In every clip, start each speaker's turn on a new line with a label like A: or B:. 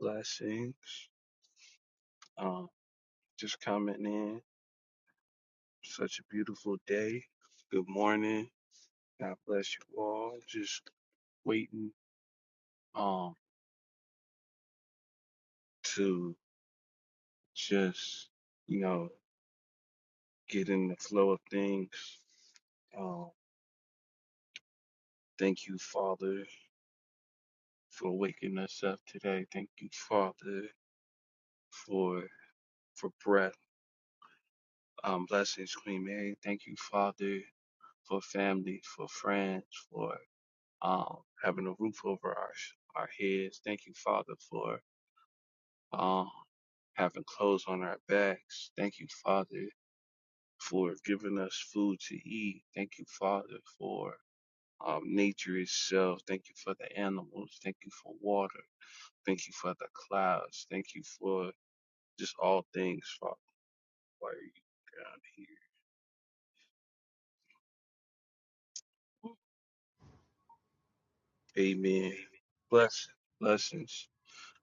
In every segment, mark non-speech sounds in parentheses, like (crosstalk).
A: Blessings. Um, just coming in. Such a beautiful day. Good morning. God bless you all. Just waiting um to just, you know, get in the flow of things. Um, thank you, Father, for waking us up today. Thank you, Father, for for breath. Um, blessings, Queen Mary. Thank you, Father, for family, for friends, for. um, having a roof over our sh- our heads. Thank you, Father, for um, having clothes on our backs. Thank you, Father, for giving us food to eat. Thank you, Father, for um, nature itself. Thank you for the animals. Thank you for water. Thank you for the clouds. Thank you for just all things, Father. Why are you down here? Amen.
B: Amen.
A: Blessings, blessings,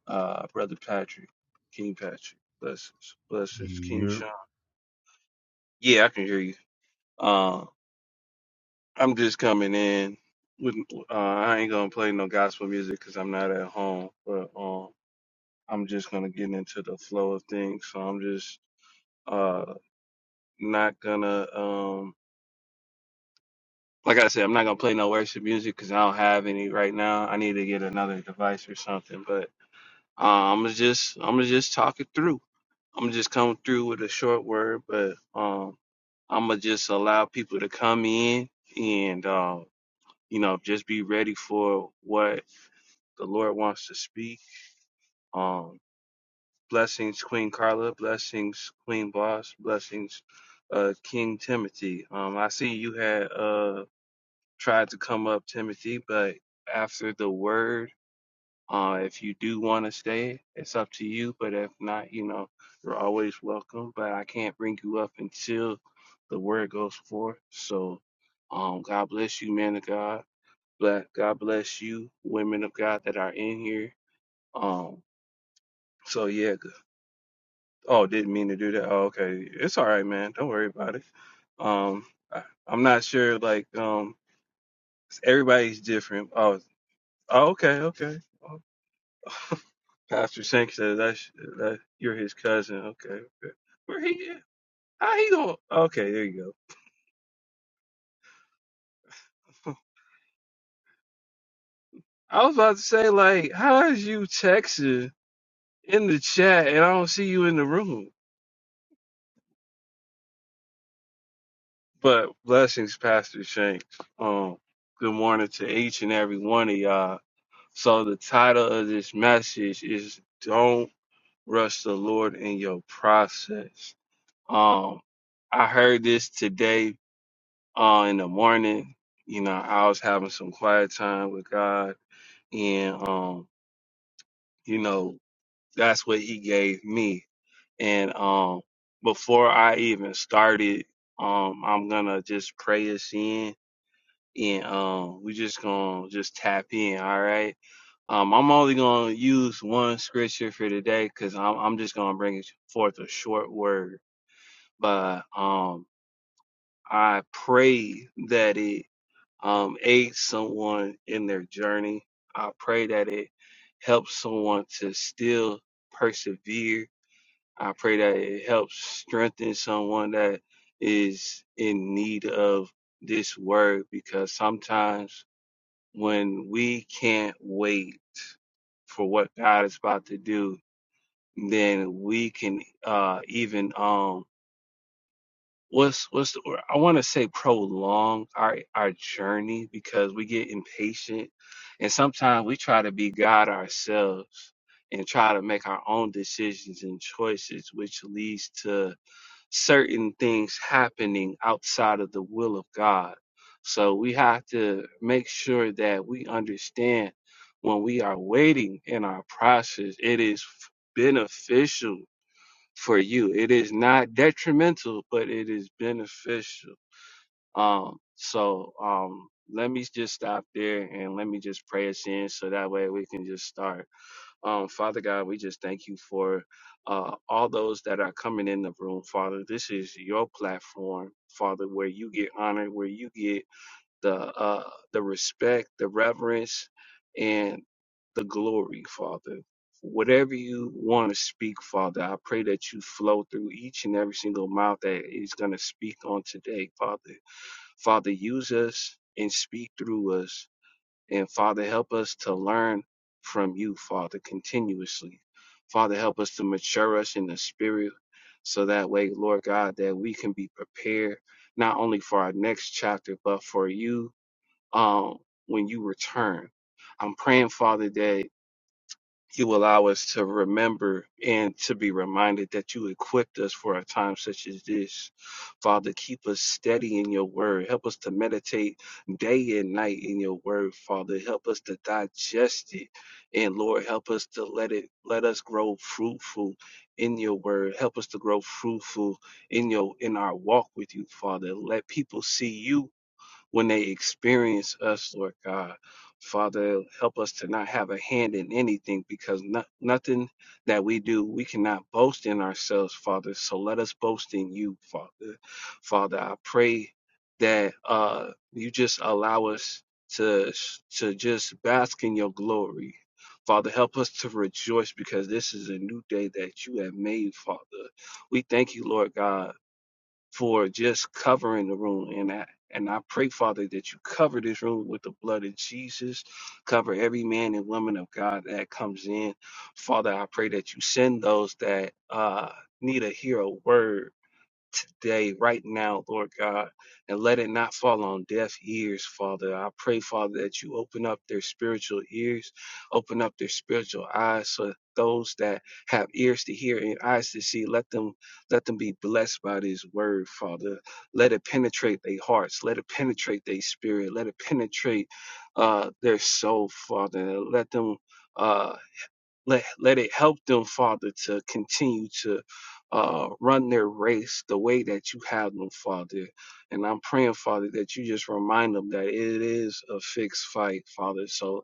A: uh, Brother Patrick, King Patrick. Blessings, blessings, King
B: Yep.
A: Sean. Yeah, I can hear you. Uh, I'm just coming in. With, uh, I ain't gonna play no gospel music 'cause I'm not at home. But um, I'm just gonna get into the flow of things. So I'm just uh not gonna um like I said, I'm not gonna play no worship music 'cause I don't have any right now. I need to get another device or something. But uh, I'm just I'm gonna just talk it through. I'm just coming through with a short word, but um, I'm gonna just allow people to come in and. Um, you know, just be ready for what the Lord wants to speak. Um, blessings, Queen Carla. Blessings, Queen Boss. Blessings, uh, King Timothy. Um, I see you had uh tried to come up, Timothy, but after the word, uh, if you do want to stay, it's up to you. But if not, you know, you're always welcome. But I can't bring you up until the word goes forth. So, um, God bless you, man of God. Bless God bless you, women of God that are in here. Um, so yeah. good. Oh, didn't mean to do that. Oh, okay. It's all right, man. Don't worry about it. Um, I, I'm not sure. Like, um, everybody's different. Oh, oh okay, okay. Oh, (laughs) Pastor Sink says that's that you're his cousin. Okay, okay. Where he? at? How he going? Okay, there you go. (laughs) I was about to say like, how is you texting in the chat and I don't see you in the room? But blessings, Pastor Shanks. Um, good morning to each and every one of y'all. So the title of this message is "Don't Rush the Lord in Your Process." Um, I heard this today uh, in the morning. You know, I was having some quiet time with God, and um, you know, that's what He gave me. And um, before I even started, um, I'm gonna just pray us in and um we just gonna just tap in all right um i'm only gonna use one scripture for today because I'm, I'm just gonna bring forth a short word but um i pray that it um aids someone in their journey i pray that it helps someone to still persevere i pray that it helps strengthen someone that is in need of this word because sometimes when we can't wait for what God is about to do, then we can uh even um what's what's the word? I want to say prolong our our journey because we get impatient and sometimes we try to be God ourselves and try to make our own decisions and choices which leads to certain things happening outside of the will of God. So we have to make sure that we understand when we are waiting in our process, it is beneficial for you. It is not detrimental, but it is beneficial. Um, so um, let me just stop there and let me just pray us in so that way we can just start. Um, Father God, we just thank you for uh, all those that are coming in the room, Father. This is your platform, Father, where you get honored, where you get the uh, the respect, the reverence, and the glory, Father. Whatever you want to speak, Father, I pray that you flow through each and every single mouth that is going to speak on today, Father. Father, use us and speak through us and Father, help us to learn from you, Father, continuously. Father, help us to mature us in the spirit so that way, Lord God, that we can be prepared not only for our next chapter, but for you um, when you return. I'm praying, Father, that you allow us to remember and to be reminded that you equipped us for a time such as this. Father, keep us steady in your word. Help us to meditate day and night in your word, Father. Help us to digest it. And Lord, help us to let it let us grow fruitful in your word. Help us to grow fruitful in your in our walk with you, Father. Let people see you when they experience us, Lord God. Father, help us to not have a hand in anything because no, nothing that we do, we cannot boast in ourselves, Father. So let us boast in you, Father. Father, I pray that uh, you just allow us to to just bask in your glory. Father, help us to rejoice because this is a new day that you have made, Father. We thank you, Lord God for just covering the room. And I and I pray, Father, that you cover this room with the blood of Jesus. Cover every man and woman of God that comes in. Father, I pray that you send those that uh, need to hear a word today, right now, Lord God, and let it not fall on deaf ears, Father. I pray, Father, that you open up their spiritual ears, open up their spiritual eyes so that those that have ears to hear and eyes to see, let them let them be blessed by this word, Father. Let it penetrate their hearts, let it penetrate their spirit, let it penetrate uh, their soul, Father. Let them uh, let let it help them, Father, to continue to uh, run their race the way that you have them, Father. And I'm praying, Father, that you just remind them that it is a fixed fight, Father. So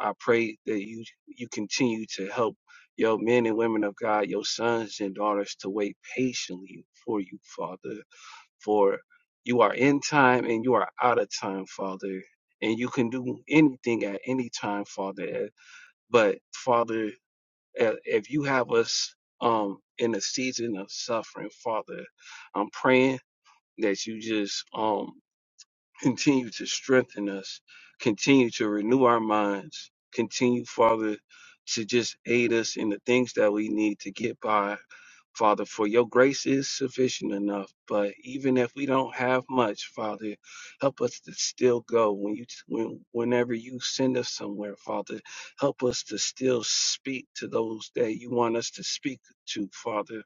A: I pray that you you continue to help your men and women of God, your sons and daughters, to wait patiently for you, Father. For you are in time and you are out of time, Father. And you can do anything at any time, Father. But Father, uh, If you have us um in a season of suffering, Father, I'm praying that you just um (laughs) continue to strengthen us, continue to renew our minds, continue, Father, to just aid us in the things that we need to get by Father, for your grace is sufficient enough. But even if we don't have much, Father, help us to still go. When you, when, whenever you send us somewhere, Father, help us to still speak to those that you want us to speak to, Father.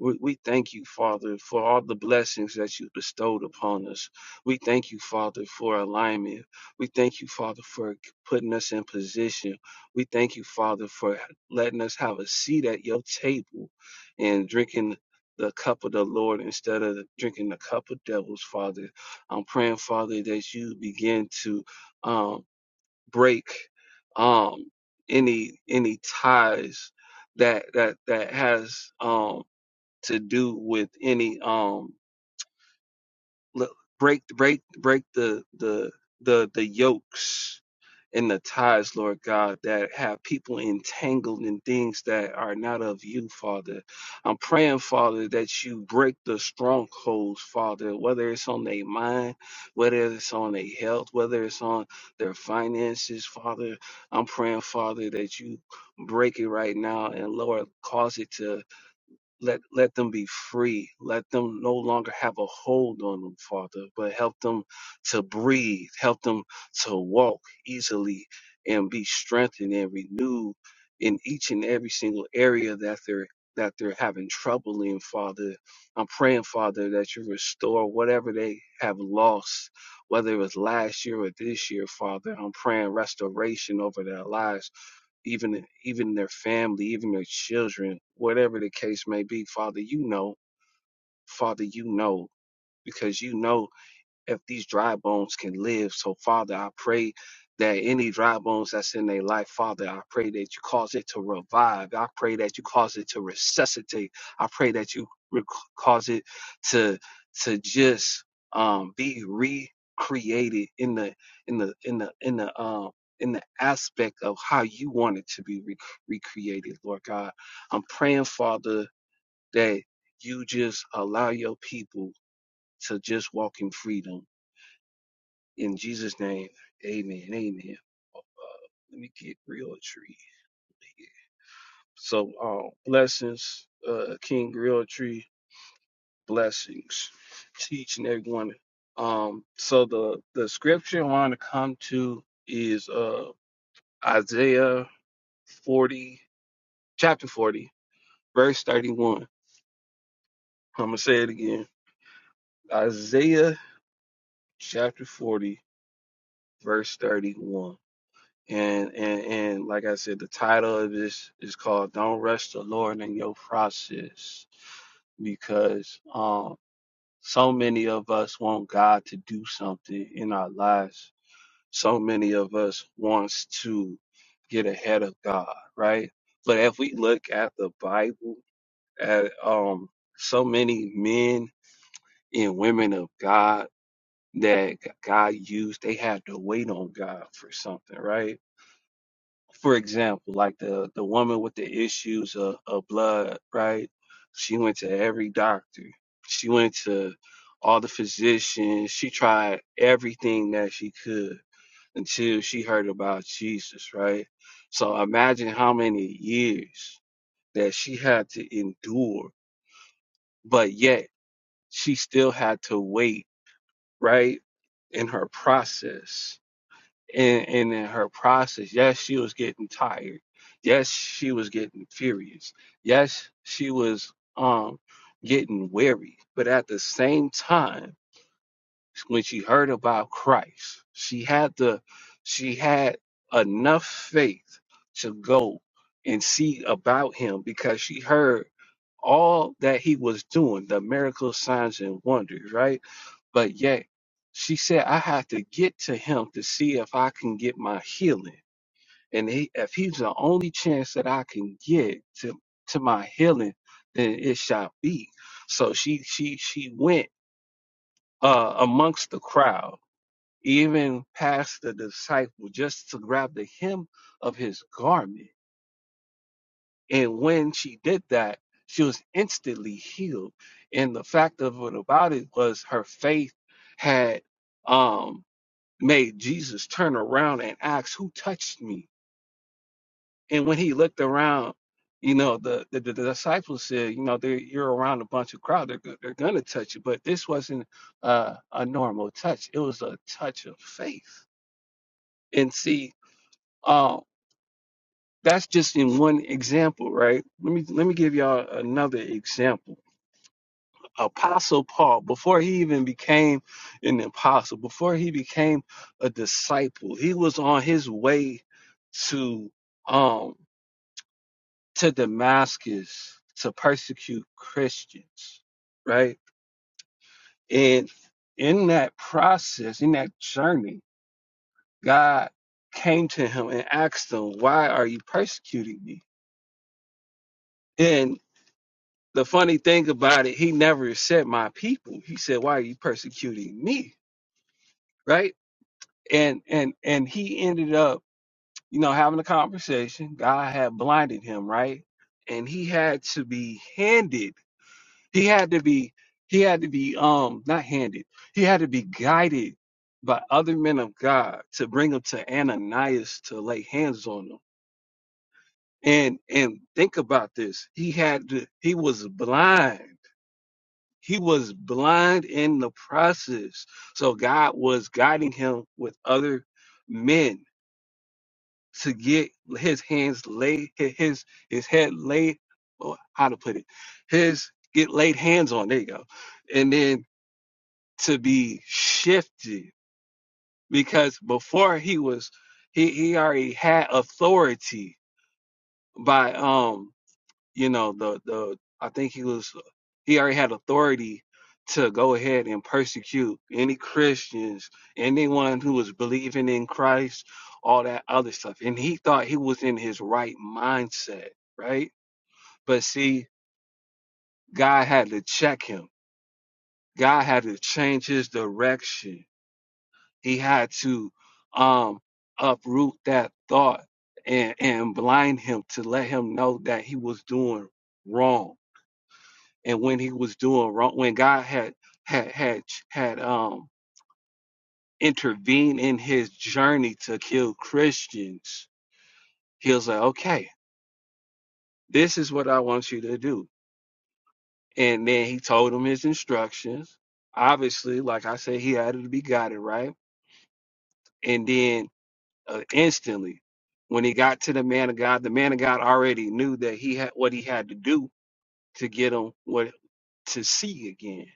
A: We, we thank you, Father, for all the blessings that you bestowed upon us. We thank you, Father, for alignment. We thank you, Father, for putting us in position. We thank you, Father, for letting us have a seat at your table and drinking the cup of the Lord instead of drinking the cup of devils, Father. I'm praying, Father, that you begin to um, break um, any any ties that that that has um, to do with any um break break break the the the the yokes and the ties, Lord God, that have people entangled in things that are not of you, Father. I'm praying, Father, that you break the strongholds, Father, whether it's on their mind, whether it's on their health, whether it's on their finances, Father. I'm praying, Father, that you break it right now and Lord, cause it to let let them be free let them no longer have a hold on them father but help them to breathe help them to walk easily and be strengthened and renewed in each and every single area that they're that they're having trouble in father i'm praying father that you restore whatever they have lost whether it was last year or this year father i'm praying restoration over their lives even even their family, even their children, whatever the case may be. Father, you know, Father, you know, because you know if these dry bones can live. So, Father, I pray that any dry bones that's in their life, Father, I pray that you cause it to revive. I pray that you cause it to resuscitate. I pray that you re- cause it to to just um, be recreated in the in the in the in the um in the aspect of how you want it to be re- recreated, Lord God. I'm praying, Father, that you just allow your people to just walk in freedom in Jesus' name, amen. Amen. Let me get real tree. So um blessings, uh King Real Tree, blessings to each and every one. Um so the the scripture I want to come to is uh Isaiah 40, chapter 40, verse 31. I'm gonna say it again. Isaiah chapter 40, verse 31. And and and like I said, the title of this is called "Don't Rush the Lord in Your Process," because um, so many of us want God to do something in our lives. So many of us wants to get ahead of God, right? But if we look at the Bible, at um, so many men and women of God that God used, they had to wait on God for something, right? for example, like the the woman with the issues of, of blood, right? She went to every doctor. She went to all the physicians. She tried everything that she could until she heard about Jesus, right? So imagine how many years that she had to endure, but yet she still had to wait, right? In her process and and in her process, yes, she was getting tired. Yes, she was getting furious. Yes, she was um getting weary. But at the same time when she heard about Christ, she had the she had enough faith to go and see about him because she heard all that he was doing, the miracles, signs, and wonders, right? But yet she said, I have to get to him to see if I can get my healing. And he, if he's the only chance that I can get to, to my healing, then it shall be. So she she she went uh, amongst the crowd even past the disciple, just to grab the hem of his garment. And when she did that, she was instantly healed. And the fact of it about it was her faith had um, made Jesus turn around and ask, Who touched me? And when he looked around, you know, the, the, the disciples said, You know, they you're around a bunch of crowd, they're, go- they're going to touch you. But this wasn't uh, a normal touch, it was a touch of faith. And see, um. That's just in one example, right? Let me let me give y'all another example. Apostle Paul, before he even became an apostle, before he became a disciple, he was on his way to um to Damascus to persecute Christians, right? And in that process, in that journey, God came to him and asked him, "Why are you persecuting me?" and the funny thing about it, he never said my people. He said, "Why are you persecuting me?" Right? And and and he ended up, you know, having a conversation. God had blinded him, right? And he had to be handed. He had to be. He had to be um not handed. He had to be guided by other men of God to bring him to Ananias to lay hands on him. And and think about this. He had to. He was blind He was blind in the process. So God was guiding him with other men to get his hands laid, his his head laid, or how to put it, his get laid hands on. There you go, and then to be shifted because before he was, he he already had authority by um you know the the I think he was he already had authority to go ahead and persecute any Christians, anyone who was believing in Christ, all that other stuff. And he thought he was in his right mindset, right? But see, God had to check him. God had to change his direction. He had to um uproot that thought and and blind him to let him know that he was doing wrong and when he was doing wrong, when God had had had had um intervened in his journey to kill Christians, he was like, "Okay, this is what I want you to do." And then he told him his instructions. Obviously, like I said, he had to be guided, right? And then uh, instantly, when he got to the man of God, the man of God already knew that he had what he had to do to get him what to see again.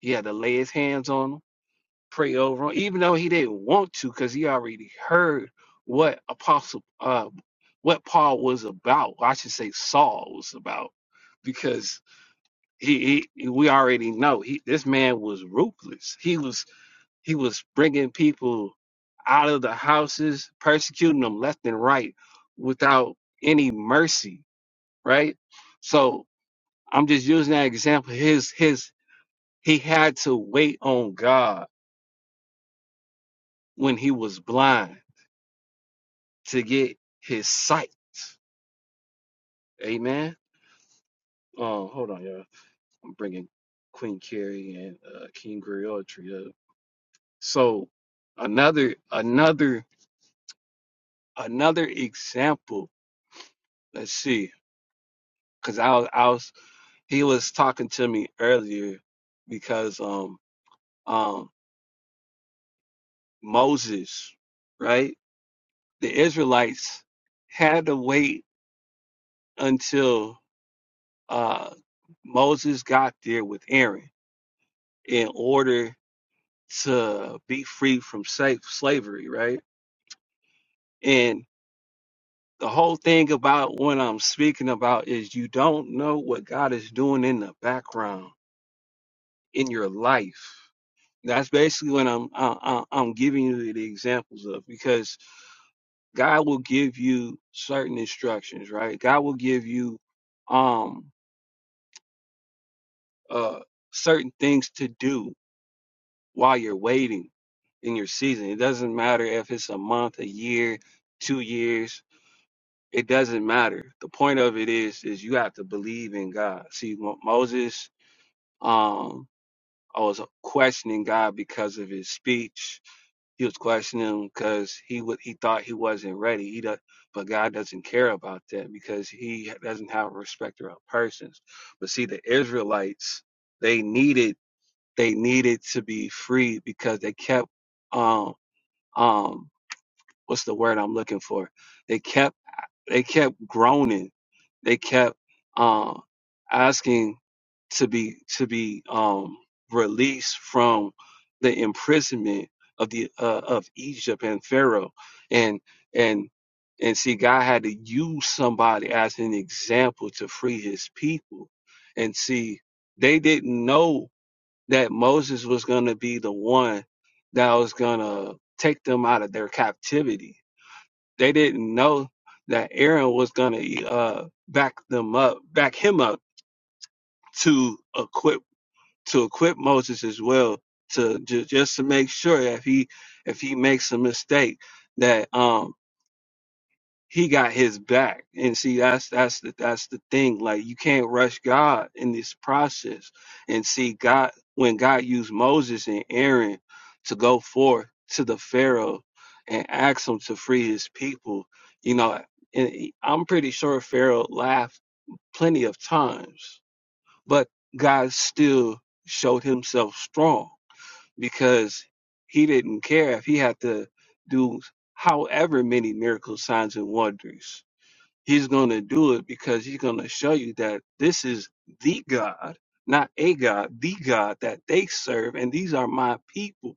A: He had to lay his hands on him pray over him, even though he didn't want to, because he already heard what Apostle, uh, what Paul was about. I should say Saul was about, because he, he we already know he this man was ruthless. He was he was bringing people out of the houses, persecuting them left and right without any mercy, right? So I'm just using that example. His his he had to wait on God when he was blind to get his sight. Amen. Um, hold on, y'all. I'm bringing Queen Carrie and uh, King Griotry up. So another, another, another example. Let's see, because I was, I was, he was talking to me earlier because um, um, Moses, right? The Israelites had to wait until uh Moses got there with Aaron in order to be free from sa- slavery, right? And the whole thing about what I'm speaking about is you don't know what God is doing in the background in your life. That's basically what I'm I, I- I'm giving you the examples of because God will give you certain instructions, right? God will give you um uh certain things to do while you're waiting in your season. It doesn't matter if it's a month, a year, two years It doesn't matter. The point of it is, is you have to believe in God. See, Mo- Moses, um, I was questioning God because of his speech. He was questioning him because he would he thought he wasn't ready. He does, but God doesn't care about that because he doesn't have a respecter of persons. But see, the Israelites, they needed they needed to be free because they kept um um what's the word I'm looking for? They kept. They kept groaning. They kept uh, asking to be to be um, released from the imprisonment of the uh, of Egypt and Pharaoh, and and and see, God had to use somebody as an example to free His people, and see, they didn't know that Moses was going to be the one that was going to take them out of their captivity they didn't know that Aaron was gonna uh, back them up, back him up to equip to equip Moses as well to ju- just to make sure if he if he makes a mistake that um he got his back. And see, that's that's the that's the thing. Like you can't rush God in this process. And see, God when God used Moses and Aaron to go forth to the Pharaoh and ask him to free his people, you know, and he- I'm pretty sure Pharaoh laughed plenty of times, but God still showed himself strong because he didn't care if he had to do however many miracles, signs, and wonders He's going to do it because he's going to show you that this is the God, not a God, the God that they serve. And these are my people.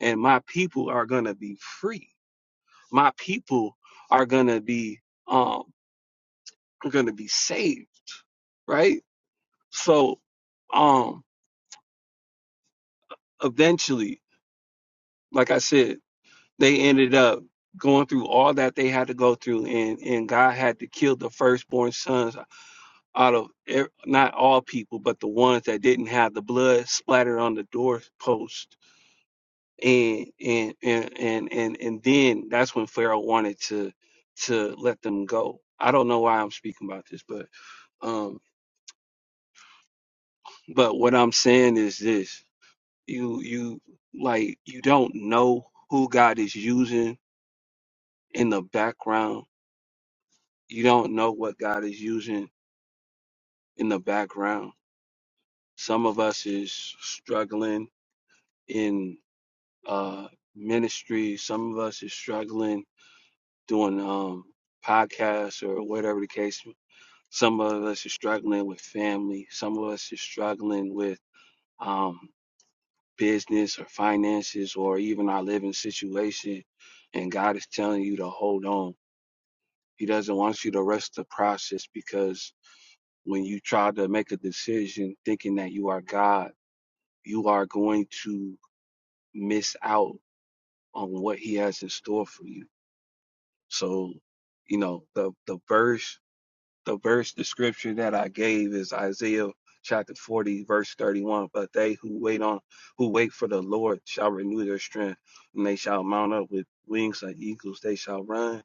A: And my people are going to be free. My people are going to be, um, are going to be saved. Right. So, um, eventually, like I said, they ended up going through all that they had to go through and, and God had to kill the firstborn sons out of ev- not all people, but the ones that didn't have the blood splattered on the doorpost. And and and and and and then that's when Pharaoh wanted to to let them go. I don't know why I'm speaking about this, but um, but what I'm saying is this: you you like you don't know who God is using in the background. You don't know what God is using in the background. Some of us is struggling in. uh, ministry. Some of us is struggling doing um, podcasts or whatever the case. Some of us is struggling with family. Some of us is struggling with um, business or finances or even our living situation. And God is telling you to hold on. He doesn't want you to rush the process because when you try to make a decision thinking that you are God, you are going to miss out on what He has in store for you So, you know, the the verse the verse description that I gave is Isaiah chapter 40 verse 31 but they who wait on who wait for the lord shall renew their strength and they shall mount up with wings like eagles they shall run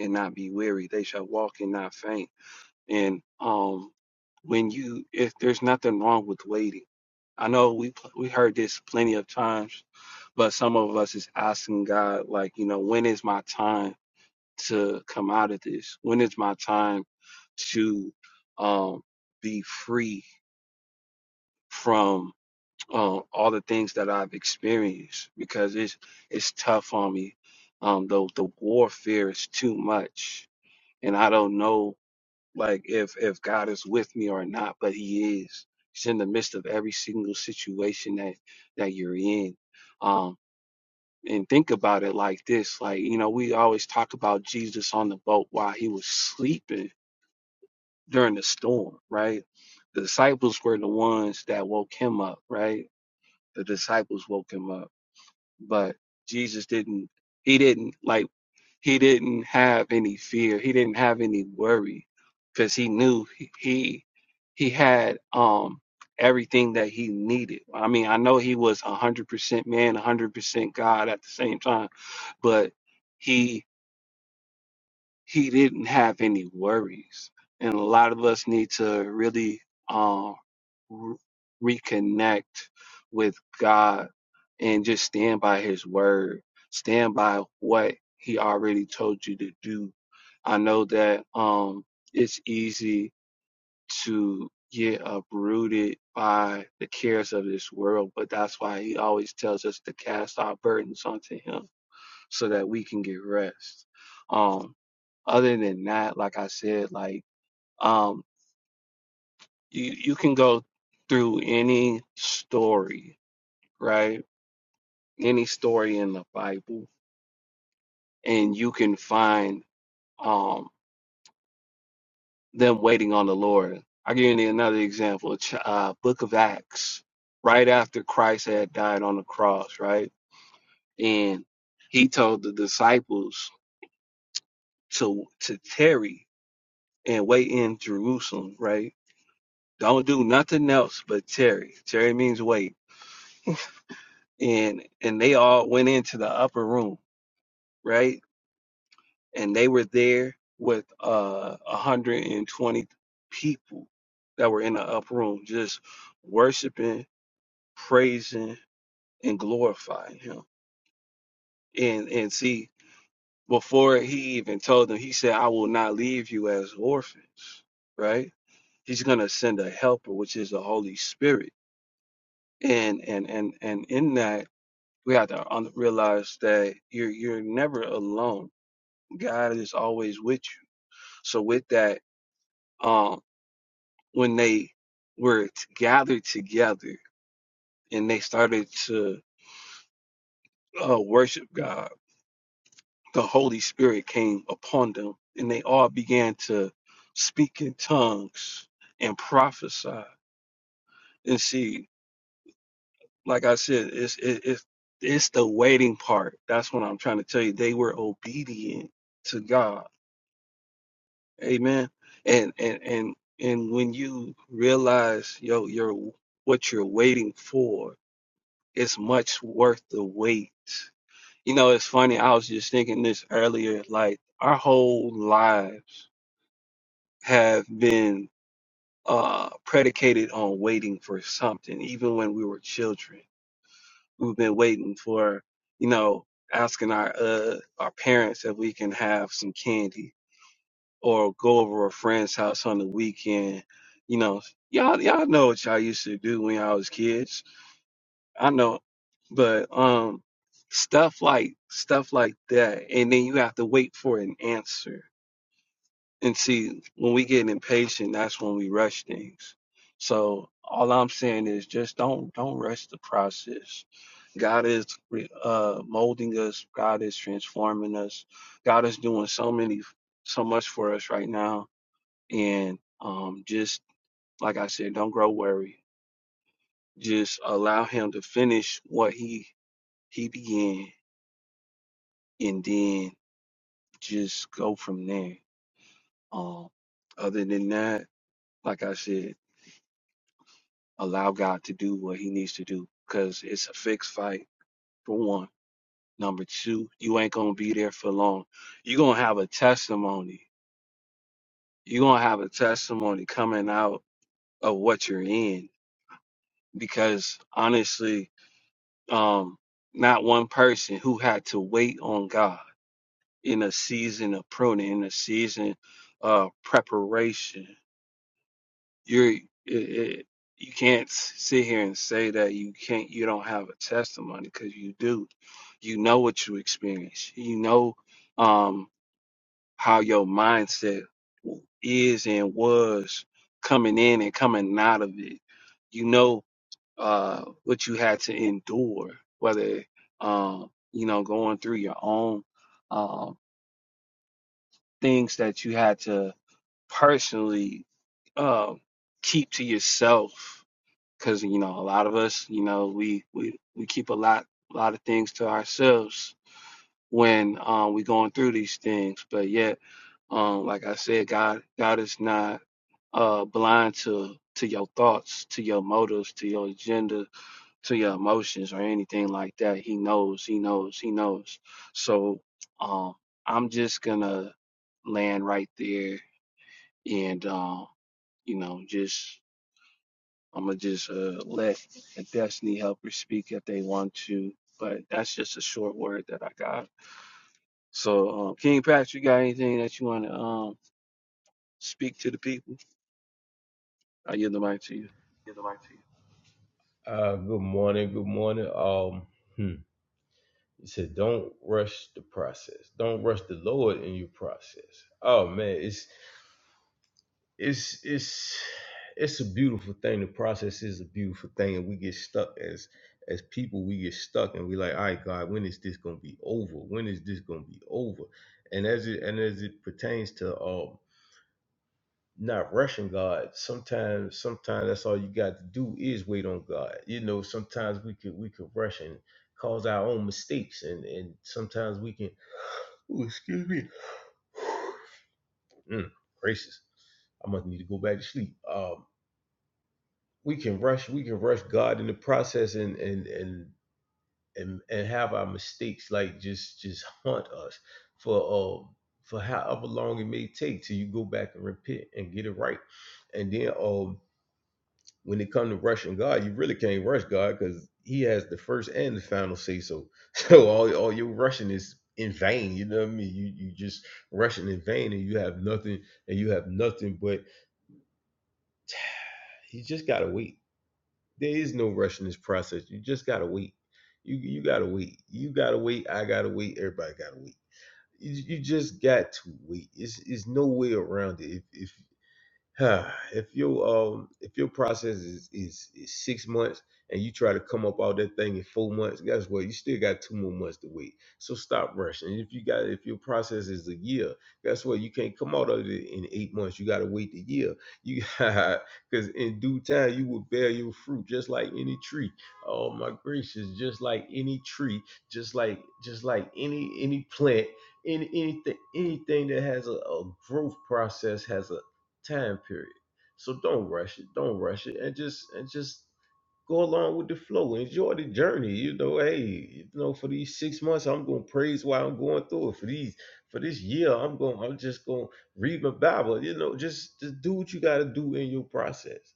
A: and not be weary they shall walk and not faint and um when you if there's nothing wrong with waiting i know we we heard this plenty of times but some of us is asking god like you know when is my time to come out of this? When is my time to um, be free from um, all the things that I've experienced? Because it's it's tough on me. Um, the the warfare is too much, and I don't know like if if God is with me or not, but He is. He's in the midst of every single situation that that you're in. Um, and think about it like this like you know we always talk about jesus on the boat while he was sleeping during the storm, right? The disciples were the ones that woke him up, right? The disciples woke him up, but Jesus didn't, he didn't like, he didn't have any fear. He didn't have any worry because he knew he, he, he had, um, everything that he needed. I mean, I know he was 100% man, 100% God at the same time, but he, he didn't have any worries. And a lot of us need to really, um, re- reconnect with God and just stand by his word. Stand by what he already told you to do. I know that um it's easy to get uprooted by the cares of this world, but that's why he always tells us to cast our burdens onto him so that we can get rest. Um other than that, like I said, like um you you can go through any story, right? Any story in the Bible, and you can find um them waiting on the Lord. I'll give you another example, Ch- uh, Book of Acts, right after Christ had died on the cross, right, and he told the disciples to to tarry and wait in Jerusalem, right. Don't do nothing else but tarry. Tarry means wait, and and they all went into the upper room, right? and they were there with uh 120 people that were in the upper room just worshiping praising and glorifying him and and see before he even told them he said i will not leave you as orphans right he's going to send a helper which is the holy spirit and and and and in that we have to un- realize that you're you're never alone god is always with you so with that um. when they were gathered together and they started to uh, worship God, the Holy Spirit came upon them and they all began to speak in tongues and prophesy. And see, like I said, it's, it, it's, it's the waiting part. That's what I'm trying to tell you. They were obedient to God. Amen. And, and, and, and when you realize yo, you're, what you're waiting for, It's much worth the wait. You know, it's funny. I was just thinking this earlier. Like our whole lives have been uh, predicated on waiting for something. Even when we were children, we've been waiting for, you know, asking our uh, our parents if we can have some candy or go over a friend's house on the weekend. You know, y'all y'all know what y'all used to do when y'all was kids I know, but um, stuff like stuff like that, and then you have to wait for an answer. And see, when we get impatient, that's when we rush things. So all I'm saying is just don't don't rush the process. God is re- uh, molding us. God is transforming us. God is doing so many so much for us right now. And um, just like I said, don't grow worried. Just allow Him to finish what He he began and then just go from there. Um, other than that, like I said, allow God to do what He needs to do because it's a fixed fight, for one. Number two, you ain't going to be there for long. You're going to have a testimony. You're going to have a testimony coming out of what you're in because honestly, um, not one person who had to wait on God in a season of pruning, in a season of preparation you're it, you can't s- sit here and say that you can't you don't have a testimony because you do you know what you experience you know um how your mindset w- is and was coming in and coming out of it you know uh what you had to endure whether um you know going through your own um things that you had to personally um keep to yourself because you know a lot of us you know we we we keep a lot a lot of things to ourselves when um we're going through these things but yet um like i said god god is not uh blind to to your thoughts to your motives to your agenda to your emotions or anything like that he knows he knows he knows so um i'm just gonna land right there and um you know just I'm gonna just uh, let the destiny helpers speak if they want to, but that's just a short word that I got. So, um, King Patrick, you got anything that you want to um, speak to the people? I yield the mic to you.
B: Give the mic to you. Uh, good morning. Good morning. Um, hmm. It said, "Don't rush the process. Don't rush the Lord in your process." Oh man, it's it's it's it's a beautiful thing. The process is a beautiful thing, and we get stuck as as people. We get stuck, and we like, "All right, God, when is this gonna be over? When is this gonna be over?" And as it and as it pertains to um not rushing God. Sometimes, sometimes that's all you got to do is wait on God. You know, sometimes we could we could rush and cause our own mistakes, and and sometimes we can. (sighs) Ooh, excuse me. (sighs) Mm, gracious, I must need to go back to sleep. Um, we can rush, we can rush God in the process, and and and and and have our mistakes like just just haunt us for um for however long it may take till you go back and repent and get it right, and then um when it comes to rushing God, you really can't rush God because He has the first and the final say. So, (laughs) so all all your rushing is in vain. You know what I mean? You you just rushing in vain, and you have nothing, and you have nothing. But you just gotta wait. There is no rush in this process. You just gotta wait. You you gotta wait. You gotta wait. I gotta wait. Everybody gotta wait. You, you just got to wait. It's it's no way around it. If if (sighs) if your um if your process is, is is six months and you try to come up all that thing in four months, guess what? You still got two more months to wait. So stop rushing. If you got if your process is a year, guess what? You can't come out of it in eight months. You got to wait a year. You (laughs) because in due time you will bear your fruit, just like any tree. Oh my gracious, just like any tree, just like just like any any plant any anything anything that has a, a growth process has a time period. So don't rush it. Don't rush it, and just and just go along with the flow. Enjoy the journey. You know, hey, you know, for these six months, I'm gonna praise while I'm going through it. For these, for this year, I'm going. I'm just gonna read my Bible. You know, just just do what you gotta do in your process.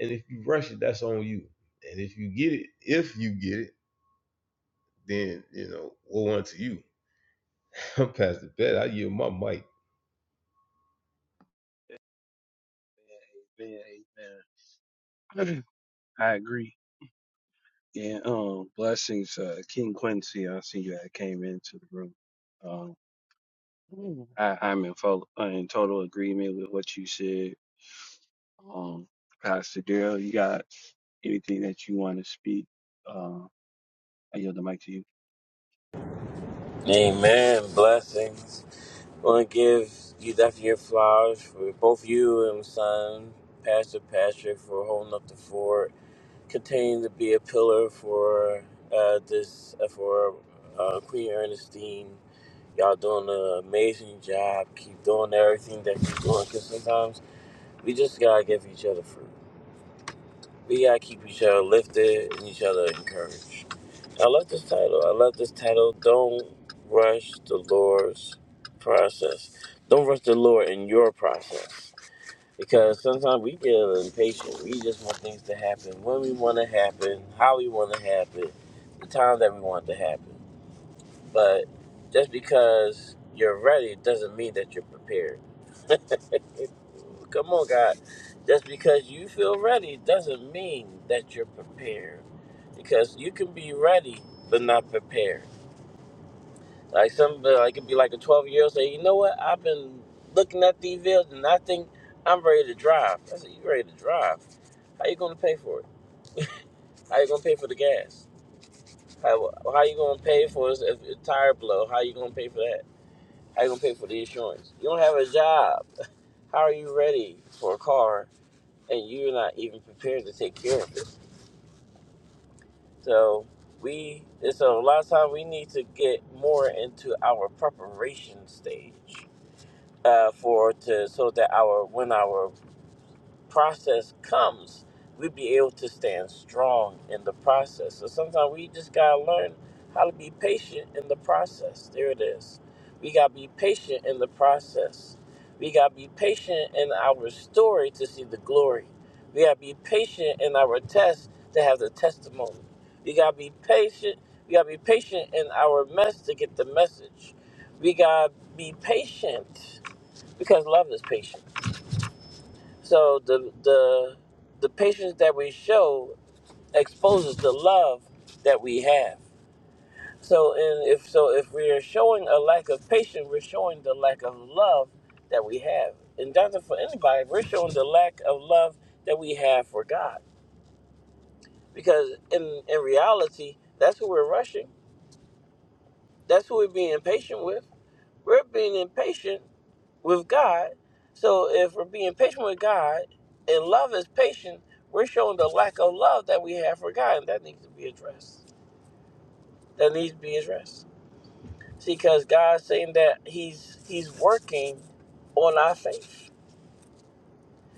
B: And if you rush it, that's on you. And if you get it, if you get it, then you know, woe unto you. (laughs) I'm past the bed. I yield my mic.
A: Amen, amen. (clears throat) I agree. And um, blessings, uh, King Quincy. I see you had came into the room. Um, Mm. I, I'm in, full, uh, in total agreement with what you said. Um, Pastor Daryl, you got anything that you want to speak? uh, I yield the mic to you.
C: Amen. Blessings. I want to give you left your flowers for both you and my son, Pastor Patrick, for holding up the fort, continuing to be a pillar for uh, this uh, for uh, Queen Ernestine. Y'all doing an amazing job. Keep doing everything that you're doing. Cause sometimes we just gotta give each other fruit. We gotta keep each other lifted and each other encouraged. I love this title. I love this title. Don't rush the Lord's process. Don't rush the Lord in your process. Because sometimes we get a little impatient. We just want things to happen when we want to happen, how we want to happen, the time that we want it to happen. But just because you're ready doesn't mean that you're prepared. Come on, God. Just because you feel ready doesn't mean that you're prepared. Because you can be ready but not prepared Like some, uh, I can be like a 12 year old say, you know what? I've been looking at these bills and I think I'm ready to drive. I said, you ready to drive? How you gonna pay for it? How you gonna pay for the gas? How, how you gonna pay for this if a tire blow? How you gonna pay for that? How you gonna pay for the insurance? You don't have a job. (laughs) How are you ready for a car and you're not even prepared to take care of it? So we, and so a lot of time we need to get more into our preparation stage uh, for to so that our when our process comes, we be able to stand strong in the process. So sometimes we just gotta learn how to be patient in the process. There it is. We gotta be patient in the process. We gotta be patient in our story to see the glory. We gotta be patient in our test to have the testimony. We gotta be patient. We gotta be patient in our mess to get the message. We gotta be patient because love is patient. So the the the patience that we show exposes the love that we have. So and if so if we're showing a lack of patience, we're showing the lack of love that we have. And that's not for anybody, we're showing the lack of love that we have for God. Because in in reality, that's who we're rushing. That's who we're being impatient with. We're being impatient with God. So if we're being patient with God and love is patient, we're showing the lack of love that we have for God, and that needs to be addressed. That needs to be addressed. See, because God's saying that He's He's working on our faith.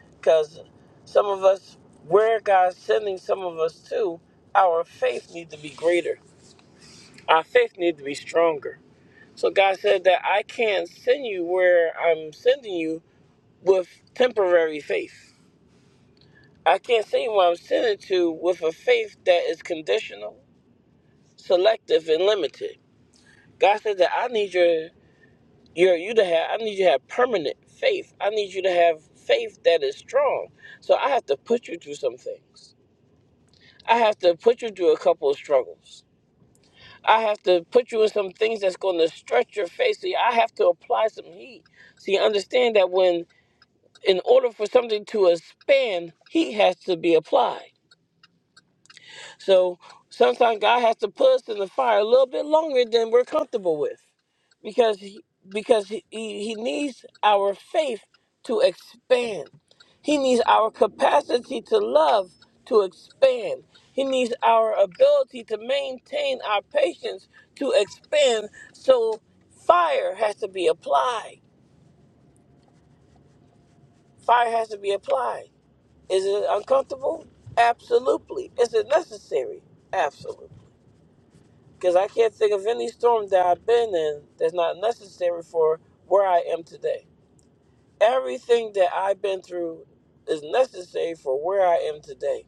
C: Because some of us, where God's sending some of us to, our faith needs to be greater. Our faith needs to be stronger. So God said that I can't send you where I'm sending you with temporary faith. I can't see who I'm sending to with a faith that is conditional, selective, and limited. God said that I need your your you to have I need you to have permanent faith. I need you to have faith that is strong. So I have to put you through some things. I have to put you through a couple of struggles. I have to put you in some things that's going to stretch your faith. See, I have to apply some heat. See, understand that when in order for something to expand, heat has to be applied. So sometimes God has to put us in the fire a little bit longer than we're comfortable with, because he, because he, he he needs our faith to expand. He needs our capacity to love to expand. He needs our ability to maintain our patience to expand. So fire has to be applied. Fire has to be applied. Is it uncomfortable? Absolutely. Is it necessary? Absolutely. Because I can't think of any storm that I've been in that's not necessary for where I am today. Everything that I've been through is necessary for where I am today.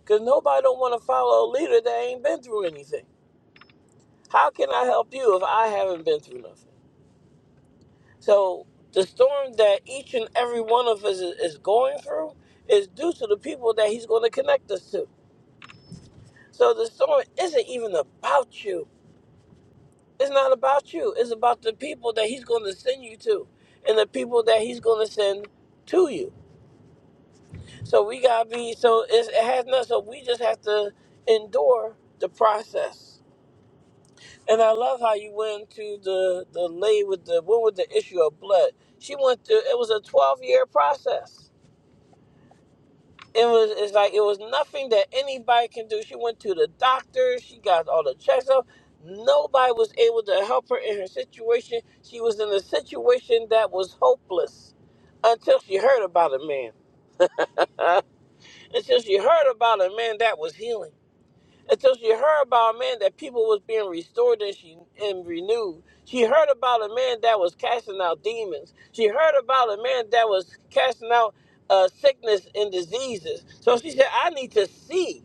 C: Because nobody don't want to follow a leader that ain't been through anything. How can I help you if I haven't been through nothing? So the storm that each and every one of us is is going through is due to the people that he's going to connect us to. So the storm isn't even about you. It's not about you. It's about the people that he's going to send you to and the people that he's going to send to you. So we got to be, so it's, it has nothing. So we just have to endure the process. And I love how you went to the, the lay with the, what was the issue of blood? She went through, it was a 12 year process. it was it's like it was nothing that anybody can do. She went to the doctor, she got all the checks up. Nobody was able to help her in her situation. She was in a situation that was hopeless until she heard about a man. (laughs) Uh, until she heard about a man that was healing until she heard about a man that people was being restored and she and renewed. She heard about a man that was casting out demons. She heard about a man that was casting out uh, sickness and diseases. So she said, "I need to see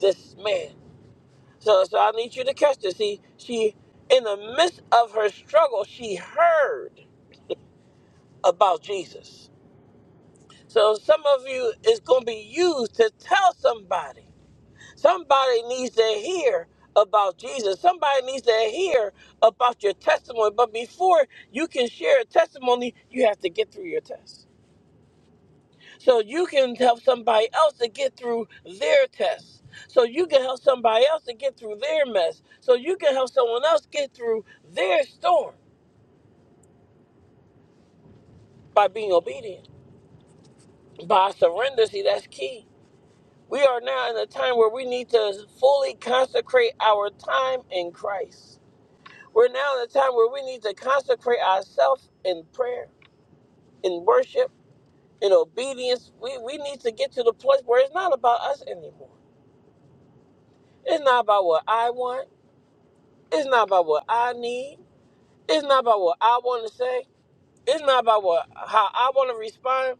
C: this man." So, so I need you to catch this. See, she in the midst of her struggle, she heard about Jesus. So some of you is going to be used to tell somebody Somebody needs to hear about Jesus. Somebody needs to hear about your testimony. But before you can share a testimony, you have to get through your test. So you can help somebody else to get through their test. So you can help somebody else to get through their mess. So you can help someone else get through their storm by being obedient, by surrender. See, that's key. We are now in a time where we need to fully consecrate our time in Christ. We're now in a time where we need to consecrate ourselves in prayer, in worship, in obedience. We, we need to get to the place where it's not about us anymore. It's not about what I want. It's not about what I need. It's not about what I want to say. It's not about what how I want to respond.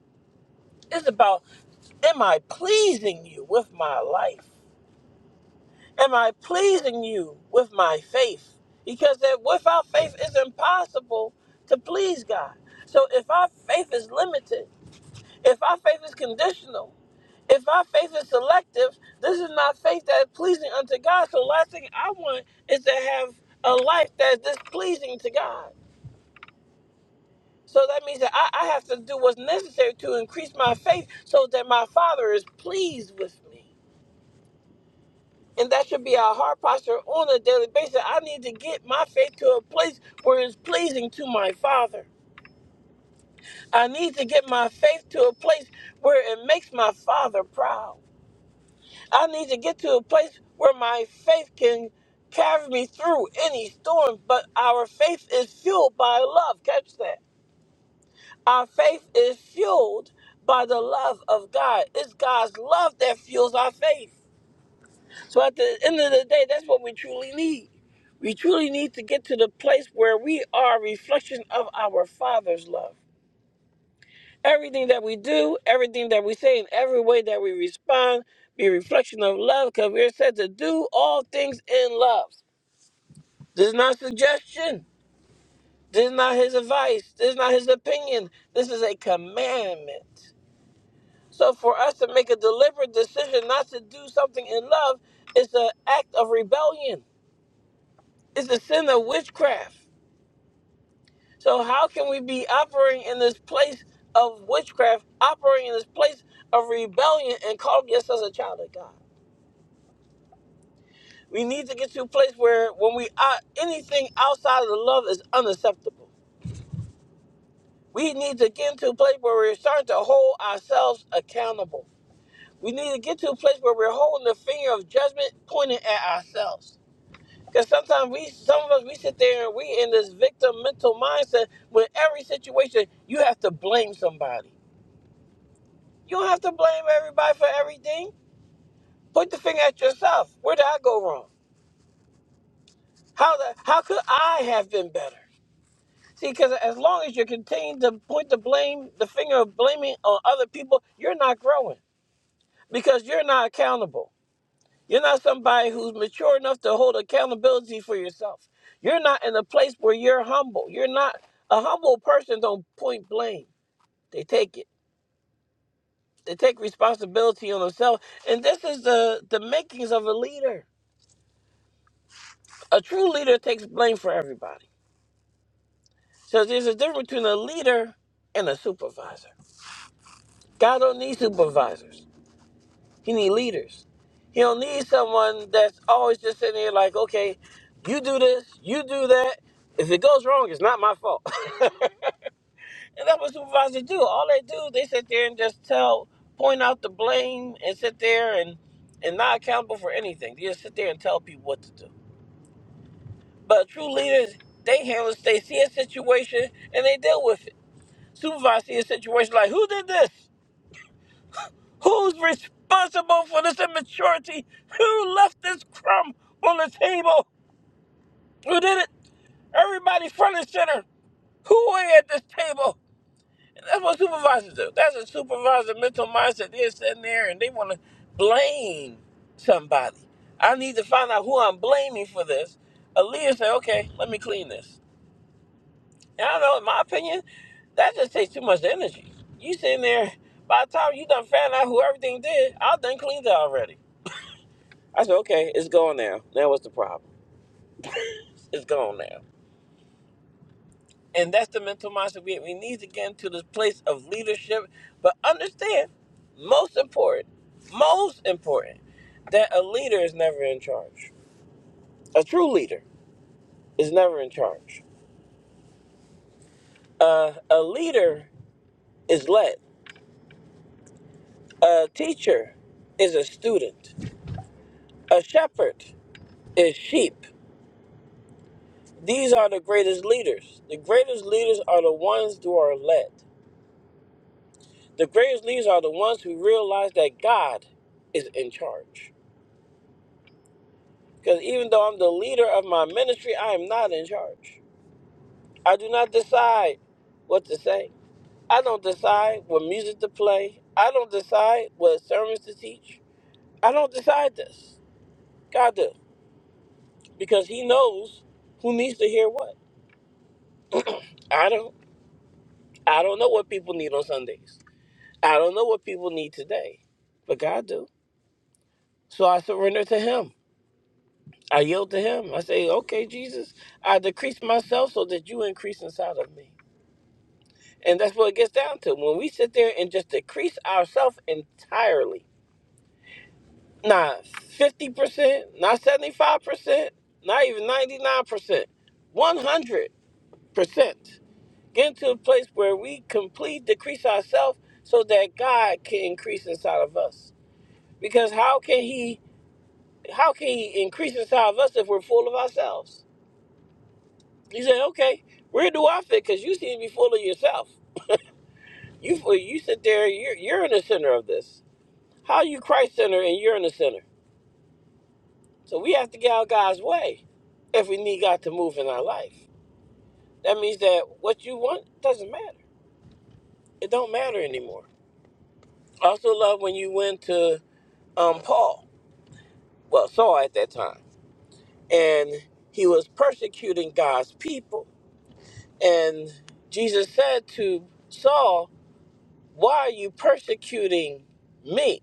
C: It's about am I pleasing you with my life? Am I pleasing you with my faith? Because that without faith it's impossible to please God. So if our faith is limited, If our faith is conditional, if our faith is selective, this is not faith that is pleasing unto God. So, the last thing I want is to have a life that is displeasing to God. So that means that I, I have to do what's necessary to increase my faith so that my Father is pleased with me. And that should be our heart posture on a daily basis. I need to get my faith to a place where it's pleasing to my Father. I need to get my faith to a place where it makes my Father proud. I need to get to a place where my faith can carry me through any storm, but our faith is fueled by love. Catch that. Our faith is fueled by the love of God. It's God's love that fuels our faith. So at the end of the day, that's what we truly need. We truly need to get to the place where we are a reflection of our Father's love. Everything that we do, everything that we say, and every way that we respond be a reflection of love because we're said to do all things in love. This is not suggestion. This is not his advice. This is not his opinion. This is a commandment. So for us to make a deliberate decision not to do something in love is an act of rebellion. It's a sin of witchcraft. So how can we be operating in this place of witchcraft, operating in this place of rebellion and calling yourselves a child of God? We need to get to a place where when we are anything outside of the love is unacceptable. We need to get into a place where we're starting to hold ourselves accountable. We need to get to a place where we're holding the finger of judgment pointing at ourselves. Because sometimes we, some of us, we sit there and we in this victim mental mindset. When every situation, you have to blame somebody. You don't have to blame everybody for everything. Point the finger at yourself. Where did I go wrong? How the, how could I have been better? See, because as long as you continue to point the blame, the finger of blaming on other people, you're not growing because you're not accountable. You're not somebody who's mature enough to hold accountability for yourself. You're not in a place where you're humble. You're not a humble person. Don't point blame. They take it. They take responsibility on themselves. And this is the the makings of a leader. A true leader takes blame for everybody. So there's a difference between a leader and a supervisor. God don't need supervisors. He need leaders. He don't need someone that's always just sitting there like, okay, you do this, you do that. If it goes wrong, it's not my fault. (laughs) and that's what supervisors do. All they do, they sit there and just tell, point out the blame, and sit there and and not accountable for anything. They just sit there and tell people what to do. But true leaders, they handle, they see a situation and they deal with it. Supervisors see a situation like, who did this? Who's responsible for this immaturity? Who left this crumb on the table? Who did it? Everybody front and center. Who are you at this table? And that's what supervisors do. That's a supervisor mental mindset. They're sitting there and they want to blame somebody. I need to find out who I'm blaming for this. Aaliyah said, okay, let me clean this. And I don't know, in my opinion, that just takes too much energy. You sitting there, by the time you done found out who everything did, I done cleaned it already. I said, okay, it's gone now. Now what's the problem? It's gone now. And that's the mental mindset we we need to get into this place of leadership. But understand, most important, most important, that a leader is never in charge. A true leader is never in charge. Uh, a leader is led. A teacher is a student. A shepherd is sheep. These are the greatest leaders. The greatest leaders are the ones who are led. The greatest leaders are the ones who realize that God is in charge. Because even though I'm the leader of my ministry, I am not in charge. I do not decide what to say. I don't decide what music to play. I don't decide what sermons to teach. I don't decide this. God does. Because He knows who needs to hear what. I don't. I don't know what people need on Sundays. I don't know what people need today. But God do. So I surrender to Him. I yield to him. I say, okay, Jesus, I decrease myself so that you increase inside of me. And that's what it gets down to. When we sit there and just decrease ourselves entirely, not 50%, not 75%, not even 99%, 100%. Get into a place where we complete decrease ourselves so that God can increase inside of us. Because how can he how can he increase inside of us if we're full of ourselves? He said, "Okay, where do I fit? Because you seem to be full of yourself. You well, you sit there. You're you're in the center of this. How are you Christ center and you're in the center? So we have to get out of God's way if we need God to move in our life. That means that what you want doesn't matter. It don't matter anymore. I also love when you went to um, Paul, well Saul at that time, and he was persecuting God's people. And Jesus said to Saul, "Why are you persecuting me?"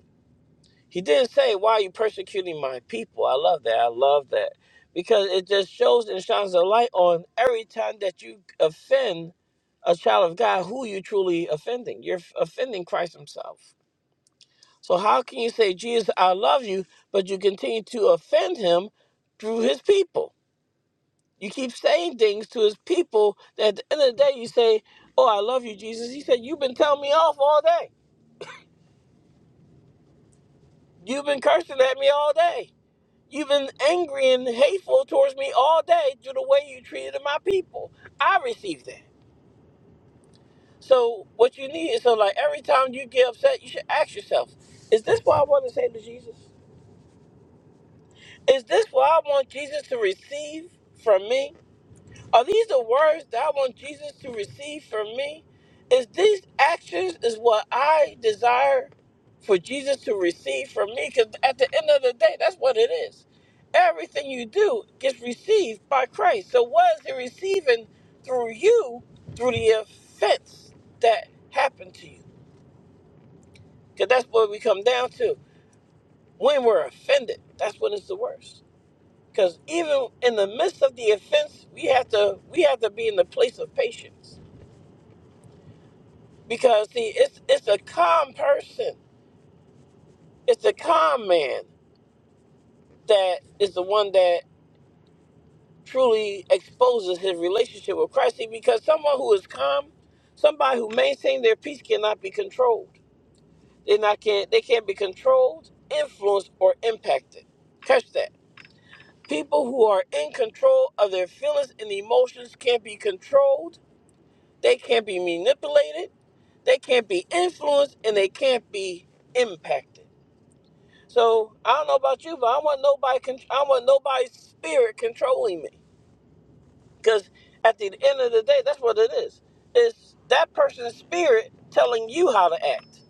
C: He didn't say, Why are you persecuting my people? I love that. I love that. Because it just shows and shines a light on every time that you offend a child of God, who you truly offending. You're offending Christ Himself. So how can you say, Jesus, I love you, but you continue to offend him through his people? You keep saying things to his people that at the end of the day you say, Oh, I love you, Jesus. He said, You've been telling me off all day. You've been cursing at me all day. You've been angry and hateful towards me all day due to the way you treated my people. I received that. So what you need is so like every time you get upset, you should ask yourself, is this what I want to say to Jesus? Is this what I want Jesus to receive from me? Are these the words that I want Jesus to receive from me? Is these actions is what I desire for Jesus to receive from me? Because at the end of the day, that's what it is. Everything you do gets received by Christ. So what is he receiving through you through the offense that happened to you? Because that's what we come down to. When we're offended, that's when it's the worst. Because even in the midst of the offense, we have to we have to be in the place of patience because see it's it's a calm person it's a calm man that is the one that truly exposes his relationship with christ see, because someone who is calm somebody who maintains their peace cannot be controlled they not can they can't be controlled influenced or impacted catch that people who are in control of their feelings and emotions can't be controlled they can't be manipulated they can't be influenced and they can't be impacted So I don't know about you, but I want nobody. Con- I want nobody's spirit controlling me. Because at the end of the day, that's what it is. It's that person's spirit telling you how to act.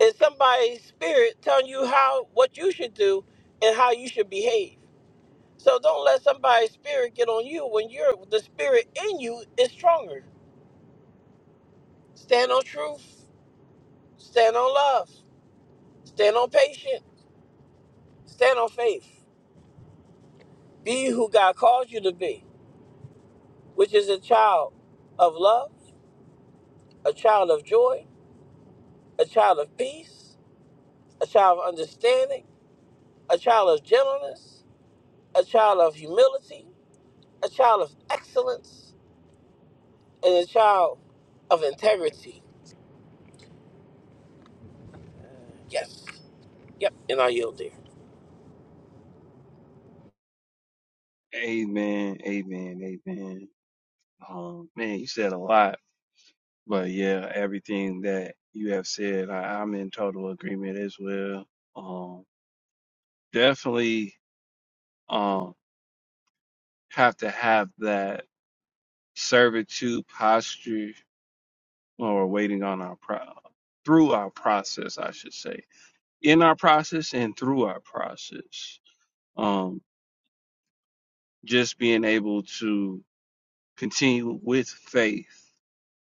C: It's somebody's spirit telling you how what you should do and how you should behave. So don't let somebody's spirit get on you when you're the spirit in you is stronger. Stand on truth. Stand on love. Stand on patience. Stand on faith. Be who God calls you to be which is a child of love, a child of joy, a child of peace, a child of understanding, a child of gentleness, a child of humility, a child of excellence, and a child of integrity. Yes. Yep. And I yield there.
A: Amen. Amen. Amen. Um, man, you said a lot, but yeah, everything that you have said, I, I'm in total agreement as well. Um, definitely, um, have to have that servitude posture or waiting on our pro through our process, I should say, in our process and through our process. Um, just being able to continue with faith,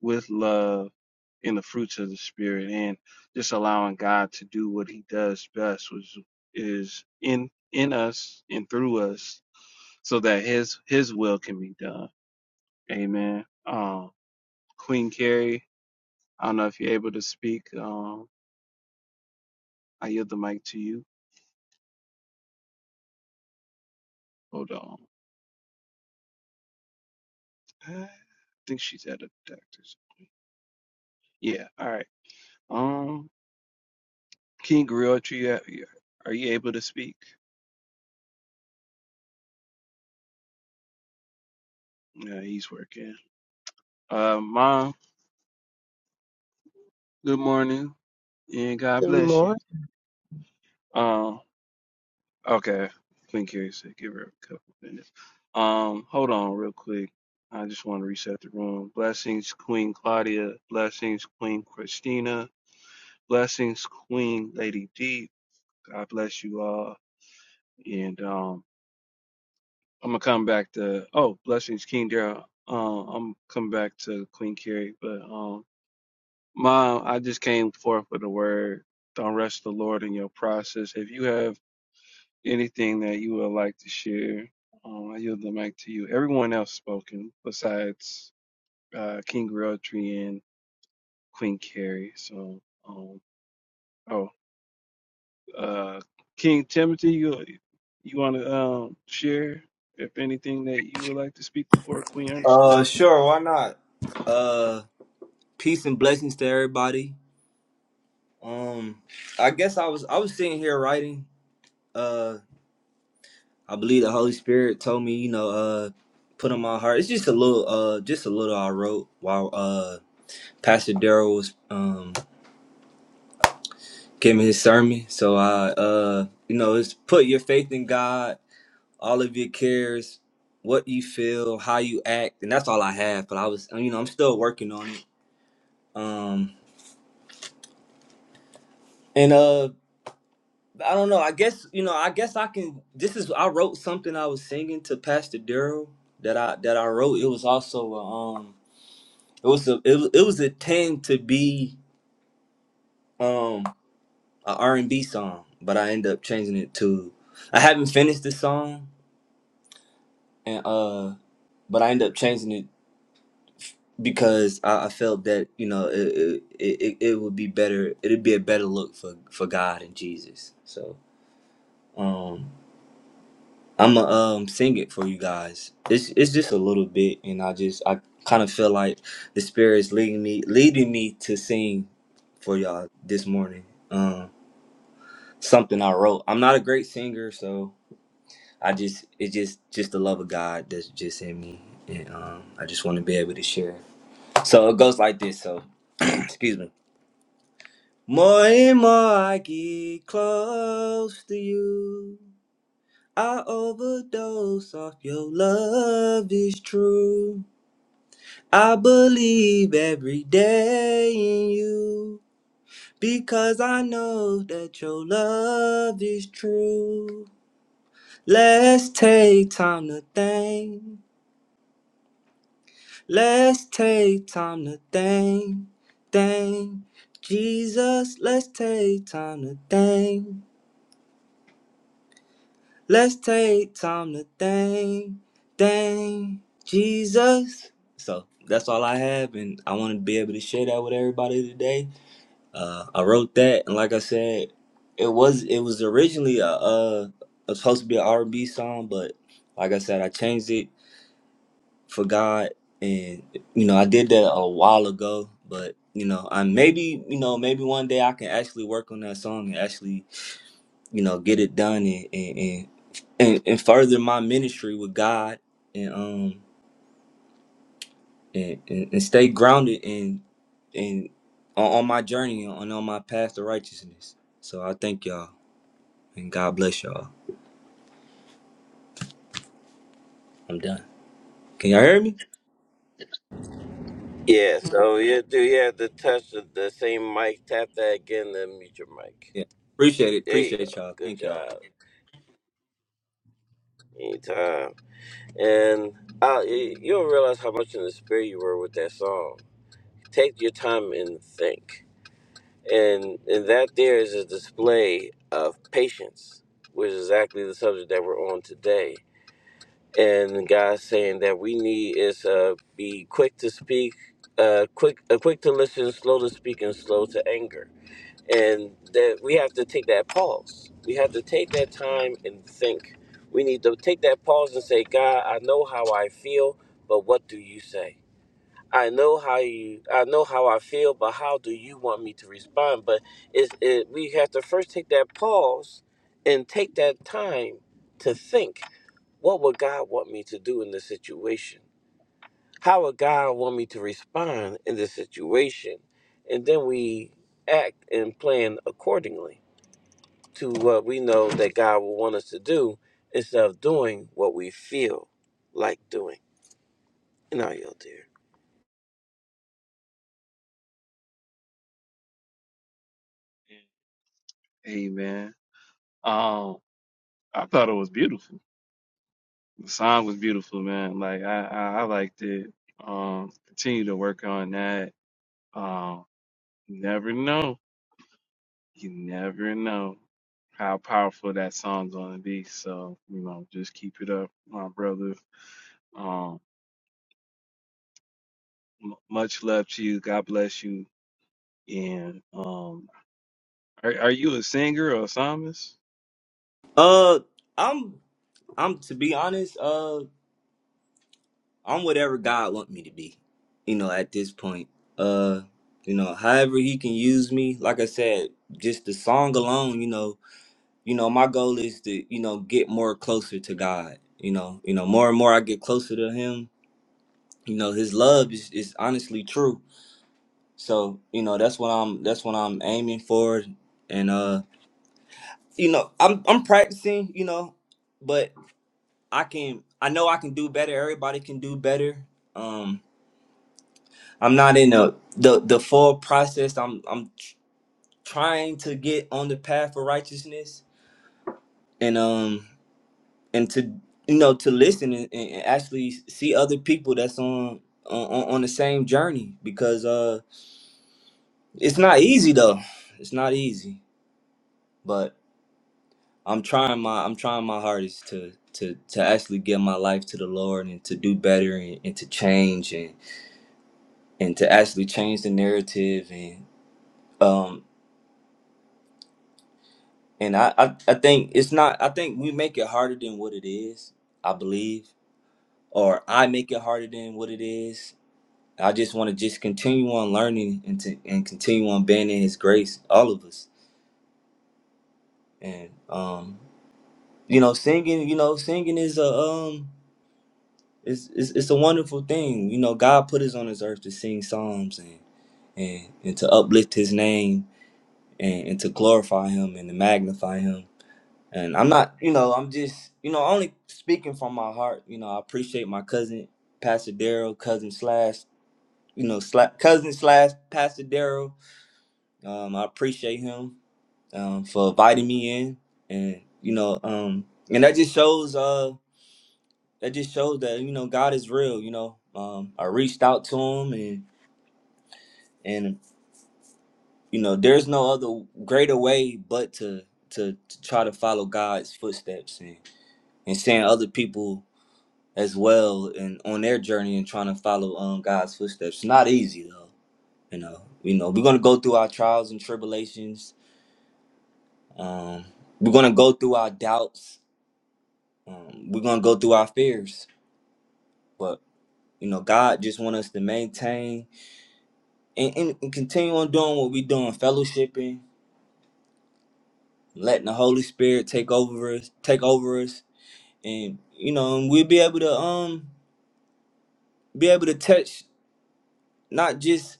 A: with love, in the fruits of the spirit, and just allowing God to do what He does best, which is in in us and through us, so that His His will can be done. Amen. Um, Queen Carrie, I don't know if you're able to speak. Um, I yield the mic to you. Hold on. I think she's at a doctor's. Yeah. All right. Um, King Griotri, are you able to speak? Yeah, he's working. Uh, Mom, good morning and God
D: Good
A: bless you.
D: morning.
A: Um, okay. Queen Carrie said give her a couple minutes. Um, hold on real quick. I just want to reset the room. Blessings, Queen Claudia. Blessings, Queen Christina. Blessings, Queen Lady D. God bless you all. And um, I'm gonna come back to oh, blessings, King Daryl. Um, I'm coming back to Queen Carrie, but um. Mom, I just came forth with a word. Don't rush the Lord in your process. If you have anything that you would like to share, um, I yield the mic to you. Everyone else spoken besides uh, King Realtree and Queen Carrie. So, um, oh, uh, King Timothy, you you want to um, share if anything that you would like to speak before Queen Ernestine?
E: Uh, sure, why not? Uh, peace and blessings to everybody. Um, I guess I was I was sitting here writing. Uh, I believe the Holy Spirit told me, you know, uh, put on my heart. It's just a little, uh, just a little I wrote while uh Pastor Daryl was um giving his sermon. So I uh, you know, it's put your faith in God, all of your cares, what you feel, how you act, and that's all I have. But I was, you know, I'm still working on it. Um, and uh. I don't know. I guess you know. I guess I can. This is I wrote something I was singing to Pastor Daryl that I that I wrote. It was also a, um. It was a it, was- it was a tend to be um a R and B song, but I ended up changing it to. I haven't finished the song, and uh, but I ended up changing it because I, I felt that you know it it, it it would be better. It'd be a better look for for God and Jesus. So. Um, I'ma um sing it for you guys. It's it's just a little bit, and I just I kind of feel like the spirit is leading me leading me to sing for y'all this morning. Um, something I wrote. I'm not a great singer, so I just it's just just the love of God that's just in me, and um, I just want to be able to share. So it goes like this. So (clears throat) excuse me. More and more I get close to you. I overdose off your love is true. I believe every day in you because I know that your love is true. Let's take time to thank. Let's take time to thank. Thank Jesus. Let's take time to thank. Let's take time to thank, thank Jesus. So that's all I have, and I want to be able to share that with everybody today. Uh, I wrote that, and like I said, it was it was originally a, uh it was supposed to be an R&B song, but like I said, I changed it for God, and you know I did that a while ago. But you know, I maybe you know maybe one day I can actually work on that song and actually you know get it done and, and, and and, and further my ministry with God and um and, and, and stay grounded and and on, on my journey and on, on my path to righteousness. So I thank y'all and God bless y'all. I'm done. Can y'all hear me?
C: Yeah. So you do you have to touch the, the same mic? Tap that again, then mute your mic.
E: Yeah. Appreciate it.
C: There you
E: Appreciate
C: go.
E: y'all.
C: Good
E: Thank y'all.
C: job. Anytime. And uh, you you don't realize how much in the spirit you were with that song. Take your time and think. And, and that there is a display of patience, which is exactly the subject that we're on today. And God's saying that we need is uh, be quick to speak, uh, quick uh, quick to listen, slow to speak, and slow to anger. And that we have to take that pause. We have to take that time and think. We need to take that pause and say, God, I know how I feel, but what do you say? I know how you I know how I feel, but how do you want me to respond? But it's it we have to first take that pause and take that time to think, what would God want me to do in this situation? How would God want me to respond in this situation? And then we act and plan accordingly to what we know that God will want us to do instead of doing what we feel like doing. And I yield there.
A: Amen. Um, I thought it was beautiful. The song was beautiful, man. Like I, I, I liked it. Um, continue to work on that. Um, you never know. You never know how powerful that song's gonna be. So you know, just keep it up, my brother. Um, m- much love to you. God bless you. And um, are are you a singer or a psalmist?
E: Uh I'm I'm to be honest, uh I'm whatever God want me to be, you know, at this point. Uh you know, however he can use me, like I said, just the song alone, you know, you know my goal is to you know get more closer to god you know you know more and more i get closer to him you know his love is, is honestly true so you know that's what i'm that's what i'm aiming for and uh you know i'm i'm practicing you know but i can i know i can do better everybody can do better um i'm not in the the, the full process i'm i'm tr- trying to get on the path of righteousness and um and to you know to listen and, and actually see other people that's on on on the same journey because uh it's not easy though it's not easy but i'm trying my i'm trying my hardest to to to actually give my life to the lord and to do better and, and to change and and to actually change the narrative and um and I, I i think it's not i think we make it harder than what it is i believe or i make it harder than what it is I just want to just continue on learning and to, and continue on being in His grace, all of us. And um, you know, singing, you know, singing is a um, it's it's, it's a wonderful thing. You know, God put us on this earth to sing psalms and and and to uplift His name and, and to glorify Him and to magnify Him. And I'm not, you know, I'm just, you know, only speaking from my heart. You know, I appreciate my cousin, Pastor Daryl, cousin slash, you know, slash, cousin slash Pastor Daryl Um, I appreciate him um, for inviting me in, and you know, um, and that just shows uh, that just shows that you know God is real. You know, um, I reached out to him, and and you know, there's no other greater way but to to, to try to follow God's footsteps and and seeing other people as well and on their journey and trying to follow um God's footsteps. not easy though, you know. You know, we're gonna go through our trials and tribulations. Um, we're gonna go through our doubts um, we're gonna go through our fears, but you know, God just want us to maintain and, and, and continue on doing what we doing, fellowshipping, letting the Holy Spirit take over us, take over us, and you know, and we'll be able to um be able to touch not just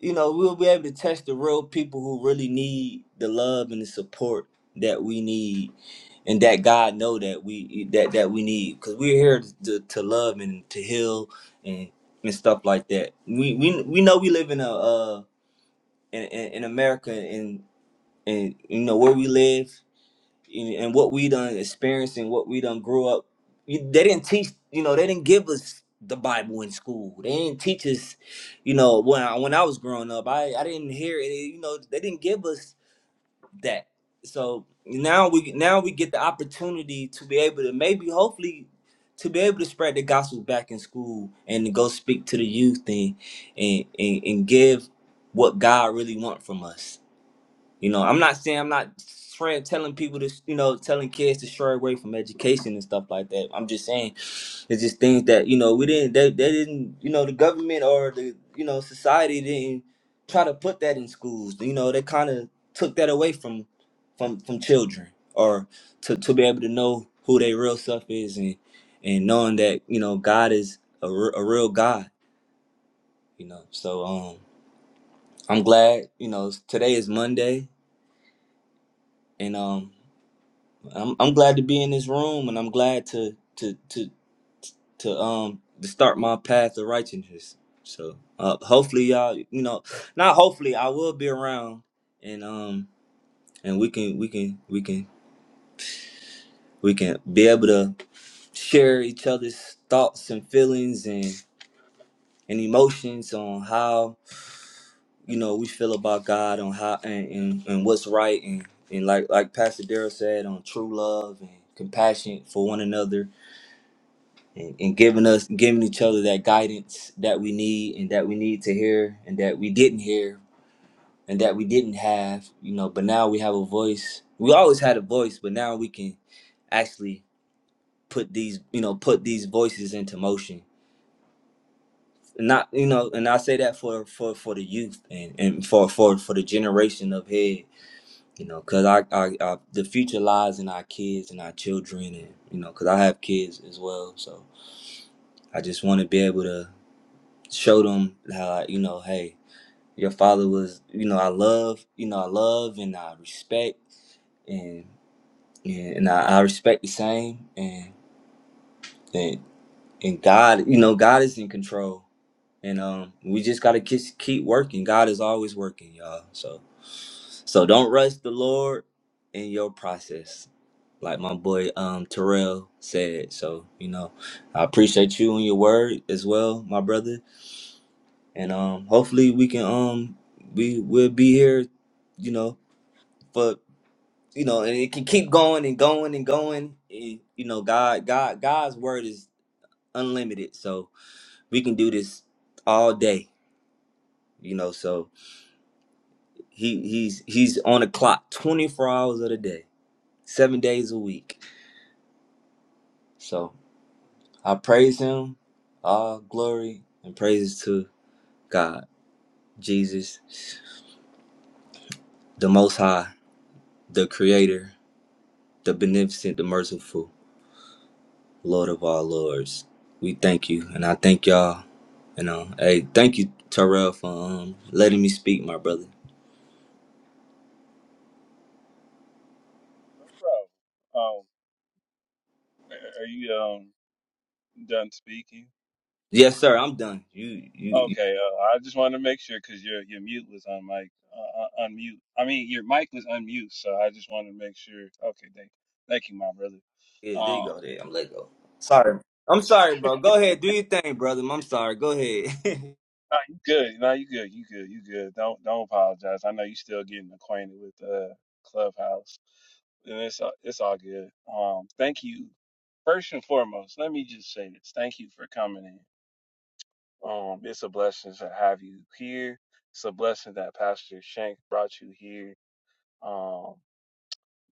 E: you know we'll be able to touch the real people who really need the love and the support that we need and that God know that we that that we need because we're here to, to love and to heal and and stuff like that. We we we know we live in a uh in in, in America and and you know where we live and, and what we done experienced and what we done grew up. You- They didn't teach you know they didn't give us the Bible in school. They didn't teach us you know when I, when I was growing up I I didn't hear it. You know they didn't give us that. So now we now we get the opportunity to be able to maybe hopefully to be able to spread the gospel back in school and to go speak to the youth and and, and, and give what God really want from us. You know, I'm not saying I'm not trying telling people to you know telling kids to stray away from education and stuff like that. I'm just saying it's just things that you know we didn't. They, they didn't. You know, the government or the you know society didn't try to put that in schools. You know, they kind of took that away from from from children or to to be able to know who their real self is and and knowing that you know God is a, re- a real God. You know, so um, I'm glad. You know, today is Monday, and um, I'm I'm glad to be in this room, and I'm glad to to to. to um to start my path of righteousness. So uh, hopefully y'all, you know, not hopefully I will be around and um and we can we can we can we can be able to share each other's thoughts and feelings and and emotions on how you know we feel about God on how and and, and what's right and and like like Pastor Darrell said on true love and compassion for one another and, and giving us giving each other that guidance that we need and that we need to hear and that we didn't hear and that we didn't have you know but now we have a voice we always had a voice but now we can actually put these you know put these voices into motion not you know and i say that for for for the youth and and for for for the generation of head you know because I, I i the future lies in our kids and our children and you know because i have kids as well so i just want to be able to show them how you know hey your father was you know i love you know i love and i respect and and, and I, I respect the same and and and god you know god is in control and um we just gotta keep keep working god is always working y'all so so don't rush the lord in your process like my boy um terrell said so you know i appreciate you and your word as well my brother and um hopefully we can um we will be here you know for you know and it can keep going and going and going and you know god god god's word is unlimited so we can do this all day you know so he he's he's on the clock 24 hours of the day seven days a week so i praise him all glory and praises to god jesus the most high the creator the beneficent the merciful Lord of all lords. We thank you, and I thank y'all. You know, hey, thank you, Terrell, for um, letting me speak, my brother.
A: No problem. Um, are are you um done speaking?
E: Yes, sir. I'm done. You, you, you
A: Okay, uh, I just wanted to make sure because your your mute was on mic, uh, uh, unmute. I mean, your mic was unmute, so I just wanted to make sure. Okay, thank, thank you, my brother.
E: yeah, there you
A: Um,
E: go. There, I'm let go. Sorry, I'm sorry, bro. Go ahead, do your thing, brother. I'm sorry. Go ahead. (laughs)
A: nah, you good? No, you good? You good? You good? Don't don't apologize. I know you still getting acquainted with uh Clubhouse, and it's all- it's all good. Um, thank you. First and foremost, let me just say this: thank you for coming in. Um, it's a blessing to have you here. It's a blessing that Pastor Shank brought you here. Um.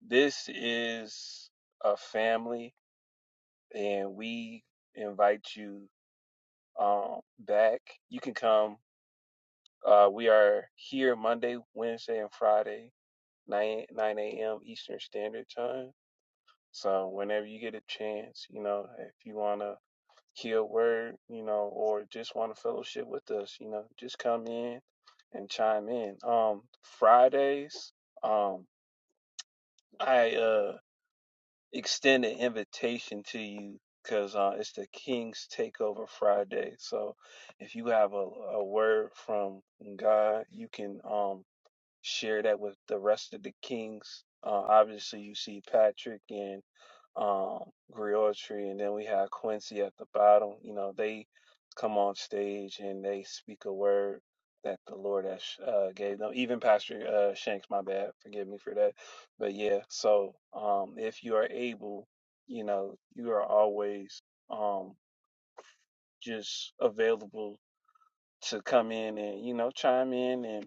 A: This is a family, and we invite you um, back. You can come. Uh, we are here Monday, Wednesday, and Friday, 9, 9 a.m. Eastern Standard Time. So whenever you get a chance, you know, if you want to hear a word, you know, or just want to fellowship with us, you know, just come in and chime in. Um, Fridays, um, I uh, extend an invitation to you because uh, it's the King's Takeover Friday. So if you have a, a word from God, you can um, share that with the rest of the Kings. Uh, obviously, you see Patrick and um, Griotry, and then we have Quincy at the bottom. You know, they come on stage and they speak a word that the Lord has uh, gave them. Even Pastor uh, Shanks, my bad, forgive me for that. But yeah, so um, if you are able, you know, you are always um, just available to come in and you know chime in and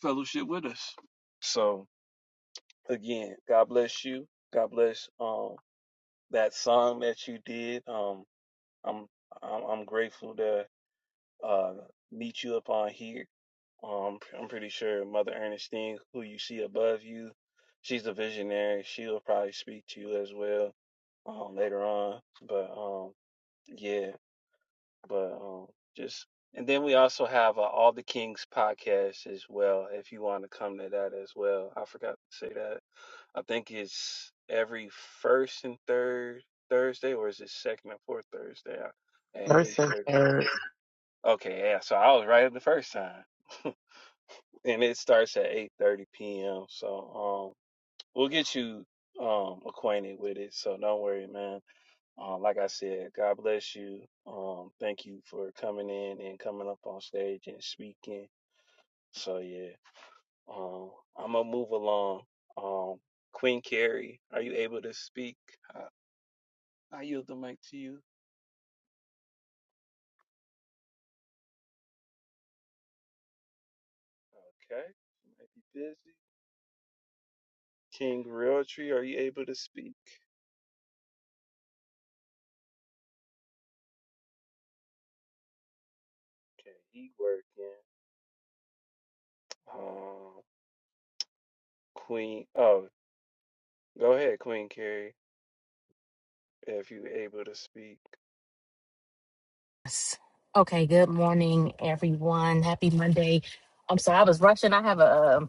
A: fellowship with us. So again, God bless you. God bless um, that song that you did. Um, I'm I'm, I'm grateful to uh, meet you up on here. Um, I'm pretty sure Mother Ernestine, who you see above you, she's a visionary. She'll probably speak to you as well um, later on. But um, yeah, but um, just and then we also have uh, All the Kings podcast as well. If you want to come to that as well, I forgot to say that. I think it's every first and third Thursday, or is it second and fourth Thursday Uh, at
F: First and
A: 8:30?
F: third.
A: Okay, yeah. So I was right the first time, (laughs) and it starts at 8:30 p.m. So um, we'll get you um acquainted with it. So don't worry, man. Um, like I said, God bless you. Um, thank you for coming in and coming up on stage and speaking. So yeah, um, I'm gonna move along. Um, Queen Carrie, are you able to speak? I, I yield the mic to you. Okay, you might be busy. King Realtree, are you able to speak? Okay, he working. Um, Queen. Oh, go ahead, Queen Carrie, if you able to speak.
G: Yes. Okay, good morning, everyone. Happy Monday. I'm sorry, I was rushing. I have a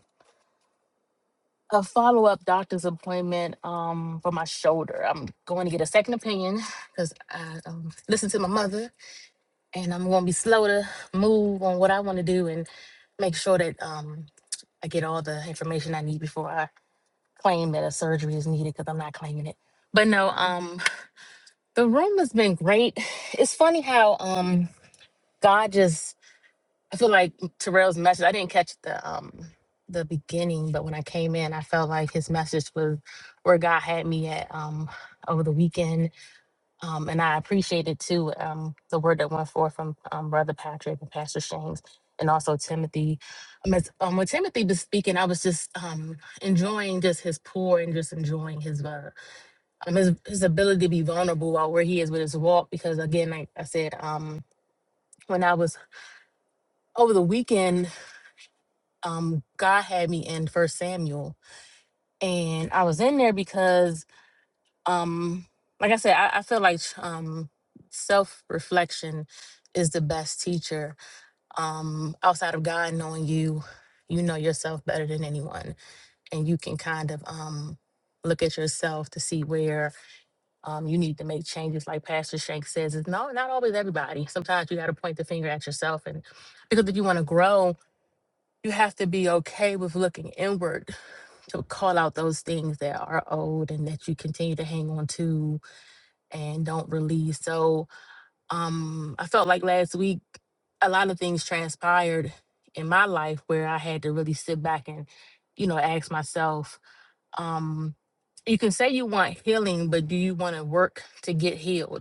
G: a follow up doctor's appointment um for my shoulder. I'm going to get a second opinion because I um, listened to my mother, and I'm going to be slow to move on what I want to do and make sure that um I get all the information I need before I claim that a surgery is needed because I'm not claiming it. But no, um, the room has been great. (sighs) It's funny how um God just I feel like Terrell's message. I didn't catch the um the beginning, but when I came in, I felt like his message was where God had me at um over the weekend. Um, and I appreciated too um the word that went forth from um, Brother Patrick and Pastor Shanks and also Timothy. Um, as, um, when Timothy was speaking, I was just um enjoying just his pour and just enjoying his uh, um his his ability to be vulnerable about where he is with his walk. Because again, like I said, um when I was over the weekend um God had me in First Samuel, and I was in there because um like I said, I, I feel like um self reflection is the best teacher. Um, outside of God knowing you, you know yourself better than anyone, and you can kind of um look at yourself to see where um, you need to make changes like pastor shank says it's no not always everybody sometimes you got to point the finger at yourself and because if you want to grow you have to be okay with looking inward to call out those things that are old and that you continue to hang on to and don't release. So um I felt like last week a lot of things transpired in my life where I had to really sit back and, you know, ask myself, um, you can say you want healing, but do you want to work to get healed?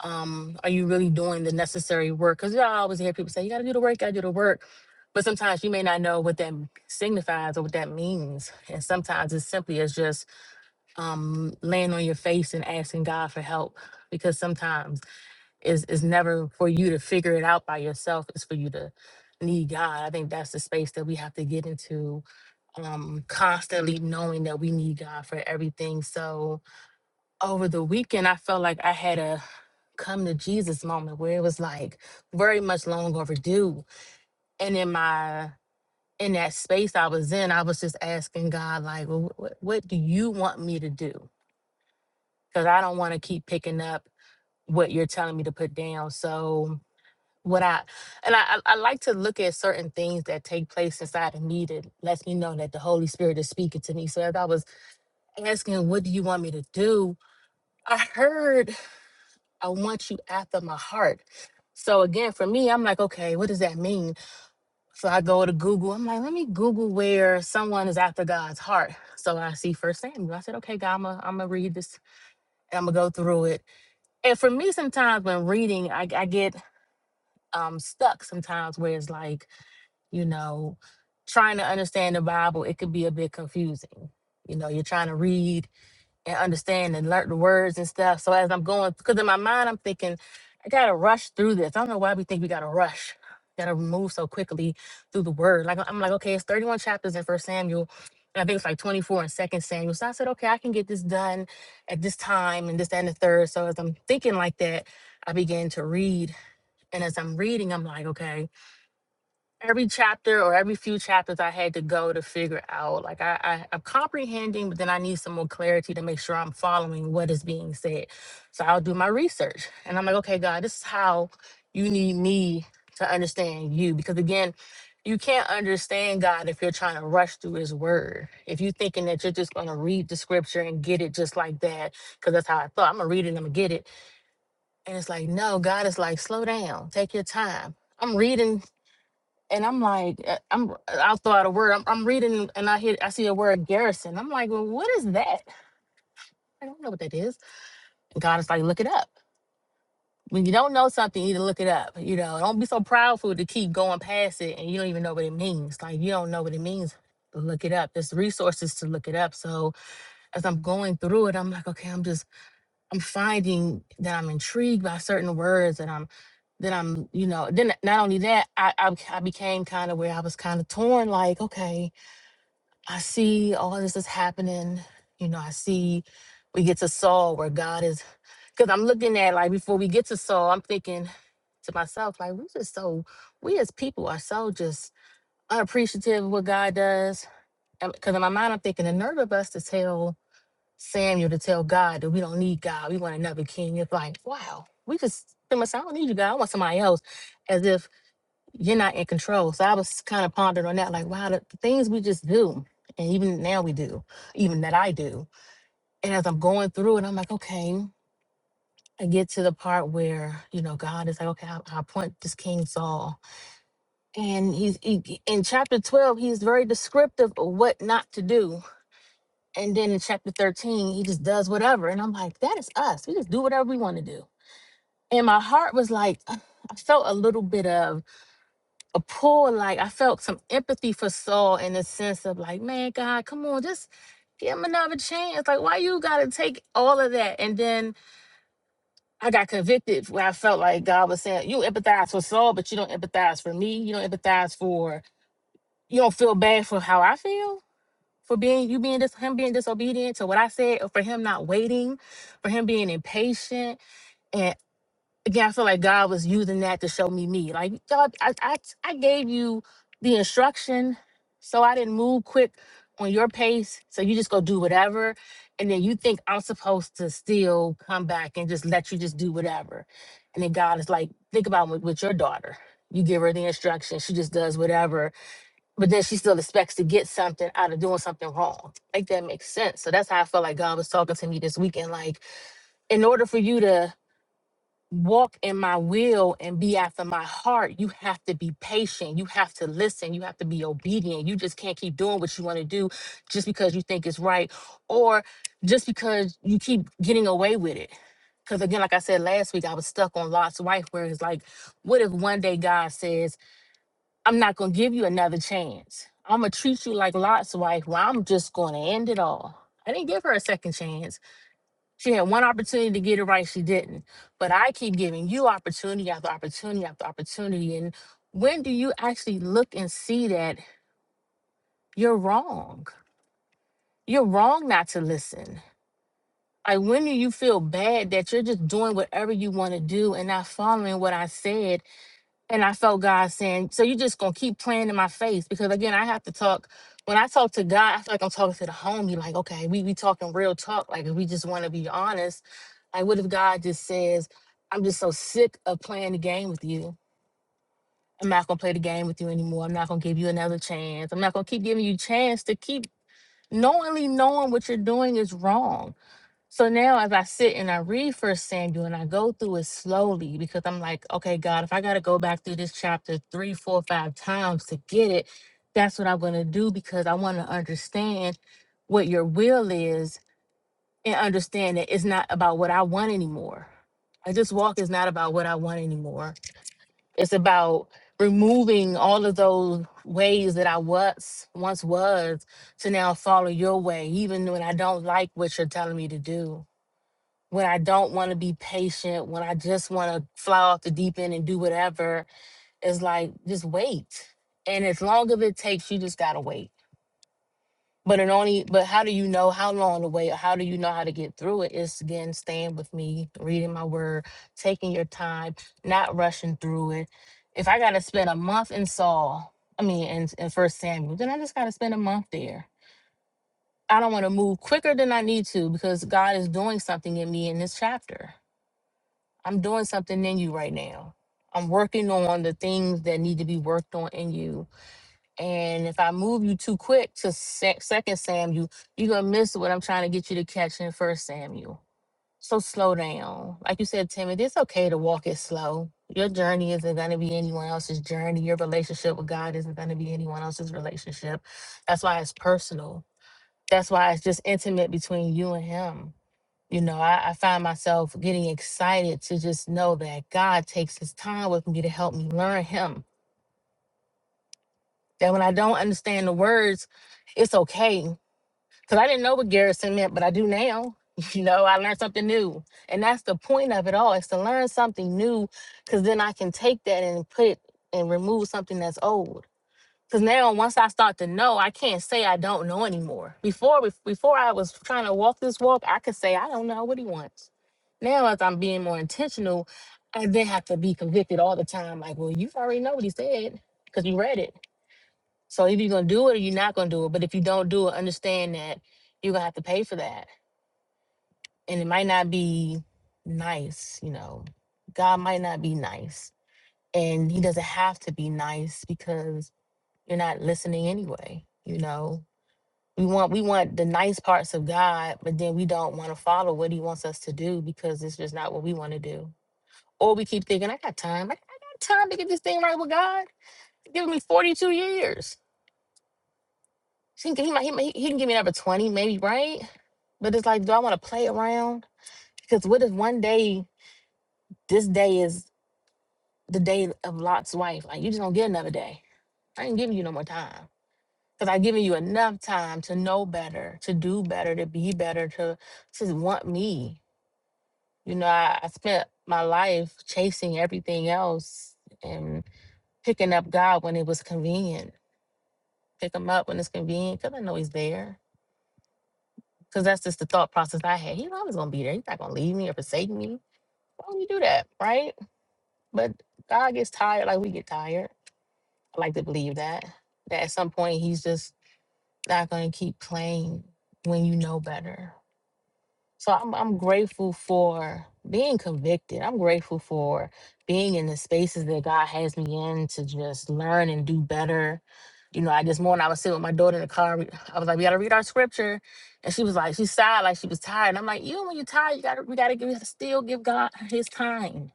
G: um, are you really doing the necessary work? Because I always hear people say, you got to do the work, got to do the work. But sometimes you may not know what that signifies or what that means. And sometimes it's simply as just um, laying on your face and asking God for help because sometimes it's, it's never for you to figure it out by yourself, it's for you to need God. I think that's the space that we have to get into um, constantly knowing that we need God for everything. So, over the weekend, I felt like I had a come to Jesus moment where it was like very much long overdue. And in my in that space I was in, I was just asking God, like, well, what, what do you want me to do? Because I don't want to keep picking up what you're telling me to put down. So what I and I, I I like to look at certain things that take place inside of me that lets me know that the Holy Spirit is speaking to me. So as I was asking, what do you want me to do? I heard I want you after my heart. So again, for me, I'm like, okay, what does that mean? So I go to Google. I'm like, let me Google where someone is after God's heart. So I see First Samuel. I said, okay, God, I'm gonna, I'm gonna read this and I'm gonna go through it. And for me, sometimes when reading, I, I get um, stuck sometimes where it's like, you know, trying to understand the Bible, it could be a bit confusing. You know, you're trying to read and understand and learn the words and stuff. So as I'm going, because in my mind I'm thinking, I gotta rush through this. I don't know why we think we gotta rush, gotta move so quickly through the word. Like I'm like, okay, it's 31 chapters in First Samuel, and I think it's like 24 in Second Samuel. So I said, okay, I can get this done at this time and this that, and the third. So as I'm thinking like that, I began to read, and as I'm reading, I'm like, okay every chapter or every few chapters I had to go to figure out like I, I I'm comprehending, but then I need some more clarity to make sure I'm following what is being said. So I'll do my research and I'm like, okay, God, this is how you need me to understand you. Because again, you can't understand God if you're trying to rush through his word. If you're thinking that you're just gonna read the scripture and get it just like that, because that's how I thought. I'm gonna read it and I'm gonna get it. And it's like, no, God is like, slow down, take your time. I'm reading and I'm like, uh, I'm I'll throw out a word. I'm, I'm reading and I hear I see a word garrison. I'm like, well, what is that? I don't know what that is. And God is like, look it up. When you don't know something, you need to look it up. You know, don't be so proudful to keep going past it and you don't even know what it means. Like you don't know what it means. But look it up. There's resources to look it up. So as I'm going through it, I'm like, okay, I'm just I'm finding that I'm intrigued by certain words and I'm then I'm, you know, then not only that, I I, I became kind of where I was kind of torn, like, okay I see all this is happening. You know, I see we get to Saul where God is, because I'm looking at like before we get to Saul, I'm thinking to myself, like, we just so, we as people are so just unappreciative of what God does. Because in my mind, I'm thinking the nerve of us to tell Samuel to tell God that we don't need God, we want another king. It's like, wow, we just, pretty much, I don't need you, God, I want somebody else. as if you're not in control. So I was kind of pondering on that, like, wow, the the things we just do, and even now we do, even that I do. And as I'm going through it, I'm like, okay, I get to the part where you know God is like, okay, I, I appoint this King Saul, and he's he, in chapter 12, he's very descriptive of what not to do, and then in chapter 13, he just does whatever, and I'm like, that is us. We just do whatever we want to do. And my heart was like, (sighs) I I felt a little bit of a pull like i felt some empathy for saul in the sense of like man god come on just give him another chance like why you gotta take all of that and then i got convicted where i felt like god was saying you empathize for saul but you don't empathize for me you don't empathize for you don't feel bad for how i feel for being you being this him being disobedient to what i said or for him not waiting for him being impatient and again, I feel like God was using that to show me me. Like God, I, I, I gave you the instruction, so I didn't move quick on your pace. So you just go do whatever, and then you think I'm supposed to still come back and just let you just do whatever. And then God is like, think about with, with your daughter. You give her the instruction, she just does whatever, but then she still expects to get something out of doing something wrong. Like that makes sense. So that's how I felt like God was talking to me this weekend. Like, in order for you to walk in my will and be after my heart, you have to be patient. You have to listen. You have to be obedient. You just can't keep doing what you want to do just because you think it's right or just because you keep getting away with it. Because again, like I said last week, I was stuck on Lot's wife, where it's like, what if one day God says, I'm not going to give you another chance? I'm going to treat you like Lot's wife, where I'm just going to end it all. I didn't give her a second chance. She had one opportunity to get it right, she didn't. But I keep giving you opportunity after opportunity after opportunity. And when do you actually look and see that you're wrong? You're wrong not to listen. Like, when do you feel bad that you're just doing whatever you want to do and not following what I said And I felt God saying, So you just gonna keep playing in my face because again, I have to talk. When I talk to God, I feel like I'm talking to the homie, like, okay, we we talking real talk. Like if we just wanna be honest, like what if God just says, I'm just so sick of playing the game with you. I'm not gonna play the game with you anymore. I'm not gonna give you another chance. I'm not gonna keep giving you chance to keep knowingly knowing what you're doing is wrong. So now, as I sit and I read First Samuel, and I go through it slowly because I'm like, okay, God, if I got to go back through this chapter three, four, five times to get it, that's what I'm going to do because I want to understand what your will is and understand that it's not about what I want anymore. I just walk is not about what I want anymore. It's about removing all of those ways that I was once was to now follow your way, even when I don't like what you're telling me to do when I don't want to be patient, when I just want to fly off the deep end and do whatever, it's like just wait. And as long as it takes, you just gotta wait. But it only but how do you know how long to wait? Or how do you know how to get through it? It's again staying with me, reading my word, taking your time, not rushing through it. If I gotta spend a month in Saul, I mean in, in First Samuel, then I just gotta spend a month there. I don't want to move quicker than I need to because God is doing something in me in this chapter I'm doing something in you right now. I'm working on the things that need to be worked on in you. And if I move you too quick to sec- second Samuel, you're going to miss what I'm trying to get you to catch in first Samuel. So slow down. Like you said, Timothy, it's okay to walk it slow. Your journey isn't going to be anyone else's journey. Your relationship with God isn't going to be anyone else's relationship. That's why it's personal. That's why it's just intimate between you and Him you know, I, I find myself getting excited to just know that God takes his time with me to help me learn him. That when I don't understand the words, it's okay. Because I didn't know what garrison meant, but I do now. (laughs) You know, I learned something new. And that's the point of it all is to learn something new, because then I can take that and put it and remove something that's old. Cause now once I start to know, I can't say I don't know anymore. Before bef- before I was trying to walk this walk, I could say I don't know what he wants. Now as I'm being more intentional, I then have to be convicted all the time. Like, well, you already know what he said because you read it. So either you're gonna do it or you're not gonna do it. But if you don't do it, understand that you're gonna have to pay for that, and it might not be nice. You know, God might not be nice, and He doesn't have to be nice because you're not listening anyway. You know, we want we want the nice parts of God, but then we don't want to follow what He wants us to do because it's just not what we want to do. Or we keep thinking, I got time. I, I got time to get this thing right with God. He's giving me 42 years. He can, he, might, he, might- he can give me another 20, maybe, right? But it's like, do I want to play around? Because what if one day, this day is the day of Lot's wife? Like, you just don't get another day. I ain't giving you no more time. Because I've given you enough time to know better, to do better, to be better, to, to want me. You know, I, I spent my life chasing everything else and picking up God when it was convenient. Pick him up when it's convenient because I know he's there. Because that's just the thought process I had. He's always going to be there. He's not going to leave me or forsake me. Why would you do that? Right? But God gets tired like we get tired. I like to believe that. That at some point, he's just not going to keep playing when you know better. So I'm I'm grateful for being convicted. I'm grateful for being in the spaces that God has me in to just learn and do better. You know, I this morning I was sitting with my daughter in the car. we- I was like, we gotta read our scripture. And she was like, she sighed like she was tired. And I'm like, even when you're tired, you gotta we gotta give we gotta still give God his time.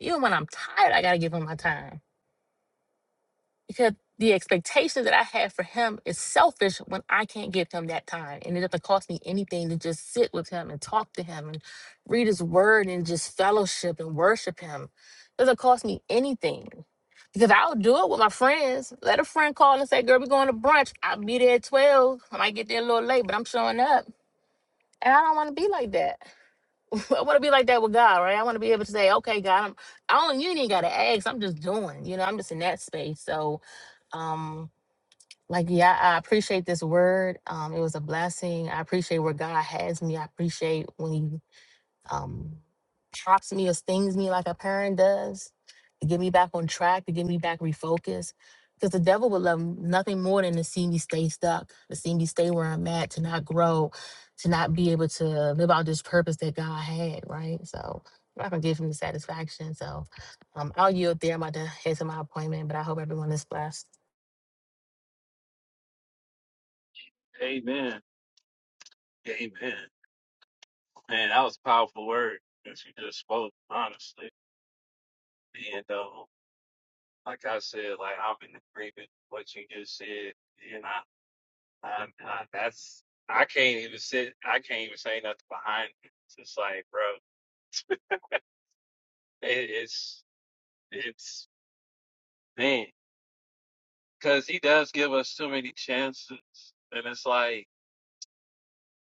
G: Even when I'm tired, I gotta give him my time because the expectation that I have for him is selfish when I can't give him that time. And it doesn't cost me anything to just sit with him and talk to him and read his word and just fellowship and worship him. It doesn't cost me anything. Because I'll do it with my friends. Let a friend call and say, girl, we're going to brunch. I'll be there at 12. I might get there a little late, but I'm showing up. And I don't want to be like that. (laughs) I want to be like that with God, right? I want to be able to say, okay, God, I'm, I don't, you ain't got to ask. I'm just doing, you know, I'm just in that space. So, um, like, yeah, I appreciate this word. Um, it was a blessing. I appreciate where God has me. I appreciate when He um, props me or stings me like a parent does to get me back on track, to get me back refocused. Because the devil would love nothing more than to see me stay stuck, to see me stay where I'm at, to not grow, to not be able to live out this purpose that God had, right? So I'm not going to give him the satisfaction. So um, I'll yield there. I'm about to head to my appointment, but I hope everyone is blessed.
A: Amen. Amen. Man, that was a powerful word that you just spoke, honestly. And um, like I said, like I'm in agreement with what you just said. And I, I, I that's I can't even sit I can't even say nothing behind it. It's just like, bro, it, it's it's man. Cause he does give us too many chances. And it's like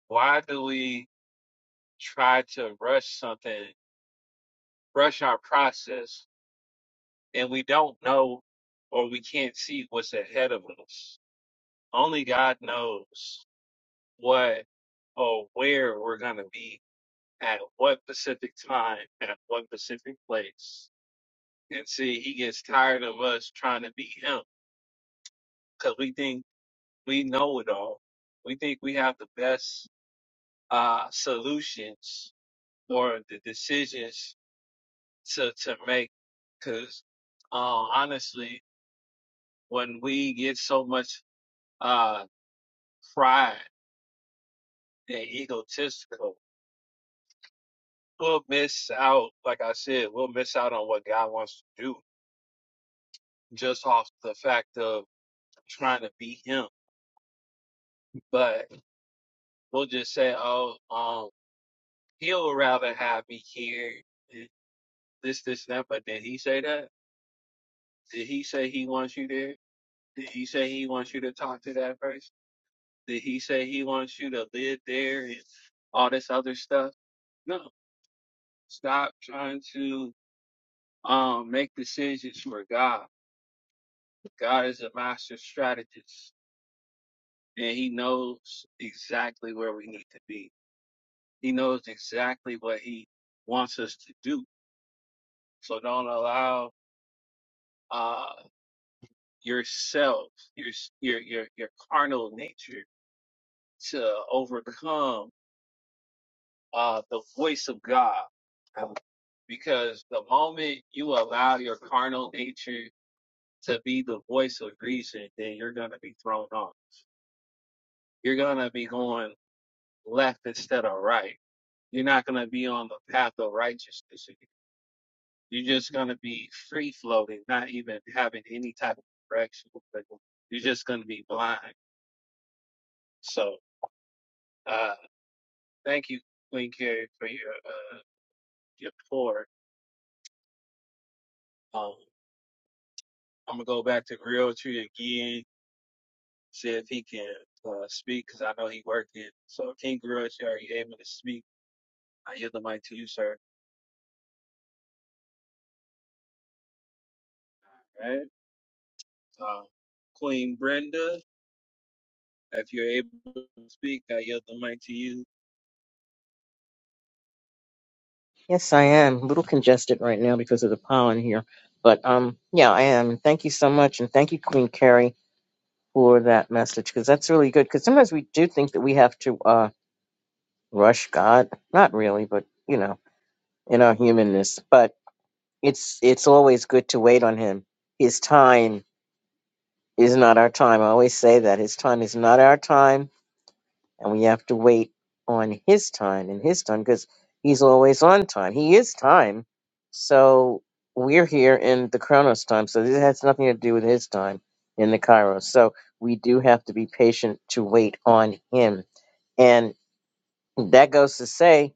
A: why do we try to rush something, rush our process, and we don't know or we can't see what's ahead of us? Only God knows what or where we're going to be at what specific time, at what specific place. And see, He gets tired of us trying to be Him because we think we know it all. We think we have the best uh, solutions or the decisions to to make because um, honestly, when we get so much uh pride and egotistical, we'll miss out. Like I said, we'll miss out on what God wants to do just off the fact of trying to be Him. But we'll just say, "Oh, um, He'll rather have me here." eh, This, this, and that. But did He say that? Did He say He wants you there? Did He say He wants you to talk to that person? Did he say he wants you to live there and all this other stuff? No. Stop trying to um make decisions for God. God is a master strategist and he knows exactly where we need to be. He knows exactly what he wants us to do. So don't allow uh yourself, your your your your carnal nature to overcome uh, the voice of God. Um, Because the moment you allow your carnal nature to be the voice of reason, then you're going to be thrown off. You're going to be going left instead of right. You're not going to be on the path of righteousness. You're just going to be free floating, not even having any type of direction. You're just going to be blind. So, uh, thank you, Queen Carrie, for your, uh, your pour. Um, I'm going to go back to Grill again see if he can uh, speak because I know he working. So King Grush, are you able to speak? I yield the mic to you, sir. All right. Uh, Queen Brenda, if you're able to speak, I yield the mic to you.
H: Yes, I am. A little congested right now because of the pollen here. But um, yeah, I am. And thank you so much. And thank you, Queen Carrie, for that message because that's really good. Because sometimes we do think that we have to uh, rush God. Not really, but, you know, in our humanness. But it's it's always good to wait on Him. His time is not our time. I always say that. His time is not our time. and we have to wait on his time and his time because he's always on time. He is time. So we're here in the Chronos time. So this has nothing to do with his time in the Kairos. So we do have to be patient to wait on him. And that goes to say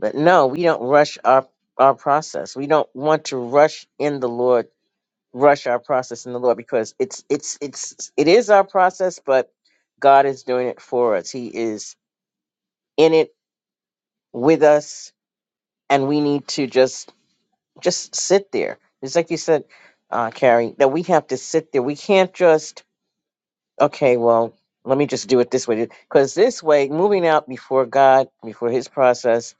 H: that no, we don't rush our our process. We don't want to rush in the Lord, rush our process in the Lord because it's it's it's it is our process, but God is doing it for us. He is in it with us and we need to just just sit there it's like you said uh carrie that we have to sit there we can't just okay well let me just do it this way because this way moving out before god before his process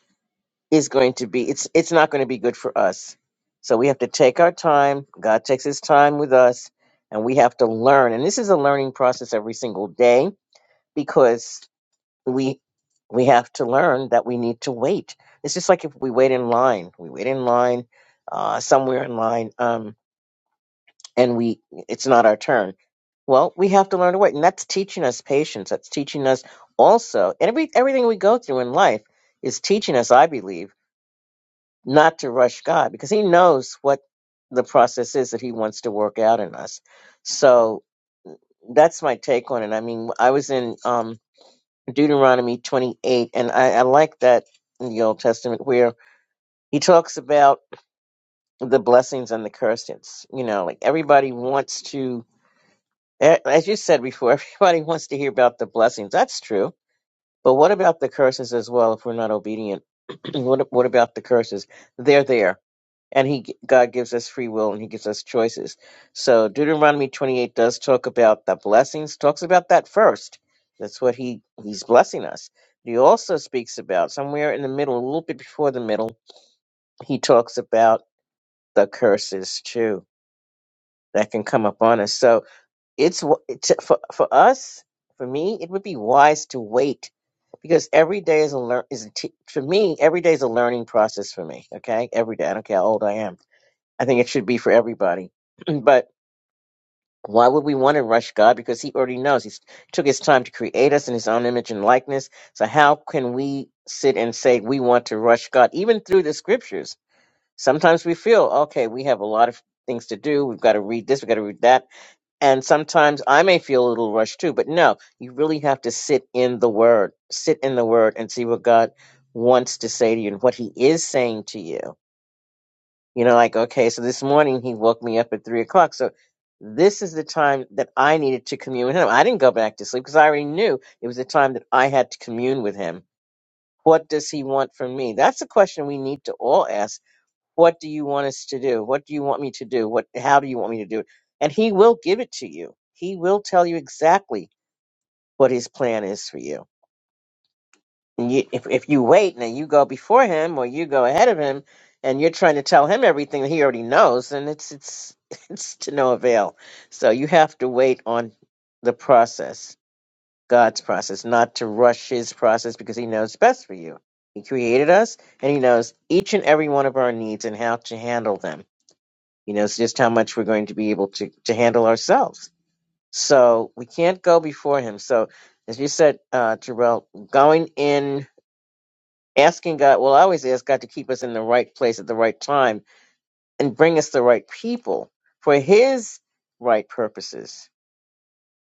H: is going to be it's it's not going to be good for us so we have to take our time god takes his time with us and we have to learn and this is a learning process every single day because we we have to learn that we need to wait. It's just like if we wait in line, we wait in line uh, somewhere in line, um, and we it's not our turn. Well, we have to learn to wait, and that's teaching us patience. That's teaching us also and every everything we go through in life is teaching us, I believe, not to rush God because He knows what the process is that He wants to work out in us. So that's my take on it. I mean, I was in. Um, Deuteronomy 28, and I, I like that in the Old Testament where he talks about the blessings and the curses. You know, like everybody wants to, a- as you said before, (laughs) everybody wants to hear about the blessings. That's true. But what about the curses as well if we're not obedient? (clears throat) what, what about the curses? They're there and he God gives us free will and he gives us choices. So Deuteronomy 28 does talk about the blessings, talks about that first. That's what he he's blessing us. He also speaks about somewhere in the middle, a little bit before the middle, he talks about the curses too that can come upon us. So it's w- it's for for us, for me, it would be wise to wait because every day is a learn is a t- for me every day is a learning process for me. Okay, every day I don't care how old I am I think it should be for everybody. (clears throat) but why would we want to rush God? Because He already knows. He took His time to create us in His own image and likeness. So how can we sit and say we want to rush God? Even through the scriptures, sometimes we feel, okay, we have a lot of things to do. We've got to read this, we've got to read that. And sometimes I may feel a little rushed too. But no, you really have to sit in the Word, sit in the Word and see what God wants to say to you and what He is saying to you you know, like, okay, so this morning he woke me up at three o'clock. So this is the time that I needed to commune with him. I didn't go back to sleep because I already knew it was the time that I had to commune with him. What does he want from me? That's a question we need to all ask. What do you want us to do? What do you want me to do? What, how do you want me to do it? And he will give it to you. He will tell you exactly what his plan is for you and you, if if you wait and then you go before him or you go ahead of him and you're trying to tell him everything that he already knows and it's it's (laughs) it's to no avail so you have to wait on the process god's process not to rush his process because he knows best for you he created us and he knows each and every one of our needs and how to handle them he knows just how much we're going to be able to to handle ourselves so we can't go before him so as you said uh terrell going in asking God, well, I always ask God to keep us in the right place at the right time and bring us the right people for His right purposes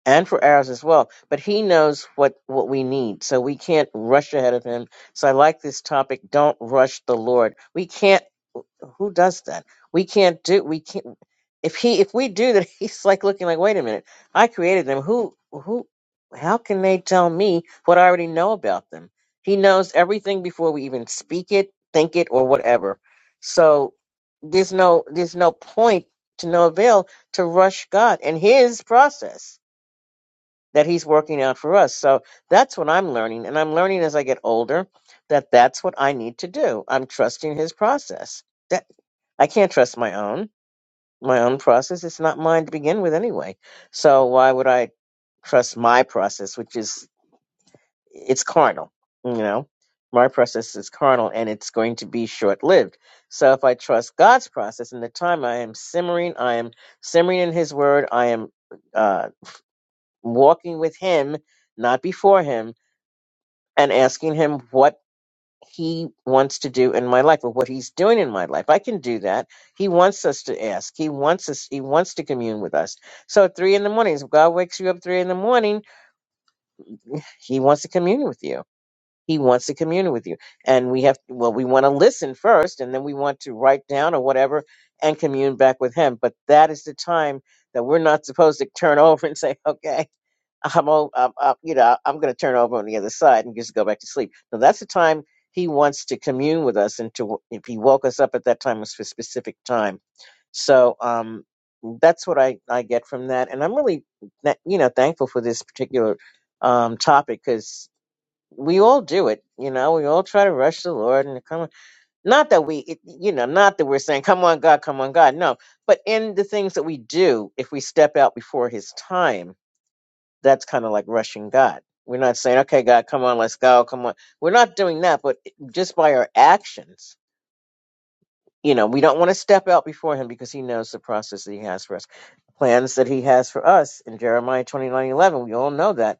H: and for ours as well. But He knows what, what we need, so we can't rush ahead of Him. So I like this topic don't rush the Lord. We can't who does that? We can't do we can't if he if we do that (laughs) he's like looking like wait a minute I created them who who how can they tell me what I already know about them? He knows everything before we even speak it, think it, or whatever. So there's no there's no point to no avail to rush God and His process that He's working out for us. So that's what I'm learning, and I'm learning as I get older that that's what I need to do. I'm trusting His process I can't trust my own my own process. It's not mine to begin with anyway. So why would I trust my process, which is it's carnal, you know? My process is carnal and it's going to be short lived. So if I trust God's process and the time I am simmering, I am simmering in his word, I am uh walking with him, not before him, and asking him what he wants to do in my life or what he's doing in my life. I can do that. He wants us to ask. He wants us he wants to commune with us. So at three in the morning, if God wakes you up three in the morning, he wants to commune with you. He wants to commune with you. And we have well, we want to listen first and then we want to write down or whatever and commune back with him. But that is the time that we're not supposed to turn (laughs) over and say, okay, I'm all, I'm, I'm, you know, I'm going to turn over on the other side and just go back to sleep. Now that's the time he wants to commune with us, and to if he woke us up at that time it was for a specific time. So um, that's what I I get from that, and I'm really tha- you know thankful for this particular um topic because we all do it. You know, we all try to rush the Lord and come. Not that we, it, you know, not that we're saying, "Come on, God, come on, God." No, but in the things that we do, if we step out before His time that's kind of like rushing God. We're not saying, okay, God, come on, let's go, come on. We're not doing that, but just by our actions, you know, we don't want to step out before Him because He knows the process that He has for us. Plans that He has for us in Jeremiah twenty nine eleven, we all know that,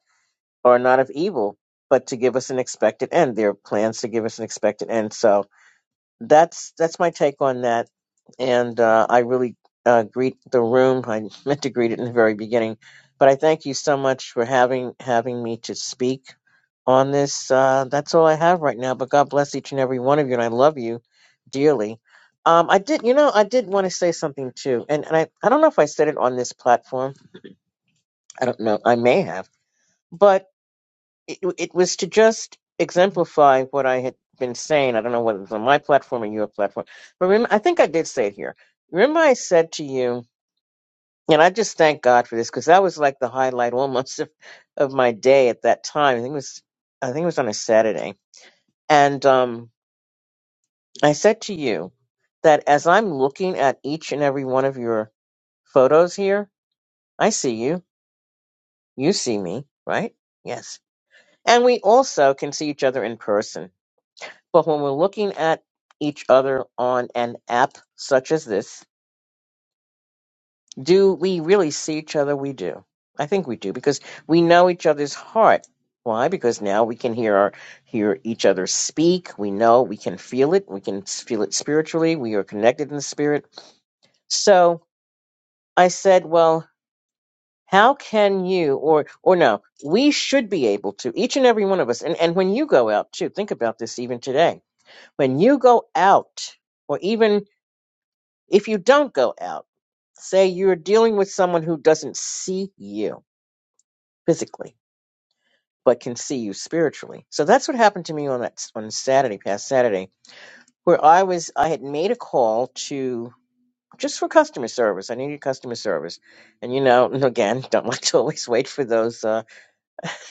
H: are not of evil, but to give us an expected end. They're plans to give us an expected end. So, that's that's my take on that. And uh, I really uh, greet the room. I (laughs) meant to greet it in the very beginning, but I thank you so much for having having me to speak on this. Uh, that's all I have right now. But God bless each and every one of you, and I love you dearly. Um, I did, you know, I did want to say something too, and, and I, I don't know if I said it on this platform. I don't know. I may have, but it, it was to just exemplify what I had been saying. I don't know whether it was on my platform or your platform, but remember, I think I did say it here. Remember, I said to you, and I just thank God for this because that was like the highlight (laughs) almost of, of my day at that time. I think it was, I think it was on a Saturday, and um, I said to you that as I'm looking at each and every one of your photos here, I see you, you see me, right? Yes, and we also can see each other in person. But when we're looking at each other on an app such as this, do we really see each other? We do. I think we do because we know each other's heart. Why? Because now we can hear our, hear each other speak. We know we can feel it. We can s- feel it spiritually. We are connected in the spirit. So I said, well, how can you or or no? We should be able to each and every one of us. And and when you go out too, think about this even today. When you go out, or even If you don't go out, say you're dealing with someone who doesn't see you physically, but can see you spiritually. So that's what happened to me on that on Saturday, past Saturday, where I was I had made a call to just for customer service. I needed customer service, and you know, (laughs) and again, don't like to always wait for those uh,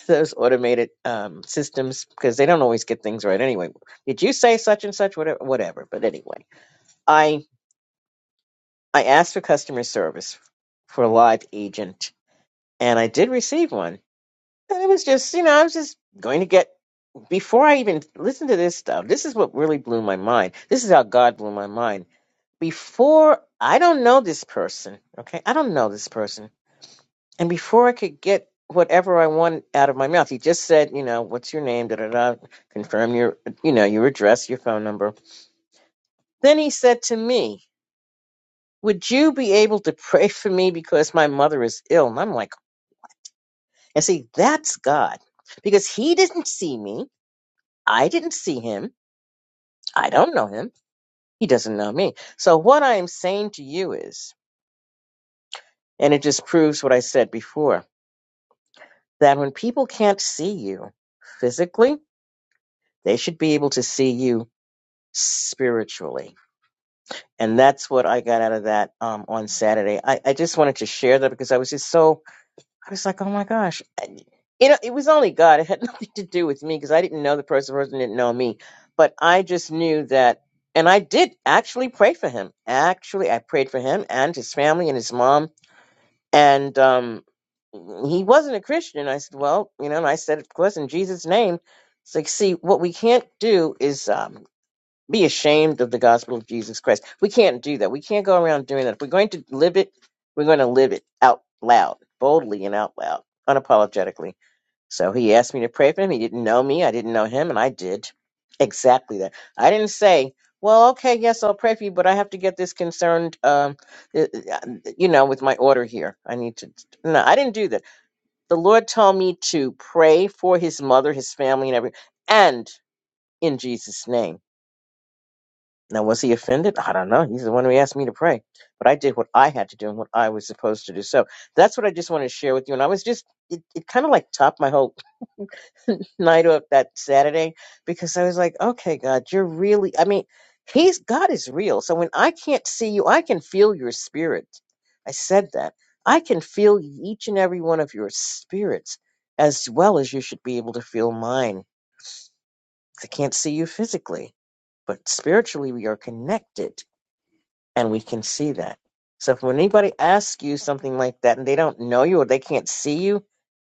H: those automated um, systems because they don't always get things right. Anyway, did you say such and such? Whatever, whatever. But anyway, I I asked for customer service for a live agent and I did receive one. And it was just, you know, I was just going to get before I even listened to this stuff. This is what really blew my mind. This is how God blew my mind. Before I don't know this person, okay? I don't know this person. And before I could get whatever I want out of my mouth, he just said, you know, what's your name? Da da da. Confirm your, you know, your address, your phone number. Then he said to me, "Would you be able to pray for me because my mother is ill?" And I'm like, and see, that's God because he didn't see me. I didn't see him. I don't know him. He doesn't know me. So what I am saying to you is, and it just proves what I said before, that when people can't see you physically, they should be able to see you spiritually. And that's what I got out of that um, on Saturday. I, I just wanted to share that because I was just so I was like, oh my gosh. And, You know, it was only God. It had (laughs) nothing to do with me because I didn't know the person. The person didn't know me. But I just knew that, and I did actually pray for him. Actually, I prayed for him and his family and his mom. And um, he wasn't a Christian. I said, well, you know, and I said, of course, in Jesus' name. It's like, see, what we can't do is um, be ashamed of the gospel of Jesus Christ. We can't do that. We can't go around doing that. If we're going to live it, we're going to live it out loud, boldly and out loud, unapologetically. So he asked me to pray for him. He didn't know me. I didn't know him, and I did exactly that. I didn't say, "Well, okay, yes, I'll pray for you, but I have to get this concerned, um, uh, uh, uh, you know, with my order here. I need to." No, I didn't do that. The Lord told me to pray for his mother, his family, and every, and in Jesus' name. Now, was he offended? I don't know. He's the one who asked me to pray. But I did what I had to do and what I was supposed to do. So that's what I just wanted to share with you. And I was just, it, it kind of like topped my whole (laughs) night up that Saturday because I was like, okay, God, you're really, I mean, He's, God is real. So when I can't see you, I can feel your spirit. I said that. I can feel each and every one of your spirits as well as you should be able to feel mine. I can't see you physically, but spiritually we are connected and we can see that. So if when anybody asks you something like that and they don't know you or they can't see you,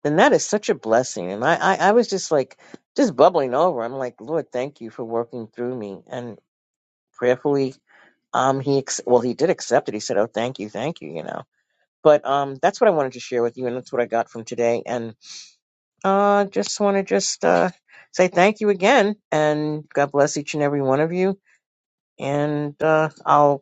H: then that is such a blessing. And I, I, I was just like, just bubbling over. I'm like, Lord, thank you for working through me. And prayerfully, um, he, ex- well, he did accept it. He said, oh, thank you, thank you, you know. But um, that's what I wanted to share with you, and that's what I got from today. And uh, just want to just uh, say thank you again, and God bless each and every one of you. And uh, I'll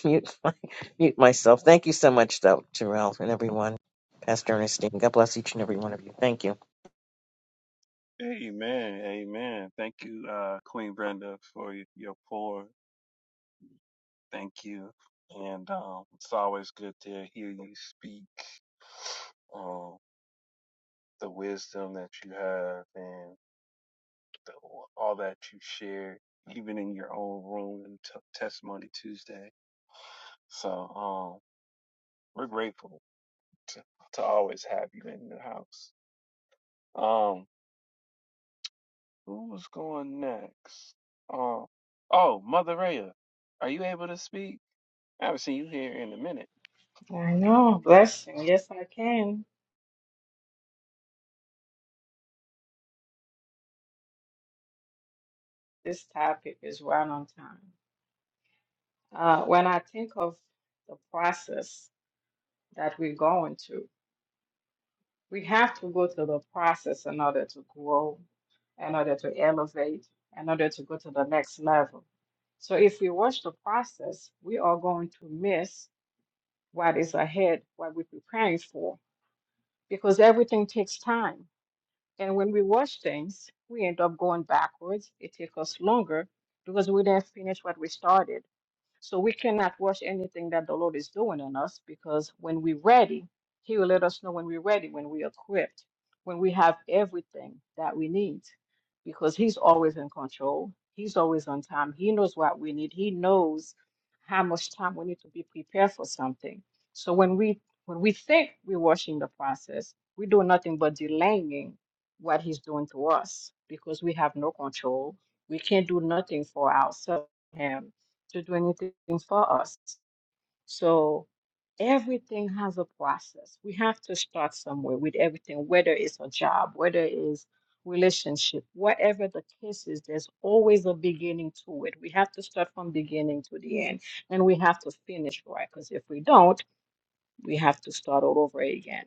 H: (laughs) mute my, mute myself. Thank you so much, though, Terrell and everyone. Pastor Ernestine, God bless each and every one of you. Thank you.
A: Amen. Amen. Thank you, uh, Queen Brenda, for y- your pour. Thank you. And um, it's always good to hear you speak um, the wisdom that you have and the, all that you share, even in your own room and t- Testimony Tuesday. So um, we're grateful to, to always have you in the house. Um, who's going next? Um, oh, Mother Rhea, are you able to speak? I haven't seen you here in a minute.
I: I know, blessing. Yes, I can. This topic is right on time. Uh, when I think of the process that we're going through, we have to go through the process in order to grow, in order to elevate, in order to go to the next level. So if we watch the process, we are going to miss what is ahead, what we're preparing for, because everything takes time. And when we watch things, we end up going backwards. It takes us longer because we didn't finish what we started. So we cannot rush anything that the Lord is doing in us because when we're ready, He will let us know when we're ready, when we're equipped, when we have everything that we need, because He's always in control. He's always on time. He knows what we need. He knows how much time we need to be prepared for something. So when we when we think we're rushing the process, we do nothing but delaying what He's doing to us because we have no control. We can't do nothing for ourselves. Him to do anything for us. So everything has a process. We have to start somewhere with everything, whether it's a job, whether it's relationship, whatever the case is, there's always a beginning to it. We have to start from beginning to the end and we have to finish right because if we don't, we have to start all over again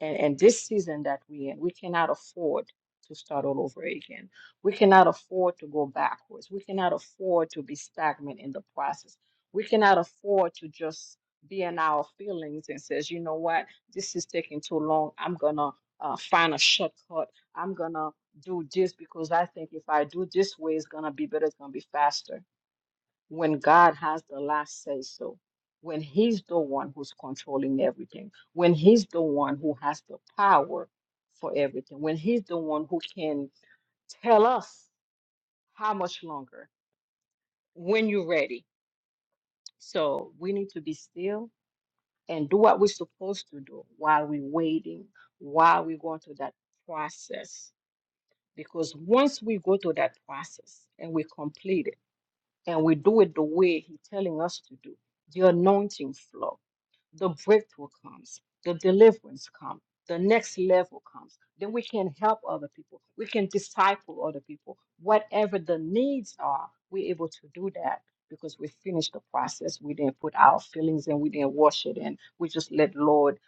I: and, and this season that we in, we cannot afford to start all over again. We cannot afford to go backwards. We cannot afford to be stagnant in the process. We cannot afford to just be in our feelings and says, you know what, this is taking too long. I'm gonna uh, find a shortcut. I'm gonna do this because I think if I do this way, it's gonna be better. It's gonna be faster when God has the last say so, when He's the one who's controlling everything, when He's the one who has the power for everything, when He's the one who can tell us how much longer, when you're ready. So we need to be still and do what we're supposed to do while we're waiting, while we go through that process. Because once we go through that process and we complete it and we do it the way He's telling us to do, the anointing flow the breakthrough comes, the deliverance comes, the next level comes. Then we can help other people. We can disciple other people. Whatever the needs are, we're able to do that because we finished the process. We didn't put our feelings in, we didn't wash it in. We just let Lord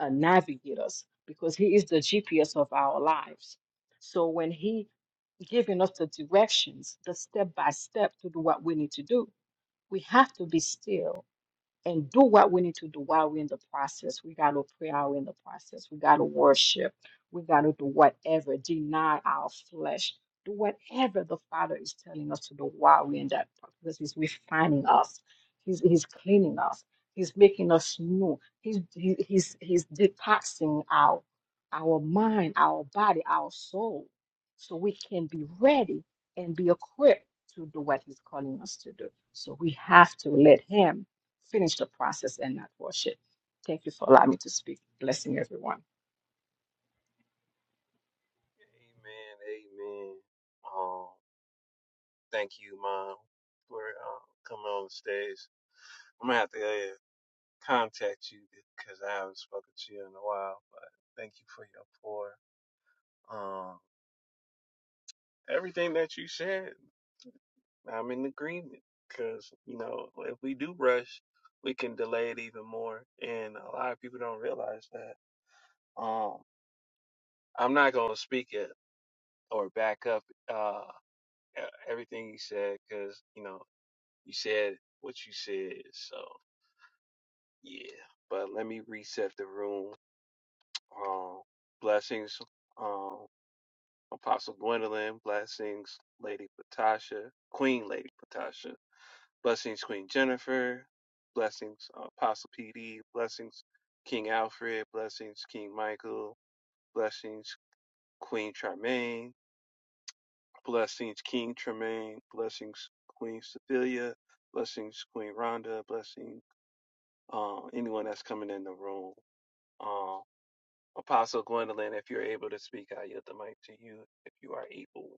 I: uh, navigate us because He is the GPS of our lives. So when He giving us the directions, the step by step to do what we need to do, we have to be still and do what we need to do while we're in the process. We got to pray while we're in the process. We got to worship. We got to do whatever, deny our flesh, do whatever the Father is telling us to do while we're in that process. Because He's refining us, He's, he's cleaning us, He's making us new, He's, he, he's, he's detoxing our, our mind, our body, our soul, so we can be ready and be equipped to do what He's calling us to do. So we have to let Him finish the process and not rush it. Thank you for allowing me to speak. Blessing everyone.
A: Amen, amen. Um, thank you, Mom, for uh, coming on the stage. I'm gonna have to uh, contact you because I haven't spoken to you in a while. But thank you for your pour. Um, everything that you said I'm in agreement because, you know, if we do rush, we can delay it even more. And a lot of people don't realize that. Um, I'm not going to speak it or back up uh, e- everything you said because, you know, you said what you said. So, yeah. But let me reset the room. Um, blessings, um, Apostle Gwendolyn. Blessings, Lady Patasha, Queen Lady Patasha. Blessings, Queen Jennifer. Blessings, uh, Apostle PD. Blessings, King Alfred. Blessings, King Michael. Blessings, Queen Charmaine. Blessings, King Tremaine. Blessings, Queen Cecilia. Blessings, Queen Rhonda. Blessing uh, anyone that's coming in the room. Uh, Apostle Gwendolyn, if you're able to speak, I yield the mic to you if you are able.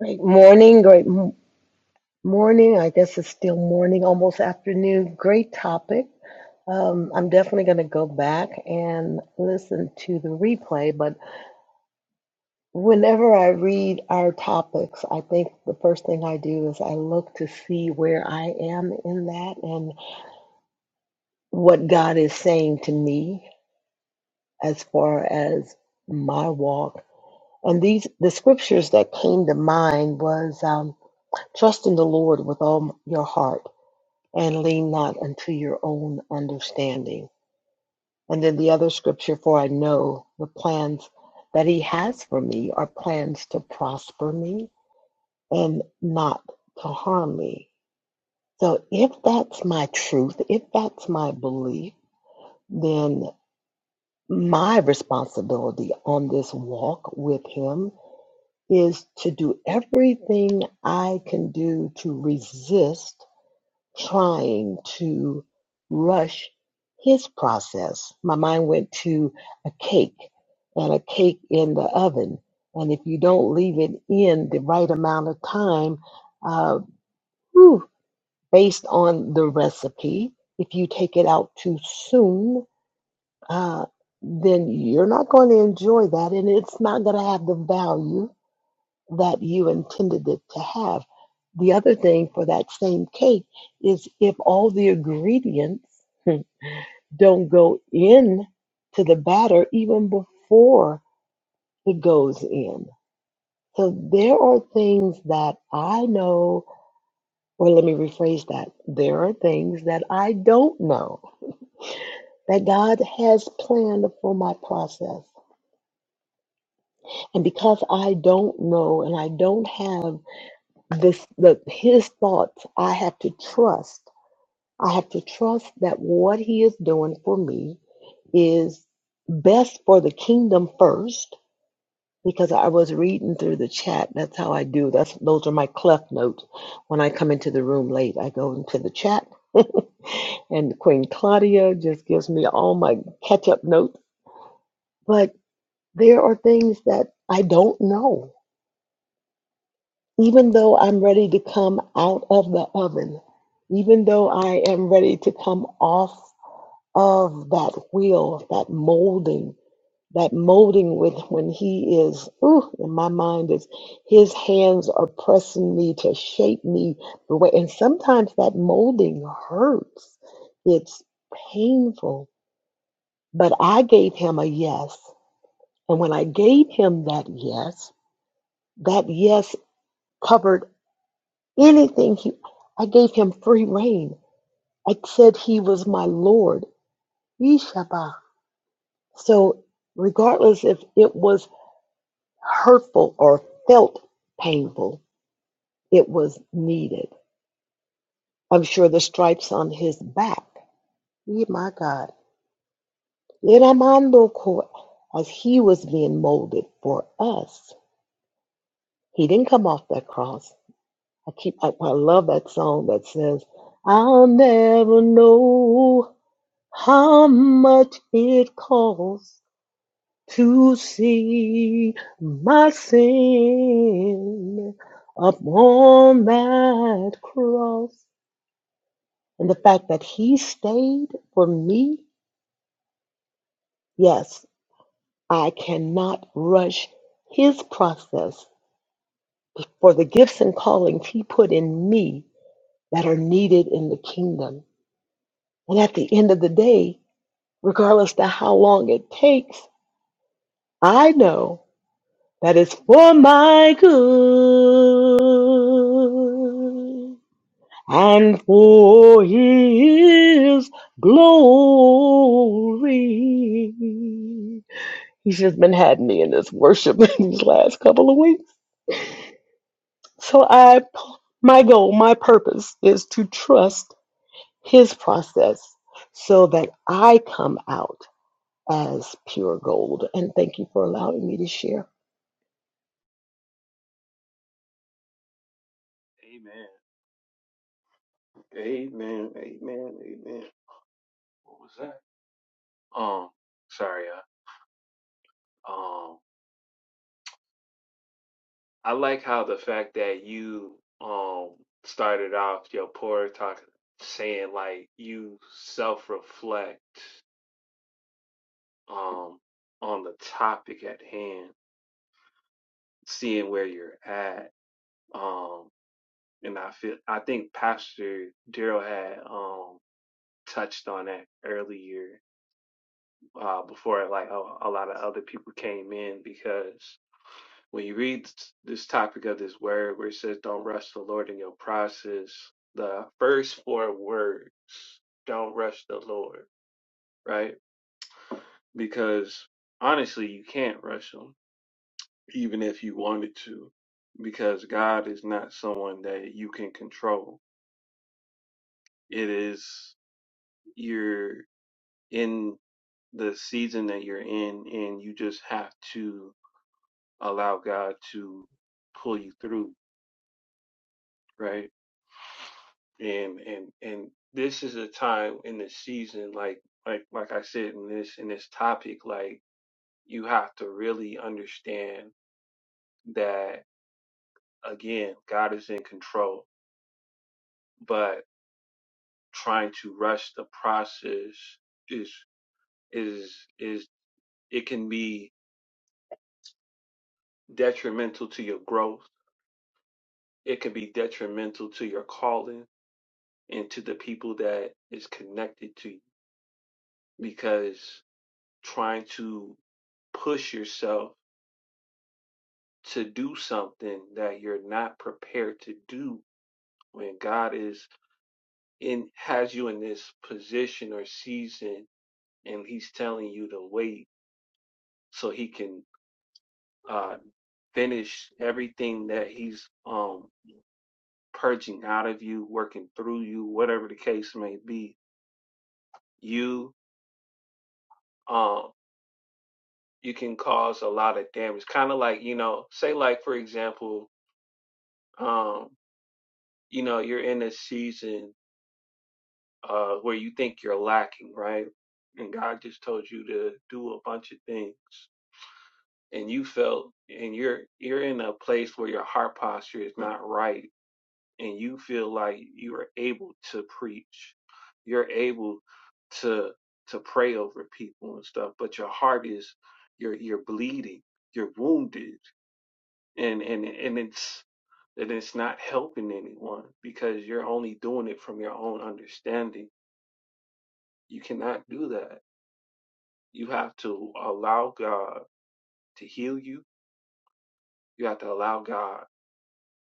J: Great morning, great m- morning. I guess it's still morning, almost afternoon. Great topic. Um, I'm definitely going to go back and listen to the replay. But whenever I read our topics, I think the first thing I do is I look to see where I am in that and what God is saying to me as far as my walk. And these the scriptures that came to mind was um, trust in the Lord with all your heart and lean not unto your own understanding. And then the other scripture, for I know the plans that he has for me are plans to prosper me and not to harm me. So if that's my truth, if that's my belief, then my responsibility on this walk with him is to do everything I can do to resist trying to rush his process. My mind went to a cake and a cake in the oven. And if you don't leave it in the right amount of time, uh, whew, based on the recipe, if you take it out too soon, uh, then you're not going to enjoy that and it's not going to have the value that you intended it to have. The other thing for that same cake is if all the ingredients hmm, don't go in to the batter even before it goes in. So there are things that I know, or let me rephrase that. There are things that I don't know that God has planned for my process. And because I don't know and I don't have this the his thoughts, I have to trust I have to trust that what He is doing for me is best for the kingdom first because I was reading through the chat. That's how I do. That's those are my cleft notes. When I come into the room late, I go into the chat. (laughs) and Queen Claudia just gives me all my catch-up notes. But there are things that I don't know. Even though I'm ready to come out of the oven, even though I am ready to come off of that will, of that molding, that molding with when he is, ooh, in my mind is his hands are pressing me to shape me the way. And sometimes that molding hurts. It's painful. But I gave him a yes. And when I gave him that yes, that yes covered anything he I gave him free reign. I said he was my Lord. Yeshua. So regardless if it was hurtful or felt painful, it was needed. I'm sure the stripes on his back, yeah, my God, Iramando ko- as he was being molded for us, he didn't come off that cross. I keep, I, I love that song that says, "I'll never know how much it costs to see my sin upon that cross. And the fact that he stayed for me, yes, I cannot rush his process for the gifts and callings he put in me that are needed in the kingdom. And at the end of the day, regardless to how long it takes, I know that it's for my good. and for his glory. He's just been had me in this worship (laughs) these last couple of weeks. So I my goal, my purpose is to trust his process so that I come out as pure gold. And thank you for allowing me to share.
A: Amen. Amen. Amen. Amen. What was that? Um, sorry. Uh, um, I like how the fact that you um started off your poor talk saying like you self reflect um on the topic at hand, seeing where you're at. Um and I feel I think Pastor Daryl had um touched on that earlier uh before like a, a lot of other people came in because. when you read this topic of this word where it says don't rush the lord in your process the first four words don't rush the lord right because honestly you can't rush him even if you wanted to because god is not someone that you can control it is you're in the season that you're in and you just have to allow god to pull you through right and and and this is a time in the season like like like I said in this in this topic like you have to really understand that again God is in control but trying to rush the process is is is it can be detrimental to your growth it can be detrimental to your calling and to the people that is connected to you because trying to push yourself to do something that you're not prepared to do when God is in has you in this position or season and he's telling you to wait so he can uh finish everything that he's um purging out of you, working through you, whatever the case may be. You um you can cause a lot of damage. Kind of like, you know, say like for example, um, you know, you're in a season uh, where you think you're lacking, right? And God just told you to do a bunch of things, and you felt, and you're you're in a place where your heart posture is not right, and you feel like you are able to preach, you're able to to pray over people and stuff, but your heart is you're you're bleeding, you're wounded, and and and it's and it's not helping anyone because you're only doing it from your own understanding. You cannot do that You have to allow God to heal you. You have to allow God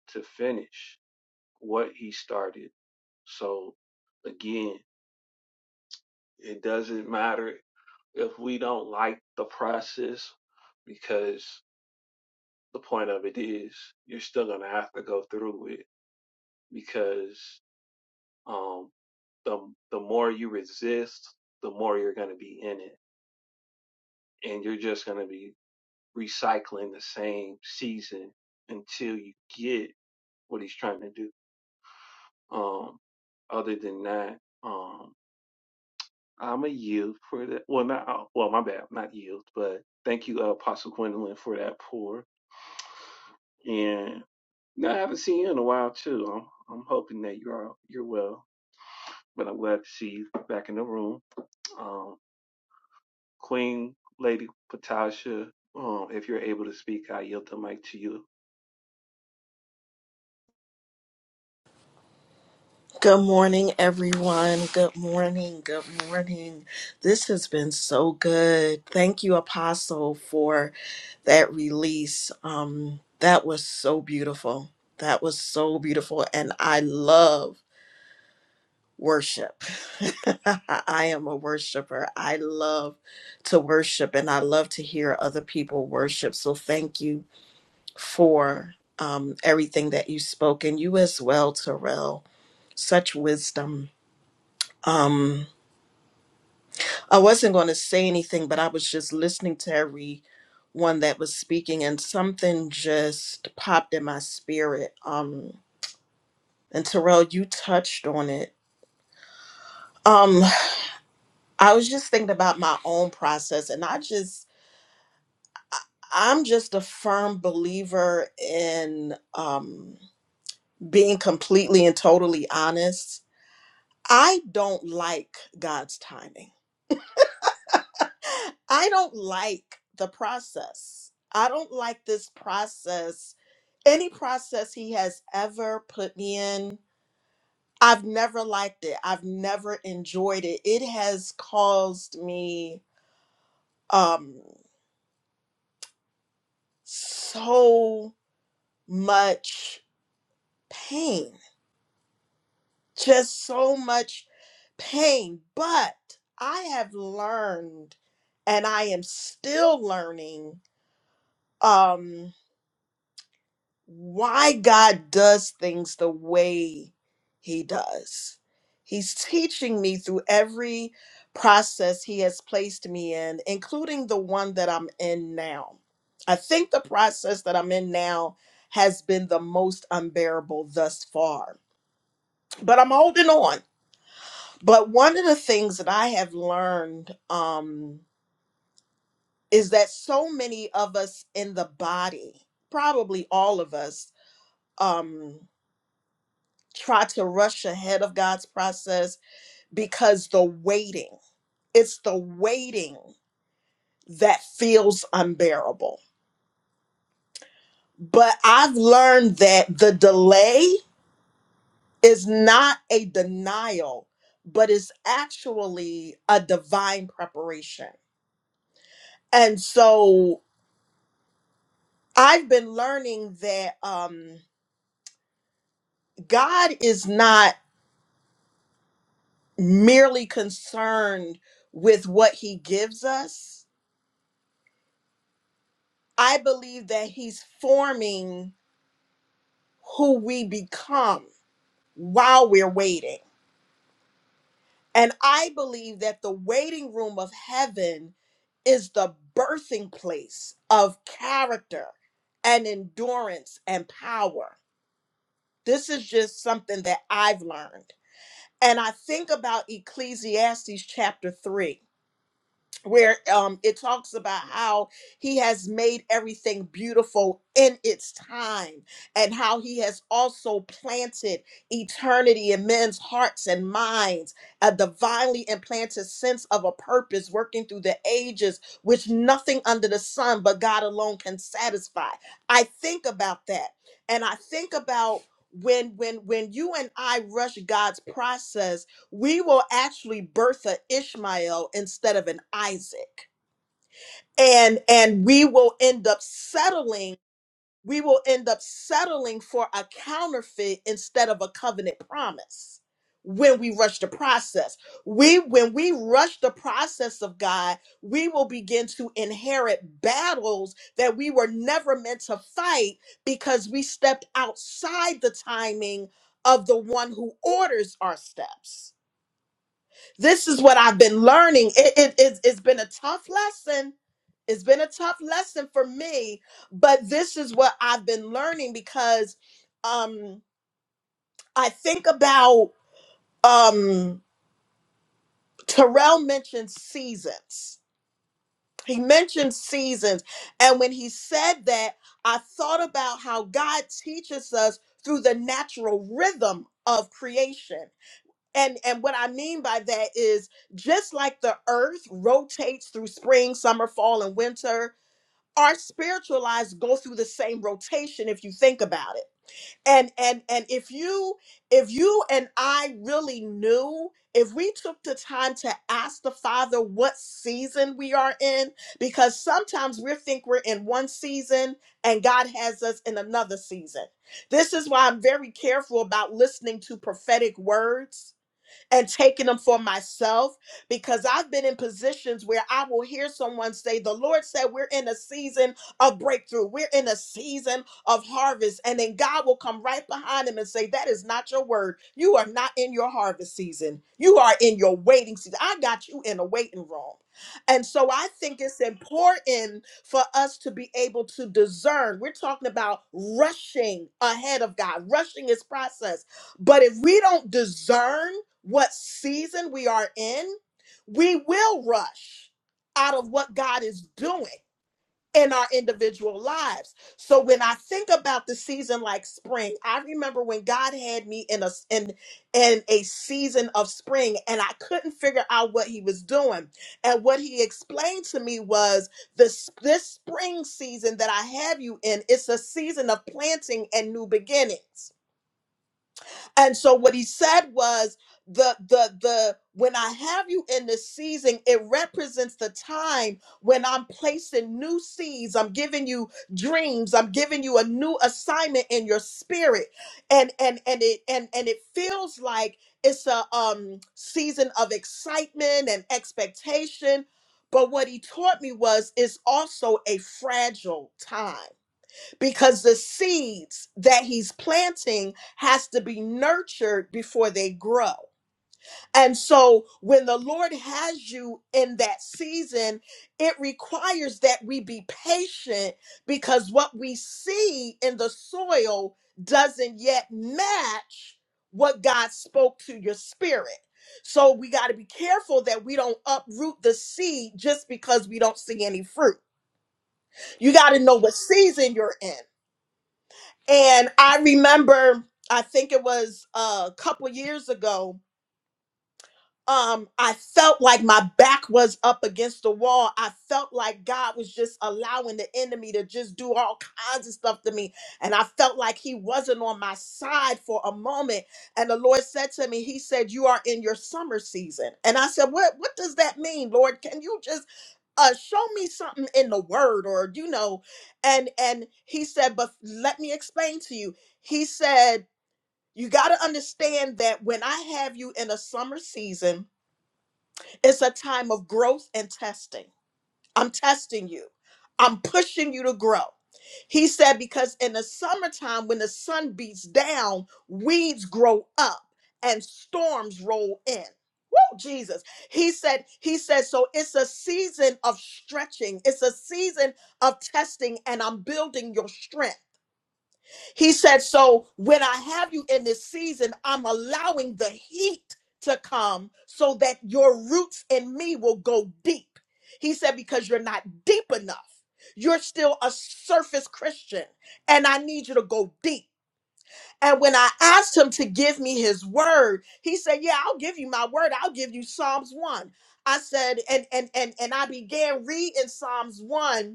A: to finish what He started. So, again, it doesn't matter if we don't like the process because the point of it is you're still going to have to go through it because um the the more you resist the more you're going to be in it and you're just going to be recycling the same season until you get what he's trying to do. Um, other than that, um, I'm a yield for that. Well, not uh, well, my bad, not yield, but thank you, uh, Apostle Gwendolyn, for that pour. And no, I haven't seen you in a while too. I'm, I'm hoping that you're all, you're well, but I'm glad to see you back in the room. Um, Queen Lady Patasha, um, if you're able to speak, I yield the mic to you.
K: Good morning, everyone. Good morning. Good morning. This has been so good. Thank you, Apostle, for that release. Um, that was so beautiful. That was so beautiful. And I love worship. (laughs) I am a worshiper. I love to worship and I love to hear other people worship. So thank you for um, everything that you spoke and you as well, Terrell. Such wisdom um, I wasn't going to say anything, but I was just listening to everyone that was speaking, and something just popped in my spirit. Um, and Terrell, you touched on it. Um, (sighs) I was just thinking about my own process, and I just, I'm just a firm believer in um, being completely and totally honest. I don't like God's timing. I don't like the process. I don't like this process. Any process he has ever put me in, I've never liked it. I've never enjoyed it. It has caused me um so much pain. Just so much pain. But I have learned and I am still learning Um. why God does things the way he does. He's teaching me through every process he has placed me in, including the one that I'm in now. I think the process that I'm in now has been the most unbearable thus far, but I'm holding on. But one of the things that I have learned um, is that so many of us in the body, probably all of us, um try to rush ahead of God's process because the waiting, it's the waiting that feels unbearable. But I've learned that the delay is not a denial, but is actually a divine preparation. And so I've been learning that um, God is not merely concerned with what he gives us. I believe that he's forming who we become while we're waiting. And I believe that the waiting room of heaven is the birthing place of character and endurance and power. This is just something that I've learned. And I think about Ecclesiastes chapter 3. where um, it talks about how he has made everything beautiful in its time and how he has also planted eternity in men's hearts and minds a divinely implanted sense of a purpose working through the ages which nothing under the sun but god alone can satisfy i think about that and i think about when when when you and i rush god's process we will actually birth an Ishmael instead of an Isaac. And and we will end up settling, we will end up settling for a counterfeit instead of a covenant promise when we rush the process. We when we rush the process of God, we will begin to inherit battles that we were never meant to fight because we stepped outside the timing of the one who orders our steps this is what I've been learning. It, it, it's, it's been a tough lesson. It's been a tough lesson for me, but this is what I've been learning because um, I think about um, Terrell mentioned seasons. He mentioned seasons. And when he said that, I thought about how God teaches us through the natural rhythm of creation. and and what i mean by that is just like the earth rotates through spring summer fall and winter our spiritual lives go through the same rotation if you think about it and and and if you if you and i really knew if we took the time to ask the father what season we are in because sometimes we think we're in one season and god has us in another season this is why i'm very careful about listening to prophetic words and taking them for myself because I've been in positions where I will hear someone say, The Lord said, We're in a season of breakthrough, we're in a season of harvest. And then God will come right behind him and say, That is not your word. You are not in your harvest season, you are in your waiting season. I got you in a waiting room. And so I think it's important for us to be able to discern. We're talking about rushing ahead of God, rushing his process. But if we don't discern, what season we are in, we will rush out of what God is doing in our individual lives. So when I think about the season like spring, I remember when God had me in a in in a season of spring and I couldn't figure out what he was doing. And what he explained to me was this this spring season that I have you in, it's a season of planting and new beginnings. And so what he said was the the the when I have you in the season, it represents the time when I'm placing new seeds. I'm giving you dreams. I'm giving you a new assignment in your spirit. And and and it and and it feels like it's a um season of excitement and expectation. But what he taught me was it's also a fragile time because the seeds that he's planting has to be nurtured before they grow. And so when the Lord has you in that season, it requires that we be patient because what we see in the soil doesn't yet match what God spoke to your spirit. So we got to be careful that we don't uproot the seed just because we don't see any fruit. You got to know what season you're in. And I remember, I think it was uh, a couple years ago, um i felt like my back was up against the wall i felt like god was just allowing the enemy to just do all kinds of stuff to me and i felt like he wasn't on my side for a moment and the lord said to me he said you are in your summer season and i said what what does that mean lord can you just uh show me something in the word or you know and and he said but let me explain to you he said you got to understand that when i have you in a summer season it's a time of growth and testing. I'm testing you. I'm pushing you to grow. He said, because in the summertime, when the sun beats down, weeds grow up and storms roll in. Woo, Jesus. He said, He said, so it's a season of stretching, it's a season of testing, and I'm building your strength. He said, So when I have you in this season, I'm allowing the heat to come so that your roots in me will go deep. He said, Because you're not deep enough. You're still a surface Christian, and I need you to go deep. And when I asked him to give me his word, he said, Yeah, I'll give you my word. I'll give you Psalms 1. I said, and and and and I began reading Psalms 1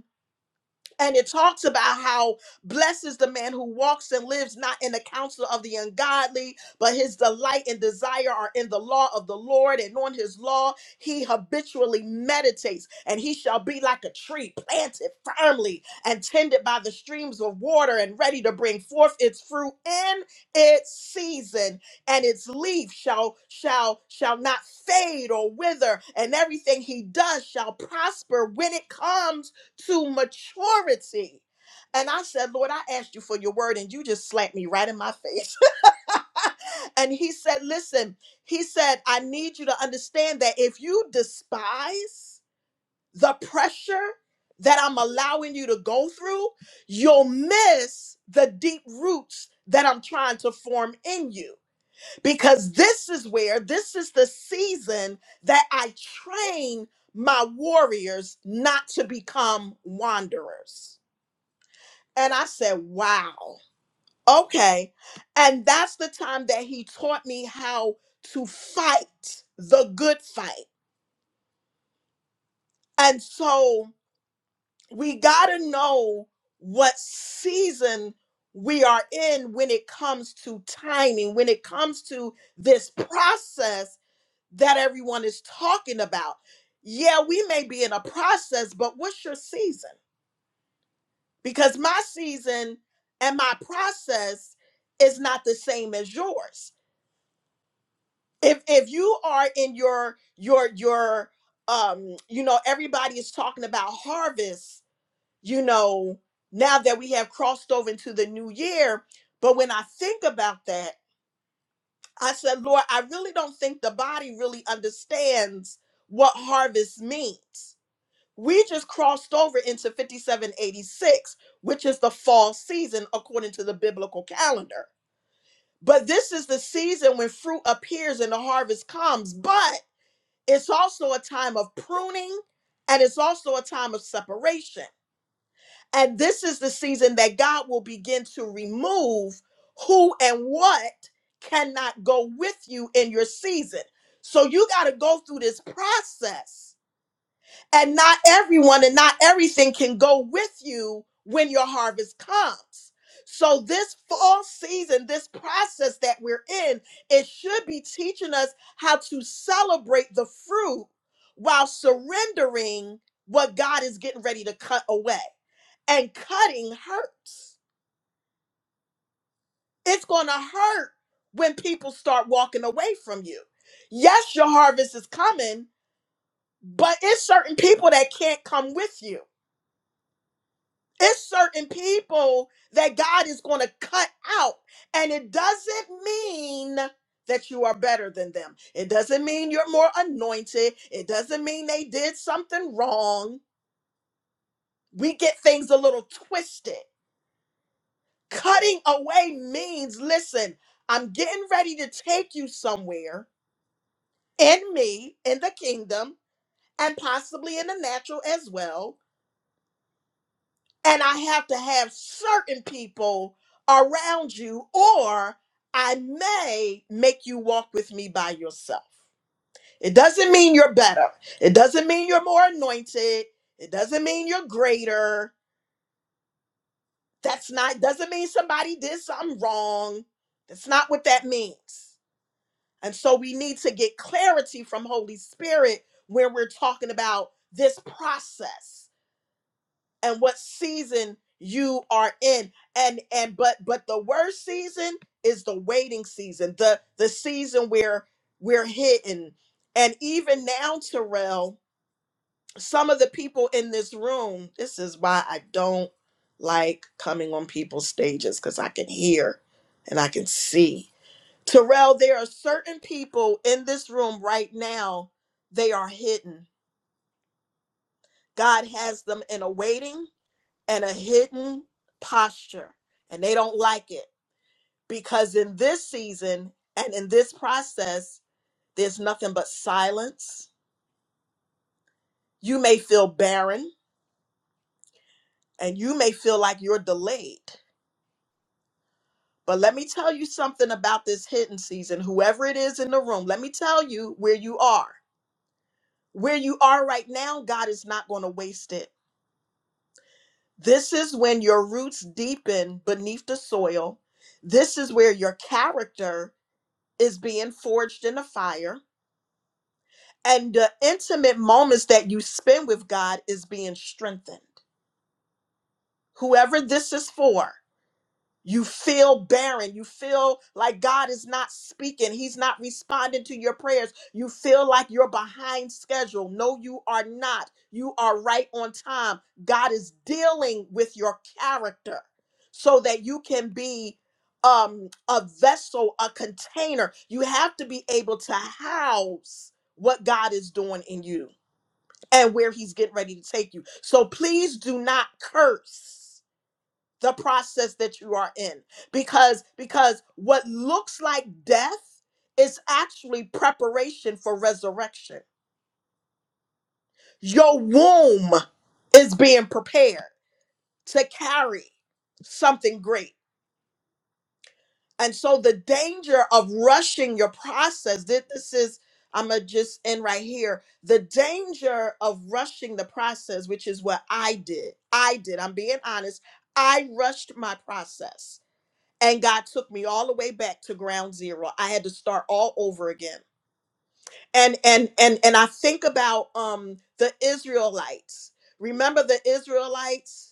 K: and it talks about how blessed is the man who walks and lives not in the counsel of the ungodly, but his delight and desire are in the law of the Lord, and on his law he habitually meditates, and he shall be like a tree planted firmly and tended by the streams of water and ready to bring forth its fruit in its season and its leaf shall shall shall not fade or wither and everything he does shall prosper when it comes to maturity. And I said, Lord, I asked you for your word, and you just slapped me right in my face. (laughs) and he said, Listen, he said, I need you to understand that if you despise the pressure that I'm allowing you to go through, you'll miss the deep roots that I'm trying to form in you because this is where this is the season that I train my warriors not to become wanderers. And I said, wow, okay. And that's the time that he taught me how to fight the good fight. And so we got to know what season we are in when it comes to timing, when it comes to this process that everyone is talking about. Yeah, we may be in a process, but what's your season? Because my season and my process is not the same as yours. If if you are in your your your um you know everybody is talking about harvest, you know, now that we have crossed over into the new year, but when I think about that, I said, Lord, I really don't think the body really understands what harvest means We just crossed over into 5786, which is the fall season according to the biblical calendar. But this is the season when fruit appears and the harvest comes, but it's also a time of pruning and it's also a time of separation. And this is the season that God will begin to remove who and what cannot go with you in your season. So you got to go through this process and not everyone and not everything can go with you when your harvest comes. So, this fall season, this process that we're in, it should be teaching us how to celebrate the fruit while surrendering what God is getting ready to cut away. And cutting hurts. It's going to hurt when people start walking away from you. Yes, your harvest is coming, but it's certain people that can't come with you It's certain people that God is going to cut out. And it doesn't mean that you are better than them. It doesn't mean you're more anointed. It doesn't mean they did something wrong. We get things a little twisted. Cutting away means listen, I'm getting ready to take you somewhere in me, in the kingdom, and possibly in the natural as well and I have to have certain people around you, or I may make you walk with me by yourself. It doesn't mean you're better, it doesn't mean you're more anointed, it doesn't mean you're greater. That's not, doesn't mean somebody did something wrong. That's not what that means. And so we need to get clarity from Holy Spirit where we're talking about this process. and what season you are in and and but but the worst season is the waiting season the the season where we're hidden and even now terrell some of the people in this room this is why i don't like coming on people's stages because i can hear and i can see terrell there are certain people in this room right now they are hidden god has them in a waiting and a hidden posture, and they don't like it because in this season and in this process, there's nothing but silence. You may feel barren and you may feel like you're delayed. But let me tell you something about this hidden season. Whoever it is in the room, let me tell you where you are. Where you are right now, God is not going to waste it. This is when your roots deepen beneath the soil. This is where your character is being forged in the fire And the intimate moments that you spend with God is being strengthened. Whoever this is for, you feel barren. You feel like God is not speaking. He's not responding to your prayers. You feel like you're behind schedule. No, you are not. You are right on time. God is dealing with your character so that you can be um, a vessel, a container. You have to be able to house what God is doing in you and where he's getting ready to take you. So please do not curse the process that you are in because because what looks like death is actually preparation for resurrection. Your womb is being prepared to carry something great. And so the danger of rushing your process, thi- this is, I'm going to just end right here. The danger of rushing the process, which is what I did. I did. I'm being honest. I rushed my process. And God took me all the way back to ground zero. I had to start all over again. And and and and I think about um the Israelites. Remember the Israelites?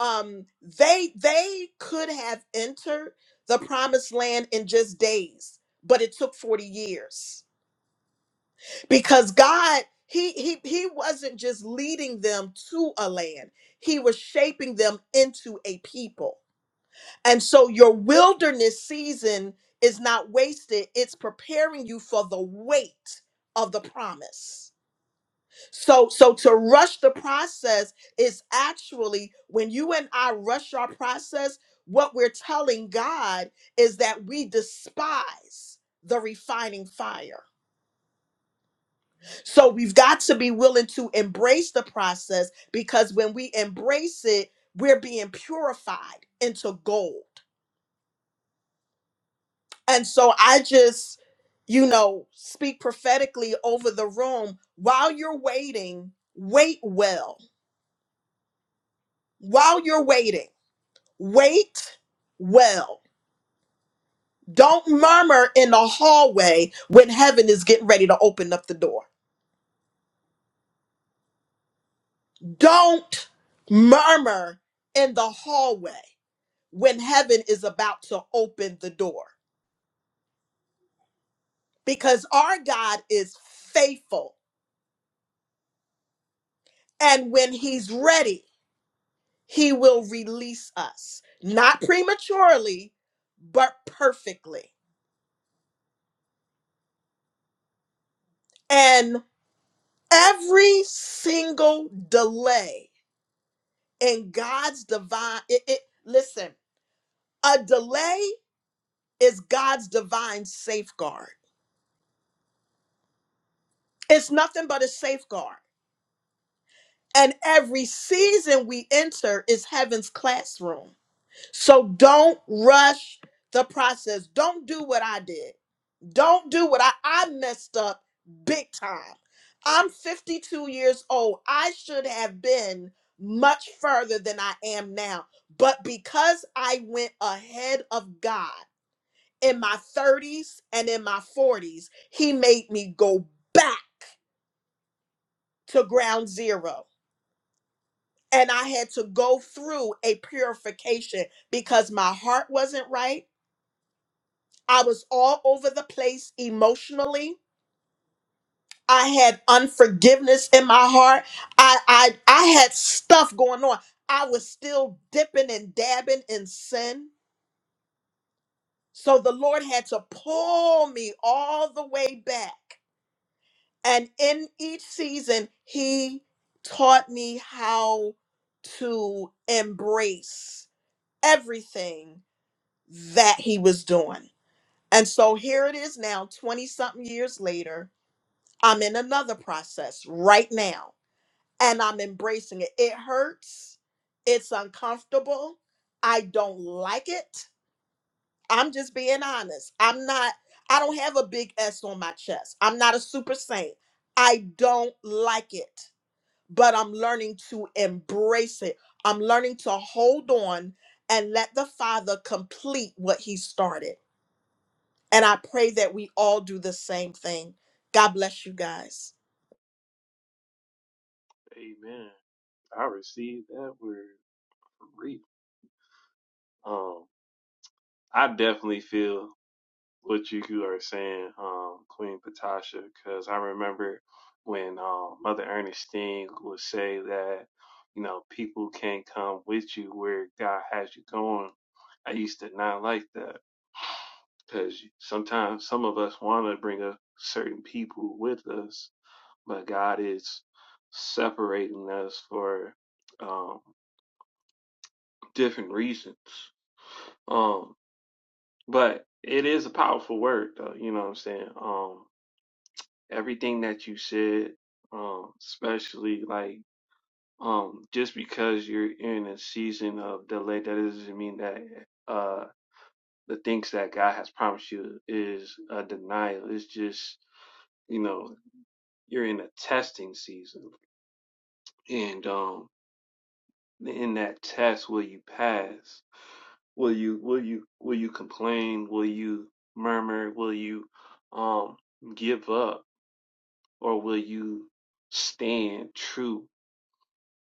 K: um they they could have entered the promised land in just days but it took 40 years because god he he he wasn't just leading them to a land he was shaping them into a people and so your wilderness season is not wasted it's preparing you for the weight of the promise so so to rush the process is actually when you and I rush our process, what we're telling God is that we despise the refining fire. So we've got to be willing to embrace the process because when we embrace it, we're being purified into gold. And so I just, you know, speak prophetically over the room while you're waiting, wait well. While you're waiting Wait well. Don't murmur in the hallway when heaven is getting ready to open up the door. Don't murmur in the hallway when heaven is about to open the door because our God is faithful. And when he's ready, he will release us, not prematurely, but perfectly. And every single delay in God's divine. It, it, listen, a delay is God's divine safeguard. It's nothing but a safeguard. And every season we enter is heaven's classroom. So don't rush the process. Don't do what I did. Don't do what I, I messed up big time. I'm 52 years old. I should have been much further than I am now. But because I went ahead of God, in my 30s and in my 40s, he made me go back to ground zero. And I had to go through a purification because my heart wasn't right. I was all over the place emotionally. I had unforgiveness in my heart. I I I had stuff going on. I was still dipping and dabbing in sin. So the Lord had to pull me all the way back and in each season he taught me how to embrace everything that he was doing and so here it is now 20 something years later i'm in another process right now and i'm embracing it it hurts it's uncomfortable i don't like it i'm just being honest i'm not i don't have a big s on my chest i'm not a super saint i don't like it but I'm learning to embrace it. I'm learning to hold on and let the Father complete what He started. And I pray that we all do the same thing. God bless you guys.
A: Amen. I received that word. Reap. Um, I definitely feel what you are saying, um, Queen Patasha, because I remember when um, Mother Ernestine would say that, you know, people can't come with you where God has you going. I used to not like that because sometimes some of us want to bring a certain people with us, but God is separating us for um, different reasons. Um. But it is a powerful word, though. You know what I'm saying? Um, everything that you said, um, especially like, um, just because you're in a season of delay, that doesn't mean that uh the things that God has promised you is a denial. It's just, you know, you're in a testing season, and um, in that test, will you pass? Will you will you will you complain? Will you murmur? Will you um give up? Or will you stand true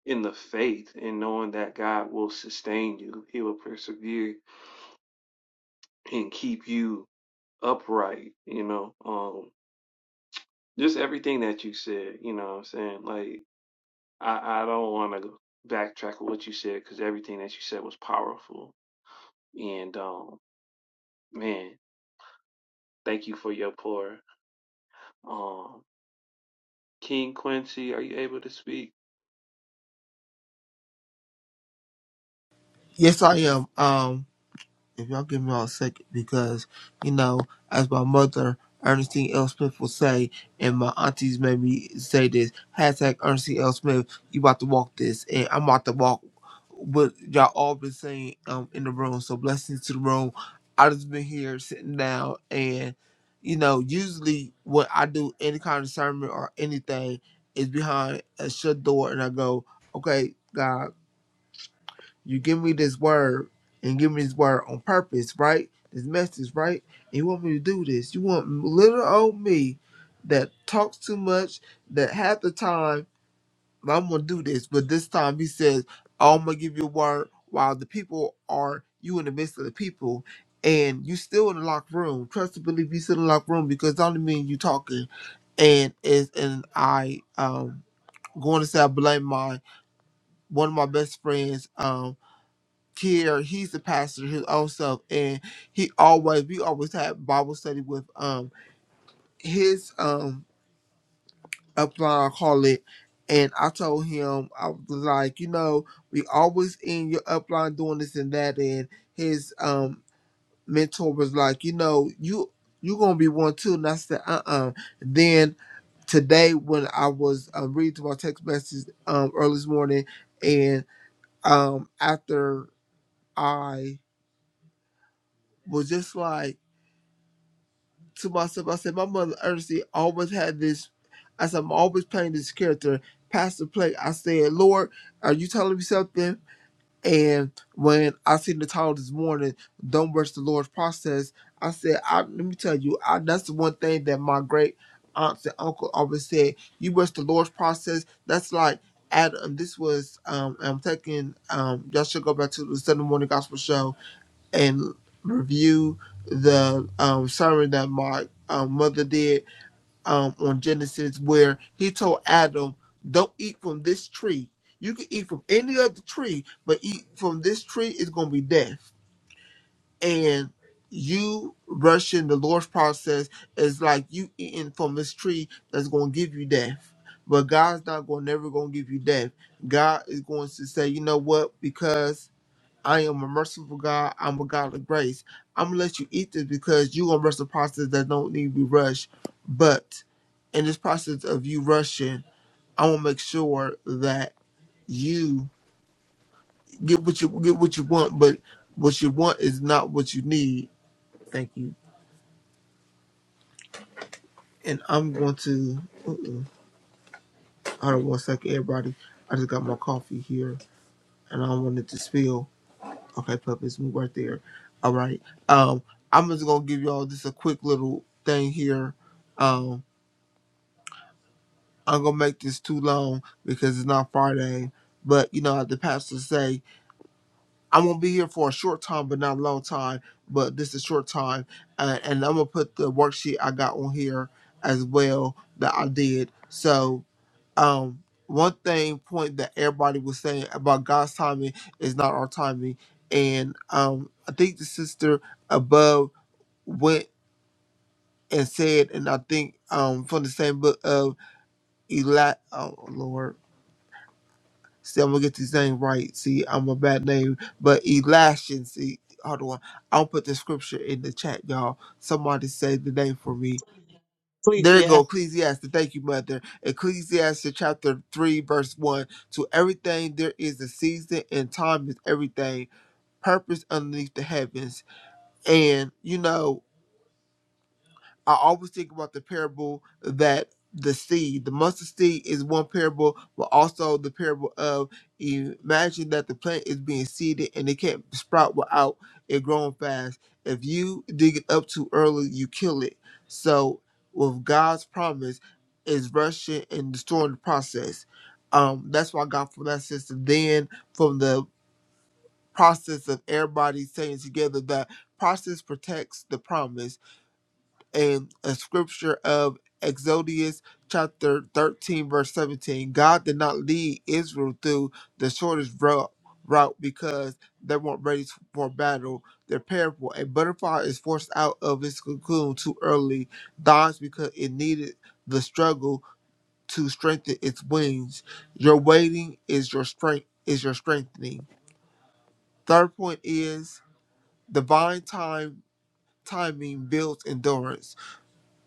A: in the faith and knowing that God will sustain you, He will persevere and keep you upright, you know? Um, just everything that you said, you know what I'm saying? Like, I, I don't want to backtrack on what you said because everything that you said was powerful. And, um, man, thank you for your pour. Um, King Quincy, are you able to speak?
L: Yes, I am. Um, if y'all give me all a second, because you know, as my mother Ernestine L. Smith will say, and my aunties made me say this hashtag Ernestine L. Smith. You about to walk this, and I'm about to walk what y'all all been saying um in the room. So blessings to the room. I just been here sitting down, and you know, usually when I do any kind of sermon or anything is behind a shut door, and I go, okay, God you give me this word and give me this word on purpose, right? This message, right? And you want me to do this. You want little old me that talks too much, that half the time "Well, I'm gonna do this, but this time he says, I'm gonna give you a word while the people are you in the midst of the people and you still in the locked room. Trust and believe you still in the locked room because it only mean you talking and is and I um going to say I blame my one of my best friends. Um, Kier, he's the pastor his own self, and he always we always had Bible study with um his um upline I call it, and I told him I was like, you know, we always in your upline doing this and that, and his um mentor was like, you know, you you gonna be one too, and I said, uh uh Then today when I was um, reading my text message um early this morning, and um after I was just like. to myself, I said, my mother Ernestine always had this. I said, I'm always playing this character, Pastor Play. I said, Lord, are you telling me something? And when I seen the title this morning, Don't Rush the Lord's Process, I said, I, let me tell you, I, that's the one thing that my great aunts and uncle always said. You rush the Lord's process. That's like, Adam, this was, um, I'm taking, um, y'all should go back to the Sunday morning gospel show and review the um, sermon that my um, mother did um, on Genesis, where he told Adam, "Don't eat from this tree. You can eat from any other tree, but eat from this tree is going to be death." And you rushing the Lord's process is like you eating from this tree that's going to give you death. But God's not going, never going to give you death. God is going to say, you know what? Because I am a merciful God. I'm a God of grace. I'm gonna let you eat this because you gonna rush the process that don't need to be rushed. But in this process of you rushing, I want to make sure that you get what you get what you want. But what you want is not what you need. Thank you. And I'm going to uh-uh. hold on one second, everybody. I just got my coffee here, and I don't want it to spill. Okay, puppies, we were there. All right. Um, I'm just gonna give y'all just a quick little thing here. Um, I'm gonna make this too long because it's not Friday. But you know, as the pastor say, I'm gonna be here for a short time, but not a long time. But this is short time, uh, and I'm gonna put the worksheet I got on here as well that I did. So, um, one thing point that everybody was saying about God's timing is not our timing, and um, I think the sister above went and said, and I think um from the same book of Eli, oh Lord See, I'm gonna get these names right. See, I'm a bad name, but Elashin. See, hold on. I'll put the scripture in the chat, y'all. Somebody say the name for me.
F: Please,
L: There you
F: yeah.
L: go, Ecclesiastes. Thank you, Mother. Ecclesiastes chapter 3, verse 1. To everything there is a season, and time is everything. Purpose underneath the heavens. And, you know, I always think about the parable that the seed, the mustard seed, is one parable, but also the parable of imagine that the plant is being seeded and it can't sprout without it growing fast. If you dig it up too early, you kill it. So, with God's promise, is rushing and destroying the process. Um, that's what I got from that system. Then, from the process of everybody staying together, the process protects the promise and a scripture of Exodus chapter 13, verse 17. God did not lead Israel through the shortest route, route because they weren't ready for battle. They're parable. A butterfly is forced out of its cocoon too early, dies because it needed the struggle to strengthen its wings. Your waiting is your strength is your strengthening. Third point is divine time timing builds endurance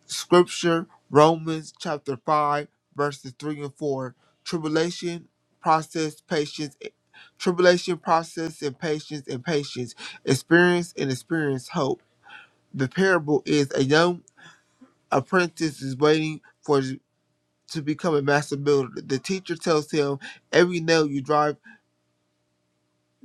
L: Scripture, Romans chapter 5, verses 3 and 4. Tribulation, process, patience, eh, tribulation, process, and patience, and patience. Experience and experience hope. The parable is a young apprentice is waiting for to become a master builder. The teacher tells him, Every nail you drive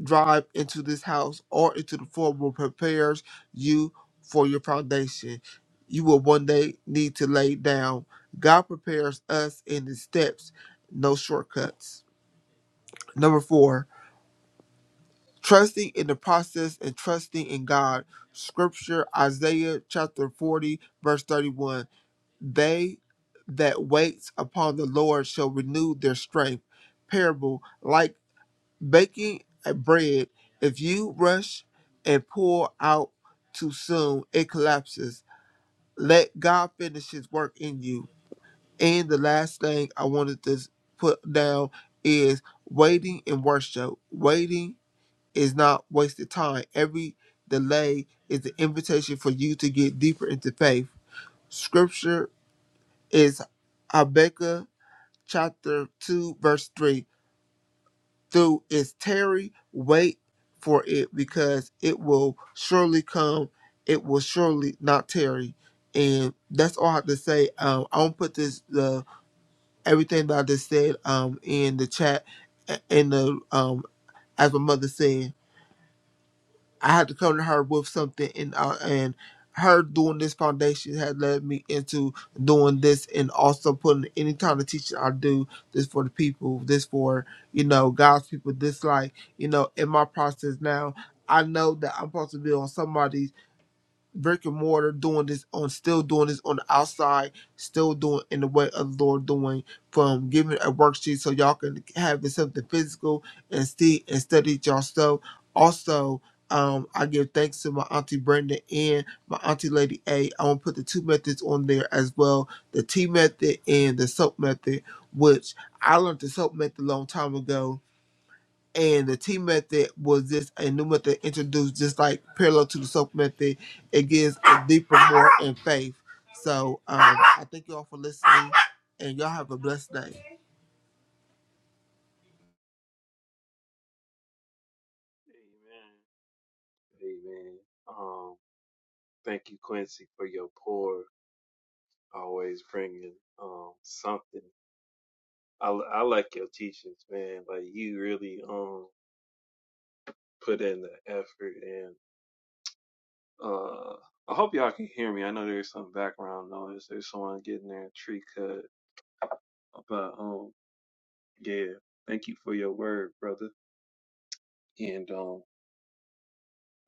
L: drive into this house or into the form will prepares you for your foundation. You will one day need to lay down. God prepares us in his steps, no shortcuts. Number four, trusting in the process and trusting in God. Scripture Isaiah chapter 40, verse 31. They that waits upon the Lord shall renew their strength. Parable, like baking a bread, if you rush and pour out too soon, it collapses. Let God finish his work in you. And the last thing I wanted to put down is waiting in worship. Waiting is not wasted time. Every delay is an invitation for you to get deeper into faith. Scripture is Habakkuk chapter 2, verse 3. through is tarry, wait for it, because it will surely come. It will surely not tarry. And that's all I have to say. Um, I won't put this the everything that I just said um in the chat a- in the um as my mother said. I had to come to her with something, and uh, and her doing this foundation had led me into doing this, and also putting any kind of teaching I do this for the people, this for you know God's people. This like you know in my process now, I know that I'm supposed to be on somebody's brick and mortar doing this on still doing this on the outside, still doing in the way of the Lord doing from giving a worksheet so y'all can have something physical and see and study it yourself. Also, um, I give thanks to my auntie Brenda and my auntie Lady A. I want to put the two methods on there as well, the tea method and the soap method, which I learned the soap method a long time ago and the T method was just a new method introduced, just like parallel to the soap method. It gives a deeper, more in faith. So um, I thank you all for listening, and y'all have a blessed day.
A: Amen. Amen. Um, thank you, Quincy, for your pour. always bringing um something. I li- I like your teachings, man. Like you really um put in the effort, and uh I hope y'all can hear me. I know there's some background noise. There's someone getting their tree cut, but um yeah, thank you for your word, brother. And um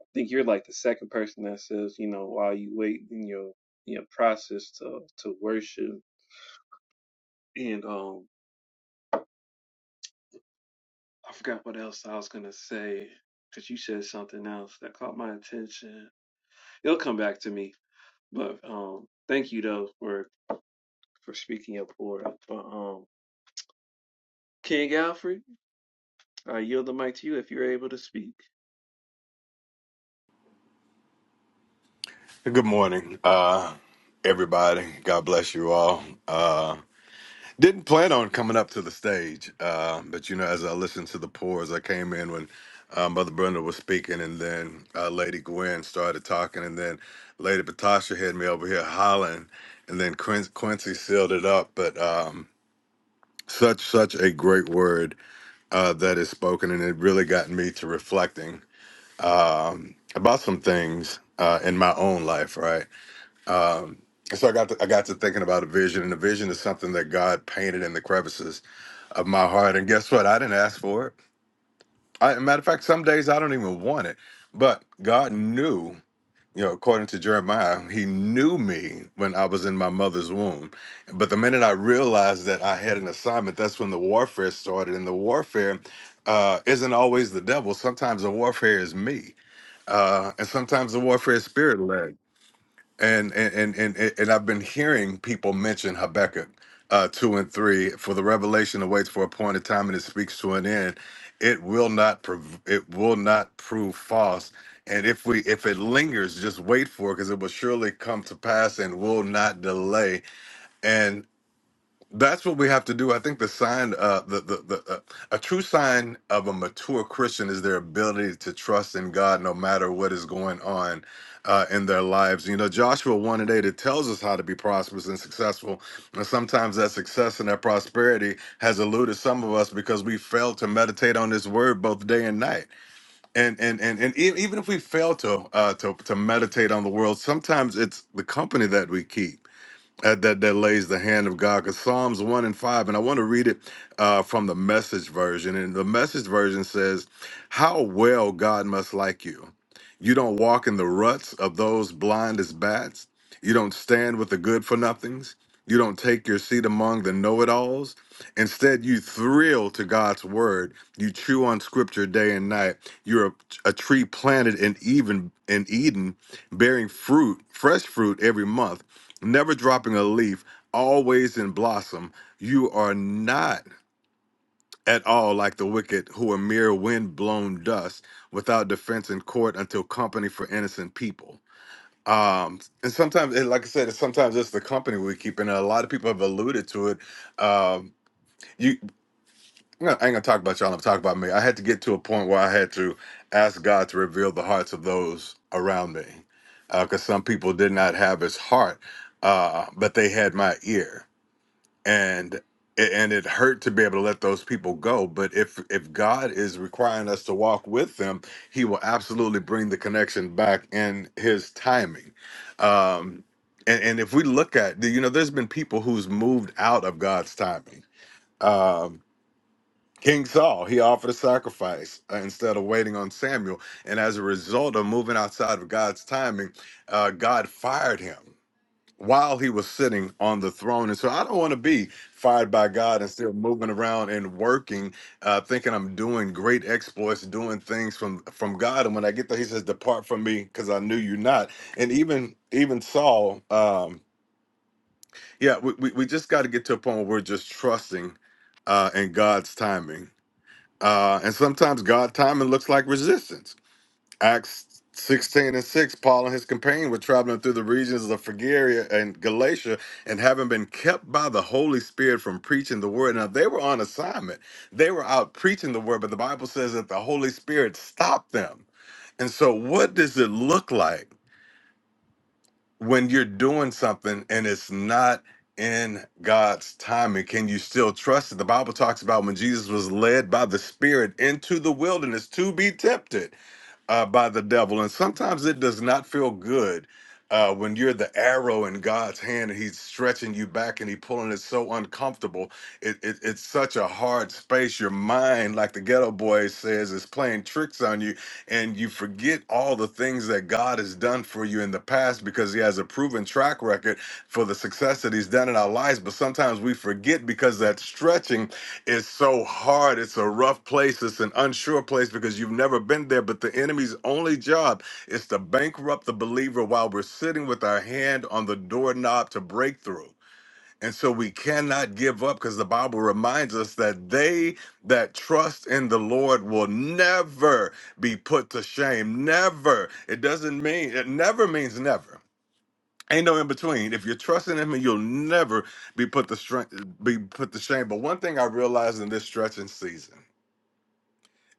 A: I think you're like the second person that says, you know, while you wait in your in your process to to worship and um I forgot what else I was gonna say because you said something else that caught my attention. It'll come back to me. But um, thank you though for for speaking up for it. But um, King Alfred, I yield the mic to you if you're able to speak.
M: Good morning, uh, everybody. God bless you all. Uh, didn't plan on coming up to the stage, uh, but you know, as I listened to the pours, I came in when uh, Mother Brenda was speaking, and then uh, Lady Gwen started talking, and then Lady Patasha had me over here hollering, and then Quin- Quincy sealed it up. But um, such such a great word uh, that is spoken, and it really got me to reflecting um, about some things uh, in my own life, right? Um, and so I got to, I got to thinking about a vision, and a vision is something that God painted in the crevices of my heart. And guess what? I didn't ask for it. I, as a matter of fact, some days I don't even want it. But God knew, you know, according to Jeremiah, He knew me when I was in my mother's womb. But the minute I realized that I had an assignment, that's when the warfare started. And the warfare uh, isn't always the devil. Sometimes the warfare is me, uh, and sometimes the warfare is spirit led and and and and, and I've been hearing people mention Habakkuk uh, two and three for the revelation awaits for a point of time and it speaks to an end. It will not prov- it will not prove false. And if we if it lingers, just wait for it because it will surely come to pass and will not delay. That's what we have to do. I think the sign, uh, the the, the uh, a true sign of a mature Christian is their ability to trust in God no matter what is going on uh, in their lives. You know, Joshua one and eight it tells us how to be prosperous and successful, and sometimes that success and that prosperity has eluded some of us because we fail to meditate on this word both day and night. And and and and e- even if we fail to uh, to to meditate on the world, sometimes it's the company that we keep uh, that that lays the hand of God. Because Psalms one and five, and I want to read it uh, from the Message version. And the Message version says, "How well God must like you. You don't walk in the ruts of those blind as bats. You don't stand with the good for nothings." You don't take your seat among the know it alls. Instead, you thrill to God's word. You chew on scripture day and night. You're a, a tree planted in even in Eden, bearing fruit, fresh fruit every month never dropping a leaf, always in blossom. You are not at all like the wicked who are mere wind blown dust without defense in court until company for innocent people. Um, and sometimes, and like I said, sometimes it's the company we keep, and a lot of people have alluded to it. Um, you, no, I ain't gonna talk about y'all. I'm gonna talk about me. I had to get to a point where I had to ask God to reveal the hearts of those around me, because some people did not have His heart, uh, but they had my ear and it, and it hurt to be able to let those people go but if if god is requiring us to walk with them he will absolutely bring the connection back in his timing um and, and if we look at you know there's been people who's moved out of god's timing um King Saul, he offered a sacrifice uh, instead of waiting on Samuel. And as a result of moving outside of God's timing, uh, God fired him while he was sitting on the throne. And so I don't want to be fired by God and still moving around and working, uh, thinking I'm doing great exploits, doing things from from God. And when I get there, he says, Depart from me, because I knew you not. And even even Saul, um, yeah, we, we, we just got to get to a point where we're just trusting uh in God's timing. Uh and sometimes God timing looks like resistance Acts 16 and 6, Paul and his companion were traveling through the regions of Phrygia and Galatia and having been kept by the Holy Spirit from preaching the word. Now, they were on assignment. They were out preaching the word, but the Bible says that the Holy Spirit stopped them. And so, what does it look like when you're doing something and it's not in God's timing? Can you still trust it? The Bible talks about when Jesus was led by the Spirit into the wilderness to be tempted uh, by the devil. And sometimes it does not feel good uh, when you're the arrow in God's hand and he's stretching you back and he pulling it so uncomfortable. It, it, it's such a hard space. Your mind, like the ghetto boy says, is playing tricks on you and you forget all the things that God has done for you in the past because he has a proven track record for the success that he's done in our lives. But sometimes we forget because that stretching it's so hard. It's a rough place. It's an unsure place because you've never been there. But the enemy's only job is to bankrupt the believer while we're sitting with our hand on the doorknob to breakthrough. And so we cannot give up because the Bible reminds us that they that trust in the Lord will never be put to shame. Never. It doesn't mean, it never means never. Ain't no in between. If you're trusting him, you'll never be put the strength be put to shame. But one thing I realized in this stretching season.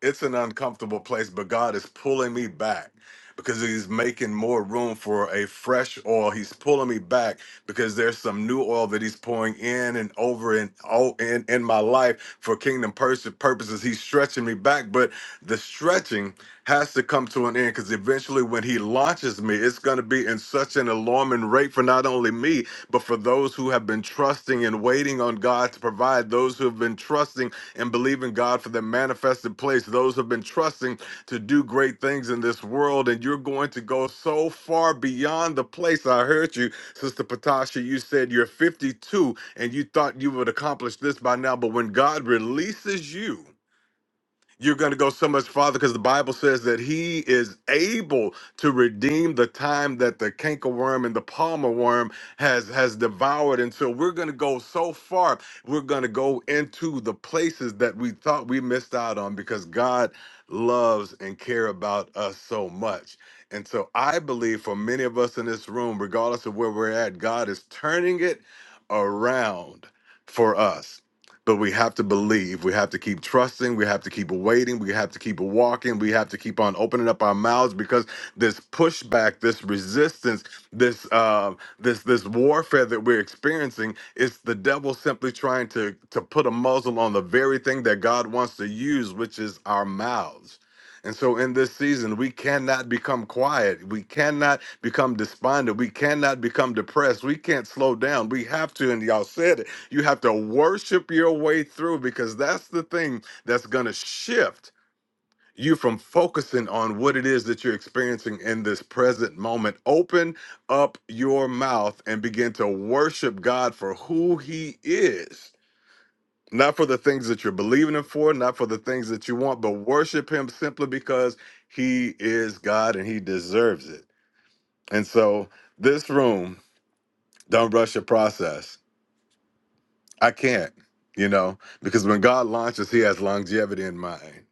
M: It's an uncomfortable place, but God is pulling me back because He's making more room for a fresh oil. He's pulling me back because there's some new oil that He's pouring in and over and all in, in my life for kingdom pers- purposes. He's stretching me back, but the stretching has to come to an end because eventually when he launches me it's going to be in such an alarming rate for not only me but for those who have been trusting and waiting on god to provide those who have been trusting and believing God for the manifested place. Those who have been trusting to do great things in this world, and you're going to go so far beyond the place. I heard you, Sister Patasha. You said you're 52 and you thought you would accomplish this by now, but when God releases you, you're going to go so much farther because the Bible says that he is able to redeem the time that the cankerworm and the palmer worm has has devoured. And so we're going to go so far. We're going to go into the places that we thought we missed out on because God loves and care about us so much. And so I believe for many of us in this room, regardless of where we're at, God is turning it around for us but we have to believe. We have to keep trusting. We have to keep waiting. We have to keep walking. We have to keep on opening up our mouths because this pushback, this resistance, this uh, this this warfare that we're experiencing is the devil simply trying to to put a muzzle on the very thing that God wants to use, which is our mouths. And so in this season, we cannot become quiet. We cannot become despondent. We cannot become depressed. We can't slow down. We have to, and y'all said it you have to worship your way through because that's the thing that's going to shift you from focusing on what it is that you're experiencing in this present moment. Open up your mouth and begin to worship God for who He is. Not for the things that you're believing Him for, not for the things that you want, but worship Him simply because He is God and He deserves it. And so, this room, don't rush your process I can't, you know, because when God launches, He has longevity in mind.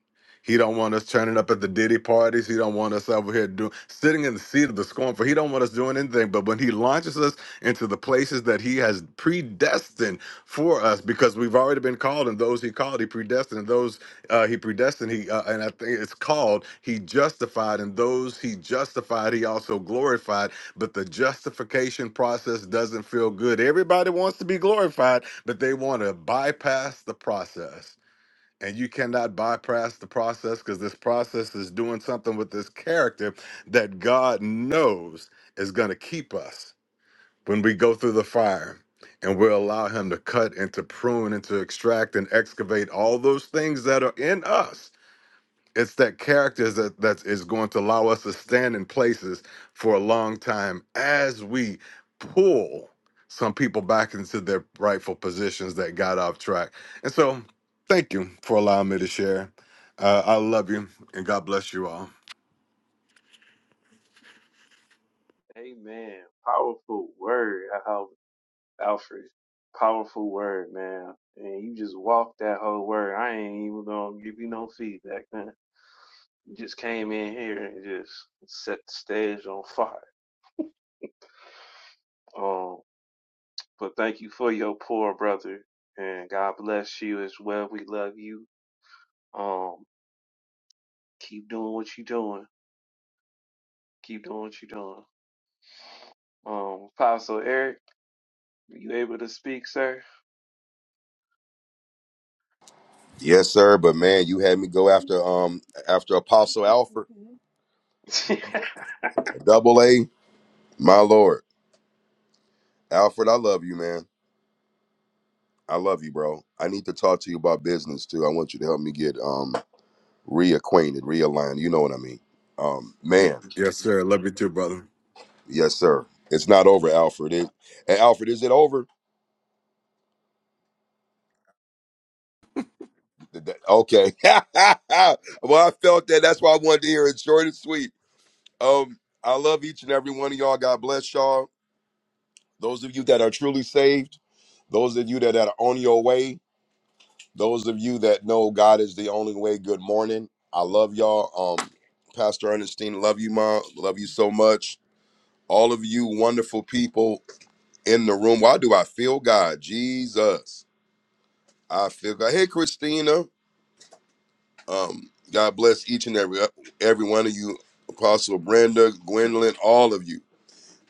M: He don't want us turning up at the Diddy parties. He don't want us over here doing sitting in the seat of the scornful. He don't want us doing anything. But when He launches us into the places that He has predestined for us, because we've already been called, and those He called, He predestined, and those uh, He predestined, He uh, and I think it's called He justified, and those He justified, He also glorified but the justification process doesn't feel good. Everybody wants to be glorified, but they want to bypass the process. And you cannot bypass the process because this process is doing something with this character that God knows is going to keep us when we go through the fire and we allow Him to cut and to prune and to extract and excavate all those things that are in us it's that character that that is going to allow us to stand in places for a long time as we pull some people back into their rightful positions that got off track. And so, thank you for allowing me to share. Uh, I love you, and God bless you all.
A: Amen. Powerful word, Al- Alfred. Powerful word, man. And you just walked that whole word. I ain't even gonna give you no feedback, man. You just came in here and just set the stage on fire. But thank you for your poor brother, and God bless you as well. We love you. Um, keep doing what you're doing. Keep doing what you're doing. Um, Apostle Eric, are you able to speak, sir?
N: Yes, sir. But man, you had me
A: (laughs)
N: go after um after Apostle Alfred.
A: Amen.
N: Double A, my lord. Alfred, I love you, man. I love you, bro. I need to talk to you about business too. I want you to help me get um reacquainted, realigned. You know what I mean. Um,
M: Y-
N: man,
M: Yes, sir. Love you too, brother.
N: yes, sir. It's not over, Alfred. It, hey, Alfred, is it over? Th- th- Okay. (laughs) well, I felt that. That's why I wanted to hear it short and sweet. Um, I love each and every one of y'all. God bless y'all. Those of you that are truly saved, those of you that are on your way, those of you that know God is the only way, good morning. I love y'all. Um, Pastor Ernestine, love you, Mom. Love you so much. All of you wonderful people in the room. Why do I feel God? Jesus. I feel God. Hey, Christina. Um, God bless each and every every one of you. Apostle Brenda, Gwendolyn, all of you.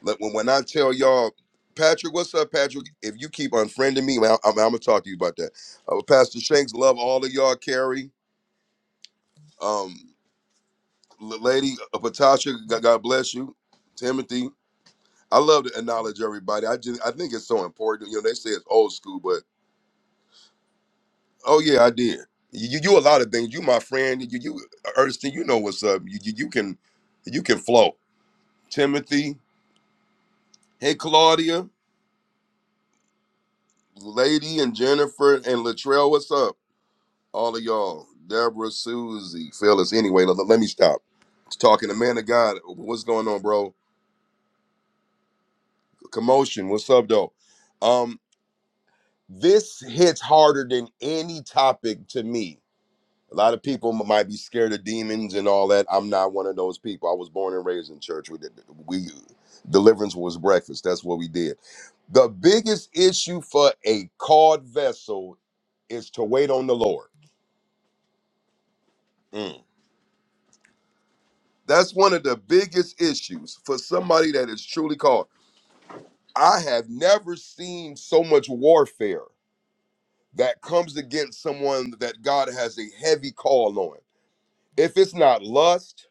N: Like, when, when I tell y'all, Patrick, what's up, Patrick? If you keep unfriending me, I, am gonna talk to you about that. Uh, Pastor Shanks, love all of y'all. Carrie, um, L- Lady uh, Patasha, God, God bless you. Timothy, I love to acknowledge everybody. I just, I think it's so important. You know, they say it's old school, but oh yeah, I did. You, you, you a lot of things. You my friend. You, you uh, Ernestine, you know what's up. You, you, you can, you can flow. Timothy, hey Claudia, Lady and Jennifer and Latrell, what's up? all of y'all, Deborah, Susie, fellas. Anyway, let, let me stop talking. The man of God, what's going on, bro? Commotion. What's up, though? Um, this hits harder than any topic to me. A lot of people m- might be scared of demons and all that. I'm not one of those people. I was born and raised in church. We did, we deliverance was breakfast. That's what we did. The biggest issue for a called vessel is to wait on the Lord. Mm. That's one of the biggest issues for somebody that is truly called. I have never seen so much warfare that comes against someone that God has a heavy call on. If it's not lust,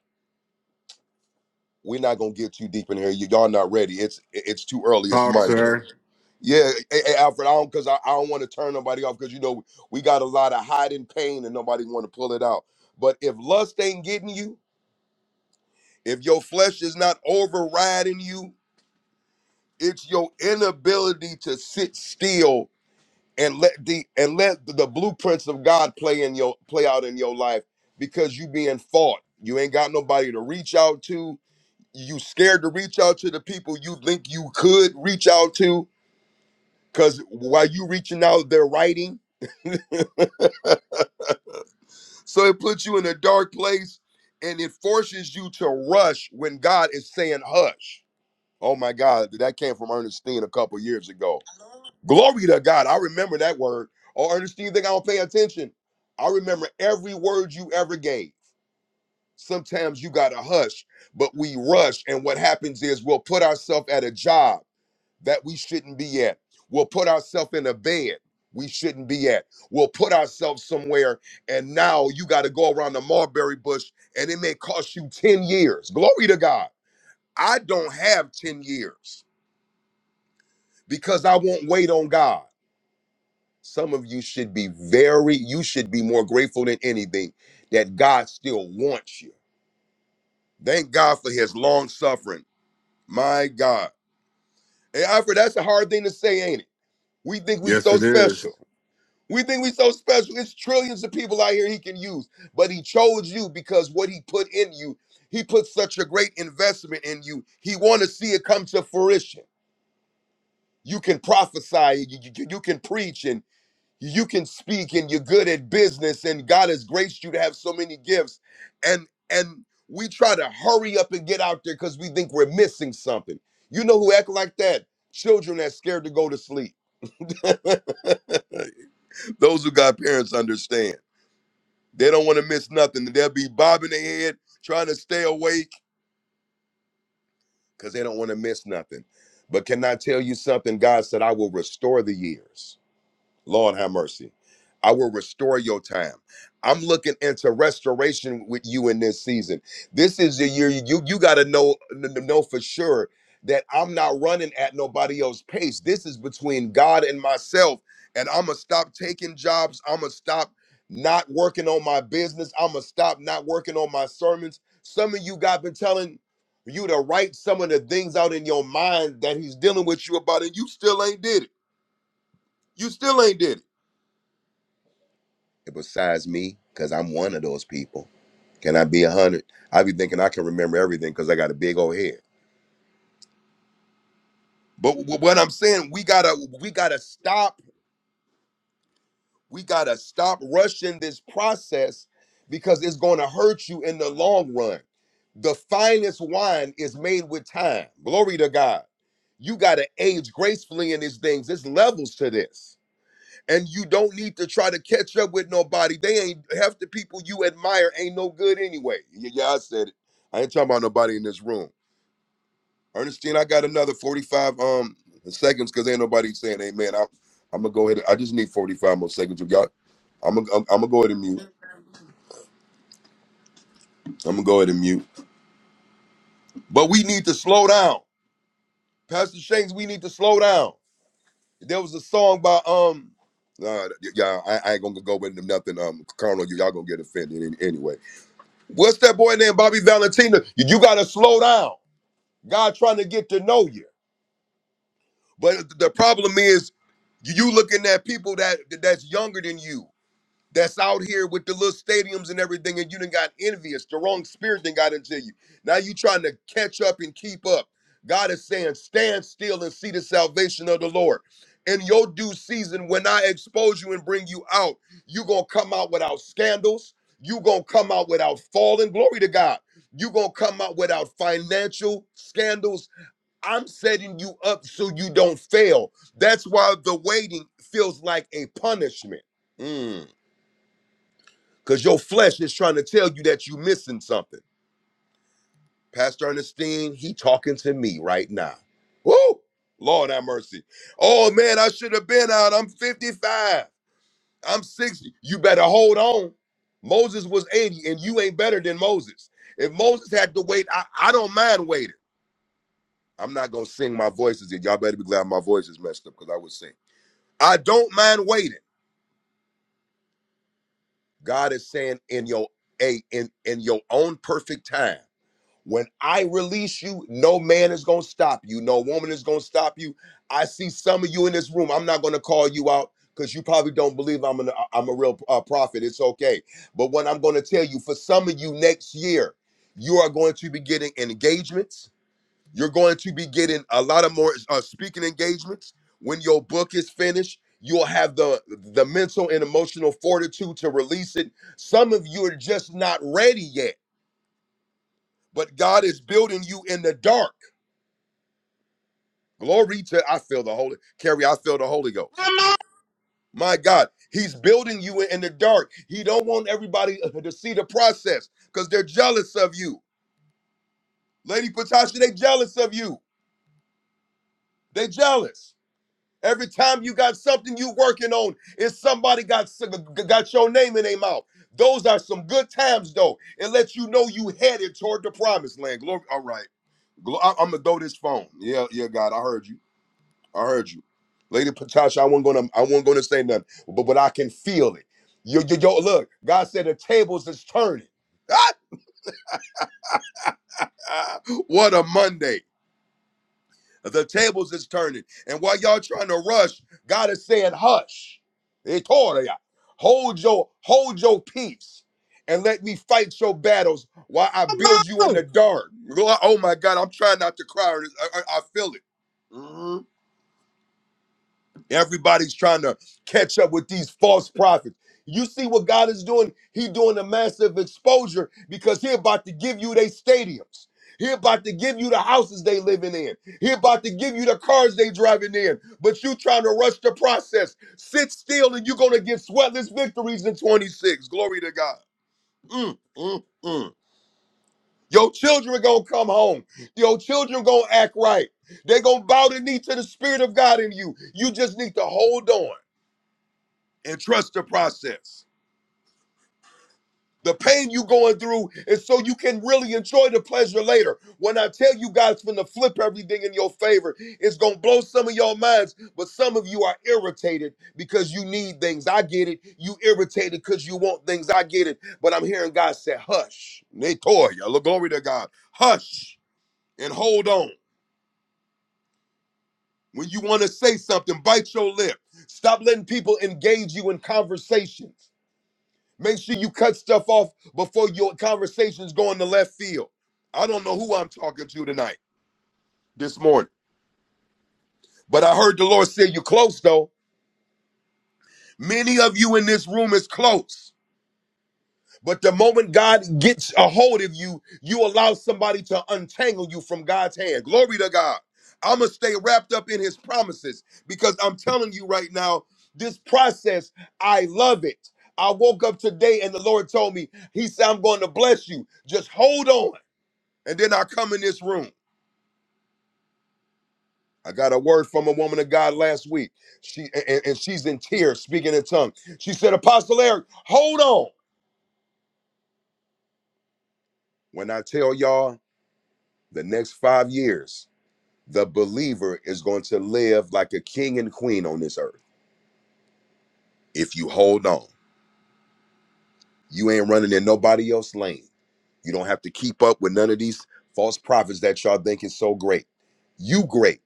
N: we're not gonna get too deep in here. You- Y'all not ready. It's it's too early. It's
M: Talk,
N: Monday.
M: sir.
N: Yeah, hey, hey, Alfred, I don't because I, I don't want to turn nobody off because you know we got a lot of hiding pain and nobody want to pull it out. But if lust ain't getting you, if your flesh is not overriding you, It's your inability to sit still and let the and let the blueprints of God play in your play out in your life because you being fought. You ain't got nobody to reach out to. You scared to reach out to the people you think you could reach out to because while you reaching out, they're writing. So it puts you in a dark place and it forces you to rush when God is saying hush. Oh my God, that came from Ernestine a couple years ago Glory to God. I remember that word. Or Ernestine, you think I don't pay attention? I remember every word you ever gave. Sometimes you got to hush, but we rush. And what happens is we'll put ourselves at a job that we shouldn't be at. We'll put ourselves in a bed we shouldn't be at. We'll put ourselves somewhere. And now you got to go around the mulberry bush and it may cost you 10 years. Glory to God. I don't have 10 years because I won't wait on God. Some of you should be very, you should be more grateful than anything that God still wants you. Thank God for his long suffering. My God. Hey, Alfred, that's a hard thing to say, ain't it? We think we
M: Yes,
N: so
M: it is.
N: special. We think we so special. It's trillions of people out here he can use, but he chose you because what he put in you, he put such a great investment in you. He want to see it come to fruition. You can prophesy, you, you you can preach, you can speak and you're good at business and God has graced you to have so many gifts and and we try to hurry up and get out there cuz we think we're missing something. You know who act like that? Children that's scared to go to sleep. (laughs) Those who got parents understand. They don't want to miss nothing. They'll be bobbing their head trying to stay awake cuz they don't want to miss nothing. But can I tell you something? God said I will restore the years. Lord have mercy. I will restore your time. I'm looking into restoration with you in this season. This is the year you you got to know n- n- know for sure that I'm not running at nobody else's pace. This is between God and myself, and I'm gonna stop taking jobs. I'm gonna stop not working on my business. I'm gonna stop not working on my sermons. Some of you God been telling you to write some of the things out in your mind that He's dealing with you about, and you still ain't did it. You still ain't did it besides me because I'm one of those people. Can I be a hundred? I be thinking I can remember everything because I got a big old head. But w- what I'm saying, we gotta we gotta stop. We gotta stop rushing this process because it's gonna hurt you in the long run. The finest wine is made with time. Glory to God. You gotta age gracefully in these things. There's levels to this. and you don't need to try to catch up with nobody. They ain't half the people you admire ain't no good anyway. Yeah, yeah, I said it. I ain't talking about nobody in this room. Ernestine, I got another 45 um seconds because ain't nobody saying amen. I'm I'm gonna go ahead. I just need 45 more seconds of y'all. I'm gonna I'm, I'm gonna go ahead and mute. I'm gonna go ahead and mute. But we need to slow down. Pastor Shanks, we need to slow down. There was a song by um uh, yeah, I, I ain't gonna go into nothing. Um, Colonel, y'all gonna get offended any- anyway. What's that boy named Bobby Valentino? You got to slow down. God trying to get to know you. But the problem is you looking at people that that's younger than you that's out here with the little stadiums and everything, and you done got envious. The wrong spirit then got into you. Now you trying to catch up and keep up. God is saying, stand still and see the salvation of the Lord. In your due season, when I expose you and bring you out, you gonna come out without scandals. you gonna come out without falling. Glory to God. you gonna come out without financial scandals. I'm setting you up so you don't fail. That's why the waiting feels like a punishment. Mm. Because your flesh is trying to tell you that you're missing something. Pastor Ernestine, he talking to me right now. Woo! Lord have mercy. Oh man, I should have been out. I'm 55. I'm 60. You better hold on. Moses was 80, and you ain't better than Moses. If Moses had to wait, I, I don't mind waiting. I'm not gonna sing my voices y'all better be glad my voice is messed up because I would sing. I don't mind waiting. God is saying in your a in in your own perfect time. When I release you, no man is going to stop you. No woman is going to stop you. I see some of you in this room. I'm not going to call you out because you probably don't believe I'm, an, uh, I'm a real uh, prophet. It's okay. But what I'm going to tell you for some of you next year, you are going to be getting engagements. You're going to be getting a lot of more uh, speaking engagements. When your book is finished, you'll have the, the mental and emotional fortitude to release it. Some of you are just not ready yet but God is building you in the dark. Glory to I feel the Holy Carrie, I feel the Holy Ghost. My God, He's building you in the dark. He don't want everybody (laughs) to see the process because they're jealous of you. Lady Patasha, they jealous of you. They jealous. Every time you got something you working on, is somebody got got your name in their mouth. Those are some good times though. It lets you know you headed toward the promised land. Glory. All right. Glo- I- I'm gonna throw this phone. Yeah, yeah, God, I heard you. I heard you, Lady Patasha. I wasn't gonna, I wasn't gonna say nothing, but but I can feel it. Yo, yo, yo look, God said the tables is turning. (laughs) Ah, ah, what a Monday! The tables is turning, and while y'all trying to rush, God is saying, "Hush, He told ya, hold your, hold your peace." And let me fight your battles while I build you in the dark. (laughs) Oh my God, I'm trying not to cry. I, I, I feel it. Mhm. Everybody's trying to catch up with these false prophets. You see what God is doing? He doing a massive exposure because he about to give you they stadiums. He about to give you the houses they living in. He about to give you the cars they driving in. But you trying to rush the process. Sit still and you're going to get sweatless victories in 26. Glory to God. Mm, mm, mm. Your children are going to come home. Your children going to act right. They're going to bow the knee to the spirit of God in you. You just need to hold on and trust the process. The pain you going through is so you can really enjoy the pleasure later. When I tell you guys, finna flip everything in your favor, it's gonna blow some of your minds, but some of you are irritated because you need things. I get it. You irritated because you want things. I get it. But I'm hearing God say, hush. Natoya, look, glory to God. Hush and hold on. When you wanna say something, bite your lip. Stop letting people engage you in conversations. Make sure you cut stuff off before your conversations go in the left field. I don't know who I'm talking to tonight, this morning, but I heard the Lord say you're close though. Many of you in this room is close, but the moment God gets a hold of you, you allow somebody to untangle you from God's hand. Glory to God. I'm gonna stay wrapped up in His promises because I'm telling you right now, this process, I love it. I woke up today and the Lord told me, He said, I'm going to bless you. Just hold on. And then I come in this room. I got a word from a woman of God last week. She and, and she's in tears, speaking in tongues. She said, Apostle Eric, hold on. When I tell y'all the next five years, the believer is going to live like a king and queen on this earth. If you hold on, you ain't running in nobody else's lane. You don't have to keep up with none of these false prophets that y'all think is so great. You great.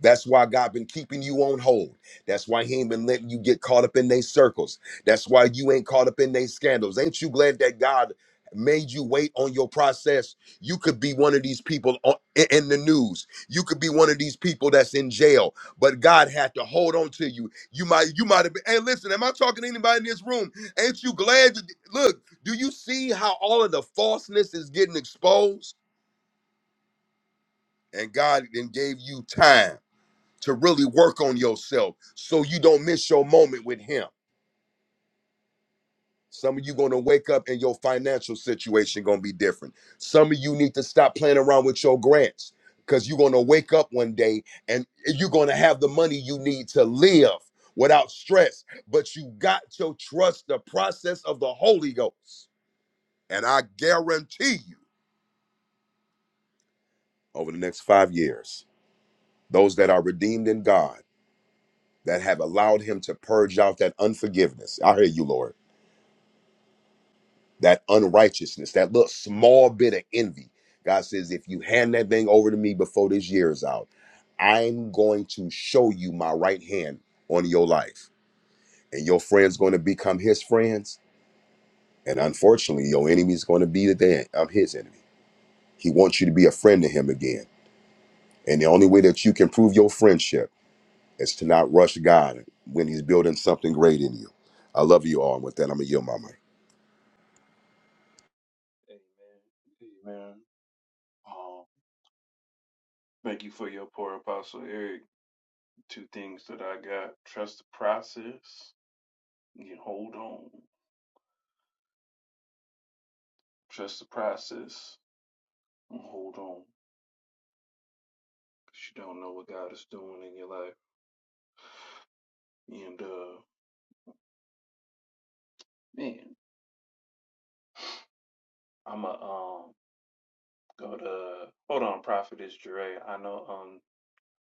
N: That's why God been keeping you on hold. That's why He ain't been letting you get caught up in their circles. That's why you ain't caught up in their scandals. Ain't you glad that God made you wait on your process? You could be one of these people on, in in the news. You could be one of these people that's in jail. But God had to hold on to you. You might, you might have been. Hey, listen, am I talking to anybody in this room? Ain't you glad? you- Look. Do you see how all of the falseness is getting exposed? And God then gave you time to really work on yourself so you don't miss your moment with him. Some of you going to wake up and your financial situation going to be different. Some of you need to stop playing around with your grants cuz you're going to wake up one day and you're going to have the money you need to live without stress, but you got to trust the process of the Holy Ghost. And I guarantee you over the next 5 years those that are redeemed in God, that have allowed Him to purge out that unforgiveness. I hear you, Lord, that unrighteousness, that little small bit of envy. God says, if you hand that thing over to me before this year is out, I'm going to show you my right hand on your life. And your friend's going to become his friends. And unfortunately, your enemy's going to be the day of his enemy. He wants you to be a friend to him again. And the only way that you can prove your friendship It's to not rush God when He's building something great in you. I love you all. And with that, I'm gonna yield my mic.
A: Amen. Um, thank you for your poor Apostle Eric. Two things that I got: trust the process. You hold on. Trust the process. and Hold on, 'cause you don't know what God is doing in your life, and uh. Man, I'ma um go to hold on, Prophetess Dre. I know um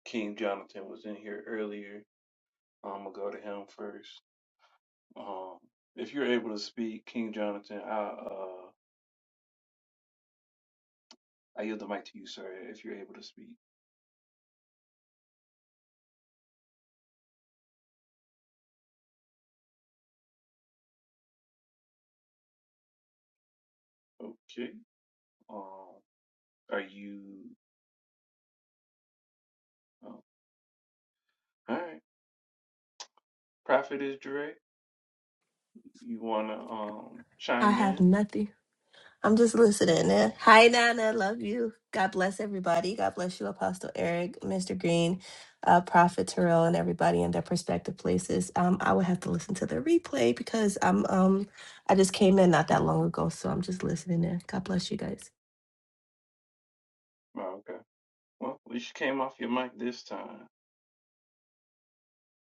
A: King Jonathan was in here earlier. I'm gonna go to him first. Um, if you're able to speak, King Jonathan, I uh I yield the mic to you, sir. If you're able to speak, okay. Um, are you? Oh, all right, Prophetess Dre, you wanna um
O: I
A: chime
O: have
A: in?
O: nothing. I'm just listening. eh? Hi, Nana. Love you. God bless everybody. God bless you, Apostle Eric, Mr. Green, uh, Prophet Terrell, and everybody in their prospective places. Um, I would have to listen to the replay because I'm um I just came in not that long ago, so I'm just listening in. God bless you guys.
A: Oh, okay. Well, at least you came off your mic this time.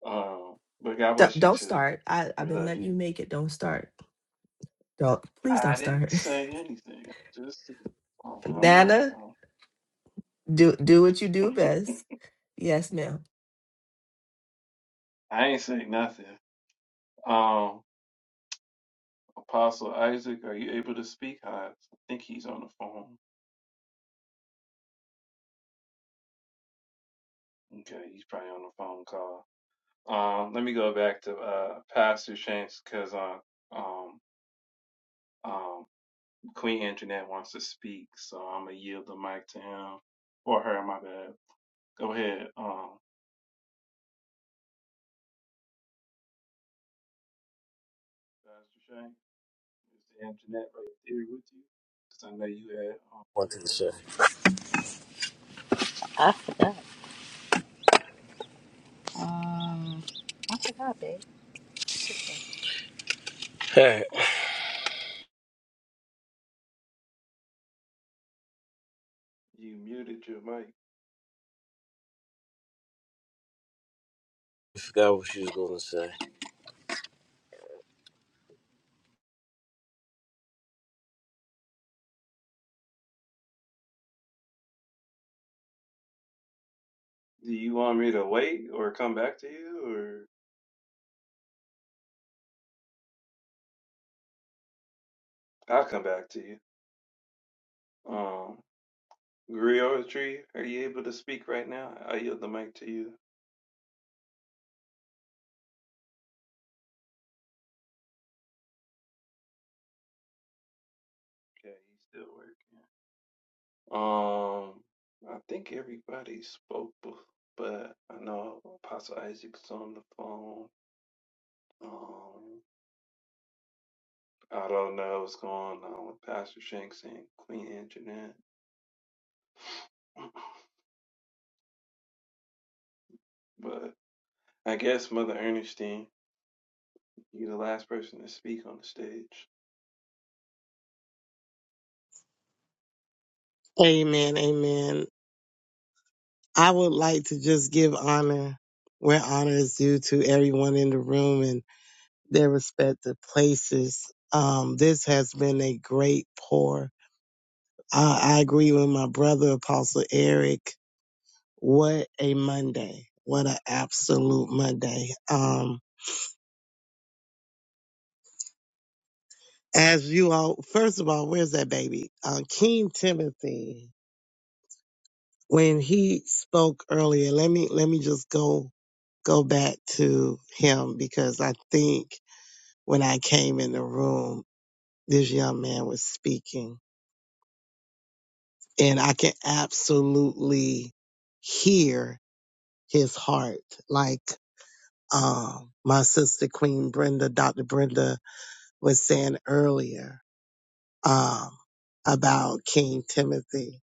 A: Um, but God
O: D-
A: bless you
O: don't
A: too.
O: start. I I've
A: We
O: been
A: love
O: letting
A: you.
O: you make it. Don't start. Don't please
A: I
O: don't
A: didn't
O: start.
A: say anything. I Just
O: (laughs)
A: I'm not.
O: Nana,
A: Um,
O: do do what you do best.
A: (laughs)
O: Yes, ma'am.
A: I ain't say nothing. Um, Apostle Isaac, are you able to speak? I think he's on the phone. Okay, he's probably on the phone call. Um, let me go back to uh Pastor Shanks because uh um um Queen Internet wants to speak, so I'm gonna yield the mic to him or her. My bad. Go ahead, um, Pastor Shanks. Is the Internet right there with you? Because I know you had. um,
C: Want to share. Um, I forgot, babe. Hey, I
A: You muted your mic.
C: forgot what she was going to say.
A: Do you want me to wait or come back to you or I'll come back to you. Um Griotry, are you able to speak right now? I yield the mic to you. Okay, he's still working. Um I think everybody spoke bef- but I know Apostle Isaac's on the phone. Um I don't know what's going on with Pastor Shanks and Queen Anjanette, (clears throat) but I guess Mother Ernestine, you're the last person to speak on the stage.
F: Amen. Amen. I would like to just give honor where honor is due to everyone in the room and their respective places. Um, this has been a great pour. I, I agree with my brother, Apostle Eric. What a Monday. What an absolute Monday. Um, as you all, first of all, where's that baby? Uh, King Timothy. when he spoke earlier, let me let me just go go back to him because I think when I came in the room, this young man was speaking, and I can absolutely hear his heart. Like um, my sister Queen Brenda, Dr. Brenda was saying earlier um, about King Timothy.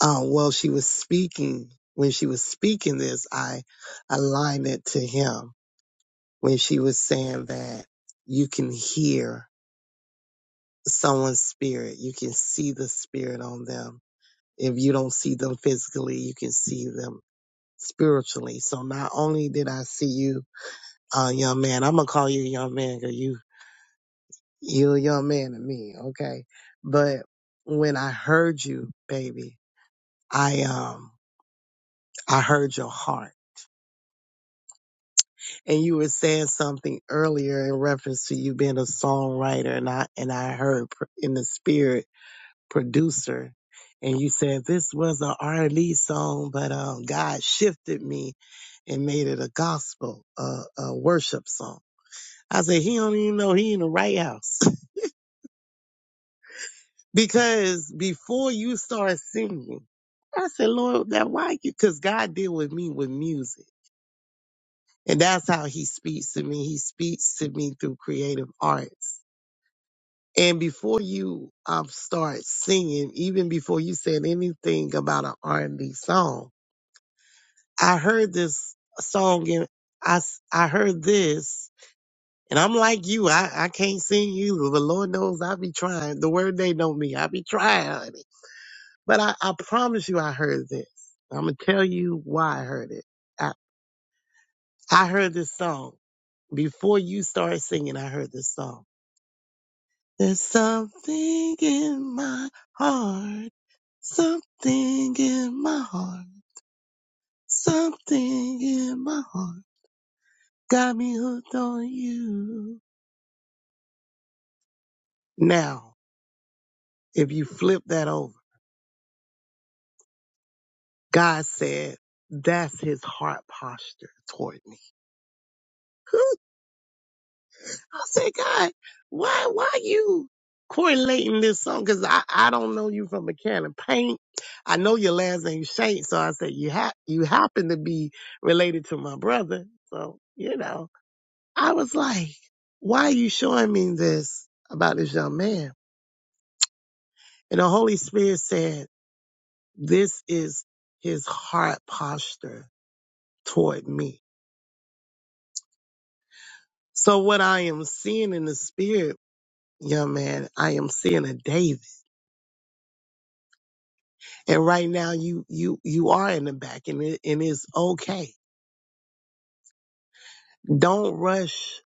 F: Um, well, she was speaking when she was speaking this. I aligned it to him when she was saying that you can hear someone's spirit, you can see the spirit on them. If you don't see them physically, you can see them spiritually. So not only did I see you, uh, young man, I'm gonna call you a young man because you you're a young man to me, okay? But when I heard you, baby, I um I heard your heart. And you were saying something earlier in reference to you being a songwriter and I and I heard pr- in the spirit producer and you said this was an R&B song, but um, God shifted me and made it a gospel, uh, a worship song. I said he don't even know he in the right house (laughs) because before you start singing, I said, Lord, that why? you? Because God deal with me with music, and that's how He speaks to me. He speaks to me through creative arts. And before you um, start singing, even before you said anything about an R&B song I heard this song and I, s- I heard this and I'm like you. I, I can't sing either, but Lord knows I be trying. The word they know me. I be trying, honey. But I, I promise you I heard this. I'm going to tell you why I heard it. I, I heard this song before you started singing. I heard this song. There's something in my heart, something in my heart, something in my heart. Got me hooked on you. Now, if you flip that over, God said, that's his heart posture toward me. (laughs) I said, God, why, why you correlating this song? Cause I, I don't know you from a can of paint. I know your last name Saint. So I said, you ha- you happen to be related to my brother. So, you know, I was like, why are you showing me this about this young man? And the Holy Spirit said, this is his heart posture toward me. So what I am seeing in the spirit, young man, I am seeing a David. And right now you you you are in the back and it and it's okay. Don't rush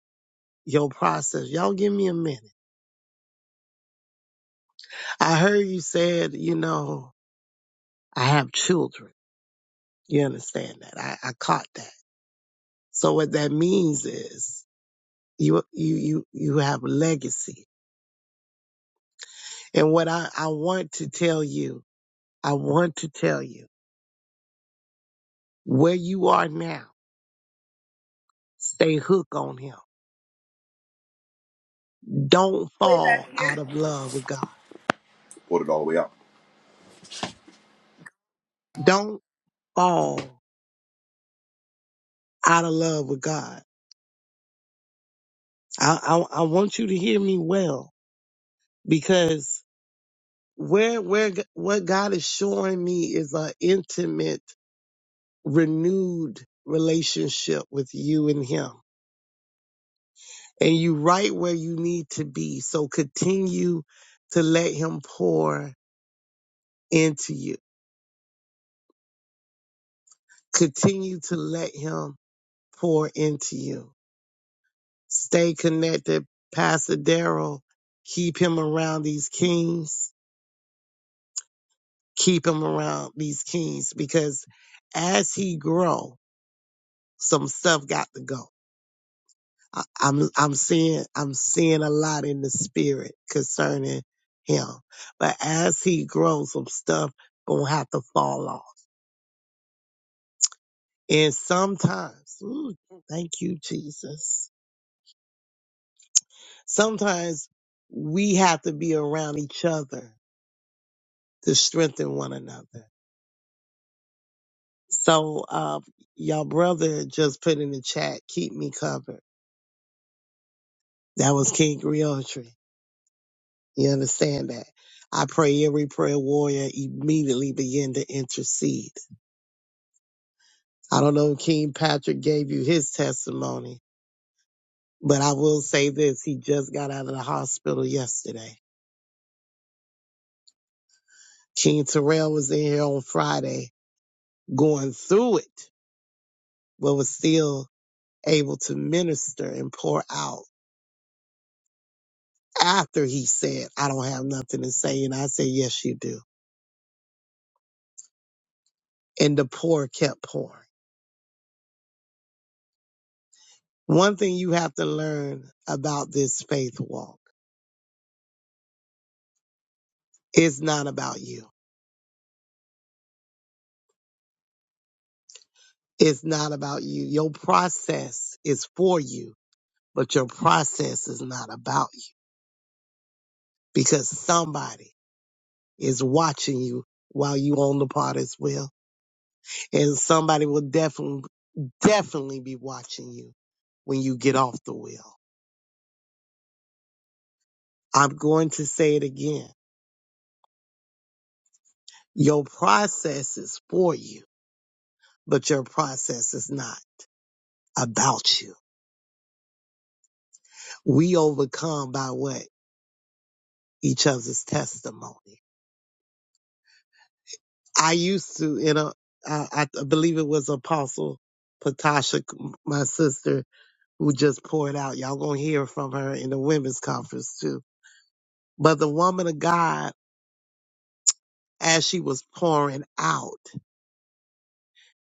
F: your process. Y'all give me a minute. I heard you said, you know, I have children. You understand that. I, I caught that. So what that means is you you you you have a legacy. And what I, I want to tell you, I want to tell you where you are now Stay hooked on him. Don't fall out of love with God.
N: Put it all the way out.
F: Don't fall out of love with God. I, I, I want you to hear me well because where, where, what God is showing me is an intimate, renewed relationship with you and him. And you right where you need to be. So continue to let him pour into you. Continue to let him pour into you. Stay connected, Pastor Daryl. Keep him around these kings. Keep him around these kings because as he grow, some stuff got to go. I, I'm I'm seeing I'm seeing a lot in the spirit concerning him, but as he grows, some stuff gonna have to fall off. And sometimes, ooh, thank you, Jesus. Sometimes we have to be around each other to strengthen one another. So, uh, y'all brother just put in the chat, keep me covered. That was King Griotry. You understand that? I pray every prayer warrior immediately begin to intercede. I don't know if King Patrick gave you his testimony, but I will say this. He just got out of the hospital yesterday. King Terrell was in here on Friday going through it, but was still able to minister and pour out. after he said, I don't have nothing to say. And I said, yes, you do. And the pour kept pouring. One thing you have to learn about this faith walk is not about you. It's not about you. Your process is for you, but your process is not about you because somebody is watching you while you on the pot as well. And somebody will definitely, definitely be watching you when you get off the wheel. I'm going to say it again Your process is for you, but your process is not about you. We overcome by what? Each other's testimony. I used to, you know, I, I believe it was Apostle Patasha, my sister, who just poured out. Y'all gonna hear from her in the women's conference too. But the woman of God, as she was pouring out,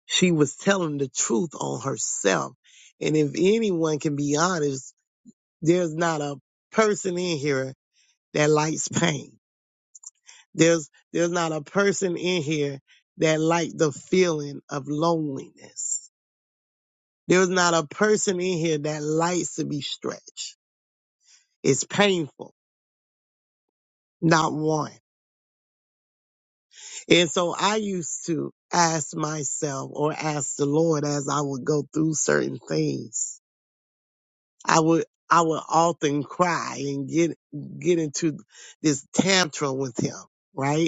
F: she was telling the truth on herself. And if anyone can be honest, there's not a person in here that likes pain. There's there's not a person in here that likes the feeling of loneliness. There's not a person in here that likes to be stretched. It's painful, not one. And so I used to ask myself or ask the Lord as I would go through certain things. I would I would often cry and get get into this tantrum with him, right?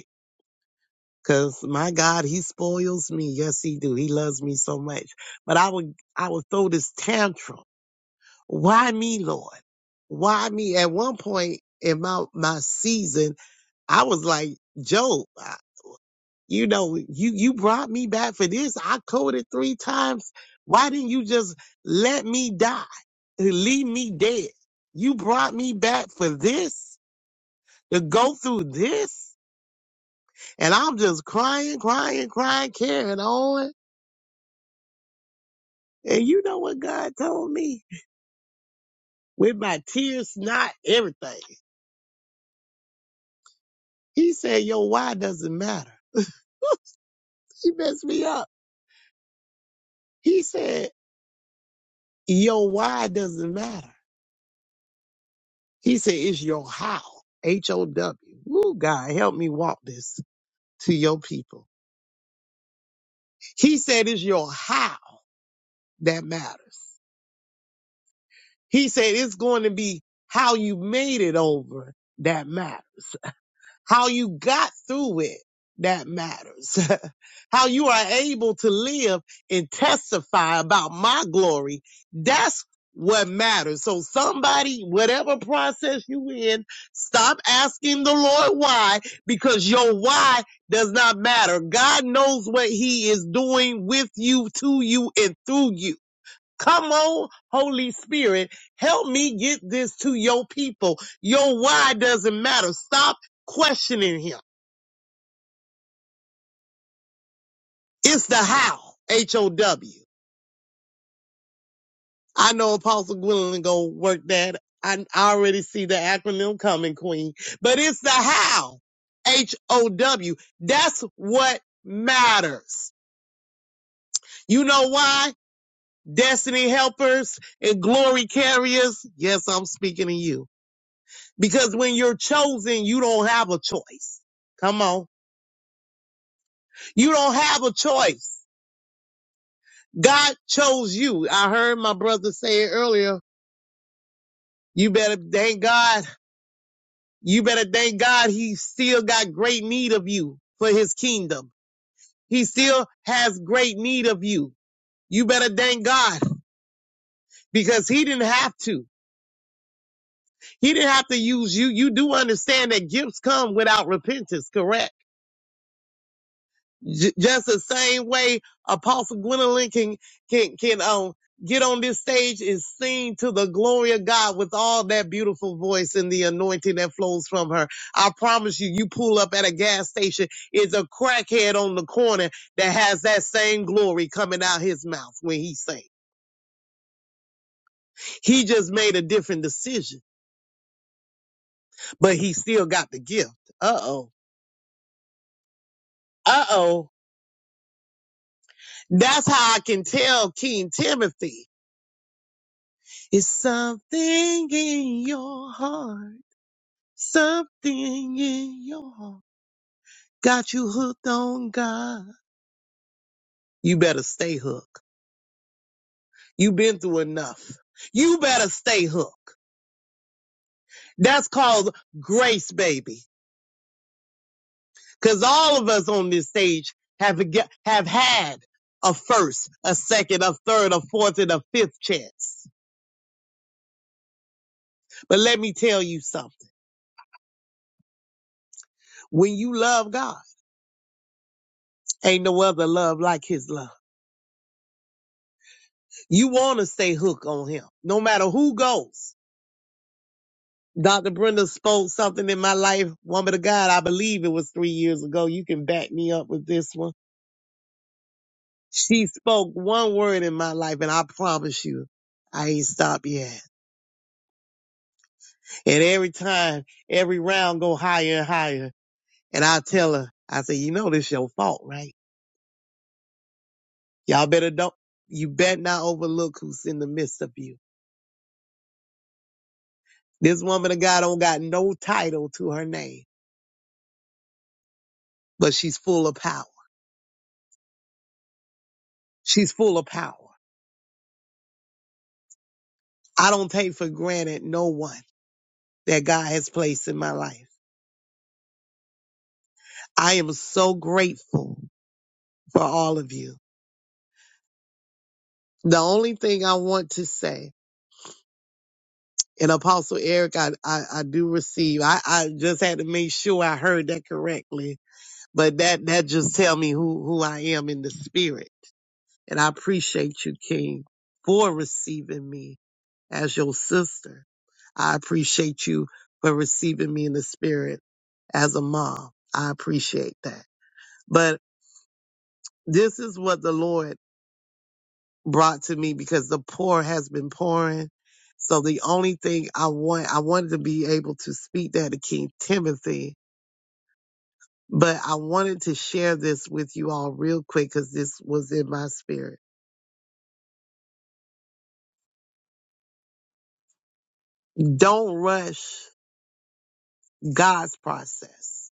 F: Cause my God, he spoils me. Yes, he do. He loves me so much. But I would, I would throw this tantrum. Why me, Lord? Why me? At one point in my, my season, I was like, Job, I- you know, you, you brought me back for this. I coded three times. Why didn't you just let me die? Leave me dead. You brought me back for this to go through this. And I'm just crying, crying, crying, carrying on And you know what God told me? With my tears, not everything. He said, Your why doesn't matter. (laughs) he messed me up. He said, Your why doesn't matter. He said, It's your how. H O W. Ooh, God, help me walk this to your people. He said, It's your how that matters. He said, It's going to be how you made it over that matters. How you got through it, that matters. (laughs) How you are able to live and testify about my glory, that's what matters. So somebody, whatever process you in, stop asking the Lord why, because your why does not matter. God knows what he is doing with you, to you, and through you. Come on, Holy Spirit, help me get this to your people. Your why doesn't matter. Stop questioning him. It's the how, H O W. I know Apostle Gwendolyn gonna work that. I, I already see the acronym coming, Queen. But it's the how, H O W. That's what matters. You know why? Destiny helpers and glory carriers. Yes, I'm speaking to you Because when you're chosen, you don't have a choice. Come on. You don't have a choice. God chose you. I heard my brother say it earlier. You better thank God. You better thank God he still got great need of you for his kingdom. He still has great need of you. You better thank God because he didn't have to. He didn't have to use you. You do understand that gifts come without repentance, correct? J- just the same way Apostle Gwendolyn can can can um get on this stage and sing to the glory of God with all that beautiful voice and the anointing that flows from her. I promise you, you pull up at a gas station, it's a crackhead on the corner that has that same glory coming out his mouth when he sings. He just made a different decision, but he still got the gift. Uh oh. Uh oh. That's how I can tell King Timothy. It's something in your heart, something in your heart. Got you hooked on God. You better stay hooked. You've been through enough. You better stay hooked. That's called grace, baby. Cause all of us on this stage have a, get- have had a first, a second, a third, a fourth, and a fifth chance. But let me tell you something. When you love God, ain't no other love like his love. You want to stay hooked on him, no matter who goes. Dr. Brenda spoke something in my life, woman of God. I believe it was three years ago. You can back me up with this one. She spoke one word in my life, and I promise you, I ain't stopped yet. And every time, every round go higher and higher. And I tell her, I say, you know, this your fault, right? Y'all better don't, you better not overlook who's in the midst of you. This woman of God don't got no title to her name, but she's full of power. She's full of power. I don't take for granted no one that God has placed in my life. I am so grateful for all of you. The only thing I want to say, and Apostle Eric, I, I, I do receive. I, I just had to make sure I heard that correctly, but that, that just tell me who, who I am in the spirit. And I appreciate you, King, for receiving me. as your sister. I appreciate you for receiving me in the spirit as a mom. I appreciate that. But this is what the Lord brought to me because the pour has been pouring. So the only thing I want, I wanted to be able to speak that to King Timothy, but I wanted to share this with you all real quick because this was in my spirit. Don't rush God's process,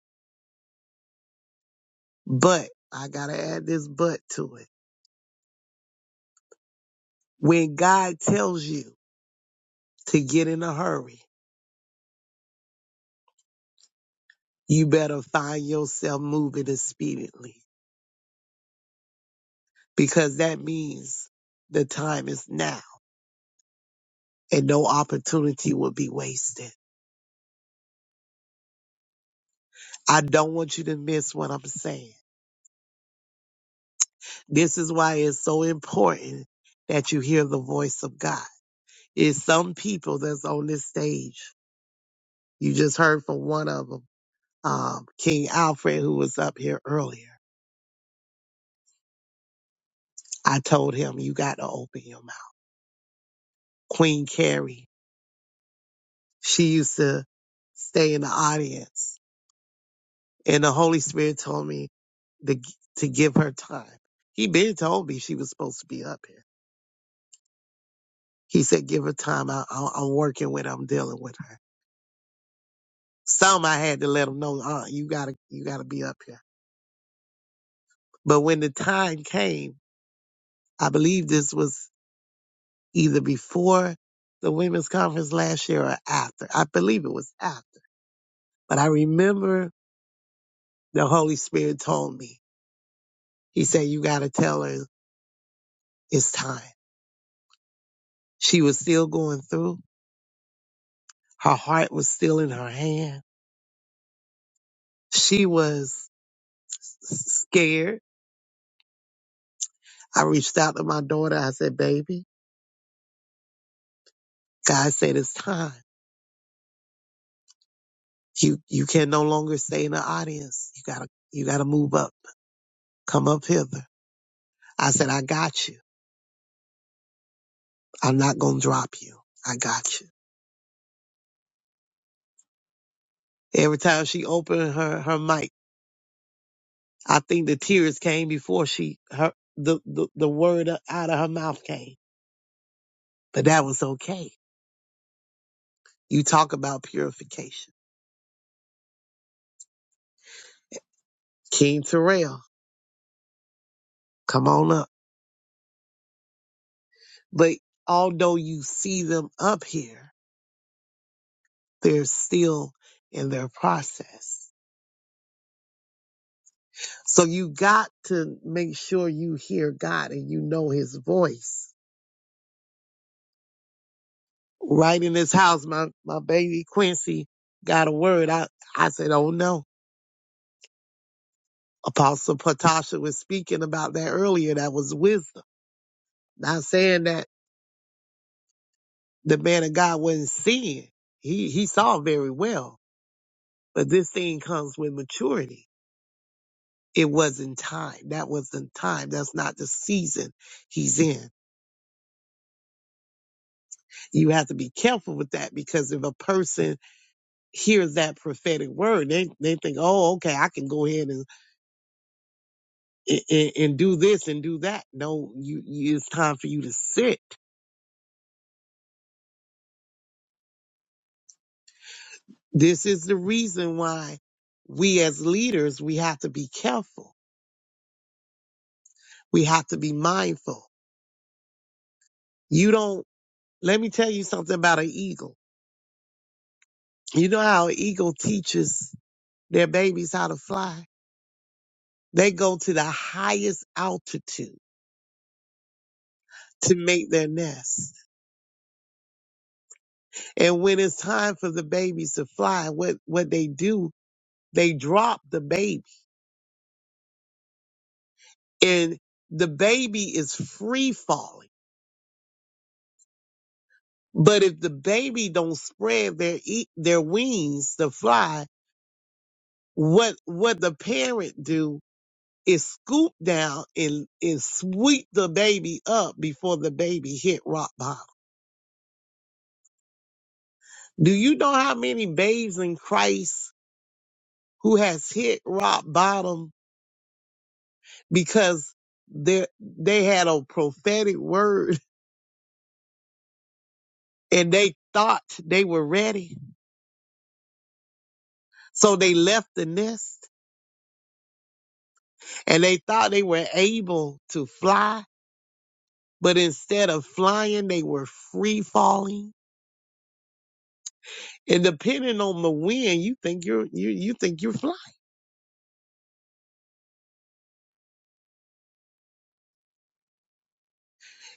F: but I got to add this but to it When God tells you to get in a hurry, you better find yourself moving expediently because that means the time is now and no opportunity will be wasted. I don't want you to miss what I'm saying. This is why it's so important that you hear the voice of God. It's some people that's on this stage. You just heard from one of them, um, King Alfred, who was up here earlier. I told him, you got to open your mouth. Queen Carrie, she used to stay in the audience. And the Holy Spirit told me to, to give her time. He been told me she was supposed to be up here. He said, give her time. I, I, I'm working with her. I'm dealing with her. Some I had to let him know, uh, you gotta, you gotta be up here. But when the time came, I believe this was either before the women's conference last year or after. I believe it was after, but I remember the Holy Spirit told me, he said, you gotta tell her it's time She was still going through. Her heart was still in her hand. She was s- scared. I reached out to my daughter. I said, baby, God said it's time. You, you can no longer stay in the audience. You gotta, you gotta move up. Come up hither. I said, I got you. I'm not gonna drop you. I got you. Every time she opened her, her mic, I think the tears came before she, her, the, the, the word out of her mouth came, but that was okay. You talk about purification King Terrell, come on up. But although you see them up here, they're still in their process. So you got to make sure you hear God and you know his voice. Right in this house, my, my baby Quincy got a word. I, I said, oh no. Apostle Patasha was speaking about that earlier. That was wisdom. Not saying that the man of God wasn't seeing. He, he saw very well, but this thing comes with maturity It wasn't time. That wasn't time. That's not the season he's in. You have to be careful with that because if a person hears that prophetic word, they, they think, oh, okay, I can go ahead and, and, and do this and do that. No, you, you, it's time for you to sit. This is the reason why we as leaders, we have to be careful. We have to be mindful. You don't, let me tell you something about an eagle. You know how an eagle teaches their babies how to fly? They go to the highest altitude to make their nest. And when it's time for the babies to fly, what, what they do, they drop the baby and the baby is free falling. But if the baby don't spread their, e- their wings to fly, what, what the parent do is scoop down and, and sweep the baby up before the baby hit rock bottom. Do you know how many babes in Christ who has hit rock bottom because they they had a prophetic word (laughs) and they thought they were ready. So they left the nest and they thought they were able to fly, but instead of flying, they were free falling. And depending on the wind, you think you're you you think you're flying.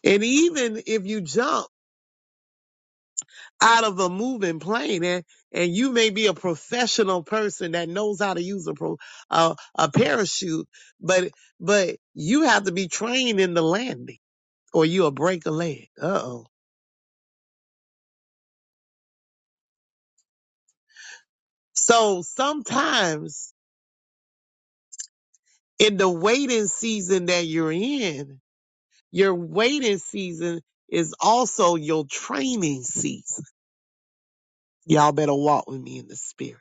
F: And even if you jump out of a moving plane and and you may be a professional person that knows how to use a pro, a, a parachute but but you have to be trained in the landing or you'll break a leg uh-oh so sometimes in the waiting season that you're in your waiting season is also your training season y'all better walk with me in the spirit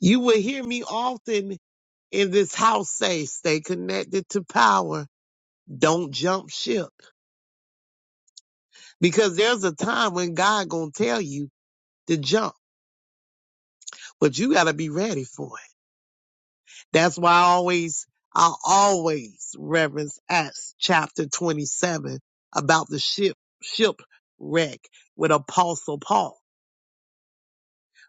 F: you will hear me often in this house say stay connected to power Don't jump ship because there's a time when God gonna tell you to jump, but you gotta be ready for it. That's why I always, I always reference Acts chapter 27 about the ship, ship wreck with Apostle Paul.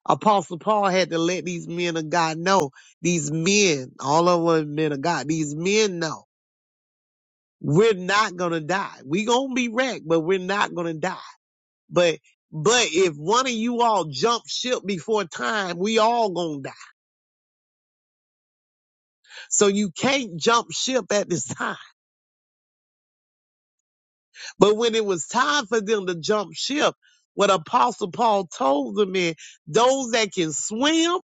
F: Apostle Paul had to let these men of God know, these men, all of them men of God, these men know we're not gonna die. We gonna be wrecked, but we're not gonna die. But but if one of you all jump ship before time, we all gonna die. So you can't jump ship at this time. (laughs) But when it was time for them to jump ship, what Apostle Paul told them is those that can swim,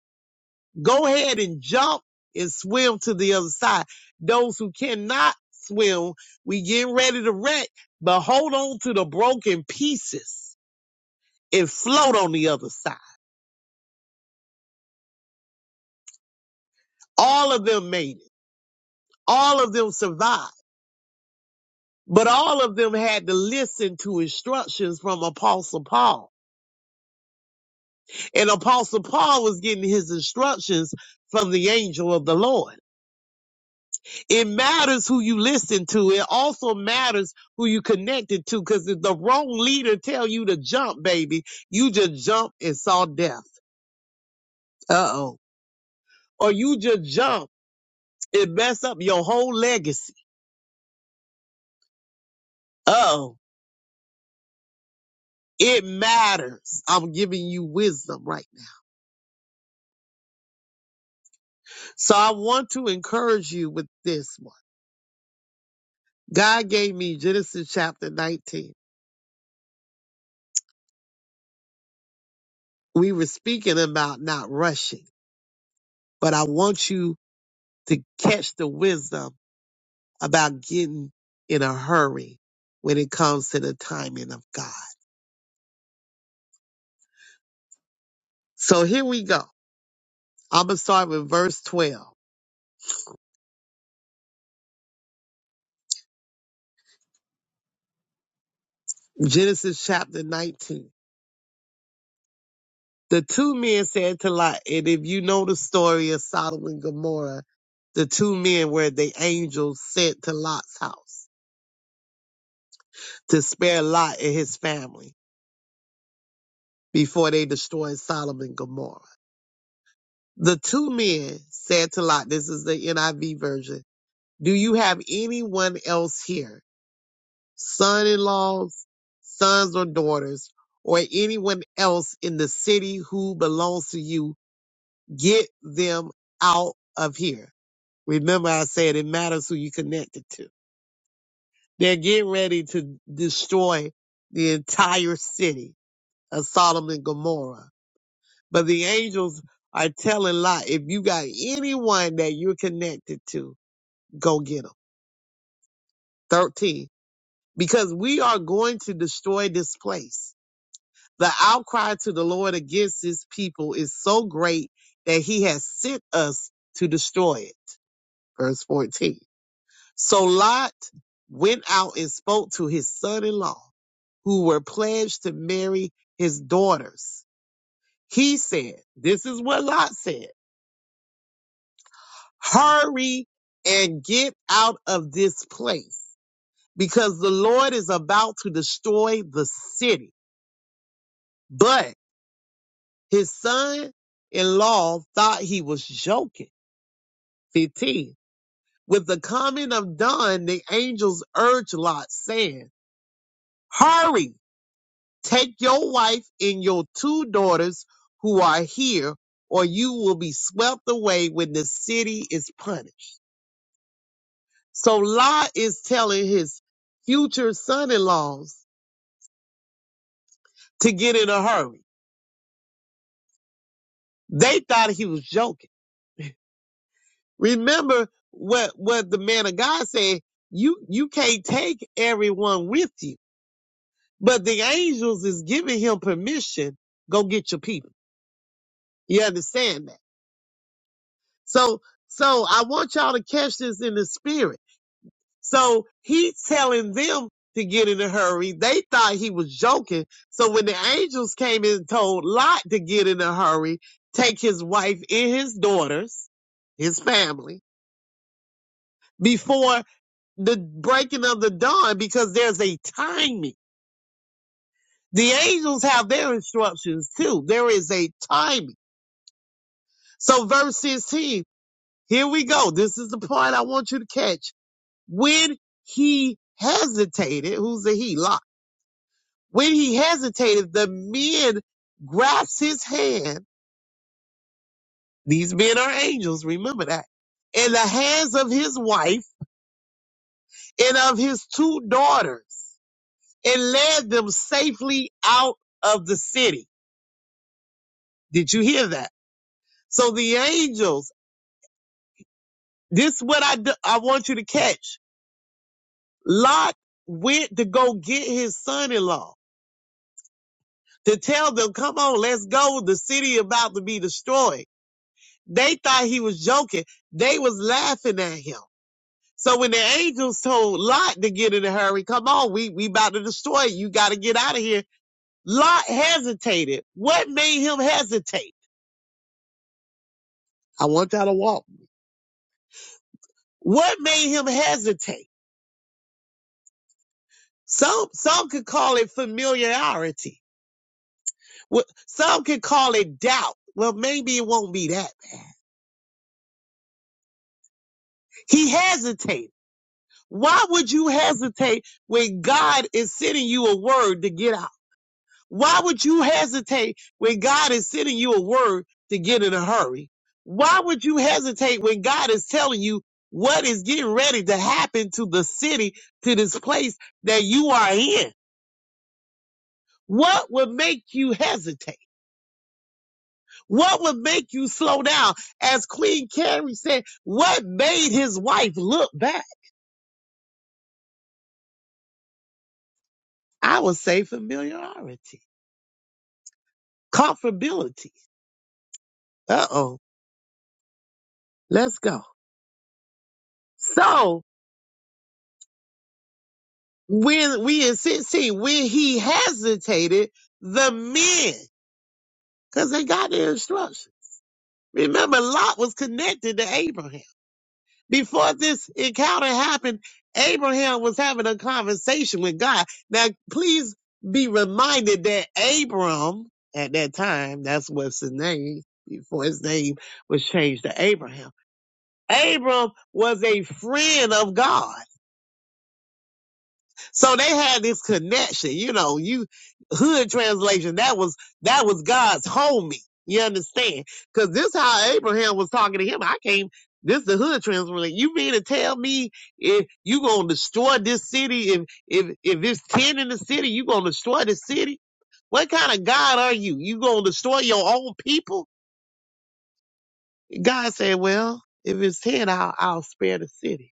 F: go ahead and jump and swim to the other side. Those who cannot swim, we getting ready to wreck, but hold on to the broken pieces and float on the other side. All of them made it. All of them survived But all of them had to listen to instructions from Apostle Paul. And Apostle Paul was getting his instructions from the angel of the Lord. It matters who you listen to. It also matters who you connected to. Cause if the wrong leader tell you to jump, baby, you just jump and saw death. Uh oh. Or you just jump and mess up your whole legacy. Uh oh. It matters. I'm giving you wisdom right now. So I want to encourage you with this one God gave me Genesis chapter 19. We were speaking about not rushing, but I want you to catch the wisdom about getting in a hurry when it comes to the timing of God. So here we go. I'm going to start with verse 12, Genesis chapter 19. The two men said to Lot, and if you know the story of Sodom and Gomorrah, the two men were the angels sent to Lot's house to spare Lot and his family. before they destroyed Sodom and Gomorrah. The two men said to Lot, this is the NIV version, do you have anyone else here, son-in-laws, sons or daughters, or anyone else in the city who belongs to you? Get them out of here. Remember I said it matters who you connected to. They're getting ready to destroy the entire city of Sodom and Gomorrah But the angels are telling Lot, if you got anyone that you're connected to, go get them. 13. Because we are going to destroy this place. The outcry to the Lord against his people is so great that he has sent us to destroy it. Verse 14. So Lot went out and spoke to his son in law, who were pledged to marry his daughters. He said, This is what Lot said. Hurry and get out of this place because the Lord is about to destroy the city. But his son in law thought he was joking. 15. With the coming of dawn, the angels urged Lot, saying, Hurry, take your wife and your two daughters who are here, or you will be swept away when the city is punished. So Lot is telling his future son-in-laws to get in a hurry. They thought he was joking. Remember what what the man of God said, you you can't take everyone with you. But the angels is giving him permission, go get your people. You understand that? So so I want y'all to catch this in the spirit So he telling them to get in a hurry. They thought he was joking. So when the angels came and told Lot to get in a hurry, take his wife and his daughters, his family, before the breaking of the dawn, because there's a timing. The angels have their instructions too. There is a timing. So verse 16, here we go. This is the part I want you to catch. When he hesitated, who's the he? Lot When he hesitated, the men grasped his hand. These men are angels, remember that. In the hands of his wife and of his two daughters and led them safely out of the city. Did you hear that? So the angels, this is what I, do, I want you to catch. Lot went to go get his son-in-law to tell them, come on, let's go. The city about to be destroyed. They thought he was joking. They was laughing at him. So when the angels told Lot to get in a hurry, come on, we, we about to destroy you. You got to get out of here. Lot hesitated. What made him hesitate? I want y'all to walk. What made him hesitate? Some, some could call it familiarity. Some could call it doubt. Well, maybe it won't be that. He hesitated. Why would you hesitate when God is sending you a word to get out? Why would you hesitate when God is sending you a word to get in a hurry? Why would you hesitate when God is telling you what is getting ready to happen to the city, to this place that you are in? What would make you hesitate? What would make you slow down? As Queen Carrie said, what made his wife look back? I would say familiarity, comfortability. Uh oh, let's go. So, When we in 16, when he hesitated, the men, because they got their instruction. Remember, Lot was connected to Abraham. Before this encounter happened, Abraham was having a conversation with God. Now, please be reminded that Abram, at that time, that's what's his name, before his name was changed to Abraham. Abram was a friend of God. So they had this connection, you know, you hood translation, that was that was God's homie. You understand? Cause this how Abraham was talking to him. I came this the hood translation. You mean to tell me if you gonna destroy this city, if if if it's ten in the city, you gonna destroy the city? What kind of God are you? You gonna destroy your own people? God said, Well, if it's ten, I'll I'll spare the city.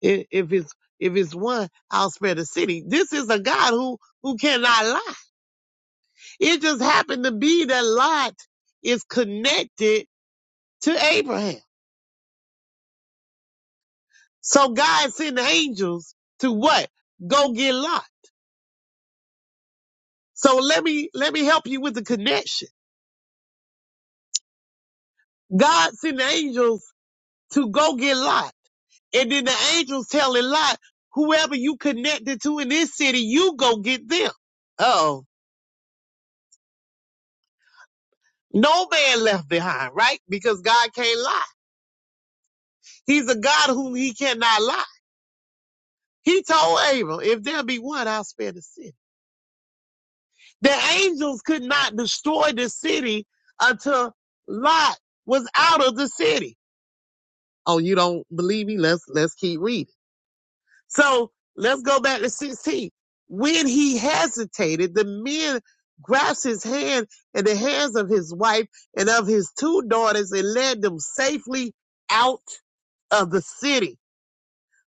F: If, if it's if it's one, I'll spare the city. This is a God who who cannot lie. It just happened to be that Lot is connected to Abraham. So God sent angels to what? Go get Lot. So let me let me help you with the connection. God sent angels to go get Lot. And then the angels telling Lot, whoever you connected to in this city, you go get them. Uh oh. No man left behind, right? Because God can't lie. He's a God whom he cannot lie. He told Abram, if there be one, I'll spare the city. The angels could not destroy the city until Lot was out of the city. Oh, you don't believe me? Let's, let's keep reading. So let's go back to 16. When he hesitated, the men grasped his hand and the hands of his wife and of his two daughters and led them safely out of the city.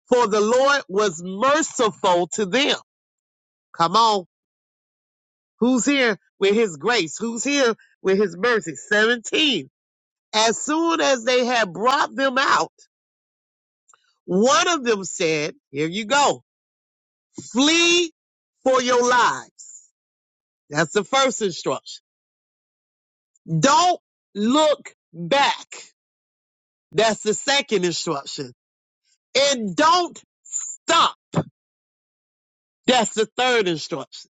F: For the Lord was merciful to them. Come on. Who's here with his grace? Who's here with his mercy? 17. As soon as they had brought them out, one of them said, Here you go. Flee for your lives. That's the first instruction. Don't look back. That's the second instruction. And don't stop. That's the third instruction.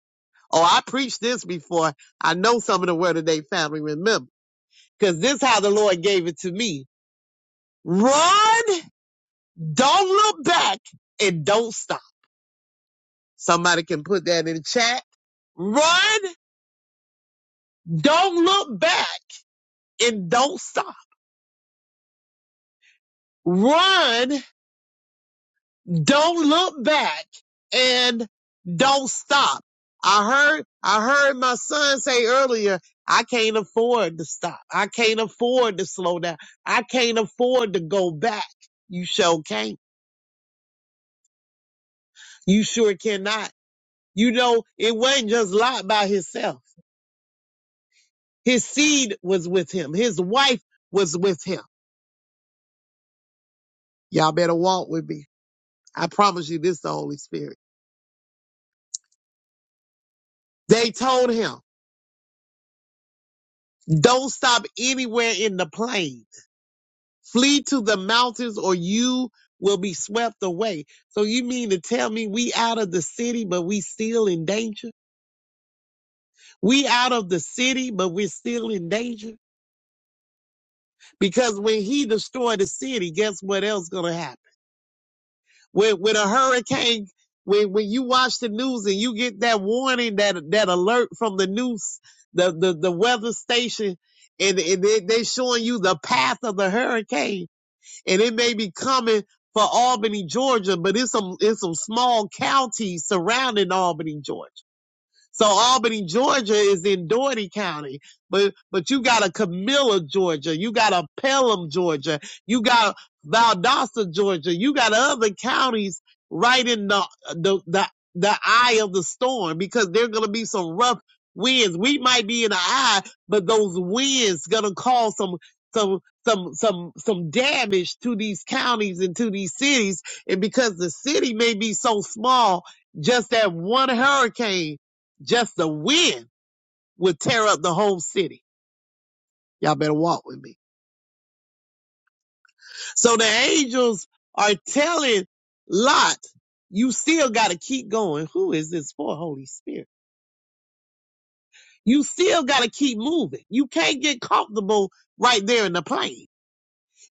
F: Oh, I preached this before. I know some of the Word of Day family remember because this is how the Lord gave it to me Run, don't look back, and don't stop. Somebody can put that in the chat. Run, don't look back, and don't stop. Run, don't look back, and don't stop. I heard, I heard my son say earlier, I can't afford to stop. I can't afford to slow down. I can't afford to go back. You sure can't. You sure cannot. You know, it wasn't just Lot by himself. His seed was with him. His wife was with him. Y'all better walk with me. I promise you this is the Holy Spirit. They told him, don't stop anywhere in the plain. Flee to the mountains or you will be swept away. So you mean to tell me we out of the city, but we still in danger? We out of the city, but we're still in danger? Because when he destroyed the city, guess what else gonna happen? With with a hurricane, when when you watch the news and you get that warning, that that alert from the news, the the, the weather station, and, and they, they showing you the path of the hurricane, and it may be coming for Albany, Georgia, but it's some it's some small counties surrounding Albany, Georgia. So Albany, Georgia is in Doherty County, but, but you got a Camilla, Georgia. You got a Pelham, Georgia. You got Valdosta, Georgia. You got other counties right in the, the, the, the eye of the storm because there are going to be some rough winds. We might be in the eye, but those winds going to cause some, some, some, some, some damage to these counties and to these cities. And because the city may be so small, just that one hurricane just the wind would tear up the whole city. Y'all better walk with me. So the angels are telling Lot, you still got to keep going. Who is this for, Holy Spirit? You still got to keep moving. You can't get comfortable right there in the plane.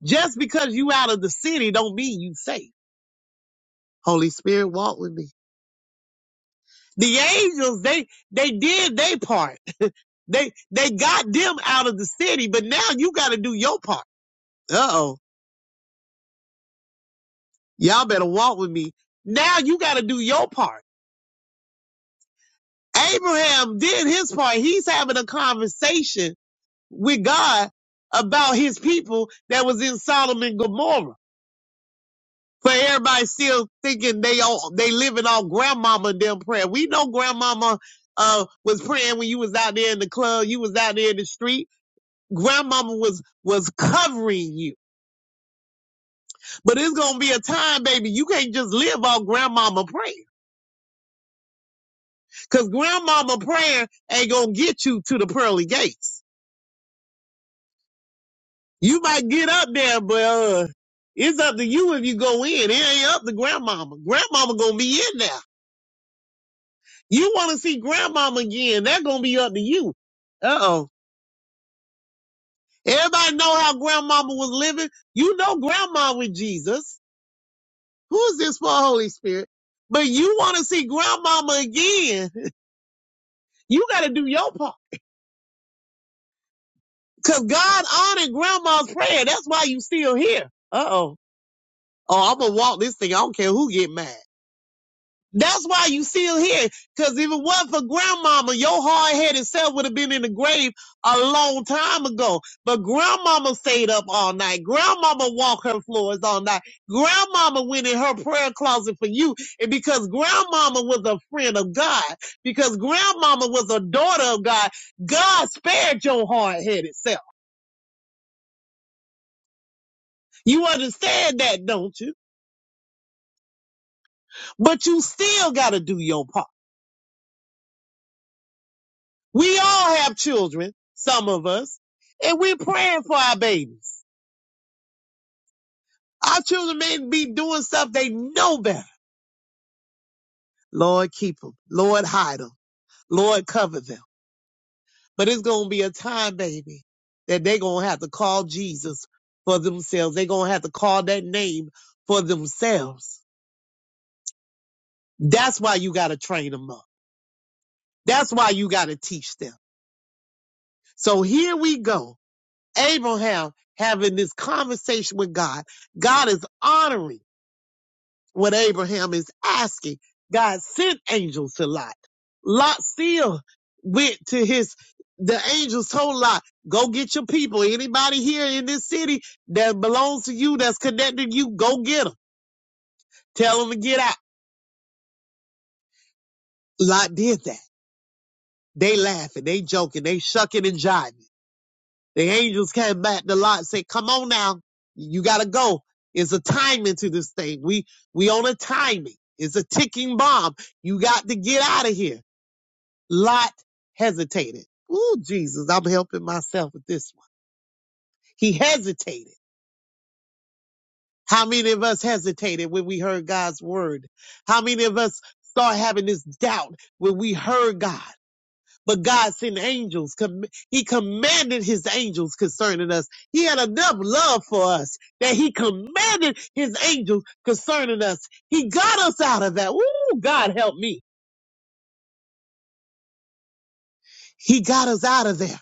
F: Just because you out of the city don't mean you safe. Holy Spirit, walk with me. The angels, they, they did their part. (laughs) They they got them out of the city, but now you got to do your part. Uh oh. Y'all better walk with me. Now you got to do your part. Abraham did his part. He's having a conversation with God about his people that was in Sodom and Gomorrah. For everybody still thinking they all they living on grandmama and them prayer. We know grandmama uh was praying when you was out there in the club, you was out there in the street. Grandmama was was covering you. But it's gonna be a time, baby, you can't just live on grandmama prayer. Cause grandmama prayer ain't gonna get you to the pearly gates. You might get up there, but uh, it's up to you if you go in. It ain't up to grandmama. Grandmama gonna be in there. You wanna see grandmama again, that gonna be up to you. Uh oh. Everybody know how grandmama was living. You know grandma with Jesus. Who is this for Holy Spirit? But you wanna see grandmama again. You gotta do your part. Cause God honored grandma's prayer. That's why you still here. Uh oh. Oh, I'm gonna walk this thing. I don't care who get mad. That's why you still here. Cause if it wasn't for grandmama, your hard headed self would have been in the grave a long time ago. But grandmama stayed up all night. Grandmama walked her floors all night. Grandmama went in her prayer closet for you. And because grandmama was a friend of God, because grandmama was a daughter of God, God spared your hard headed self. You understand that, don't you? But you still gotta do your part. We all have children, some of us, and we're praying for our babies. Our children may be doing stuff they know better. Lord, keep them. Lord, hide them. Lord, cover them. But it's going to be a time, baby, that they're going to have to call Jesus for themselves. They're going to have to call that name for themselves. That's why you got to train them up. That's why you got to teach them. So here we go. Abraham having this conversation with God. God is honoring. what Abraham is asking. God sent angels to Lot. Lot still went to his, the angels told Lot, go get your people. Anybody here in this city that belongs to you, that's connected to you, go get them. Tell them to get out. Lot did that. They laughing, they joking, they shucking and jiving. The angels came back to Lot and said, come on now. You gotta go. It's a timing to this thing. We, we on a timing. It's a ticking bomb. You got to get out of here. Lot hesitated. Ooh, Jesus, I'm helping myself with this one. He hesitated. How many of us hesitated when we heard God's word? How many of us start having this doubt when we heard God? But God sent angels. Com- he commanded his angels concerning us. He had enough love for us that he commanded his angels concerning us. He got us out of that. Ooh, God help me. He got us out of there.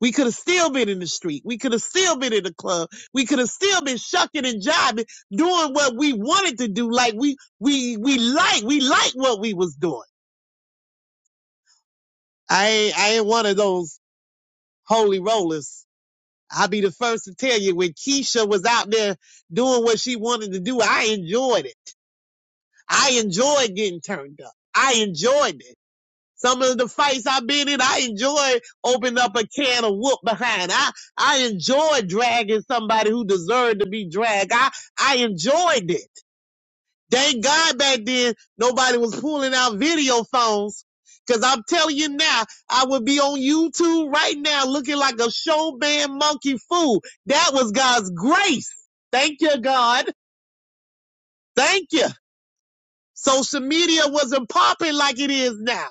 F: We could have still been in the street. We could have still been in the club. We could have still been shucking and jiving, doing what we wanted to do. Like we, we, we like, we like what we was doing. I ain't, I ain't one of those holy rollers. I'll be the first to tell you when Keisha was out there doing what she wanted to do, I enjoyed it. I enjoyed getting turned up. I enjoyed it. Some of the fights I've been in, I enjoy opening up a can of whoop behind. I, I enjoy dragging somebody who deserved to be dragged. I, I enjoyed it. Thank God back then nobody was pulling out video phones. Cause I'm telling you now, I would be on YouTube right now looking like a show band monkey fool. That was God's grace. Thank you, God. Thank you. Social media wasn't popping like it is now.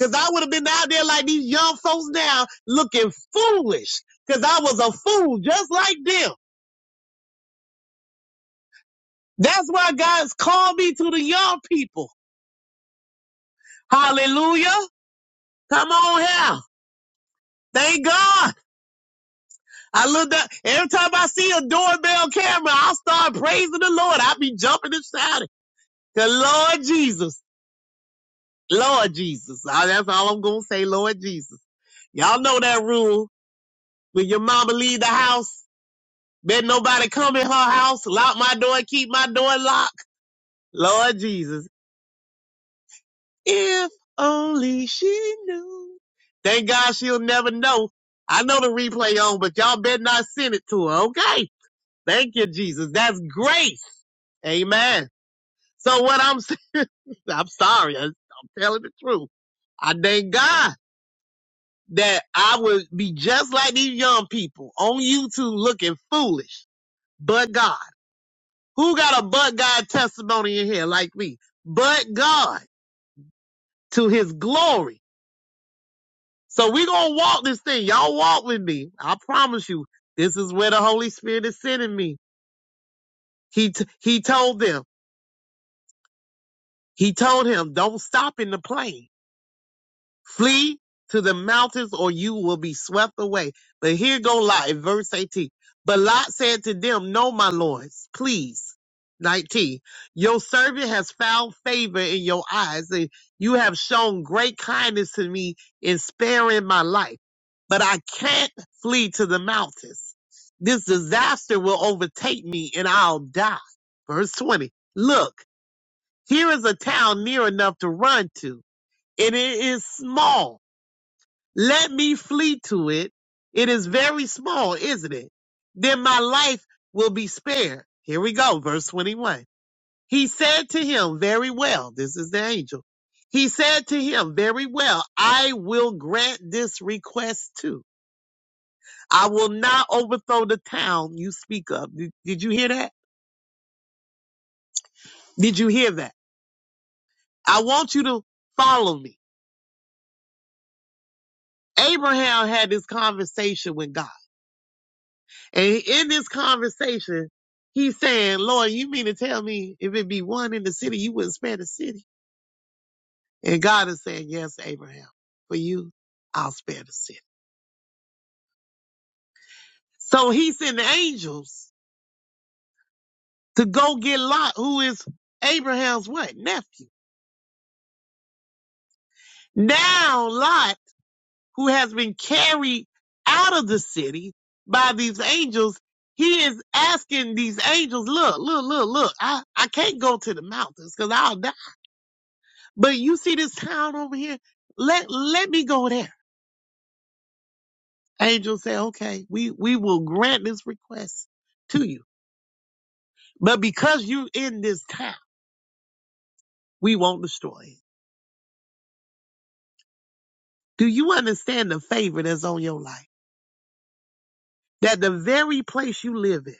F: Cause I would have been out there like these young folks now looking foolish. Cause I was a fool just like them. That's why God's called me to the young people. Hallelujah. Come on here. Thank God. I look up every time I see a doorbell camera, I start praising the Lord. I be jumping and shouting. The Lord Jesus. Lord Jesus. Ah, That's all I'm gonna say, Lord Jesus. Y'all know that rule. When your mama leave the house, Bet nobody come in her house, lock my door, and keep my door locked. Lord Jesus. If only she knew. Thank God she'll never know. I know the replay on, but y'all better not send it to her, okay? Thank you, Jesus. That's grace. Amen. So what I'm saying, (laughs) I'm sorry. I- I'm telling the truth. I thank God that I would be just like these young people on YouTube looking foolish, but God. Who got a but God testimony in here like me? But God to his glory. So we going to walk this thing. Y'all walk with me. I promise you, this is where the Holy Spirit is sending me. He, t- he told them, he told him, don't stop in the plane. Flee to the mountains or you will be swept away. But here go Lot in verse 18. But Lot said to them, No, my lords, please. 19. Your servant has found favor in your eyes, and you have shown great kindness to me in sparing my life. But I can't flee to the mountains. This disaster will overtake me and I'll die. Verse 20. Look, here is a town near enough to run to, and it is small let me flee to it. It is very small, isn't it? Then my life will be spared. Here we go, verse 21. He said to him, Very well, this is the angel. He said to him, Very well, I will grant this request too. I will not overthrow the town you speak of. Did, did you hear that? Did you hear that? I want you to follow me. Abraham had this conversation with God. And in this conversation, he's saying, Lord, you mean to tell me if it be one in the city, you wouldn't spare the city? And God is saying, yes, Abraham, for you, I'll spare the city. So he sent angels to go get Lot, who is Abraham's what? Nephew. Now Lot, who has been carried out of the city by these angels, he is asking these angels, look, look, look, look, I, I can't go to the mountains because I'll die. But you see this town over here? Let let me go there. Angel said, Okay, we, we will grant this request to you. But because you're in this town, we won't destroy it. Do you understand the favor that's on your life? That the very place you live in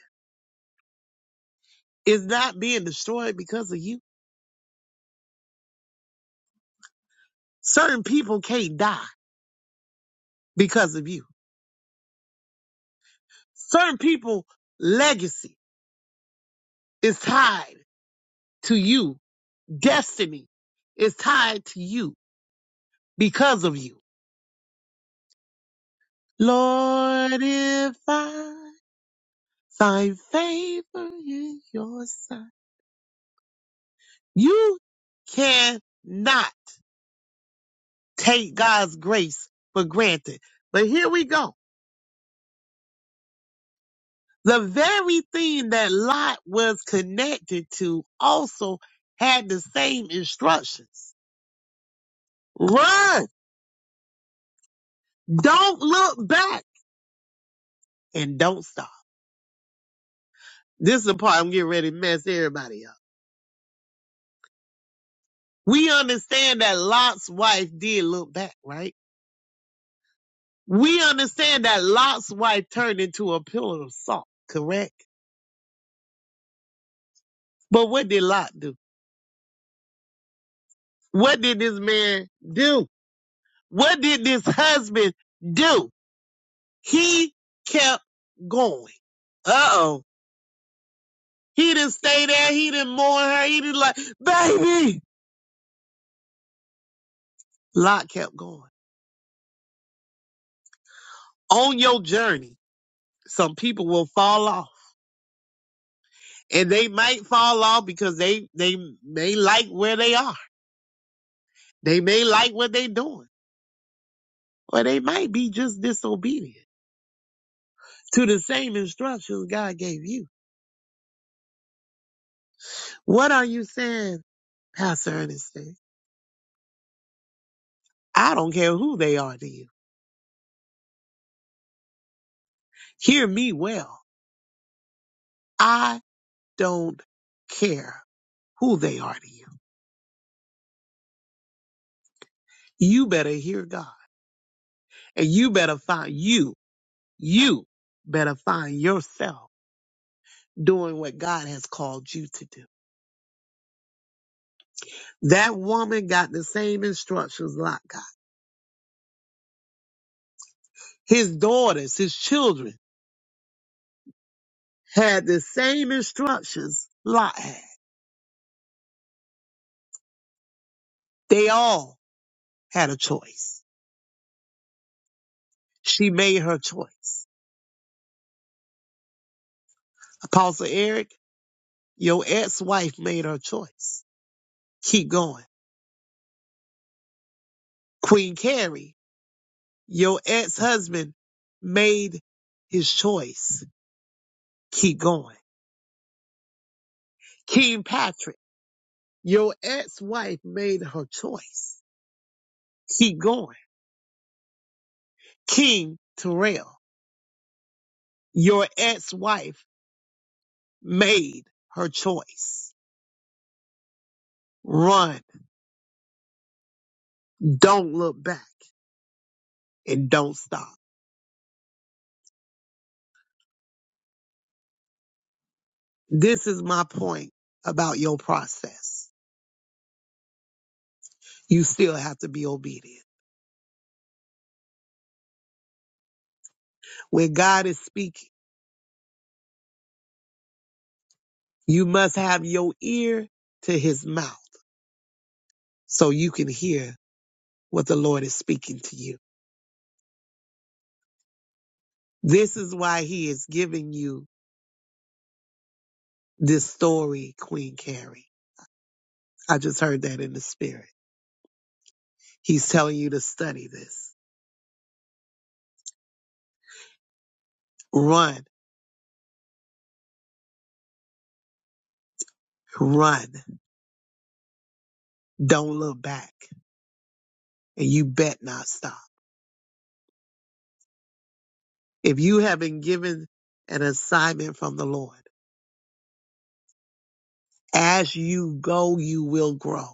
F: is not being destroyed because of you. Certain people can't die because of you. Certain people legacy is tied to you. Destiny is tied to you because of you. Lord, if I find favor in your sight, you cannot take God's grace for granted. But here we go. The very thing that Lot was connected to also had the same instructions. Run! Don't look back and don't stop. This is the part I'm getting ready to mess everybody up. We understand that Lot's wife did look back, right? We understand that Lot's wife turned into a pillar of salt, correct? But what did Lot do? What did this man do? What did this husband do? He kept going. Uh oh. He didn't stay there. He didn't mourn her. He didn't like, baby. Lot kept going. On your journey, some people will fall off. And they might fall off because they, they may like where they are. They may like what they're doing. Or they might be just disobedient to the same instructions God gave you. What are you saying, Pastor Ernestine? I don't care who they are to you. Hear me well. I don't care who they are to you. You better hear God and you better find you, you better find yourself doing what God has called you to do. That woman got the same instructions Lot got. His daughters, his children had the same instructions Lot had. They all had a choice She made her choice. Apostle Eric, your ex-wife made her choice. Keep going. Queen Carrie, your ex-husband made his choice. Keep going. King Patrick, your ex-wife made her choice. Keep going. King Terrell, your ex-wife made her choice. Run. Don't look back and don't stop. This is my point about your process. you still have to be obedient. When God is speaking, you must have your ear to his mouth so you can hear what the Lord is speaking to you. This is why he is giving you this story, Queen Carrie. I just heard that in the spirit. He's telling you to study this. Run, run. Don't look back. And you bet not stop. If you have been given an assignment from the Lord, as you go, you will grow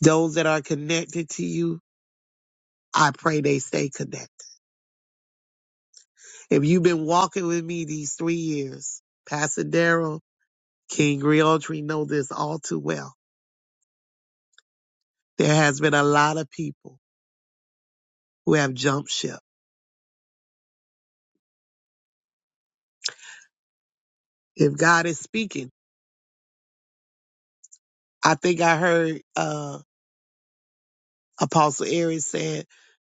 F: Those that are connected to you, I pray they stay connected. If you've been walking with me these three years, Pastor Darrell, King Realtree know this all too well. There has been a lot of people who have jumped ship. If God is speaking, I think I heard uh, Apostle Aries said,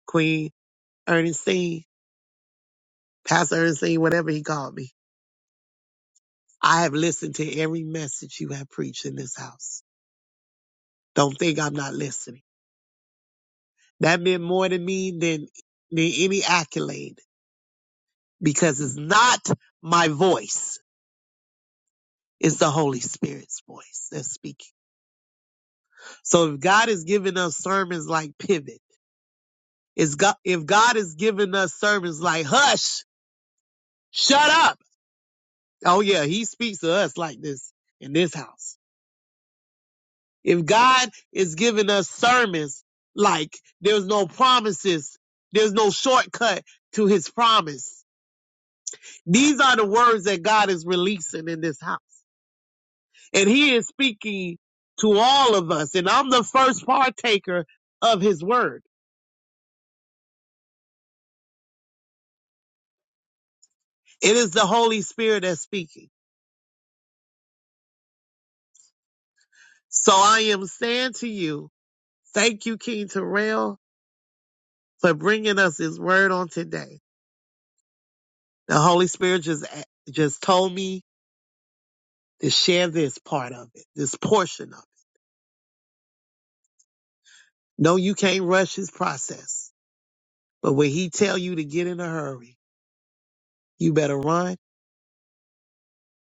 F: Queen Ernestine, Pastor Ernestine, whatever he called me. I have listened to every message you have preached in this house. Don't think I'm not listening. That meant more to me than than any accolade because it's not my voice. It's the Holy Spirit's voice that's speaking. So if God is giving us sermons like pivot, is God if God is giving us sermons like hush, shut up. Oh yeah, he speaks to us like this in this house. If God is giving us sermons like there's no promises, there's no shortcut to his promise. These are the words that God is releasing in this house. and he is speaking to all of us and i'm the first partaker of his word it is the holy spirit that's speaking so i am saying to you thank you king terrell for bringing us his word on today the holy spirit just just told me to share this part of it this portion of it no you can't rush his process but when he tell you to get in a hurry you better run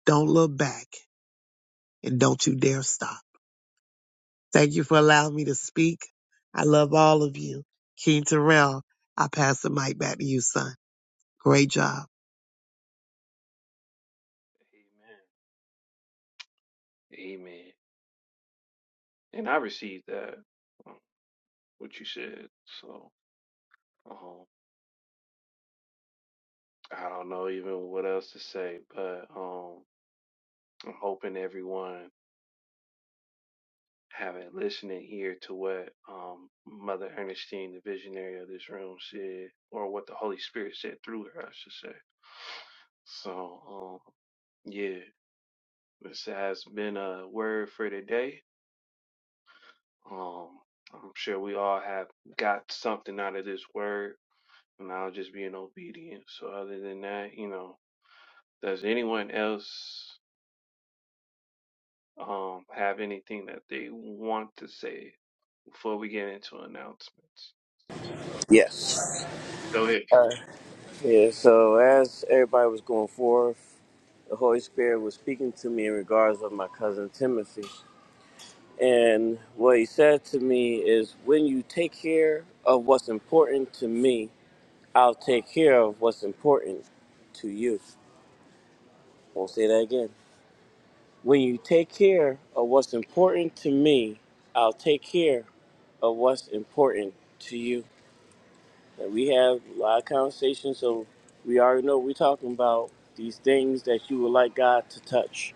F: don't look back and don't you dare stop Thank you for allowing me to speak. I love all of you. King Terrell, I pass the mic back to you, son. Great job.
A: Amen. Amen. And I received that, um, what you said. So um, I don't know even what else to say, but um, I'm hoping everyone having listening here to what um, Mother Ernestine, the visionary of this room, said, or what the Holy Spirit said through her, I should say. So um, yeah, this has been a word for today. Um, I'm sure we all have got something out of this word and I was just being obedient. So other than that, you know, does anyone else um have anything that they want to say before we get into announcements?
C: Yes.
A: Go ahead.
C: Yeah, so as everybody was going forth, the Holy Spirit was speaking to me in regards of my cousin Timothy. And what he said to me is, when you take care of what's important to me, I'll take care of what's important to you. i will say that again. When you take care of what's important to me, I'll take care of what's important to you. And we have a lot of conversations, so we already know we're talking about these things that you would like God to touch,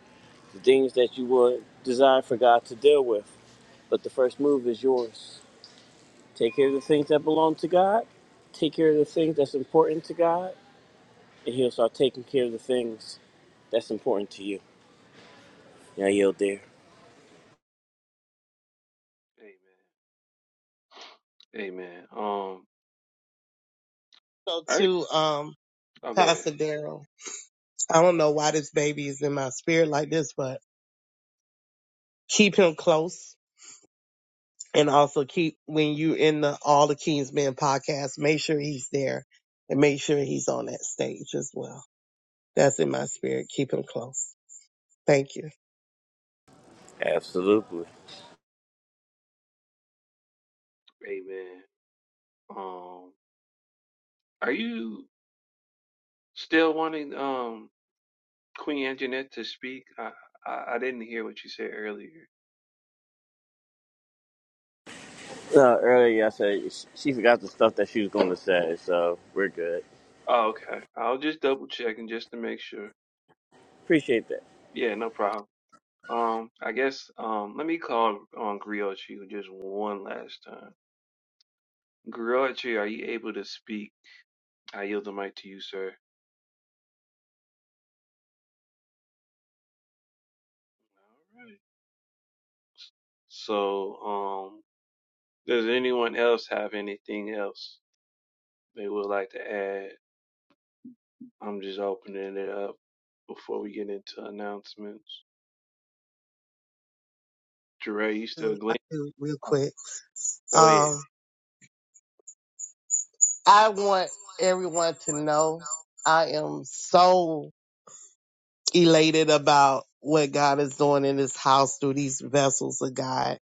C: the things that you would desire for God to deal with. But the first move is yours. Take care of the things that belong to God, take care of the things that's important to God, and He'll start taking care of the things that's important to you. Yeah, yield there.
A: Amen. Amen. Um,
F: So
A: I
F: to um,
A: I'll go ahead.
F: Pastor Daryl, I don't know why this baby is in my spirit like this, but keep him close and also keep when you in the All the King's Men podcast, make sure he's there and make sure he's on that stage as well. That's in my spirit. Keep him close. Thank you.
C: Absolutely.
A: Amen. Um, are you still wanting um Queen Anjanette to speak? I, I I didn't hear what you said earlier.
C: No, earlier I said sh- she forgot the stuff that she was going to say, so we're good.
A: Oh, okay. I'll just double check and just to make sure.
C: Appreciate that.
A: Yeah, no problem. Um, I guess um, let me call on Griochi just one last time. Griochi, are you able to speak? I yield the mic to you, sir. All right. So, um, does anyone else have anything else they would like to add? I'm just opening it up before we get into announcements. Jure, you still
F: I
A: gleam?
F: do real quick.
A: Go ahead.
F: Um. I want everyone to know I am so elated about what God is doing in this house through these vessels of God.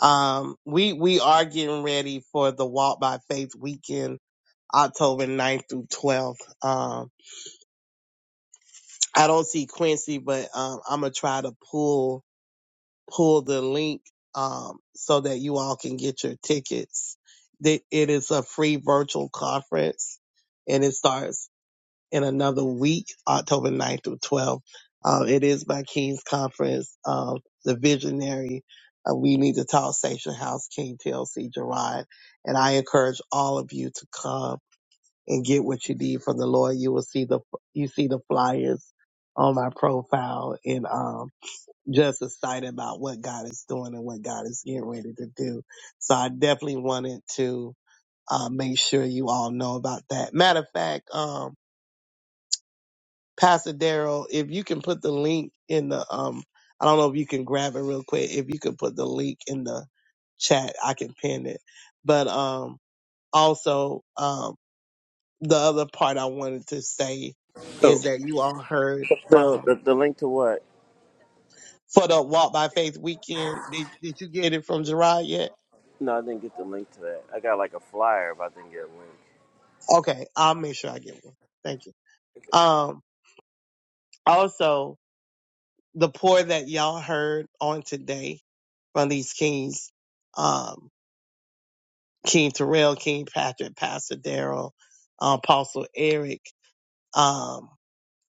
F: Um, we we are getting ready for the Walk by Faith weekend, October ninth through 12th. Um, I don't see Quincy, but um, I'm gonna try to pull pull the link um, so that you all can get your tickets. That it is a free virtual conference, and it starts in another week, October ninth through 12th. Uh, it is by King's Conference, uh, the visionary. Uh, we need to talk Station House King TLC Gerard. And I encourage all of you to come and get what you need from the Lord. You will see the, you see the flyers on my profile and, um, just excited about what God is doing and what God is getting ready to do. So I definitely wanted to, uh, make sure you all know about that. Matter of fact, um, Pastor Daryl, if you can put the link in the um, I don't know if you can grab it real quick. If you could put the link in the chat, I can pin it. But um, also um, the other part I wanted to say
C: So,
F: is that you all heard
C: so
F: from
C: the, the link to what?
F: for the Walk by Faith weekend. Did Did you get it from Gerard yet?
C: No, I didn't get the link to that. I got like a flyer, but I didn't get a
F: Okay, I'll make sure I get one. Thank you.
C: link.
F: Um, also the pour that y'all heard on today from these kings. Um, King Terrell, King Patrick, Pastor Daryl, uh, Apostle Eric, um,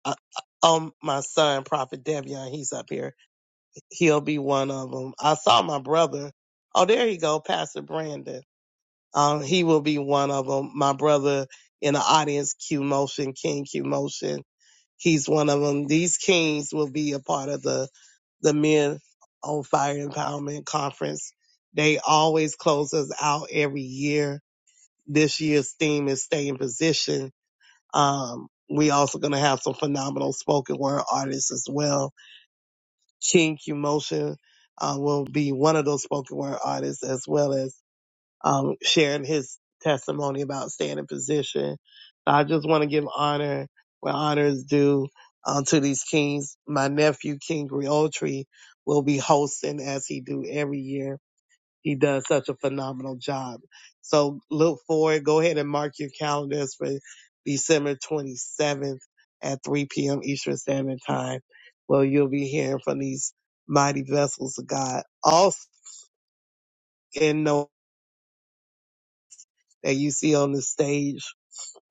F: uh, uh, um, my son, Prophet Devion, he's up here. He'll be one of them. I saw my brother. Oh, there you go, Pastor Brandon. Um, he will be one of them. My brother in the audience, Q Motion, King Q Motion. He's one of them. These kings will be a part of the, the Men on Fire Empowerment Conference. They always close us out every year this year's theme is stay in position. Um, we also going to have some phenomenal spoken word artists as well. King Q Motion uh, will be one of those spoken word artists as well as um, sharing his testimony about staying in position. So I just want to give honor where honor is due um, to these kings. My nephew, King Griotri, will be hosting as he do every year he does such a phenomenal job. So look forward. Go ahead and mark your calendars for December 27th at 3 p.m. Eastern Standard Time. Well, you'll be hearing from these mighty vessels of God. Also, and know that you see on the stage,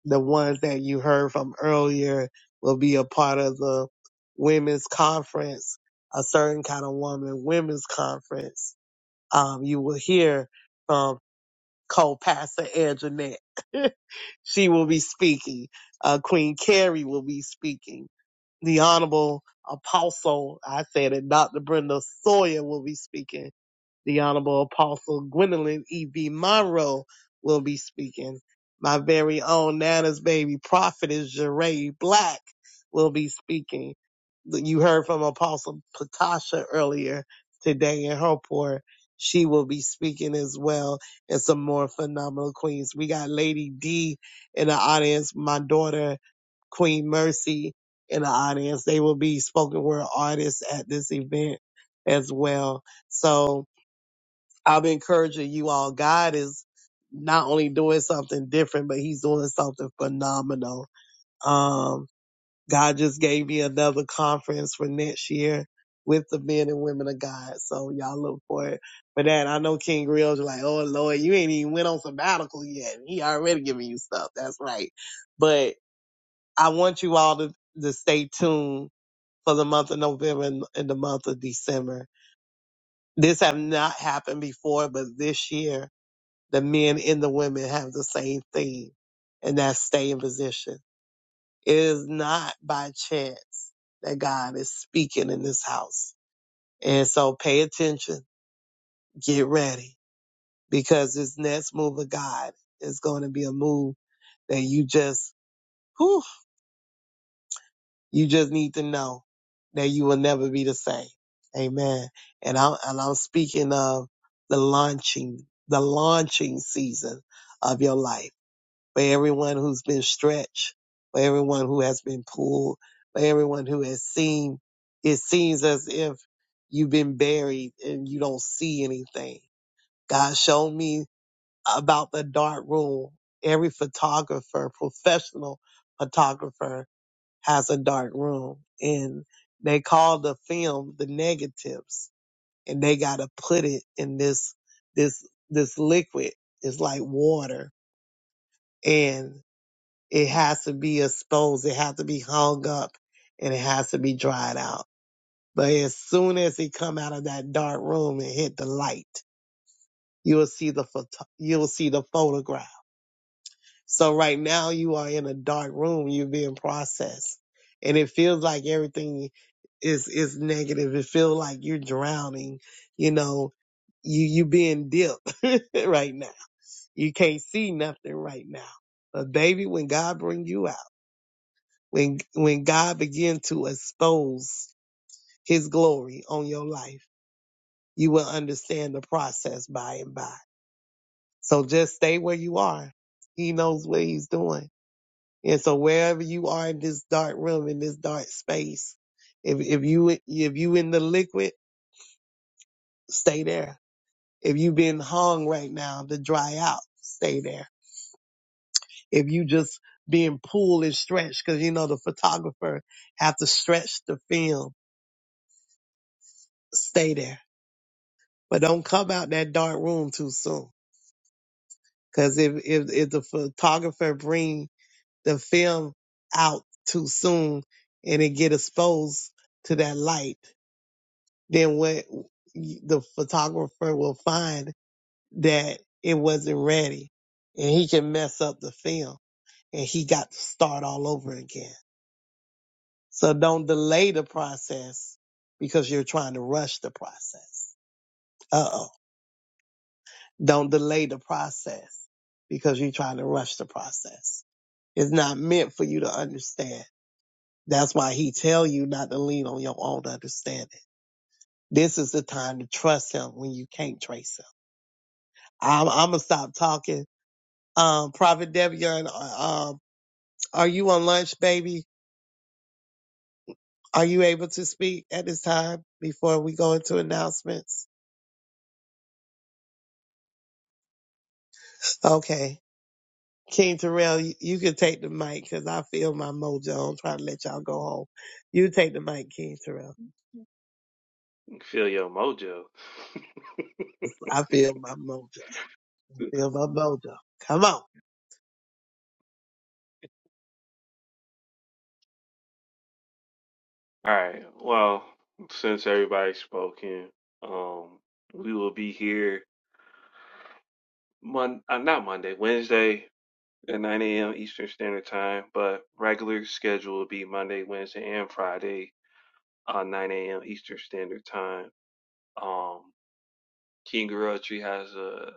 F: the ones that you heard from earlier will be a part of the women's conference, a certain kind of woman women's conference. Um, you will hear from co-pastor Anjanette. (laughs) She will be speaking. Uh, Queen Carrie will be speaking. The Honorable Apostle, I said it, Dr. Brenda Sawyer will be speaking. The Honorable Apostle Gwendolyn E.B. Monroe will be speaking. My very own Nana's baby prophetess Jeray Black will be speaking. You heard from Apostle Patasha earlier today in her port. She will be speaking as well and some more phenomenal queens. We got Lady D in the audience, my daughter, Queen Mercy in the audience. They will be spoken word artists at this event as well. So I'm encouraging you all. God is not only doing something different, but he's doing something phenomenal. Um, God just gave me another conference for next year with the men and women of God. So y'all look for it. But that I know King Real's like, oh Lord, you ain't even went on sabbatical yet. He already giving you stuff. That's right. But I want you all to, to stay tuned for the month of November and, and the month of December. This have not happened before, but this year the men and the women have the same thing, and that's stay in position. It is not by chance that God is speaking in this house. And so pay attention, get ready, because this next move of God is going to be a move that you just, whew, you just need to know that you will never be the same. Amen. And I'm, and I'm speaking of the launching, the launching season of your life for everyone who's been stretched, for everyone who has been pulled, for everyone who has seen. It seems as if you've been buried and you don't see anything. God showed me about the dark room. Every photographer, professional photographer, has a dark room, and they call the film the negatives, and they got to put it in this this this liquid. It's like water, and it has to be exposed. It has to be hung up and it has to be dried out. But as soon as it come out of that dark room and hit the light, you will see the photo- you will see the photograph. So right now you are in a dark room. You're being processed, and it feels like everything is is negative. It feels like you're drowning. You know, you you being dipped (laughs) right now. You can't see nothing right now. But baby, when God bring you out. When when God begin to expose his glory on your life, you will understand the process by and by. So just stay where you are. He knows what he's doing. And so wherever you are in this dark room, in this dark space, if if you if you in the liquid, stay there. If you been hung right now to dry out, stay there. If you just being pulled and stretched, because you know the photographer have to stretch the film, stay there but don't come out that dark room too soon. Cause if, if, if the photographer bring the film out too soon and it get exposed to that light, then what the photographer will find that it wasn't ready and he can mess up the film and he got to start all over again. So don't delay the process because you're trying to rush the process. Uh oh. Don't delay the process because you're trying to rush the process. It's not meant for you to understand. That's why he tell you not to lean on your own understanding. This is the time to trust him when you can't trace him. I'm, I'm gonna stop talking. Um, Prophet Devion, uh, um, are you on lunch, baby? Are you able to speak at this time before we go into announcements? Okay. King Terrell, you, you can take the mic because I feel my mojo. I'm trying to let y'all go home. You take the mic, King Terrell.
A: Feel your mojo.
F: I feel my mojo.
A: (laughs) All
F: Feel my mojo. Come on.
A: right. Well, since everybody's spoken, um, we will be here Mon uh, not Monday, Wednesday at 9 a.m. Eastern Standard Time, but regular schedule will be Monday, Wednesday, and Friday, uh, 9 a.m. Eastern Standard Time. Um, King Tree has a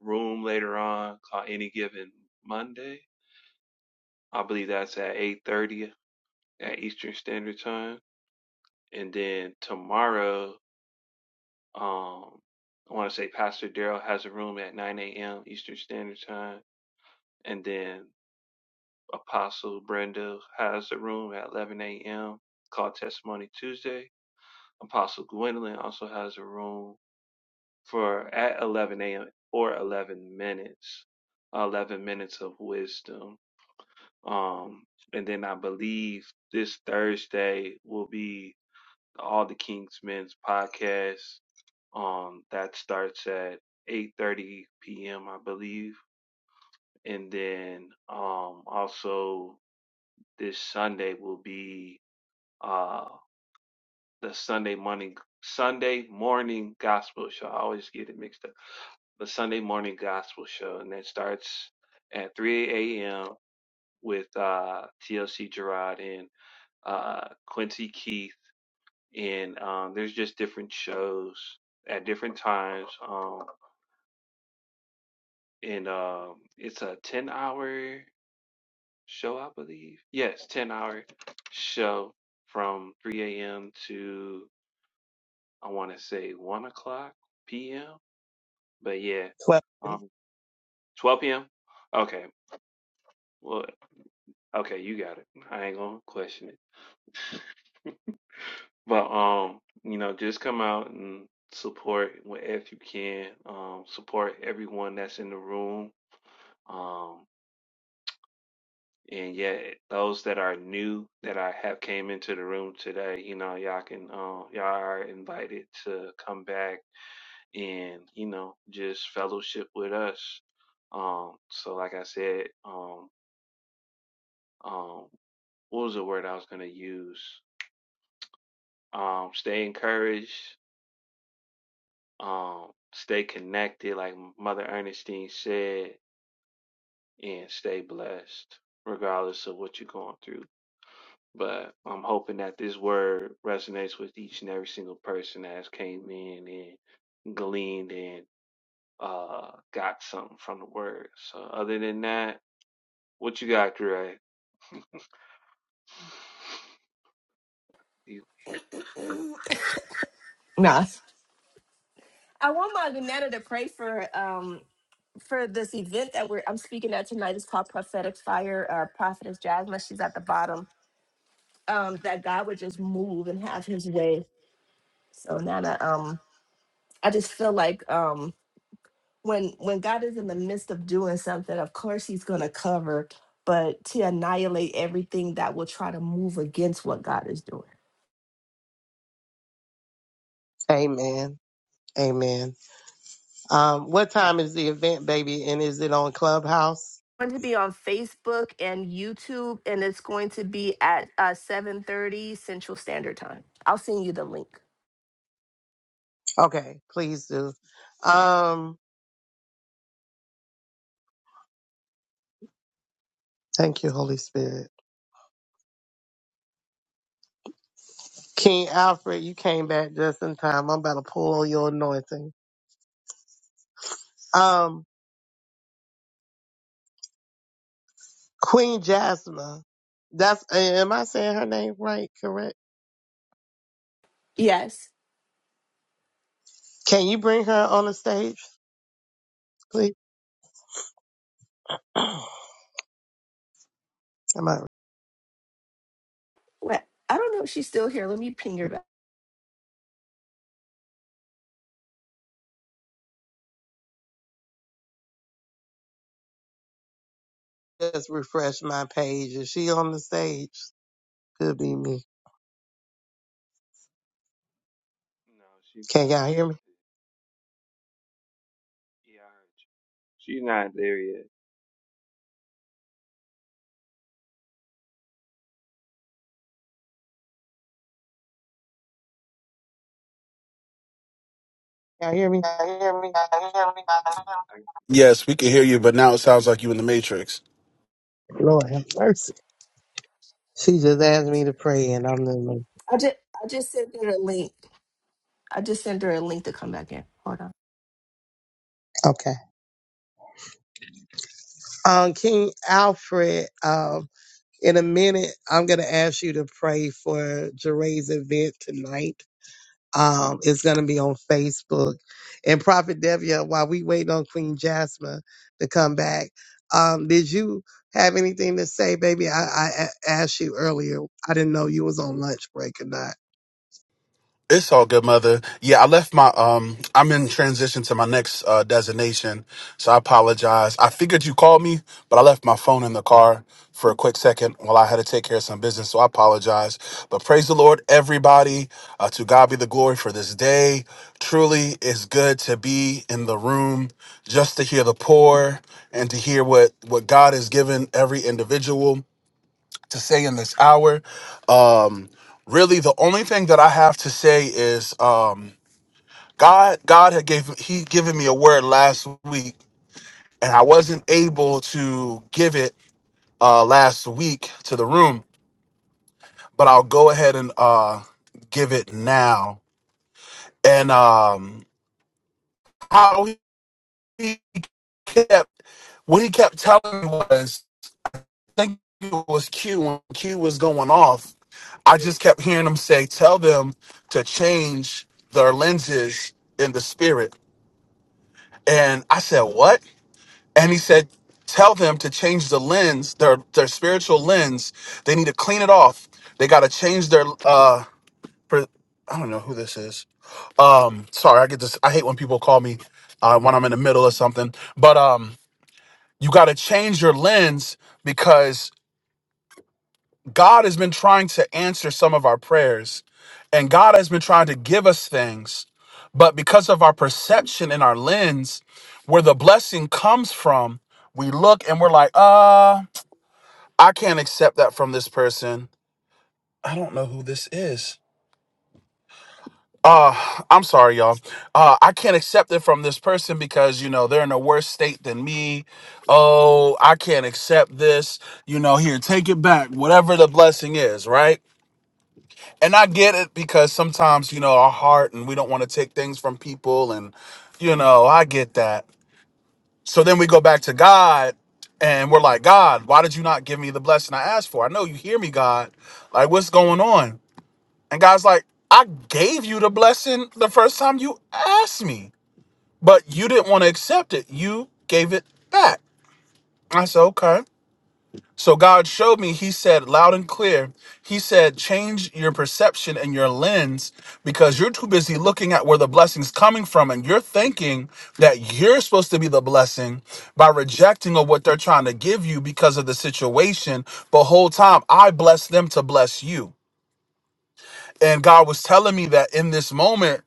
A: room later on called Any Given Monday. I believe that's at 8:30 at Eastern Standard Time, and then tomorrow, um, I want to say Pastor Daryl has a room at 9 a.m. Eastern Standard Time, and then Apostle Brenda has a room at 11 a.m. called Testimony Tuesday. Apostle Gwendolyn also has a room for at 11 a.m. or 11 minutes, 11 minutes of wisdom. Um, and then I believe this Thursday will be all the King's Men's podcast. Um, that starts at 8:30 p.m. I believe, and then um also this Sunday will be uh, the Sunday morning Sunday morning gospel show. I always get it mixed up. The Sunday morning gospel show, and that starts at 3 a.m. with uh, TLC Gerard and uh, Quincy Keith, and um, there's just different shows at different times. Um, and um, it's a 10 hour show, I believe. Yes, 10 hour show from 3 a.m. to I want to say 1 o'clock p.m But yeah,
F: 1230.
A: um, 12 p.m. Okay, well, okay, you got it. I ain't gonna question it. But um, you know, just come out and support wh- if you can. Um, support everyone that's in the room. Um, and yeah, those that are new that I have came into the room today, you know, y'all can uh, y'all are invited to come back and you know just fellowship with us. Um, so like I said, um. um, what was the word I was gonna use? Um, stay encouraged, um, stay connected, like Mother Ernestine said, and stay blessed, regardless of what you're going through. But I'm hoping that this word resonates with each and every single person that has came in and gleaned and uh got something from the word. So other than that, what you got, Gray? (sighs) You,
O: Nah. I want my Nana to pray for. um. for this event that we're I'm speaking at tonight is called Prophetic Fire. Uh, Prophetess Jasmine, like, she's at the bottom. Um, that God would just move and have His way. So Nana, um, I just feel like um, when when God is in the midst of doing something, of course He's going to cover, but to annihilate everything that will try to move against what God is doing.
F: Amen. Amen. Um, what time is the event, baby? And is it on Clubhouse?
O: Going to be on Facebook and YouTube, and it's going to be at uh, 7:30 Central Standard Time. I'll send you the link.
F: Okay, please do. Um, thank you, Holy Spirit. King Alfred, you came back just in time. I'm about to pull on your anointing. Um, Queen Jasmine, that's, am I saying her name right? Correct?
O: Yes.
F: Can you bring her on the stage, please? (clears throat) I might
O: Well, I don't know if she's still here. Let me ping her back.
F: just refresh my page. Is she on the stage? Could be me.
A: no, she's not
F: Can
A: on
F: y'all hear me?
A: this. Yeah, I heard you. She's not there yet.
D: Y'all hear me?
A: I,
P: Yes, we can hear you, but now it sounds like you in the matrix.
D: Lord have mercy. She just asked me to pray, and I'm in the
O: I just I just sent her a link. I just sent her a link to come back in. Hold
D: okay. Um, King Alfred. Um, in a minute, I'm gonna ask you to pray for Jeray's event tonight. Um, it's gonna be on Facebook. And Prophet Devia, while we wait on Queen Jasmine to come back, um, did you have anything to say, baby? I, I a- asked you earlier. I didn't know you was on lunch break or not.
P: It's all good, mother. Yeah, I left my um I'm in transition to my next uh designation, so I apologize. I figured you called me, but I left my phone in the car for a quick second while I had to take care of some business, so I apologize. But praise the Lord, everybody. Uh, to God be the glory for this day. Truly, it's good to be in the room just to hear the poor and to hear what what God has given every individual. to say in this hour. Um, really, the only thing that I have to say is um, God. God had gave He given me a word last week, and I wasn't able to give it uh, last week to the room, but I'll go ahead and uh, give it now. And um, how He kept what He kept telling me was think it was Q when Q was going off. I
A: Hey.
P: just kept hearing him say, "Tell them to change their lenses in the spirit." And I said, "What?" And he said, "Tell them to change the lens, their their spiritual lens. They need to clean it off. They got to change their uh." per- I don't know who this is. Um, sorry, I get this. I hate when people call me uh, when I'm in the middle of something. But um, you got to change your lens because. God has been trying to answer some of our prayers, and God has been trying to give us things. But because of our perception and our lens, where the blessing comes from, we look and we're like, uh, I can't accept that from this person. I don't know who this is. Uh, I'm sorry, y'all. Uh, I can't accept it from this person because, you know, they're in a worse state than me. Oh, I can't accept this. You know, here, take it back, whatever the blessing is, right? and I get it because sometimes you know our heart and we don't want to take things from people and you know I get that. So then we go back to God and we're like, God, why did you not give me the blessing I asked for? I know you hear me, God. Like what's going on? And God's like, I gave you the blessing the first time you asked me, but you didn't want to accept it. You gave it back. I said, okay. So God showed me, He said loud and clear, He said, change your perception and your lens because you're too busy looking at where the blessing's coming from. And you're thinking that you're supposed to be the blessing by rejecting of what they're trying to give you because of the situation. But whole time, I bless them to bless you. And God was telling me that in this moment,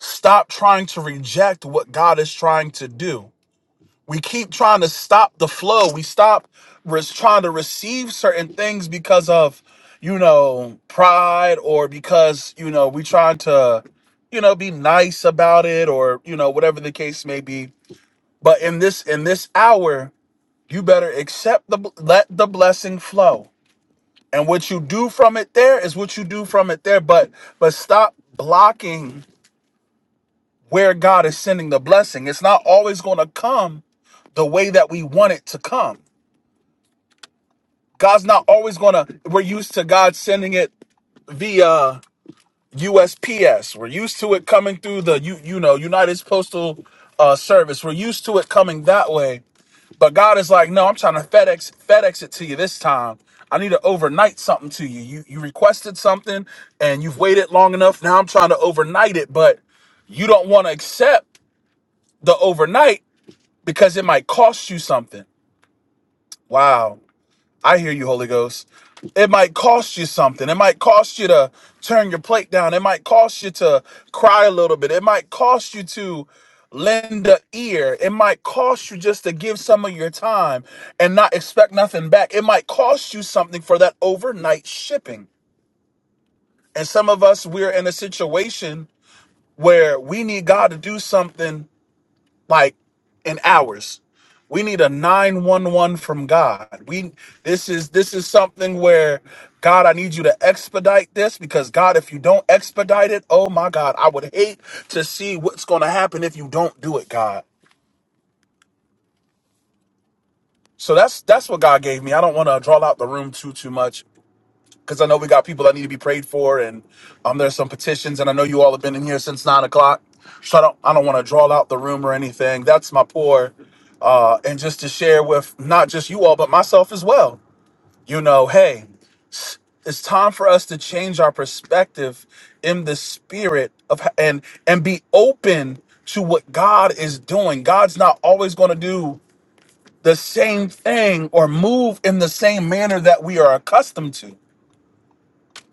P: stop trying to reject what God is trying to do we keep trying to stop the flow we stop res- trying to receive certain things because of you know pride or because you know we try to you know be nice about it or you know whatever the case may be but in this in this hour you better accept the let the blessing flow and what you do from it there is what you do from it there but but stop blocking where god is sending the blessing it's not always going to come the way that we want it to come God's not always gonna. We're used to God sending it via USPS. We're used to it coming through the you you know United Postal uh, Service. We're used to it coming that way. But God is like, no, I'm trying to FedEx FedEx it to you this time. I need to overnight something to you. You you requested something and you've waited long enough. Now I'm trying to overnight it, but you don't want to accept the overnight because it might cost you something. Wow. I hear you, Holy Ghost. It might cost you something. It might cost you to turn your plate down. It might cost you to cry a little bit. It might cost you to lend an ear. It might cost you just to give some of your time and not expect nothing back. It might cost you something for that overnight shipping. And some of us, we're in a situation where we need God to do something like in hours. We need a 911 from God. We this is this is something where God, I need you to expedite this because God, if you don't expedite it, oh my God, I would hate to see what's going to happen if you don't do it, God. So that's that's what God gave me. I don't want to draw out the room too too much because I know we got people that need to be prayed for, and um, there's some petitions, and I know you all have been in here since nine o'clock. So I don't I don't want to draw out the room or anything. That's my pour. uh, and just to share with not just you all, but myself as well. You know, hey, it's time for us to change our perspective in the spirit of and and be open to what God is doing. God's not always going to do the same thing or move in the same manner that we are accustomed to.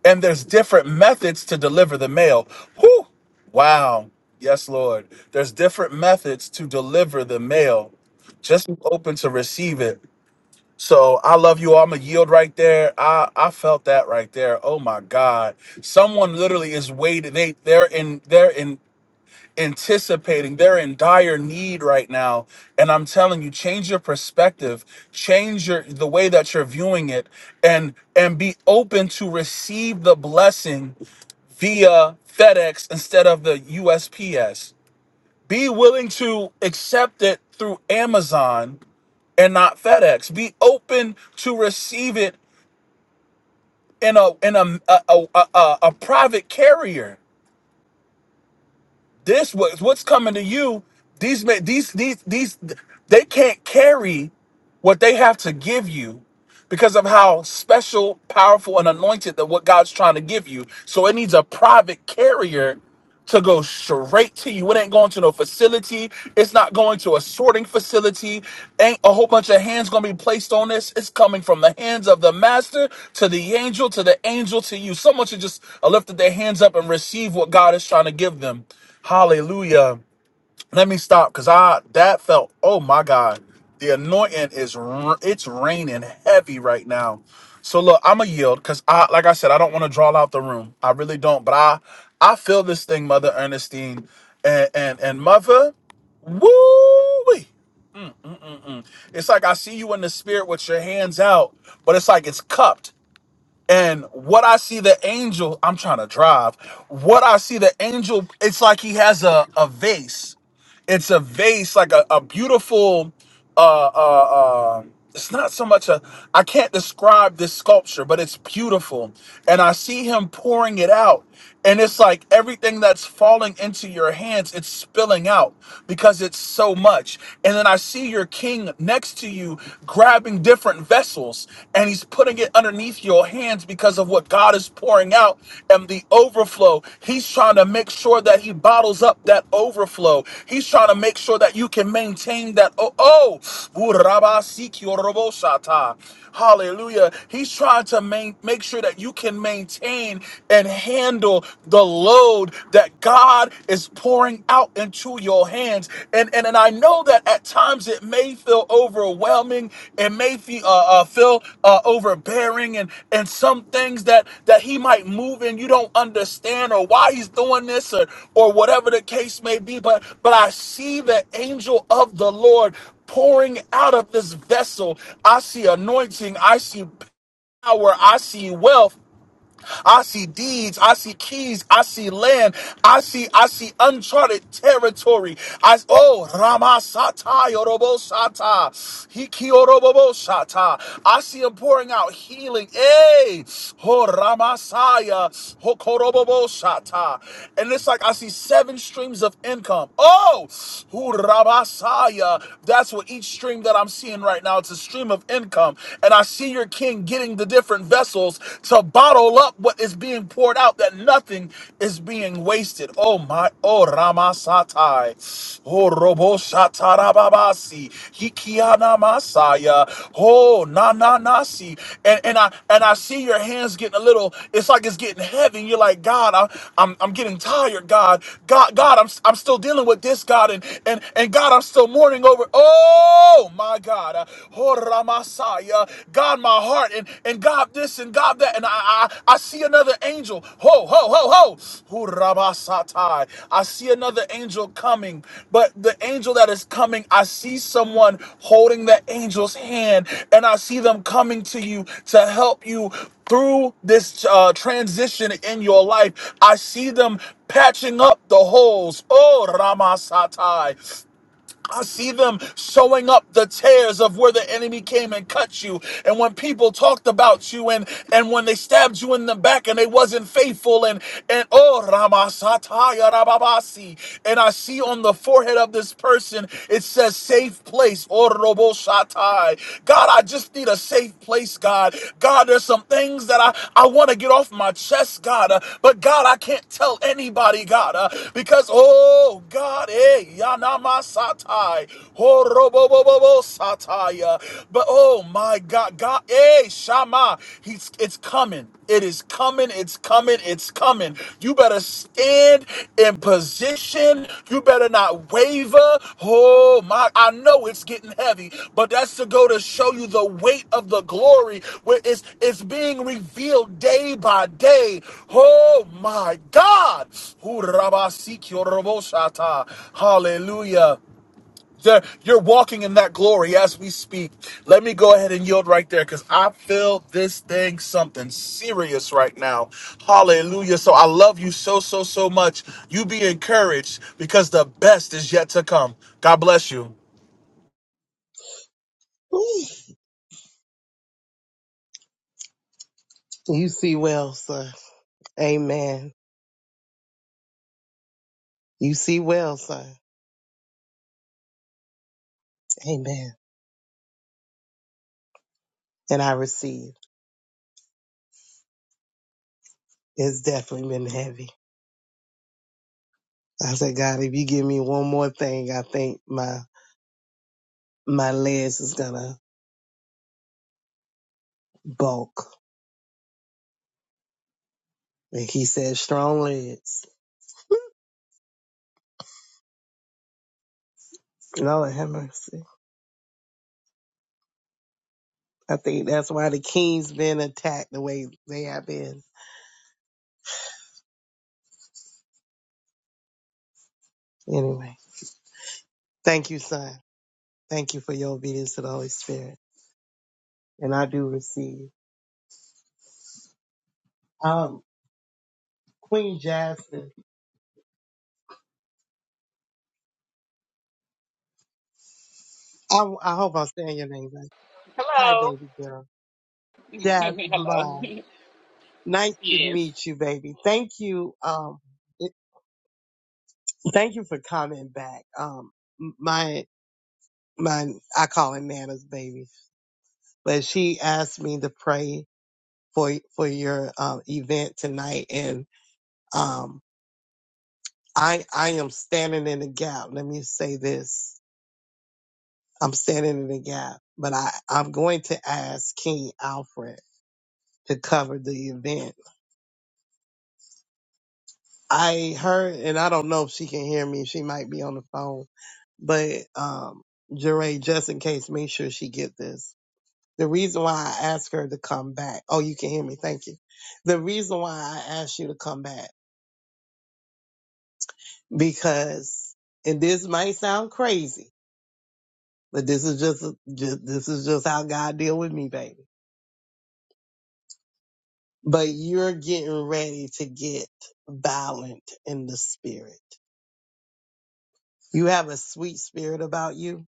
P: And there's different methods to deliver the mail. Whew. Wow. Yes, Lord. There's different methods to deliver the mail. Just be open to receive it So I love you all. I'm a yield right there. I I felt that right there. Oh my God! Someone literally is waiting. They they're in they're in anticipating. They're in dire need right now. And I'm telling you, change your perspective, change your the way that you're viewing it, and and be open to receive the blessing via FedEx instead of the USPS. Be willing to accept it through Amazon and not FedEx. Be open to receive it in a in a a, a, a, a private carrier. This was what's coming to you. These ma- these these these they can't carry what they have to give you because of how special, powerful, and anointed that what God's trying to give you. So it needs a private carrier to go straight to you. It ain't going to no facility. It's not going to a sorting facility. Ain't a whole bunch of hands going to be placed on this. It's coming from the hands of the master to the angel to the angel to you. Someone should just uh, lift their hands up and receive what God is trying to give them. Hallelujah let me stop because I that felt oh my god the anointing is r- it's raining heavy right now so look I'm a yield because I like I said I don't want to draw out the room I really don't but I I feel this thing Mother Ernestine and and and Mother woo it's like I see you in the spirit with your hands out but it's like it's cupped and what I see the angel, I'm trying to drive. What I see the angel, it's like he has a, a vase. It's a vase, like a, a beautiful uh, uh, uh, it's not so much a I can't describe this sculpture, but it's beautiful. And I see him pouring it out. And it's like everything that's falling into your hands, it's spilling out because it's so much. And then I see your king next to you grabbing different vessels and he's putting it underneath your hands because of what God is is pouring out and the overflow. He's trying to make sure that he bottles up that overflow. He's trying to make sure that you can maintain that. Oh, oh. Urabasikiorobosata. Hallelujah. He's trying to main, make sure that you can maintain and handle the load that God is pouring out into your hands and and and I know that at times it may feel overwhelming, it may feel uh, uh, feel uh, overbearing, and and some things that that he might move and you don't understand or why he's doing this or or whatever the case may be. But but I see the angel of the Lord pouring out of this vessel. I see anointing. I see power. I see wealth. I see deeds. I see keys. I see land. I see I see uncharted territory. I oh Ramasata Yorobo Sata Hikiorobo Sata. I see him pouring out healing. Hey, Ho Ramasaya Hokorobo Sata. And it's like I see seven streams of income. Oh, Hu Ramasaya. That's what each stream that I'm seeing right now. It's a stream of income. And I see your king in getting the different vessels to bottle up what is being poured out, that nothing is being wasted. Oh my, oh Ramasatai, oh Robo Shatarababasi, Hikiana Masaya, oh na na nasi. And and I and I see your hands getting a little, it's like it's getting heavy. You're like, God, I, I'm I'm getting tired, God. God, God, I'm I'm still dealing with this, God, and and and God, I'm still mourning over. Oh my God. God. Uh, Horamasaya. God, my heart, and, and God this and God that. And I, I, I see another angel. Ho, ho, ho, ho. Horabasatai. I see another angel coming. But the angel that is coming, I see someone holding the angel's hand, and I see them coming to you to help you through this uh, transition in your life. I see them patching up the holes. Oh, Ramasatai. I see them sewing up the tears of where the enemy came and cut you. And when people talked about you and, and when they stabbed you in the back and they wasn't faithful and and oh Ramasataya Rababasi. And I see on the forehead of this person it says safe place or Roboshatai. God, I just need a safe place, God. God, there's some things that I, I want to get off my chest, God. Uh, but God, I can't tell anybody, God, uh, because oh God, eh, Yanamasa satai. Horobobobo sataya. But oh my God, God, eh, Shama, he's it's coming. It is coming. It's coming. It's coming. You better stand in position. You better not waver. Oh my, I know it's getting heavy, but that's to go to show you the weight of the glory where it's it's being revealed day by day. Oh my God. Ooh, Hallelujah. There, you're walking in that glory as we speak. Let me go ahead and yield right there because I feel this thing something serious right now. Hallelujah. So I love you so, so, so much. You be encouraged because the best is yet to come. God bless you.
F: Ooh, You see well, sir. Amen. You see well, sir. Amen. And I receive. It's definitely been heavy. I said, God, if you give me one more thing, I think my my legs is gonna bulk. And he said, strong legs. Lord have mercy. I think that's why the kings been attacked the way they have been Anyway, thank you, son. Thank you for your obedience to the Holy Spirit. And I do receive. Um, Queen Jasmine. I, I hope I'm saying your name right. Hi,
Q: Hello.
F: baby girl.
Q: (laughs) Hello.
F: Jasmine. Nice
Q: (laughs)
F: to
Q: yes.
F: meet you, baby. Thank you. Um, it- thank you for coming back. Um, m- my, my, I call it Nana's baby, but she asked me to pray for, for your, um, event tonight. And, um, I, I am standing in the gap. Let me say this. I'm standing in the gap, but I, I'm going to ask King Alfred to cover the event. I heard, and I don't know if she can hear me. She might be on the phone, but, um, Jeray, just in case, make sure she get this. The reason why I asked her to come back. Oh, you can hear me. Thank you. The reason why I asked you to come back because, and this might sound crazy, but this is just, just this is just how God deal with me, baby but you're getting ready to get violent in the spirit. You have a sweet spirit about you,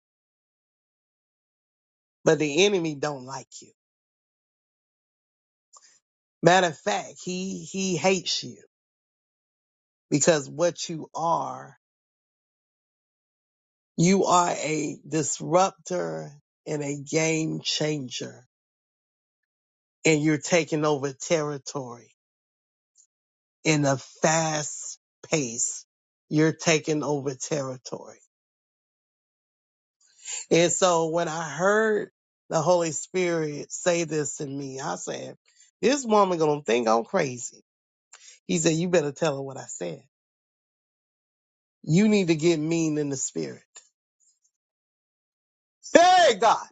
F: but the enemy don't like you. Matter of fact, he, he hates you because what you are, you are a disruptor and a game changer and you're taking over territory in a fast pace. You're taking over territory. And so when I heard the Holy Spirit say this to me, I said, this woman gonna think I'm crazy. He said, you better tell her what I said. You need to get mean in the spirit. Hey God,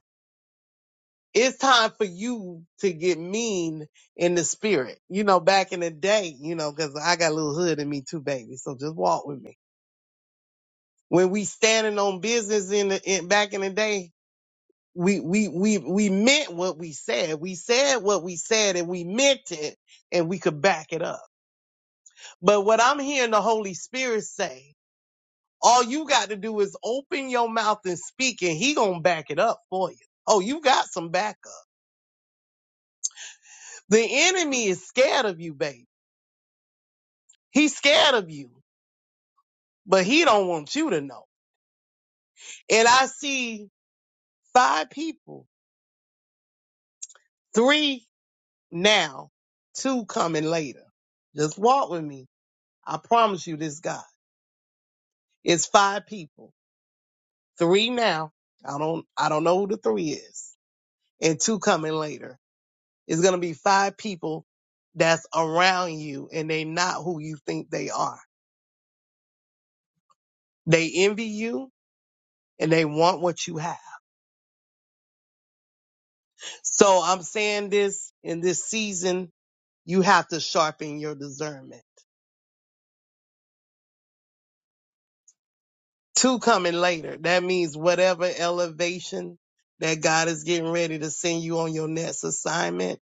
F: it's time for you to get mean in the spirit. You know, back in the day, you know, cause I got a little hood in me too, baby. So just walk with me. When we standing on business in the, in, back in the day, we we we we meant what we said. We said what we said and we meant it and we could back it up. But what I'm hearing the Holy Spirit say, all you got to do is open your mouth and speak and he going to back it up for you. Oh, you got some backup. The enemy is scared of you, baby. He's scared of you, but he don't want you to know. And I see five people, three now, two coming later. Just walk with me. I promise you this, God. It's five people. Three now. I don't I don't know who the three is. And two coming later. It's gonna be five people that's around you and they not who you think they are. They envy you and they want what you have. So I'm saying this in this season, you have to sharpen your discernment. Two coming later. That means whatever elevation that God is getting ready to send you on your next assignment,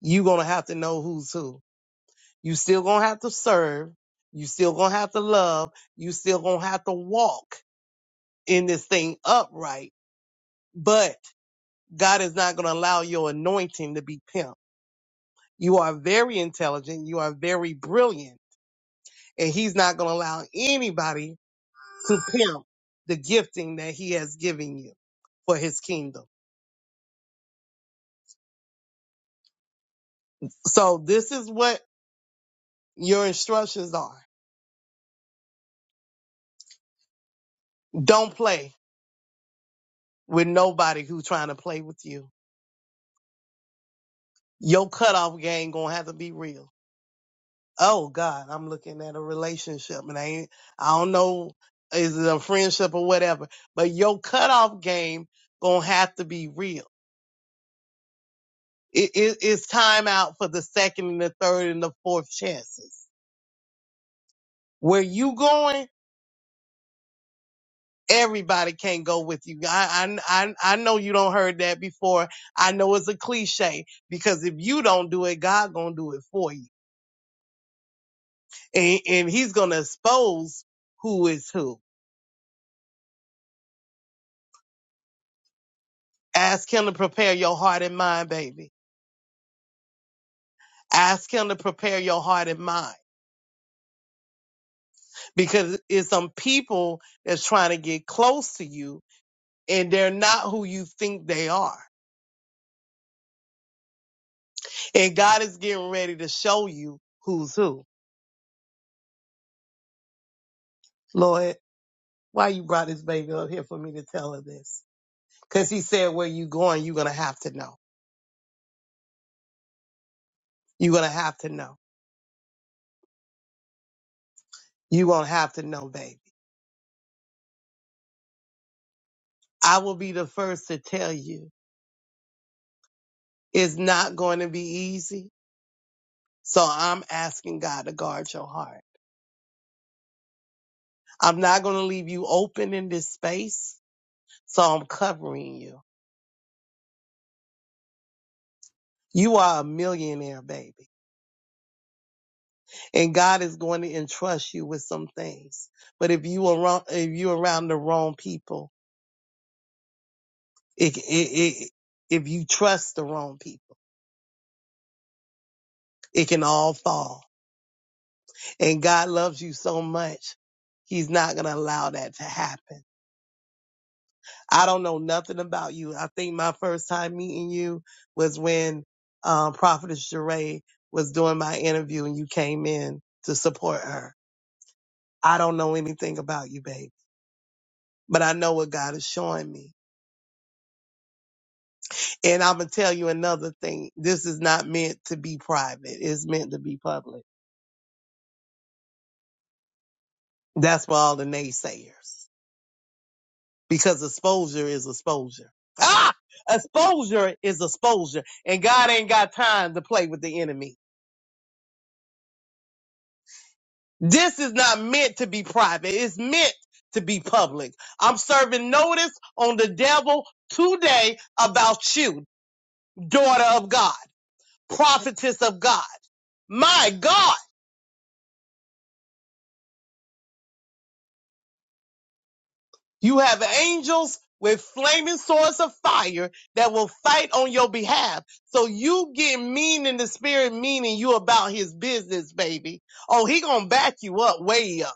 F: you're gonna have to know who's who You still gonna have to serve. You still gonna have to love. You still gonna have to walk in this thing upright. But God is not gonna allow your anointing to be pimped. You are very intelligent. You are very brilliant. And he's not gonna allow anybody to pimp the gifting that he has given you for his kingdom. So this is what your instructions are. Don't play with nobody who's trying to play with you. Your cutoff game gonna have to be real oh God, I'm looking at a relationship and I ain't, I don't know, is it a friendship or whatever, but your cutoff game gonna have to be real. It, it, it's time out for the second and the third and the fourth chances. Where you going, everybody can't go with you. I, I, I, I know you don't heard that before. I know it's a cliche because if you don't do it, God gonna do it for you. And, and he's gonna expose who is who. Ask him to prepare your heart and mind, baby Ask him to prepare your heart and mind because it's some people that's trying to get close to you and they're not who you think they are. And God is getting ready to show you who's who. Lord, why you brought this baby up here for me to tell her this? Cause he said, where you going? You're going to have to know. You're going to have to know. You're going to have to know, baby. I will be the first to tell you it's not going to be easy. So I'm asking God to guard your heart. I'm not going to leave you open in this space, so I'm covering you. You are a millionaire, baby, and God is going to entrust you with some things. But if you around, if you around the wrong people, it, it, it, if you trust the wrong people, it can all fall. And God loves you so much, He's not going to allow that to happen. I don't know nothing about you. I think my first time meeting you was when um, Prophetess Sheree was doing my interview and you came in to support her. I don't know anything about you, baby, but I know what God is showing me. And I'm going to tell you another thing. This is not meant to be private. It's meant to be public. That's for all the naysayers because exposure is exposure. Ah! Exposure is exposure. And God ain't got time to play with the enemy. This is not meant to be private. It's meant to be public. I'm serving notice on the devil today about you, daughter of God, prophetess of God. My God, you have angels with flaming swords of fire that will fight on your behalf. So you get mean in the spirit, meaning you about his business, baby. Oh, he gonna back you up, way up.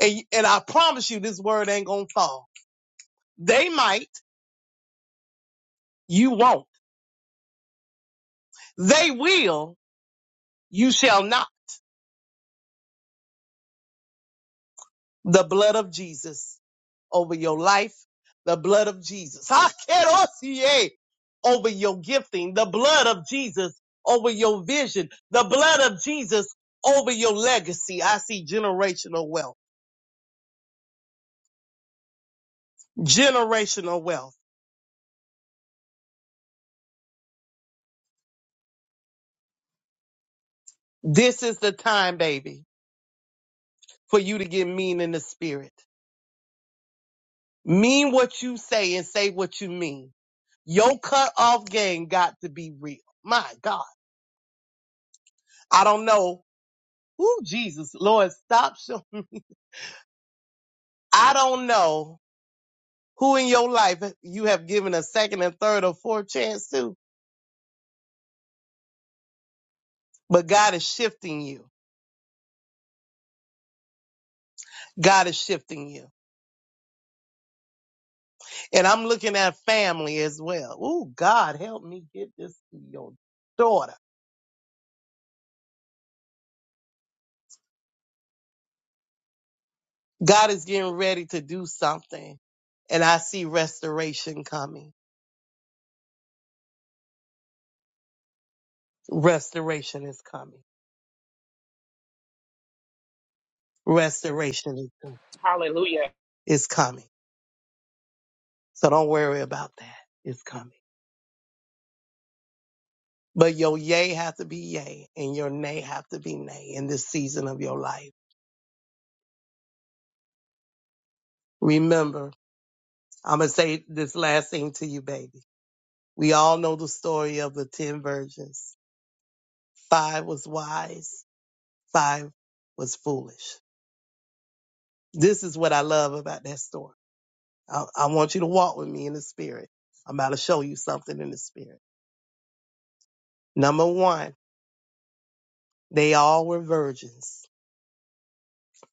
F: And, and I promise you this word ain't gonna fall. They might, you won't. They will, you shall not. The blood of Jesus over your life, the blood of Jesus. (laughs) Hakerosie, Over your gifting, the blood of Jesus over your vision, the blood of Jesus over your legacy. I see generational wealth, generational wealth. This is the time, baby, for you to get mean in the spirit. Mean what you say and say what you mean. Your cut off game got to be real. My God. I don't know Ooh, Jesus, Lord, stop. Show. I don't know who in your life you have given a second and third or fourth chance to, but God is shifting you. God is shifting you. And I'm looking at family as well. Ooh, God, help me get this to your daughter. God is getting ready to do something. And I see restoration coming. Restoration is coming. Restoration is, coming.
Q: Hallelujah.
F: It's coming. So don't worry about that. It's coming. But your yay have to be yay and your nay have to be nay in this season of your life. Remember, I'm going to say this last thing to you, baby. We all know the story of the 10 virgins. Five was wise, five was foolish. This is what I love about that story. I, I want you to walk with me in the spirit. I'm about to show you something in the spirit. Number one, they all were virgins.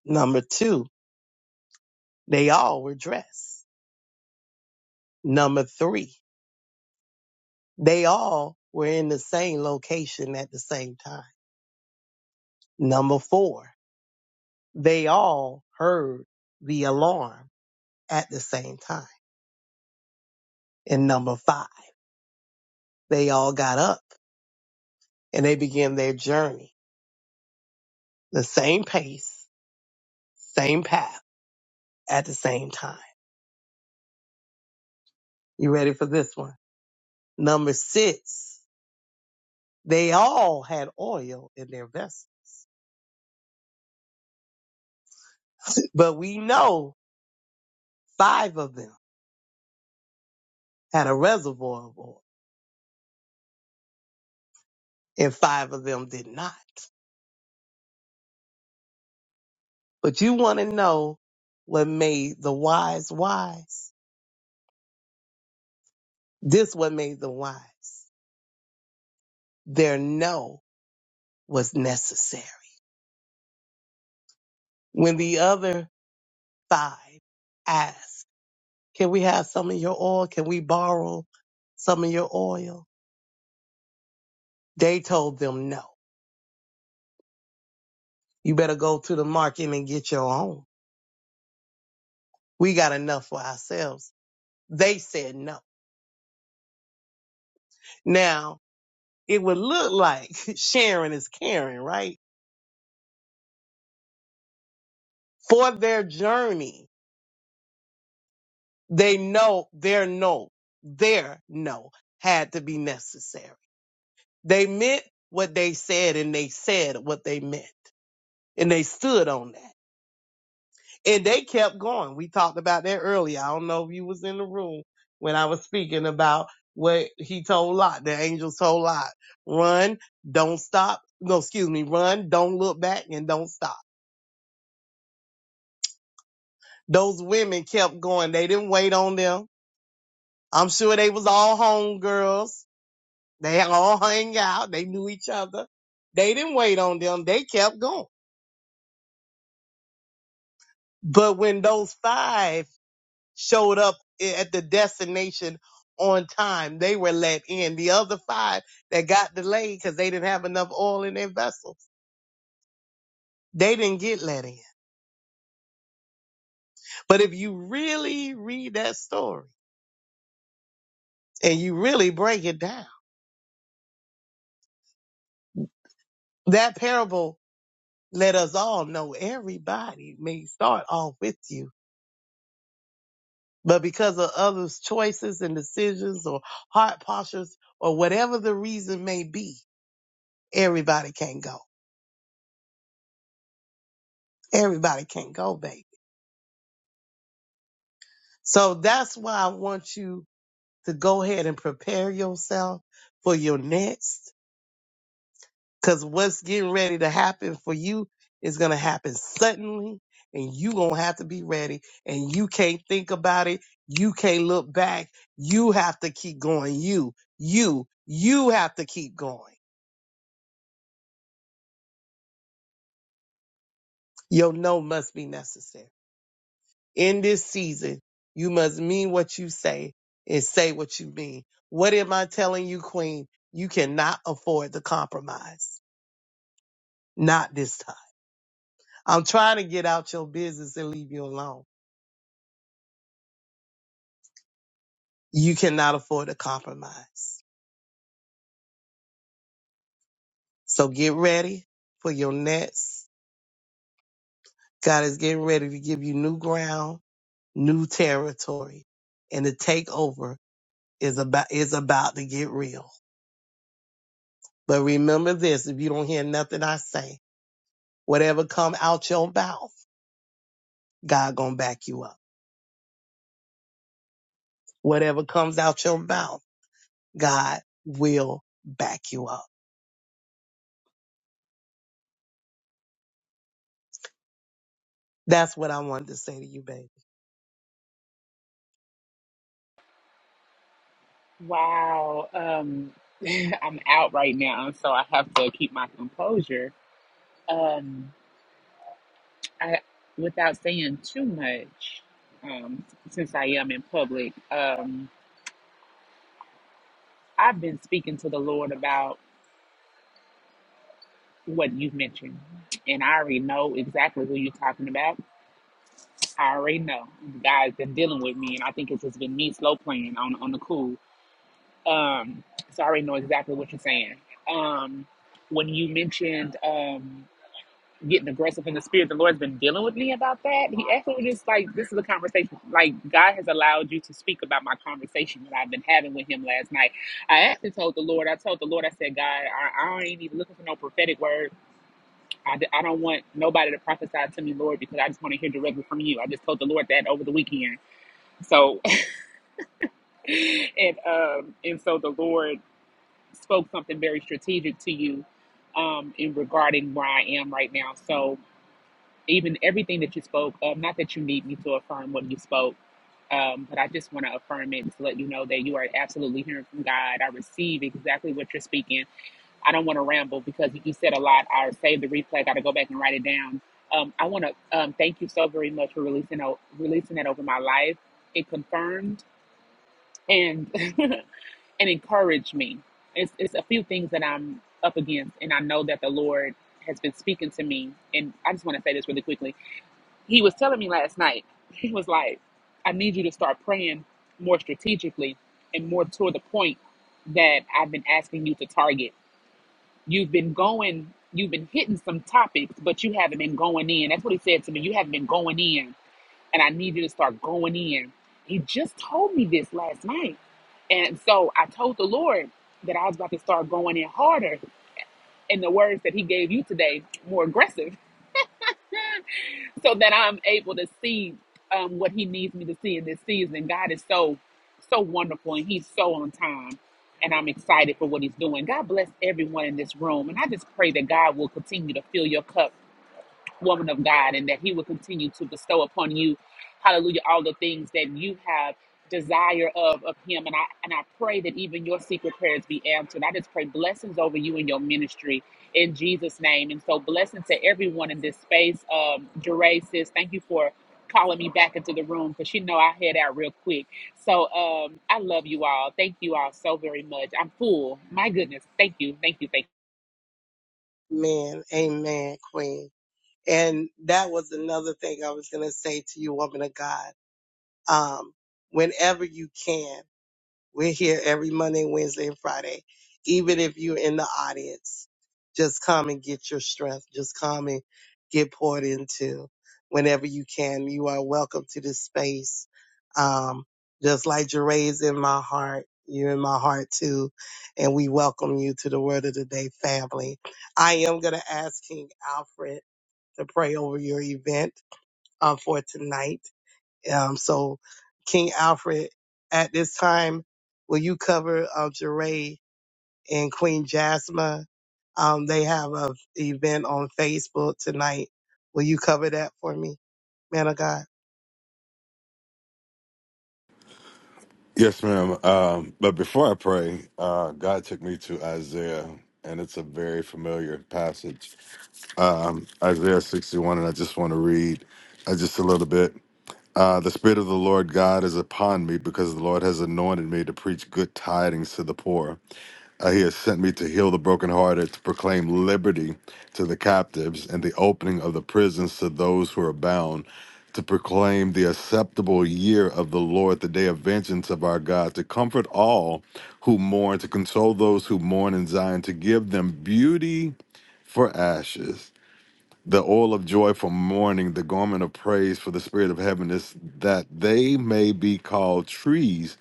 F: Number two, they all were dressed. Number three, They all were in the same location at the same time. Number four, they all heard the alarm at the same time. And number five, they all got up and they began their journey, the same pace, same path at the same time. You ready for this one? Number six, they all had oil in their vessels, but we know five of them had a reservoir of oil and five of them did not. But you want to know what made the wise wise? This what made them wise. Their no was necessary. When the other five asked, can we have some of your oil? Can we borrow some of your oil? They told them no. You better go to the market and get your own. We got enough for ourselves. They said no. Now, it would look like (laughs) sharing is caring, right? For their journey, They know their no, their no had to be necessary. They meant what they said and they said what they meant and they stood on that and they kept going. We talked about that earlier. I don't know if you was in the room when I was speaking about what he told Lot, the angels told Lot, run, don't stop. No, excuse me, run, don't look back and don't stop. Those women kept going. They didn't wait on them. I'm sure they was all homegirls. They all hung out. They knew each other. They didn't wait on them. They kept going. But when those five showed up at the destination on time, they were let in. The other five that got delayed because they didn't have enough oil in their vessels, they didn't get let in. But if you really read that story and you really break it down, that parable let us all know everybody may start off with you But because of others' choices and decisions or heart postures or whatever the reason may be, everybody can't go. Everybody can't go, baby. So that's why I want you to go ahead and prepare yourself for your next. Cause what's getting ready to happen for you is gonna happen suddenly and you gonna have to be ready and you can't think about it. You can't look back. You have to keep going. You, you, you have to keep going Your no must be necessary. In this season, you must mean what you say and say what you mean. What am I telling you, Queen? You cannot afford the compromise. Not this time. I'm trying to get out your business and leave you alone. You cannot afford a compromise. So get ready for your next. God is getting ready to give you new ground, new territory, and the takeover is about is about to get real. But remember this, if you don't hear nothing I say, whatever come out your mouth, God gonna back you up. Whatever comes out your mouth, God will back you up. That's what I wanted to say to you, baby.
Q: Wow. Um, (laughs) I'm out right now, so I have to keep my composure. Um, I, without saying too much, um, since I am in public, um, I've been speaking to the Lord about what you've mentioned, and I already know exactly who you're talking about. I already know. God's been dealing with me, and I think it's just been me slow playing on on the cool. Um, so I already know exactly what you're saying. Um, when you mentioned um, getting aggressive in the spirit, the Lord's been dealing with me about that. He actually was just like, this is a conversation. Like, God has allowed you to speak about my conversation that I've been having with Him last night. I actually told the Lord, I told the Lord, I said, God, I, I ain't even looking for no prophetic word. I, d- I don't want nobody to prophesy to me, Lord, because I just want to hear directly from you. I just told the Lord that over the weekend. So, (laughs) and um, and so the Lord. spoke something very strategic to you um, in regarding where I am right now. So even everything that you spoke of, not that you need me to affirm what you spoke, um, but I just want to affirm it to let you know that you are absolutely hearing from God. I receive exactly what you're speaking. I don't want to ramble because you said a lot. I saved the replay. I got to go back and write it down. Um, I want to um, thank you so very much for releasing o- releasing that over my life. It confirmed and (laughs) and encourage me. It's, it's a few things that I'm up against, and I know that the Lord has been speaking to me. And I just want to say this really quickly. He was telling me last night, (laughs) he was like, I need you to start praying more strategically and more toward the point that I've been asking you to target. You've been going, you've been hitting some topics, but you haven't been going in. That's what he said to me. You haven't been going in and I need you to start going in. He just told me this last night. And so I told the Lord that I was about to start going in harder in the words that He gave you today, more aggressive, (laughs) so that I'm able to see um, what He needs me to see in this season. God is so, so wonderful and He's so on time. And I'm excited for what He's doing. God bless everyone in this room. And I just pray that God will continue to fill your cup woman of God, and that He will continue to bestow upon you, hallelujah, all the things that you have desire of of Him. And I and I pray that even your secret prayers be answered. I just pray blessings over you and your ministry in Jesus' name. And so blessings to everyone in this space. Um, Jeray says, thank you for calling me back into the room because you know I head out real quick. So um, I love you all. Thank you all so very much. I'm full. My goodness. Thank you. Thank you. Thank
F: Man, amen, queen. And that was another thing I was gonna say to you, woman of God. Um, whenever you can. We're here every Monday, Wednesday, and Friday. Even if you're in the audience, just come and get your strength. Just come and get poured into whenever you can. You are welcome to this space. Um, just like Jeray's in my heart, you're in my heart too. And we welcome you to the Word of the Day family. I am going to ask King Alfred to pray over your event uh, for tonight. Um, so King Alfred, at this time, will you cover um, Jeray and Queen Jasmine? Um, they have a event on Facebook tonight. Will you cover that for me, man of God?
M: Yes, ma'am. Um, but before I pray, uh, God took me to Isaiah, and it's a very familiar passage um, Isaiah 61, and I just want to read uh, just a little bit. Uh, the Spirit of the Lord God is upon me because the Lord has anointed me to preach good tidings to the poor. Uh, he has sent me to heal the brokenhearted, to proclaim liberty to the captives, and the opening of the prisons to those who are bound, to proclaim the acceptable year of the Lord, the day of vengeance of our God, to comfort all who mourn, to console those who mourn in Zion, to give them beauty for ashes the oil of joy for mourning, the garment of praise for the spirit of heaviness, that they may be called trees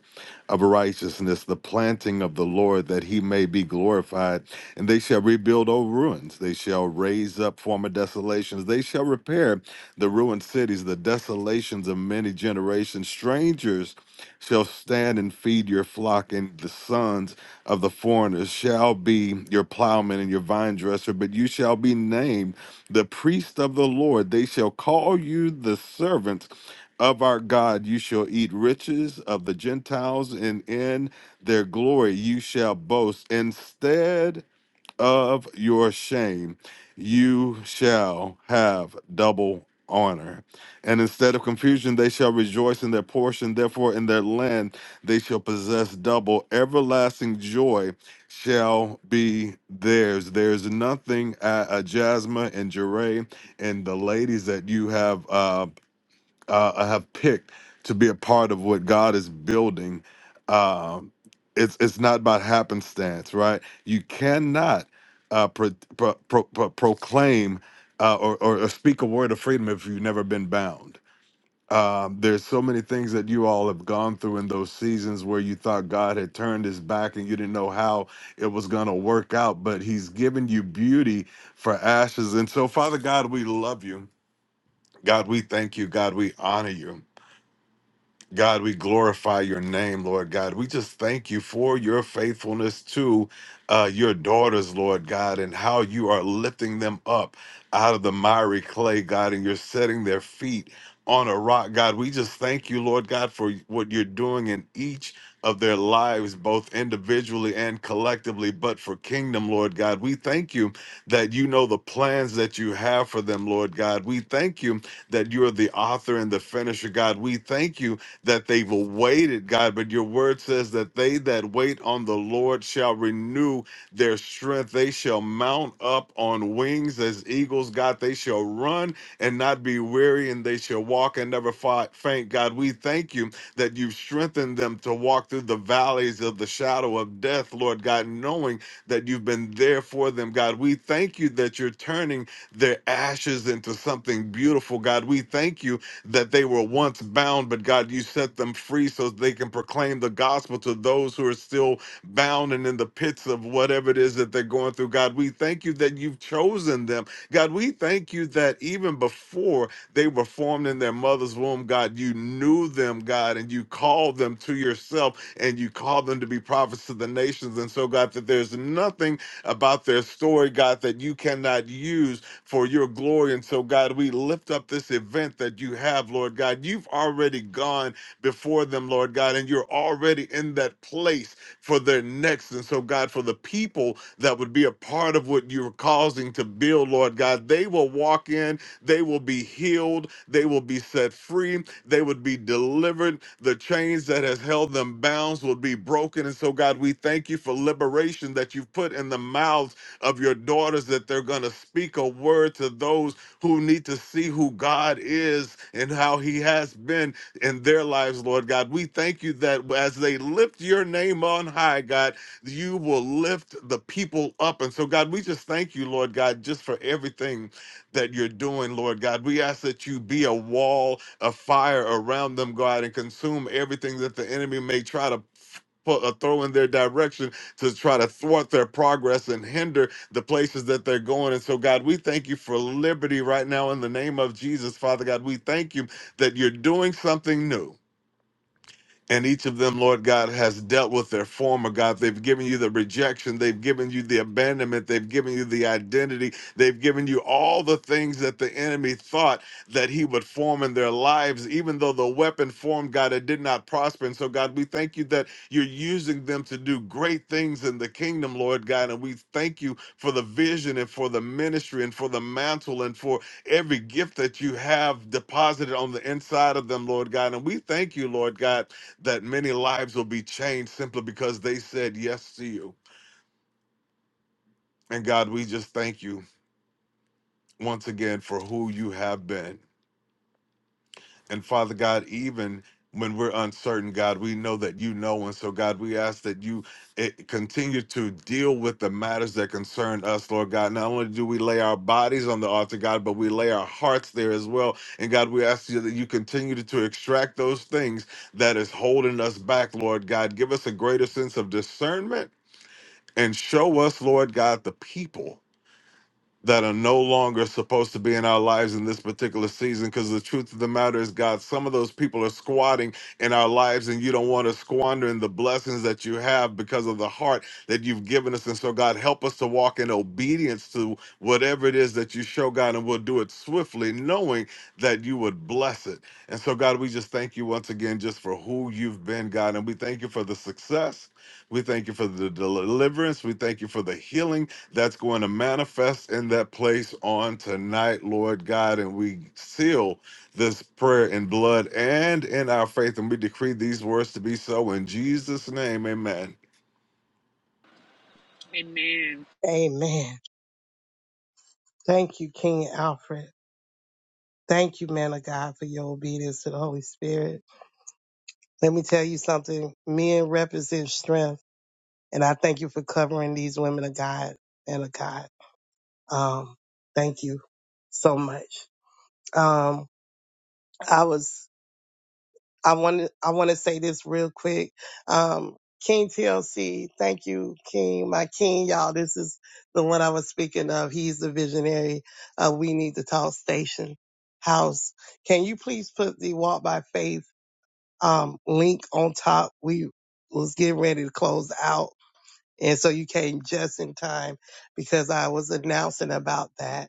M: of righteousness, the planting of the Lord, that he may be glorified. And they shall rebuild old ruins. They shall raise up former desolations. They shall repair the ruined cities, the desolations of many generations. Strangers shall stand and feed your flock, and the sons of the foreigners shall be your plowman and your vine dresser, but you shall be named the priest of the Lord. They shall call you the servants of our God. You shall eat riches of the Gentiles, and in their glory you shall boast. Instead, of your shame, you shall have double honor. And instead of confusion, they shall rejoice in their portion. Therefore, in their land, they shall possess double. Everlasting joy shall be theirs. There's nothing at uh, uh, Jasmine and Jeray and the ladies that you have. uh, uh, have picked to be a part of what God is building. Um, it's it's not by happenstance, right? You cannot uh, pro, pro, pro, pro- proclaim uh, or, or or speak a word of freedom if you've never been bound. Um, there's so many things that you all have gone through in those seasons where you thought God had turned His back and you didn't know how it was going to work out, but He's given you beauty for ashes. And so, Father God, we love you. God, we thank you. God, we honor you. God, we glorify your name, Lord God. We just thank you for your faithfulness to uh, your daughters, Lord God, and how you are lifting them up out of the miry clay, God, and you're setting their feet on a rock, God. We just thank you, Lord God, for what you're doing in each of their lives, both individually and collectively, but for kingdom, Lord God. We thank you that you know the plans that you have for them, Lord God. We thank you that you are the author and the finisher, God. We thank you that they've awaited, God, but your word says that they that wait on the Lord shall renew their strength. They shall mount up on wings as eagles, God. They shall run and not be weary, and they shall walk and never fi- faint, God. We thank you that you've strengthened them to walk through the valleys of the shadow of death, Lord God, knowing that you've been there for them, God. We thank you that you're turning their ashes into something beautiful, God. We thank you that they were once bound, but God, you set them free so they can proclaim the gospel to those who are still bound and in the pits of whatever it is that they're going through. God, we thank you that you've chosen them. God, we thank you that even before they were formed in their mother's womb, God, you knew them, God, and you called them to yourself and you called them to be prophets to the nations. And so, God, that there's nothing about their story, God, that you cannot use for your glory. And so, God, we lift up this event that you have, Lord God. You've already gone before them, Lord God, and you're already in that place for their next. And so, God, for the people that would be a part of what you're causing to build, Lord God, they will walk in, they will be healed, they will be set free, they would be delivered. The chains that has held them bounds will be broken. And so, God, we thank you for liberation that you've put in the mouths of your daughters that they're going to speak a word to those who need to see who God is and how He has been in their lives, Lord God. We thank you that as they lift your name on high, God, you will lift the people up. And so, God, we just thank you, Lord God, just for everything that you're doing, Lord God. We ask that you be a wall of fire around them, God, and consume everything that the enemy may try to. Put, uh, throw in their direction to try to thwart their progress and hinder the places that they're going. And so, God, we thank you for liberty right now in the name of Jesus, Father God. We thank you that you're doing something new. And each of them, Lord God, has dealt with their former God. They've given you the rejection. They've given you the abandonment. They've given you the identity. They've given you all the things that the enemy thought that he would form in their lives, even though the weapon formed, God, it did not prosper. And so, God, we thank you that you're using them to do great things in the kingdom, Lord God. And we thank you for the vision and for the ministry and for the mantle and for every gift that you have deposited on the inside of them, Lord God. And we thank you, Lord God that many lives will be changed simply because they said yes to you. And God, we just thank you once again for who you have been. And Father God, even when we're uncertain, God, we know that you know. And so, God, we ask that you eh, continue to deal with the matters that concern us, Lord God. Not only do we lay our bodies on the altar, God, but we lay our hearts there as well. And God, we ask you that you continue to to extract those things that is holding us back, Lord God. Give us a greater sense of discernment and show us, Lord God, the people that are no longer supposed to be in our lives in this particular season because the truth of the matter is god some of those people are squatting in our lives and you don't want to squander in the blessings that you have because of the heart that you've given us and so god help us to walk in obedience to whatever it is that you show god and we'll do it swiftly knowing that you would bless it and so god we just thank you once again just for who you've been god and we thank you for the success we thank you for the deliverance we thank you for the healing that's going to manifest in that place on tonight, Lord God. And we seal this prayer in blood and in our faith. And we decree these words to be so in Jesus' name. Amen.
Q: you. Amen.
F: Amen. Thank you, King Alfred. Thank you, man of God, for your obedience to the Holy Spirit. Let me tell you something. Men represent strength, and I thank you for covering these women of God, man of God. Um, thank you so much. Um, I was I want I want to say this real quick. Um, King TLC, thank you, King, my King, y'all. This is the one I was speaking of. He's the visionary of We Need to Talk Station House. Can you please put the Walk by Faith um, link on top? We was getting ready to close out, and so you came just in time because I was announcing about that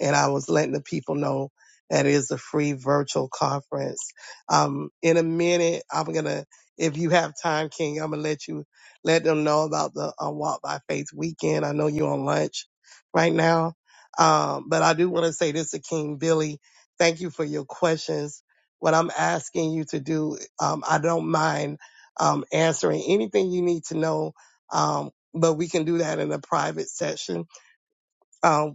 F: and I was letting the people know that it is a free virtual conference. Um, in a minute, I'm gonna, if you have time, King, I'm gonna let you let them know about the uh, Walk by Faith weekend. I know you're on lunch right now, um, but I do want to say this to King Billy. Thank you for your questions. What I'm asking you to do, um, I don't mind um, answering anything you need to know, um, but we can do that in a private session Um,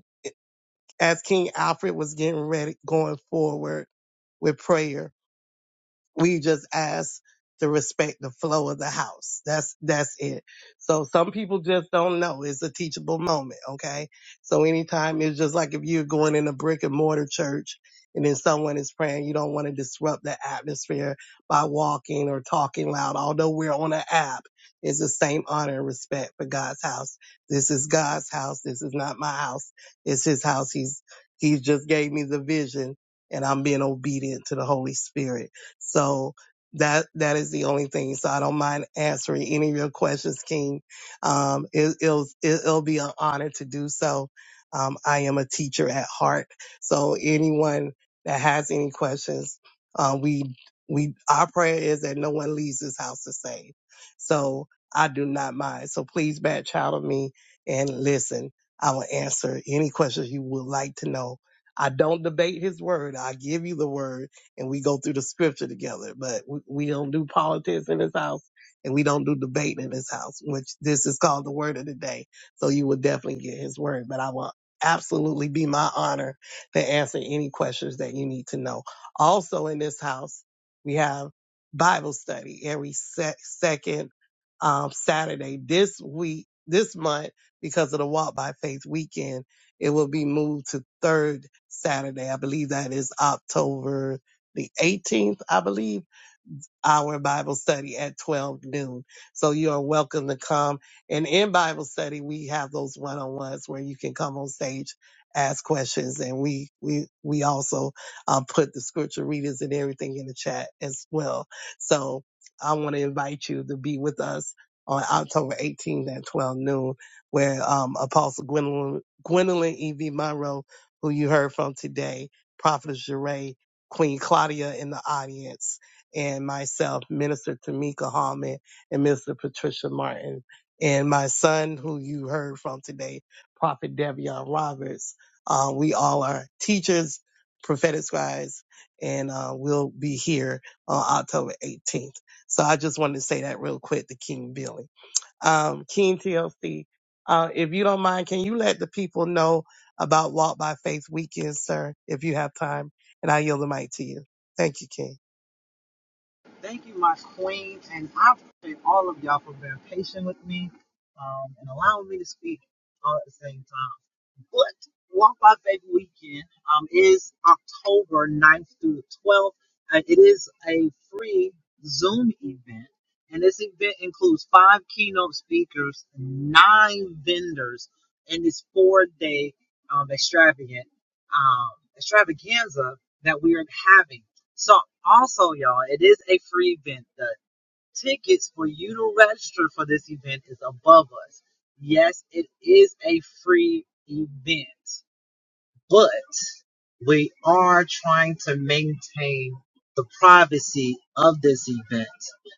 F: as King Alfred was getting ready, going forward with prayer, we just ask to respect the flow of the house. That's that's it. So some people just don't know. It's a teachable moment, okay? So anytime it's just like if you're going in a brick and mortar church and then someone is praying, you don't want to disrupt the atmosphere by walking or talking loud. Although we're on an app, it's the same honor and respect for God's house. This is God's house. This is not my house. It's his house. He's he just gave me the vision and I'm being obedient to the Holy Spirit. So that that is the only thing. So I don't mind answering any of your questions, King. Um, it, it'll it, it'll be an honor to do so. Um, I am a teacher at heart, so anyone that has any questions, uh, we we our prayer is that no one leaves this house the same. So I do not mind. So please back child of me and listen. I will answer any questions you would like to know. I don't debate his word. I give you the word and we go through the scripture together. But we, we don't do politics in this house and we don't do debate in this house, which this is called the word of the day. So you will definitely get his word. But I will absolutely be my honor to answer any questions that you need to know. Also in this house, we have Bible study every se- second um, Saturday this week, this month, because of the Walk by Faith weekend. It will be moved to third Saturday. I believe that is October the 18th, I believe our Bible study at 12 noon. So you are welcome to come. And in Bible study, we have those one-on-ones where you can come on stage, ask questions, and we we we also um, put the scripture readings and everything in the chat as well. So I want to invite you to be with us on October 18th at 12 noon, where um, Apostle Gwendolyn, Gwendolyn E.V. Monroe, who you heard from today, Prophetess Jeray, Queen Claudia in the audience and myself, Minister Tamika Hallman and Minister Patricia Martin, and my son, who you heard from today, Prophet Devion Roberts. Uh, we all are teachers, prophetic scribes, and uh, we'll be here on October 18th. So I just wanted to say that real quick to King Billy. Um, King TLC, uh, if you don't mind, can you let the people know about Walk by Faith Weekend, sir, if you have time? And I yield the mic to you. Thank you, King.
R: Thank you, my queen, and I appreciate all of y'all for being patient with me um, and allowing me to speak all at the same time. But Walk by Faith Weekend um, is October ninth through the 12th. Uh, it is a free Zoom event, and this event includes five keynote speakers, nine vendors, and this four-day um, extravagant um, extravaganza that we are having. So, also, y'all, it is a free event. The Tickets for you to register for this event is above us. Yes, it is a free event but we are trying to maintain the privacy of this event.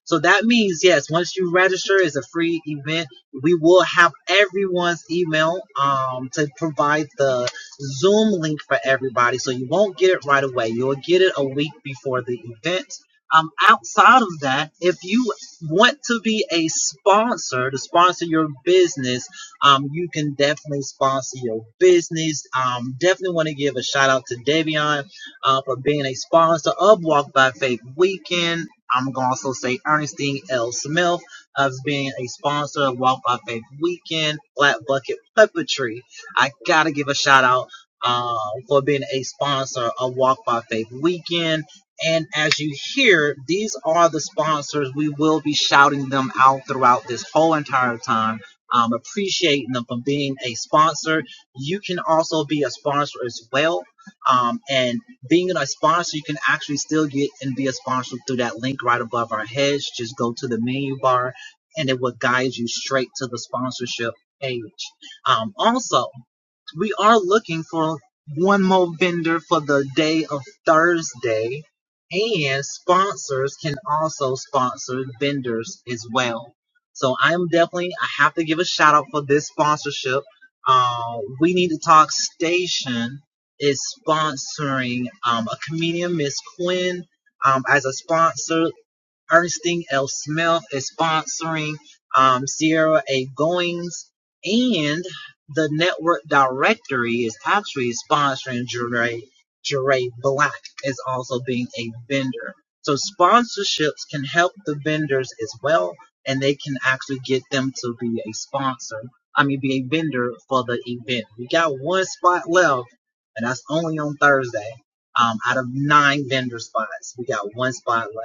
R: So that means, yes, once you register, it's a free event. We will have everyone's email um, to provide the Zoom link for everybody. So you won't get it right away. You'll get it a week before the event. Um, outside of that, if you want to be a sponsor to sponsor your business, um, you can definitely sponsor your business. Um, definitely want to give a shout out to Devion uh, for being a sponsor of Walk by Faith Weekend. I'm going to also say Ernestine L. Smith as being a sponsor of Walk by Faith Weekend, Flat Bucket Puppetry. I got to give a shout out uh, for being a sponsor of Walk by Faith Weekend. And as you hear, these are the sponsors. We will be shouting them out throughout this whole entire time um, appreciating them for being a sponsor. You can also be a sponsor as well. Um, and being a sponsor, you can actually still get and be a sponsor through that link right above our heads. Just go to the menu bar and it will guide you straight to the sponsorship page. Um, also, we are looking for one more vendor for the day of Thursday, and sponsors can also sponsor vendors as well. So I'm definitely I have to give a shout out for this sponsorship. Uh, we need to talk station is sponsoring um, a comedian, Miss Quinn, um, as a sponsor. Ernestine L. Smith is sponsoring um, Sierra A. Goings, and the network directory is actually sponsoring Jeray. Jeray Black is also being a vendor. So sponsorships can help the vendors as well, and they can actually get them to be a sponsor. I mean, be a vendor for the event. We got one spot left, and that's only on Thursday. Um, out of nine vendor spots, we got one spot left.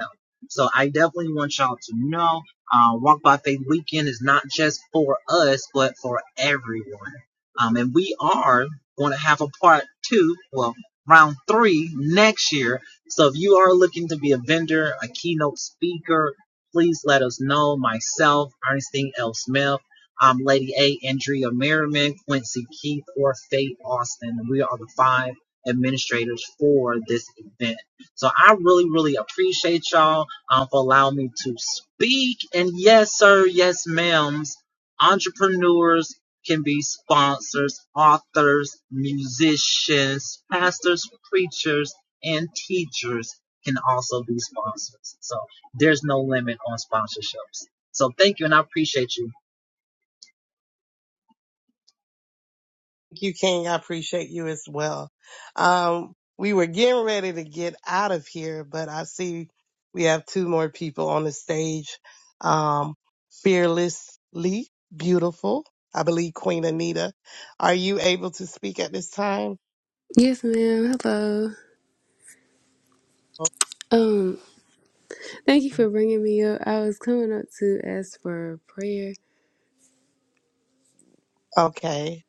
R: So I definitely want y'all to know uh, Walk by Faith Weekend is not just for us, but for everyone. Um, and we are going to have a part two, well, round three next year. So if you are looking to be a vendor, a keynote speaker, please let us know. Myself, Ernestine L. Smith, um, Lady A. Andrea Merriman, Quincy Keith, or Faith Austin. We are the five administrators for this event. So I really, really appreciate y'all um, for allowing me to speak. And yes, sir, yes, ma'ams, entrepreneurs can be sponsors, authors, musicians, pastors, preachers, and teachers can also be sponsors. So there's no limit on sponsorships. So thank you, and I appreciate you.
F: Thank you, King. I appreciate you as well. Um, we were getting ready to get out of here, but I see we have two more people on the stage. Um, fearlessly beautiful. I believe Queen Anita. Are you able to speak at this time?
S: Yes, ma'am. Hello. Um, thank you for bringing me up. I was coming up to ask for prayer.
F: Okay.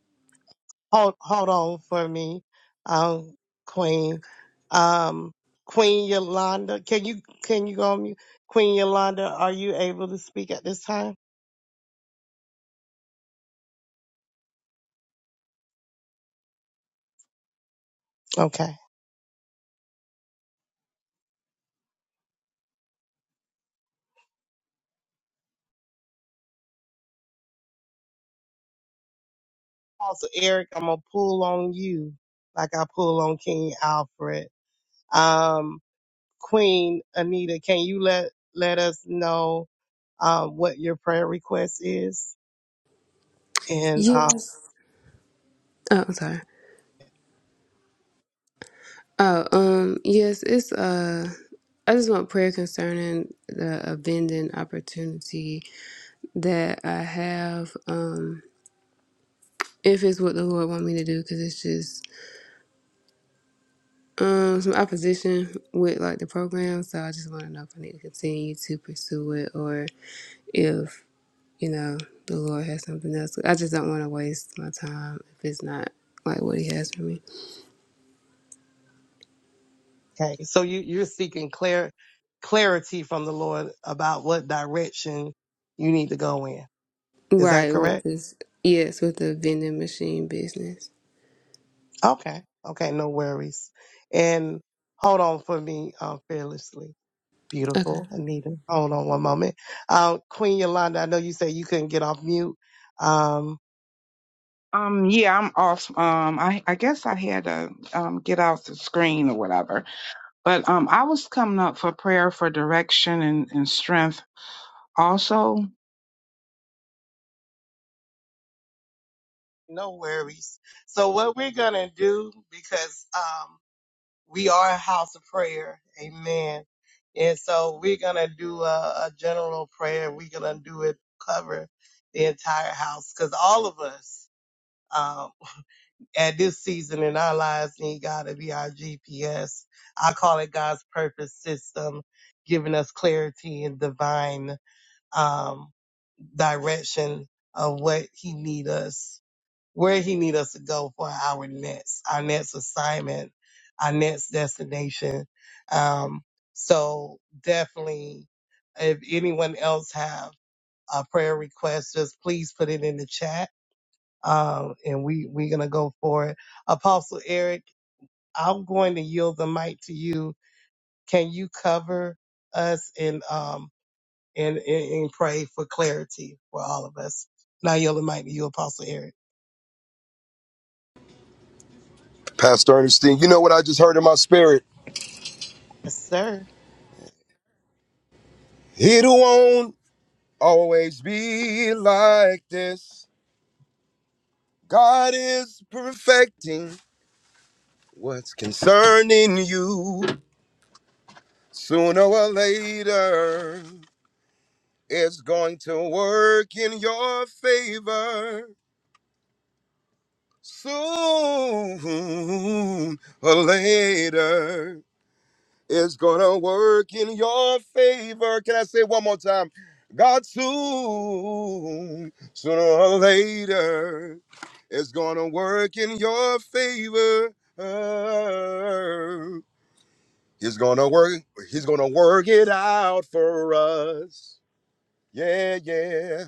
F: Hold, hold on for me. Um, Queen, um, Queen Yolanda, can you, can you go on mute? Queen Yolanda, are you able to speak at this time? Okay. Also, Eric, I'm gonna pull on you like I pull on King Alfred. Um, Queen Anita, can you let let us know uh, what your prayer request is? And uh,
S: Yes. Oh, I'm sorry. Oh, um, yes. It's uh, I just want prayer concerning the abandoned opportunity that I have. Um, if it's what the Lord want me to do, because it's just um some opposition with like the program. So I just want to know if I need to continue to pursue it or if you know, the Lord has something else. I just don't want to waste my time if it's not like what He has for me.
F: okay, so you you're seeking clear clarity from the Lord about what direction you need to go in. Is that
S: Right,
F: correct?
S: with this, yes, with the vending machine business.
F: Okay. Okay. No worries. And hold on for me, uh, fearlessly.
S: Okay.
F: Beautiful, Anita. Hold on one moment. Uh, Queen Yolanda, I know you said you couldn't get off mute. Um,
T: Um, yeah, I'm off. Um, I, I guess I had to um, get off the screen or whatever. But um, I was coming up for prayer for direction and, and strength also.
F: no worries. So what we're going to do, because, um, we are a house of prayer. Amen. And so we're going to do a, a general prayer. We're going to do it cover the entire house because all of us, um, at this season in our lives need God to be our GPS. I call it God's purpose system, giving us clarity and divine um, direction of what He need us, where He need us to go for our next, our next assignment, our next destination. Um, so definitely, if anyone else have a prayer request, just please put it in the chat um, and we we're gonna go for it. Apostle Eric, I'm going to yield the mic to you. Can you cover us and um and and, and pray for clarity for all of us? Now yield the mic to you, Apostle Eric.
N: Pastor Ernestine, you know what I just heard in my spirit?
F: Yes, sir.
N: He who won't always be like this. God is perfecting what's concerning you. Sooner or later, it's going to work in your favor. Soon or later. is gonna work in your favor. Can I say one more time? God soon, sooner or later, is gonna work in your favor. He's gonna work, he's gonna work it out for us. Yeah, yeah.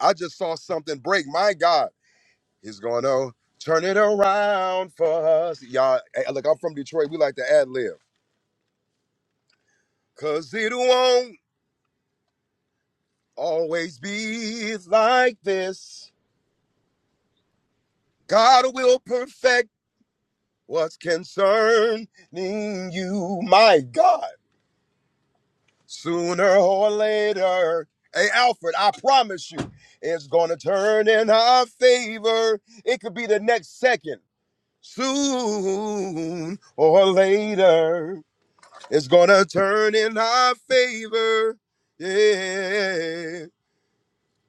N: I just saw something break. My God, he's gonna turn it around for us. Y'all, hey, look, I'm from Detroit. We like to ad lib. Cause it won't. always be like this. God will perfect what's concerning you, my God, sooner or later. Hey, Alfred, I promise you, it's going to turn in our favor. It could be the next second. Soon or later, it's going to turn in our favor. Yeah.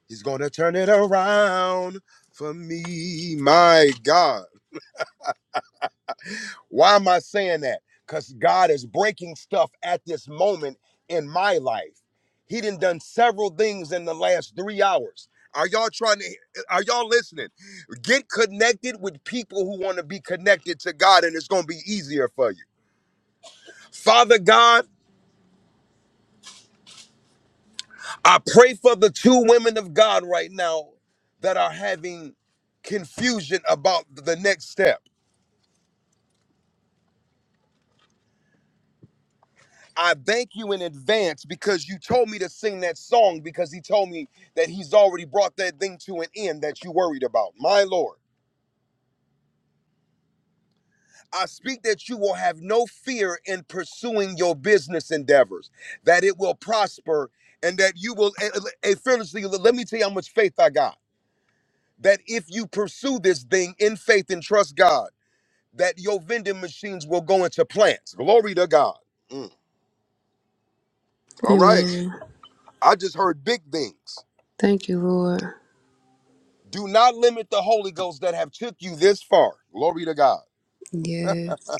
N: He's gonna turn it around for me. My God. Why am I saying that? Because God is breaking stuff at this moment in my life. He done done several things in the last three hours. Are y'all trying to are y'all listening? Get connected with people who want to be connected to God, and it's gonna be easier for you. Father God, I pray for the two women of God right now that are having confusion about the next step. I thank you in advance because you told me to sing that song because he told me that he's already brought that thing to an end that you worried about. My Lord, I speak that you will have no fear in pursuing your business endeavors, that it will prosper and that you will, and, and fearlessly, let me tell you how much faith I got. That if you pursue this thing in faith and trust God, that your vending machines will go into plants. Glory to God. Mm. All right.
S: Amen.
N: I just heard big things.
S: Thank you, Lord.
N: Do not limit the Holy Ghost that have took you this far. Glory to God.
S: Yes.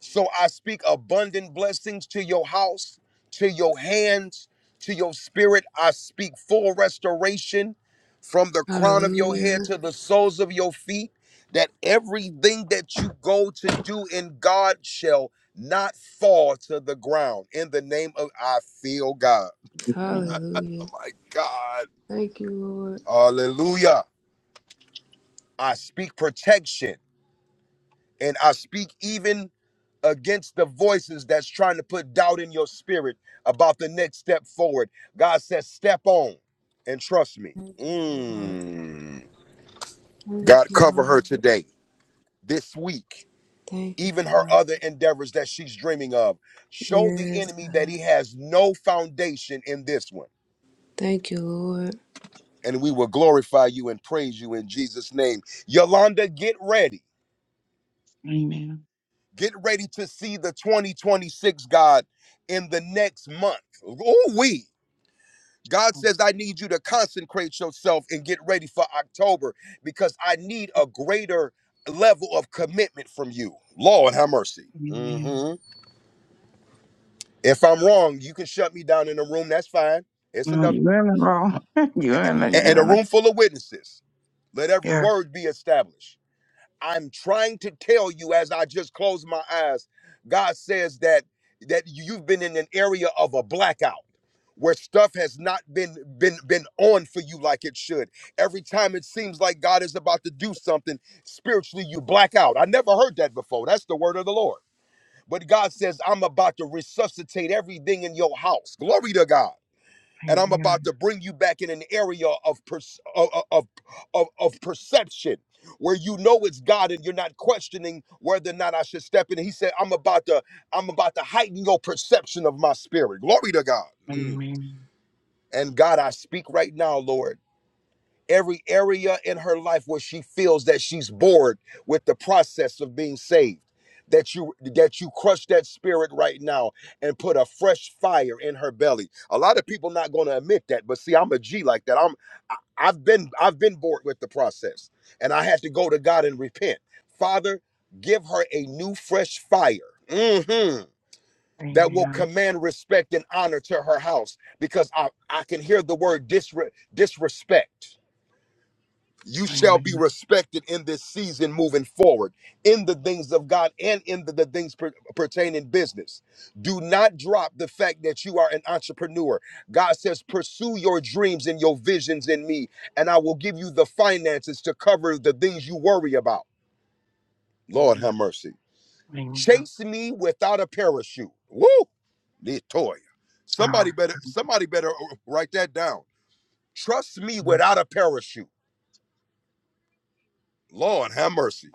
N: So I speak abundant blessings to your house, to your hands, to your spirit. I speak full restoration from the crown of your
S: Hallelujah.
N: head to the soles of your feet, that everything that you go to do in God shall not fall to the ground. In the name of I feel God.
T: Amen.
S: Hallelujah.
N: Oh my God.
S: Thank you, Lord.
N: Hallelujah. I speak protection and I speak even against the voices that's trying to put doubt in your spirit about the next step forward. God says, step on and trust me.
S: Thank you, Lord.
N: Mm.
S: Thank
N: God,
S: you,
N: cover her
S: Lord.
N: today, this week,
S: Thank you,
N: even her
S: God.
N: other endeavors that she's dreaming of. Show the
S: Yes,
N: enemy that
S: God.
N: he has no foundation in this one.
S: Thank you, Lord.
N: And we will glorify you and praise you in Jesus' name. Yolanda, get ready.
T: Amen.
N: Get ready to see the 2026 God in the next month. Ooh, we. God says, I need you to consecrate yourself and get ready for October because I need a greater level of commitment from you. Lord, have mercy.
T: Amen.
N: hmm If I'm wrong, you can shut me down in the room. That's fine. It's
T: No,
N: enough.
T: you're in the wrong. (laughs) you're in the,
N: a- And
T: you're
N: a
T: in the,
N: room full of witnesses. Let every
T: yeah.
N: word be established. I'm trying to tell you as I just close my eyes, God says that that you've been in an area of a blackout where stuff has not been been been on for you like it should. Every time it seems like God is about to do something, spiritually you black out. I never heard that before. That's the word of the Lord. But God says, I'm about to resuscitate everything in your house. Glory to God and I'm
T: Amen.
N: about to bring you back in an area of pers- of, of of of perception where you know it's God and you're not questioning whether or not I should step in. He said, "I'm about to I'm about to heighten your perception of my spirit." Glory to God. Mm.
T: Amen.
N: And God, I speak right now, Lord every area in her life where she feels that she's bored with the process of being saved that you that you crush that spirit right now and put a fresh fire in her belly a lot of people not going to admit that but see i'm a g like that i'm I, i've been i've been bored with the process and i had to go to god and repent father give her a new fresh fire hmm that will
T: Amen.
N: command respect and honor to her house because i i can hear the word disre- disrespect you shall be
T: Amen.
N: respected in this season moving forward in the things of God and in the, the things per, pertaining business. Do not drop the fact that you are an entrepreneur. God says, Pursue your dreams and your visions in me, and I will give you the finances to cover the things you worry about. Lord
T: Amen.
N: have mercy.
T: Amen.
N: Chase me without a parachute. Woo! Latoya. Somebody
T: Wow.
N: better, somebody better write that down. Trust me without a parachute. Lord have mercy.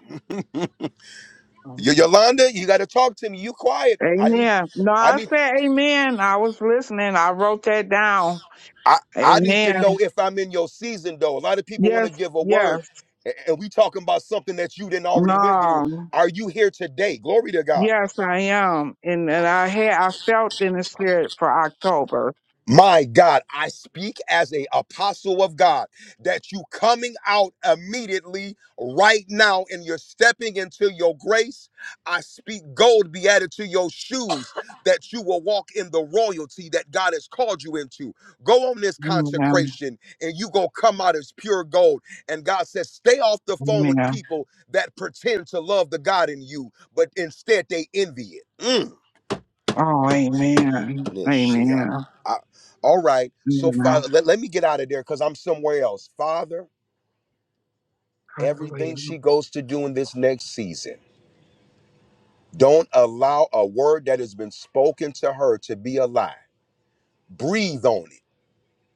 N: Y-
T: Um,
N: Yolanda, you got to talk to me. You quiet. I need,
T: Amen. No,
N: I
T: I
N: need,
T: said amen. I was listening. I wrote that down.
N: I, I need to
T: Amen.
N: know if I'm in your season though. A lot of people want to
T: Yes,
N: give a word,
T: yes,
N: a- and we talking about something that you didn't already went through.
T: no,
N: Are you here today? Glory to God.
T: yes, I am, and and I had I felt in the spirit for October.
N: My God, I speak as a apostle of God that you coming out immediately right now and you're stepping into your grace. I speak gold be added to your shoes that you will walk in the royalty that God has called you into. Go on this
T: Amen.
N: consecration and you go come out as pure gold. And God says, stay off the phone with
T: Amen.
N: people that pretend to love the God in you, but instead they envy it. Mm
T: Oh, amen.
N: this shit. up.
T: Amen.
N: I- all right. So,
T: Amen.
N: Father, let, let me get out of there because I'm somewhere else. Father,
T: Hallelujah.
N: everything she goes to do in this next season, don't allow a word that has been spoken to her to be a lie. Breathe on it.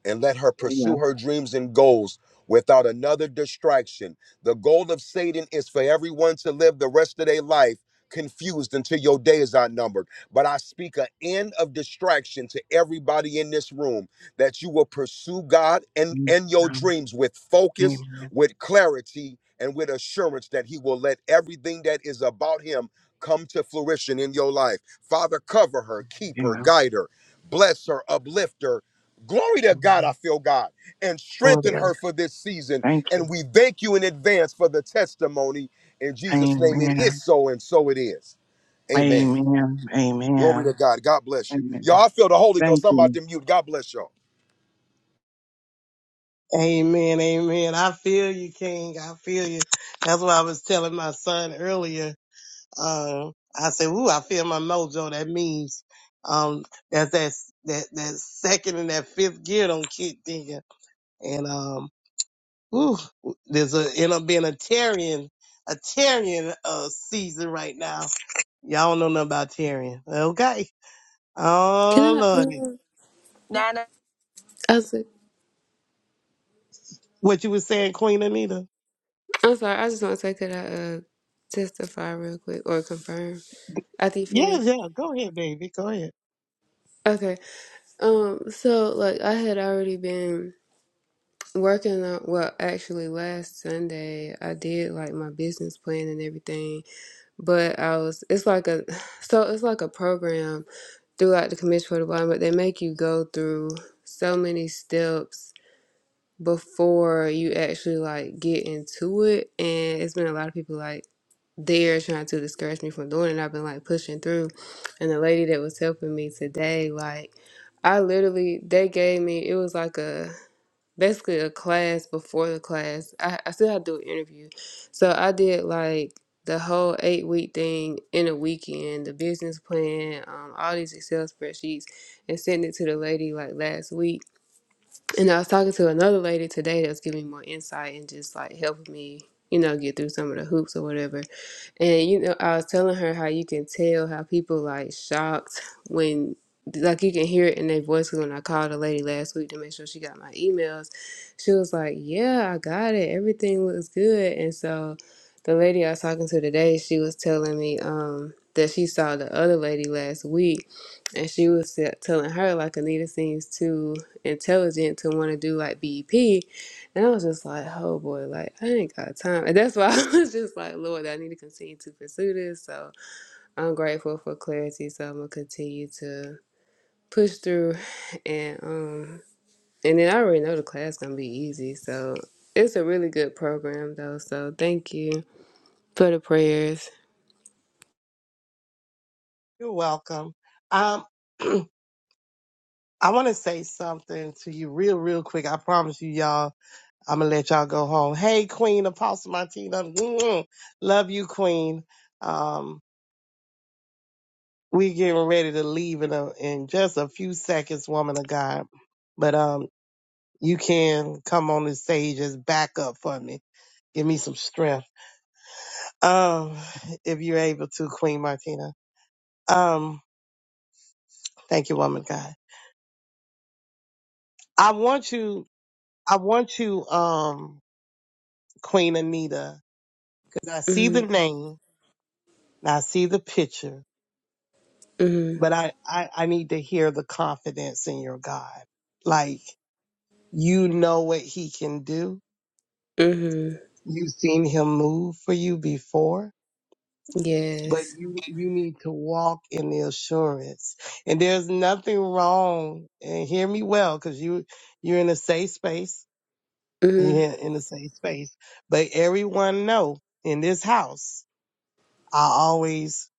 N: and let her
T: Yeah.
N: pursue her dreams and goals without another distraction. The goal of Satan is for everyone to live the rest of their life confused until your day is outnumbered. But I speak an end of distraction to everybody in this room that you will pursue God and,
T: Amen.
N: and your dreams with focus,
T: Amen.
N: with clarity, and with assurance that He will let everything that is about Him come to fruition in your life. Father, cover her, keep her,
T: Yeah.
N: guide her bless her, uplift her. Glory to God, I
T: Amen.
N: feel God, and strengthen
T: Gloria.
N: her for this season.
T: Thank you.
N: And we thank you in advance for the testimony. In Jesus' name, it
T: Amen.
N: is so, and so it is. Amen.
T: Amen.
N: Glory to
T: Amen.
N: God. God bless you.
T: Amen.
N: Y'all, I feel the Holy
T: Thank
N: Ghost. I'm
T: you.
N: about to mute. God bless y'all.
F: Amen, amen. I feel you, King. I feel you. That's what I was telling my son earlier. Um, I said, "Ooh, I feel my mojo." That means um, that's that that that second and that fifth gear don't kick in, and um, Ooh, there's a end up being a Tyrion, a Tyrion uh, season right now. Y'all don't know nothing about Tyrion. Okay.
S: Can
F: Oh
S: I?
F: lordy.
S: Uh,
O: on.
S: I was,
F: What you was saying, Queen Anita?
S: I'm sorry. I just want to say, could I uh, testify real quick or confirm? After you
F: Yeah,
S: finish?
F: yeah. Go ahead, baby. Go ahead.
S: Okay. Um, so like I had already been working on well, actually last Sunday I did like my business plan and everything, but I was it's like a (sighs) so it's like a program throughout the Commission for the Blind, but they make you go through so many steps before you actually like get into it. And it's been a lot of people like there trying to discourage me from doing it. And I've been like pushing through. And the lady that was helping me today, like I literally they gave me it was like a basically a class before the class. I, I still had to do an interview. So I did like the whole eight week thing in a weekend, the business plan, um, all these Excel spreadsheets, and sent it to the lady like last week and I was talking to another lady today that's giving me more insight and just like helping me, you know, get through some of the hoops or whatever. And you know, I was telling her how you can tell how people like shocked when like you can hear it in their voice 'cause when I called a lady last week to make sure she got my emails. She was like, "Yeah, I got it. Everything looks good." And so the lady I was talking to today, she was telling me um that she saw the other lady last week and she was t- telling her like Anita seems too intelligent to want to do like BEP and I was just like, oh boy, like I ain't got time. And that's why (laughs) I was just like, Lord, I need to continue to pursue this. So I'm grateful for clarity. So I'm gonna continue to push through (sighs) and um and then I already know the class gonna be easy. So it's a really good program though. So thank you for the prayers.
F: You're welcome. Um, (clears throat) I want to say something to you real, real quick. I promise you, y'all. I'm gonna let y'all go home. Hey, Queen Apostle Martina. (clears throat) Love you, Queen. Um. we getting ready to leave in a, in just a few seconds, woman of God. But um, you can come on the stage as backup for me. Give me some strength. Um, if you're able to, Queen Martina. Um, thank you, woman of God. I want you. I want you, um, Queen Anita, because I see the
S: Mm,
F: name and I see the picture,
S: mm,
F: but I, I I need to hear the confidence in your God, like you know what He can do
S: mm,
F: You've seen him move for you before, but
S: yes.
F: you, you need to walk in the assurance. And there's nothing wrong. And hear me well, cause you, you're in a safe space.
S: Mm,
F: You're in a safe space, but everyone know in this house, I always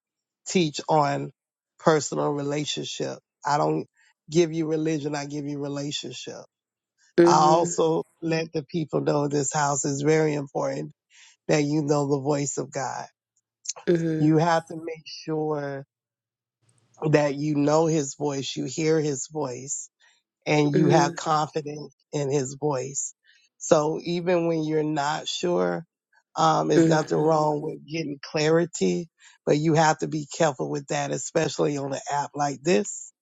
F: teach on personal relationship. I don't give you religion. I give you relationship. I
S: mm,
F: also let the people know this house is very important that you know the voice of God
S: mm,
F: You have to make sure that you know his voice, you hear his voice, and you have
S: mm,
F: confidence in his voice. So even when you're not sure, um, there's nothing
S: mm.
F: wrong with getting clarity, but you have to be careful with that, especially on an app like this,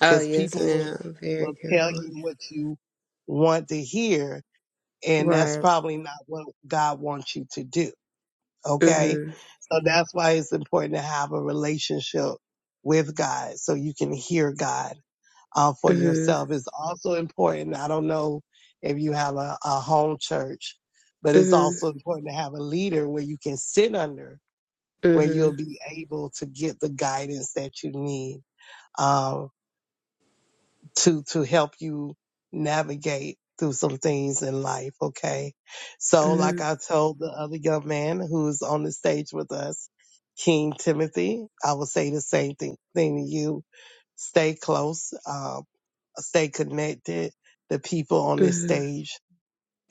S: Oh
F: because
S: yes,
F: people
S: ma'am.
F: will,
S: I'm very
F: will tell
S: careful.
F: you what you want to hear, and that's
S: Right.
F: probably not what God wants you to do. Okay.
S: Mm-hmm.
F: So that's why it's important to have a relationship with God so you can hear God uh, for
S: mm-hmm.
F: yourself. It's also important. I don't know if you have a, a home church, but it's
S: hmm
F: also important to have a leader where you can sit under, where
S: hmm
F: you'll be able to get the guidance that you need. Um, to to help you navigate through some things in life okay so
S: hmm
F: like i told the other young man who's on the stage with us king timothy i will say the same thing, thing to you stay close um, stay connected the people on this
S: hmm
F: stage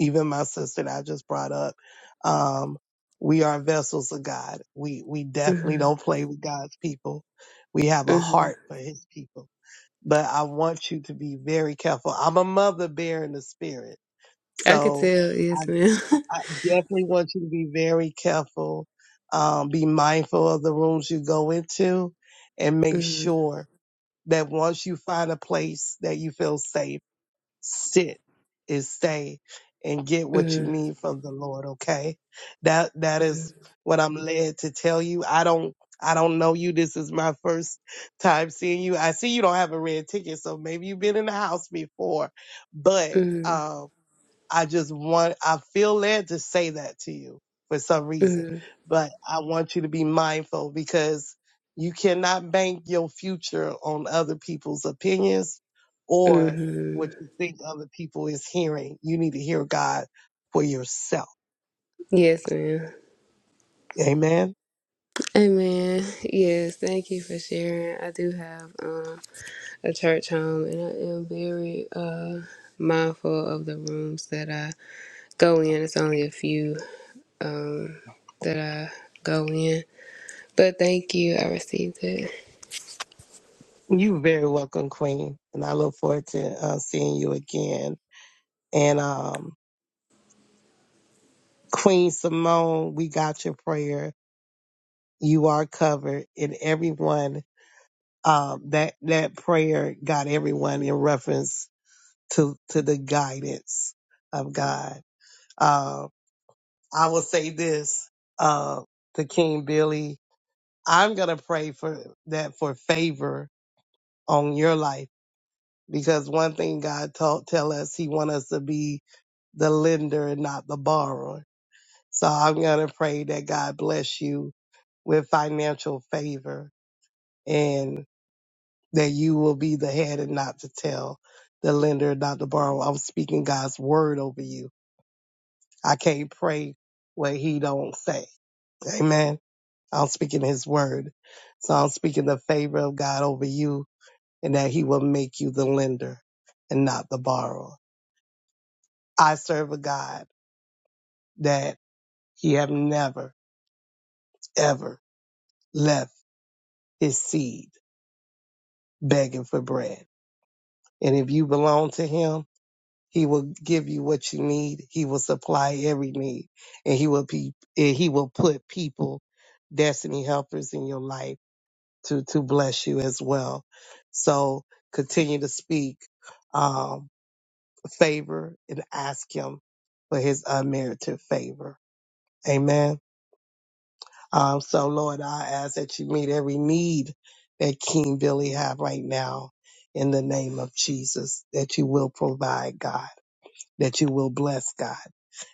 F: even my sister that i just brought up um, we are vessels of god we we definitely don't play with god's people we have a
S: hmm
F: heart for his people but I want you to be very careful. I'm a mother bear in the spirit.
S: I could
F: So
S: tell,
F: I,
S: yes, ma'am. (laughs)
F: I definitely want you to be very careful. Um, be mindful of the rooms you go into and make
S: hmm
F: sure that once you find a place that you feel safe sit and stay and get what you
S: hmm
F: need from the Lord, okay? That that is what I'm led to tell you. I don't I don't know you. This is my first time seeing you. I see you don't have a red ticket, so maybe you've been in the house before. But
S: hmm
F: um I just want, I feel led to say that to you for some reason,
S: hmm
F: but I want you to be mindful because you cannot bank your future on other people's opinions or
S: hmm
F: what you think other people is hearing. You need to hear God for yourself.
S: Yes, ma'am.
F: Amen.
S: Amen. Yes, thank you for sharing. I do have um, a church home, and I am very uh, mindful of the rooms that I go in. It's only a few um, that I go in, but thank you. I received it.
F: You are very welcome, Queen, and I look forward to uh, seeing you again. And um, Queen Simone, we got your prayer. You are covered, and everyone Um, that that prayer got everyone in reference to to the guidance of God. Uh, I will say this uh, to King Billy. I'm gonna pray for that for favor on your life because one thing God taught tell us He want us to be the lender and not the borrower. So I'm going to pray that God bless you with financial favor. and. that you will be the head and not to tell the lender, not to borrow. I'm speaking God's word over you. I can't pray what he don't say. Amen. I'm speaking his word. So I'm speaking the favor of God over you and that he will make you the lender and not the borrower. I serve a God that he have never, ever left his seed begging for bread. And if you belong to him, He will give you what you need. He will supply every need, and he will be and he will put people, destiny helpers in your life to to bless you as well. So continue to speak um, favor and ask him for his unmerited favor. Amen. Um, so Lord, I ask that you meet every need that King Billy have right now in the name of Jesus. That you will provide, God. That you will bless, God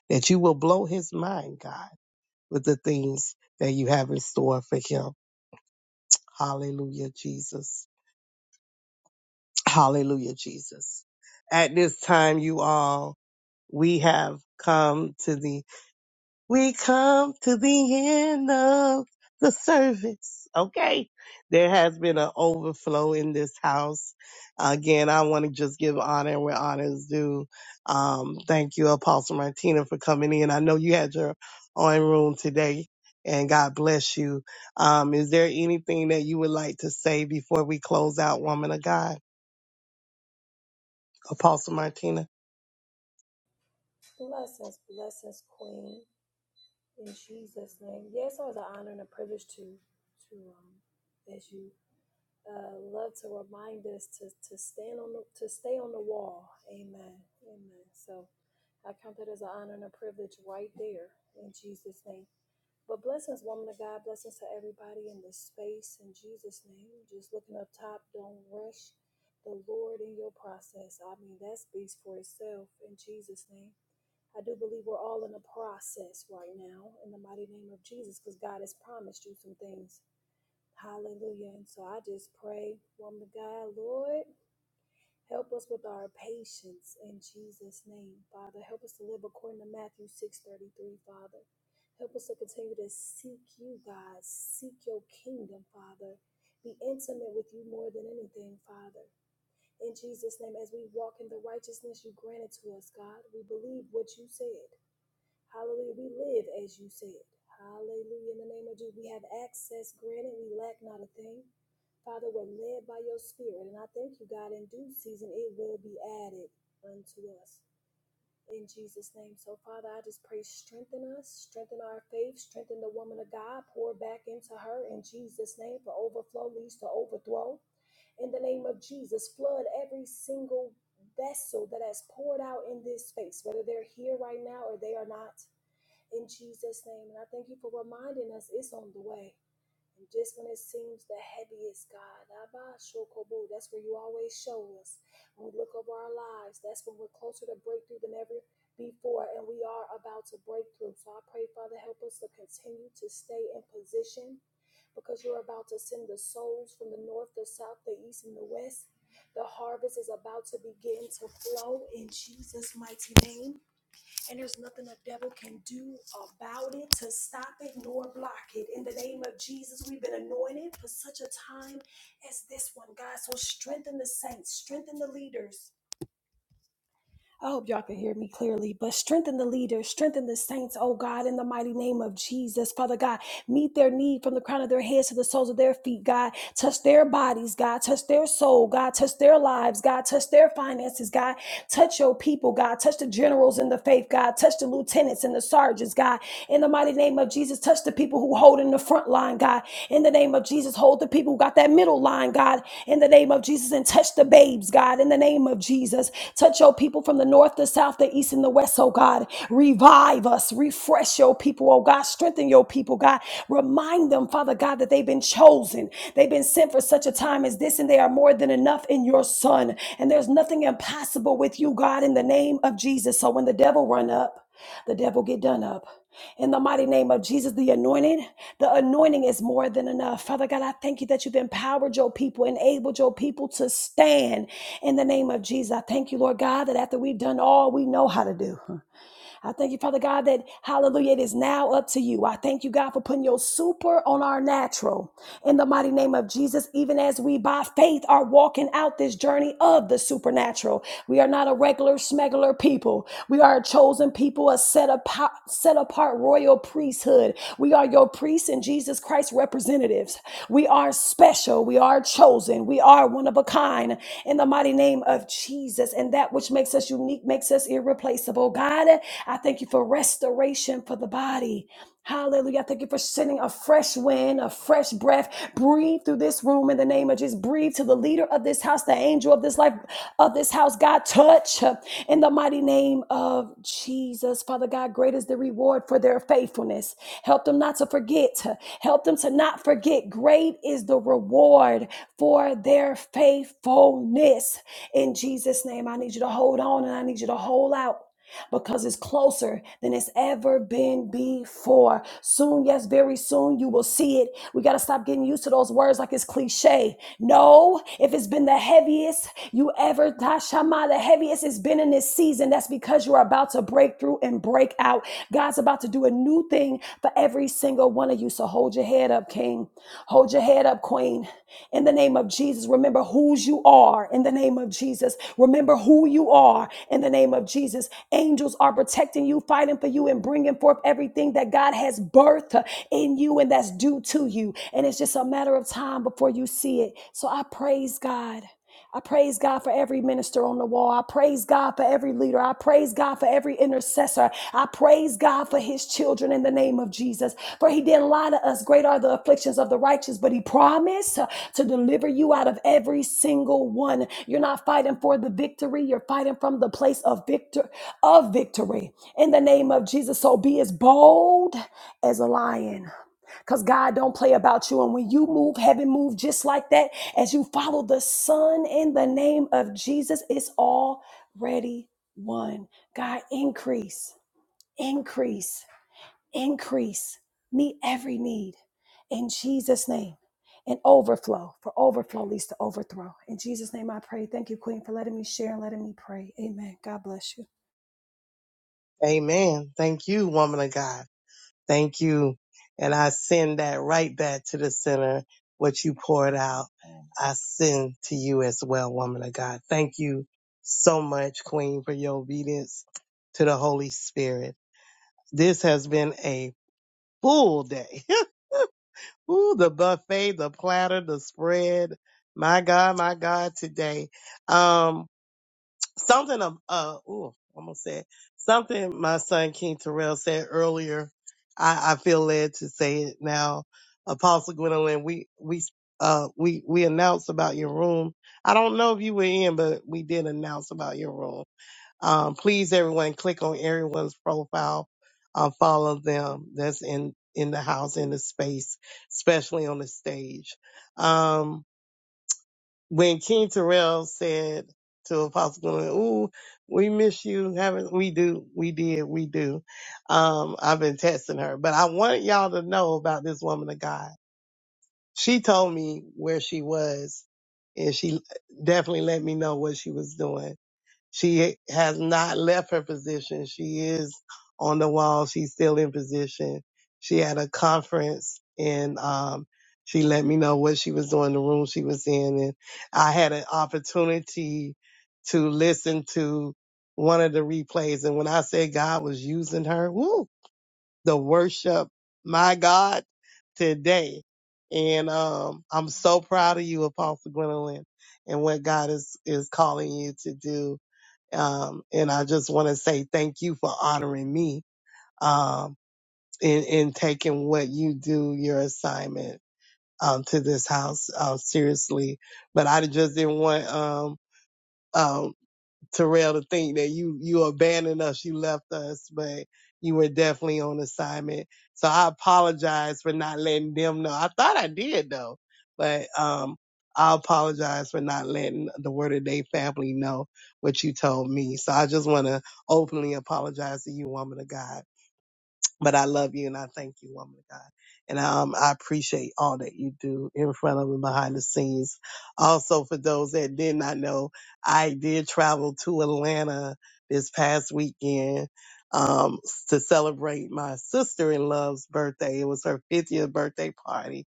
F: that you will blow his mind, God, with the things that you have in store for him. Hallelujah, Jesus. Hallelujah, Jesus. At this time, you all, we have come to the We come to the end of the service. Okay. There has been an overflow in this house. Again, I want to just give honor where honor is due. Um, thank you, Apostle Martina, for coming in. I know you had your own room today and God bless you. Um, is there anything that you would like to say before we close out, woman of God? Apostle Martina.
U: Bless us, bless us, Queen, in Jesus' name. Yes, it was an honor and a privilege to, to um, as you uh, love to remind us to to stand on the, to stay on the wall. Amen, amen. So I count that as an honor and a privilege right there in Jesus' name. But blessings, woman of God, blessings to everybody in this space in Jesus' name. Just looking up top, don't rush the Lord in your process. I mean, that speaks for itself in Jesus' name. I do believe we're all in a process right now in the mighty name of Jesus because God has promised you some things. Hallelujah. And so I just pray, woman of God, Lord, help us with our patience in Jesus' name, Father. Help us to live according to Matthew 6.33, Father. Help us to continue to seek you, God. Seek your kingdom, Father. Be intimate with you more than anything, Father. In Jesus' name, as we walk in the righteousness you granted to us, God, we believe what you said. Hallelujah. We live as you said. Hallelujah. In the name of Jesus, we have access granted. We lack not a thing. Father, we're led by your spirit. And I thank you, God, in due season, it will be added unto us. In Jesus' name. So, Father, I just pray, strengthen us, strengthen our faith, strengthen the woman of God, pour back into her in Jesus' name. For overflow leads to overthrow in the name of Jesus. Flood every single vessel that has poured out in this space, whether they're here right now or they are not in Jesus' name. And I thank you for reminding us it's on the way. And just when it seems the heaviest, God, Abba, Shokobu, that's where you always show us. When we look over our lives, that's when we're closer to breakthrough than ever before, and we are about to break through. So I pray, Father, help us to continue to stay in position because you're about to send the souls from the north, the south, the east, and the west. The harvest is about to begin to flow in Jesus' mighty name and there's nothing the devil can do about it to stop it nor block it. In the name of Jesus, we've been anointed for such a time as this one, God. So strengthen the saints, strengthen the leaders. I hope y'all can hear me clearly, but strengthen the leaders, strengthen the saints, oh God, in the mighty name of Jesus. Father God, meet their need from the crown of their heads to the soles of their feet, God. Touch their bodies, God. Touch their soul, God. Touch their lives, God. Touch their finances, God. Touch your people, God. Touch the generals in the faith, God. Touch the lieutenants and the sergeants, God. In the mighty name of Jesus, touch the people who hold in the front line, God. In the name of Jesus, hold the people who got that middle line, God. In the name of Jesus, and touch the babes, God. In the name of Jesus, touch your people from the north to south the east and the west, oh God. Revive us, refresh your people, oh God. Strengthen your people, God. Remind them, Father God, that they've been chosen. They've been sent for such a time as this, and they are more than enough in your Son. And there's nothing impossible with you, God, in the name of Jesus. So when the devil run up, the devil get done up. In the mighty name of Jesus, the anointing, the anointing is more than enough. Father God, I thank you that you've empowered your people, enabled your people to stand in the name of Jesus. I thank you, Lord God, that after we've done all we know how to do. I thank you, Father God, that hallelujah, it is now up to you. I thank you, God, for putting your super on our natural in the mighty name of Jesus, even as we by faith are walking out this journey of the supernatural. We are not a regular smegular people. We are a chosen people, a set apart, set apart royal priesthood. We are your priests and Jesus Christ representatives. We are special. We are chosen. We are one of a kind in the mighty name of Jesus. And that which makes us unique makes us irreplaceable. God, God. I thank you for restoration for the body. Hallelujah. I Thank you for sending a fresh wind, a fresh breath. Breathe through this room in the name of Jesus. Breathe to the leader of this house, the angel of this life, of this house. God, touch in the mighty name of Jesus. Father God, great is the reward for their faithfulness. Help them not to forget. Help them to not forget. Great is the reward for their faithfulness. In Jesus' name, I need you to hold on and I need you to hold out because it's closer than it's ever been before. Soon, yes, very soon, you will see it. We got to stop getting used to those words like it's cliche. No, if it's been the heaviest you ever, Tashama, the heaviest it's been in this season, that's because you're about to break through and break out. God's about to do a new thing for every single one of you. So hold your head up, King. Hold your head up, Queen in the name of Jesus. Remember whose you are in the name of Jesus. Remember who you are in the name of Jesus. Angels are protecting you, fighting for you, and bringing forth everything that God has birthed in you and that's due to you. And it's just a matter of time before you see it. So I praise God. I praise God for every minister on the wall. I praise God for every leader. I praise God for every intercessor. I praise God for his children in the name of Jesus. For he didn't lie to us. Great are the afflictions of the righteous, but he promised uh, to deliver you out of every single one. You're not fighting for the victory. You're fighting from the place of victor of victory in the name of Jesus. So be as bold as a lion because God don't play about you. And when you move, heaven move just like that. As you follow the Son in the name of Jesus, it's already one. God, increase, increase, increase. Meet every need in Jesus' name. And overflow, for overflow leads to overthrow. In Jesus' name I pray. Thank you, Queen, for letting me share and letting me pray. Amen. God bless you.
F: Amen. Thank you, woman of God. Thank you. And I send that right back to the center. What you poured out, I send to you as well, woman of God. Thank you so much, Queen, for your obedience to the Holy Spirit. This has been a full day. (laughs) Ooh, the buffet, the platter, the spread. My God, my God, today. Um, something of uh ooh, almost said something my son King Terrell said earlier. I, I feel led to say it now. Apostle Gwendolyn, we we uh we we announced about your room. I don't know if you were in, but we did announce about your room. Um please everyone click on everyone's profile, uh follow them that's in in the house, in the space, especially on the stage. Um, when King Terrell said to Apostle Gwendolyn, "Ooh, we miss you, haven't we? Do we did we do?" Um, I've been testing her, but I want y'all to know about this woman of God. She told me where she was, and she definitely let me know what she was doing. She has not left her position. She is on the wall. She's still in position. She had a conference and um, she let me know what she was doing, the room she was in. And I had an opportunity to listen to one of the replays. And when I say God was using her, woo, the worship, my God, today. And um, I'm so proud of you, Apostle Gwendolyn, and what God is, is calling you to do um, and I just want to say thank you for honoring me um, in, in taking what you do, your assignment um, to this house uh, seriously. But I just didn't want um, um, Terrell to think that you you abandoned us, you left us, but you were definitely on assignment. So I apologize for not letting them know. I thought I did though, but um, I apologize for not letting the Word of Day family know what you told me. So I just want to openly apologize to you, woman of God. But I love you and I thank you, woman of God. And um, I appreciate all that you do in front of and behind the scenes. Also, for those that did not know, I did travel to Atlanta this past weekend um, to celebrate my sister in law's birthday. It was her 50th birthday party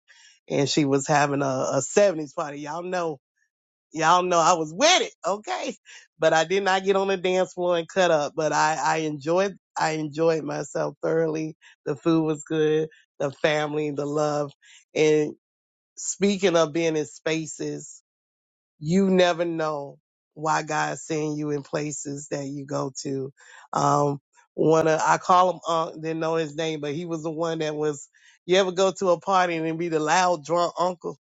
F: and she was having a, a 70s party. Y'all know Y'all know I was with it, okay? But I did not get on the dance floor and cut up. But I, I enjoyed, I enjoyed myself thoroughly. The food was good, the family, the love. And speaking of being in spaces, you never know why God's sending you in places that you go to. Um, one of, I call him Unc, didn't know his name, but he was the one that was. You ever go to a party and it be the loud drunk uncle?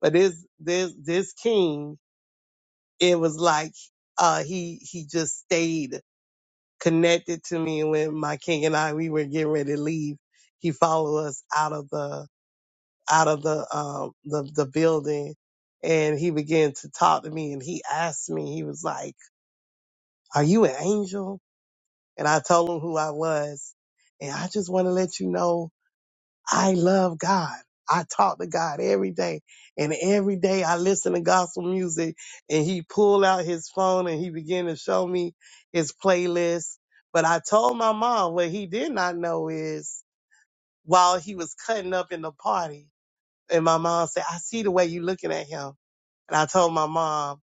F: But this this this king it was like uh he he just stayed connected to me and when my king and I we were getting ready to leave, he followed us out of the out of the um the, the building and he began to talk to me and he asked me, he was like, Are you an angel? And I told him who I was. And I just want to let you know I love God. I talk to God every day. And every day I listen to gospel music and he pulled out his phone and he began to show me his playlist. But I told my mom what he did not know is while he was cutting up in the party, and my mom said, I see the way you looking at him. And I told my mom,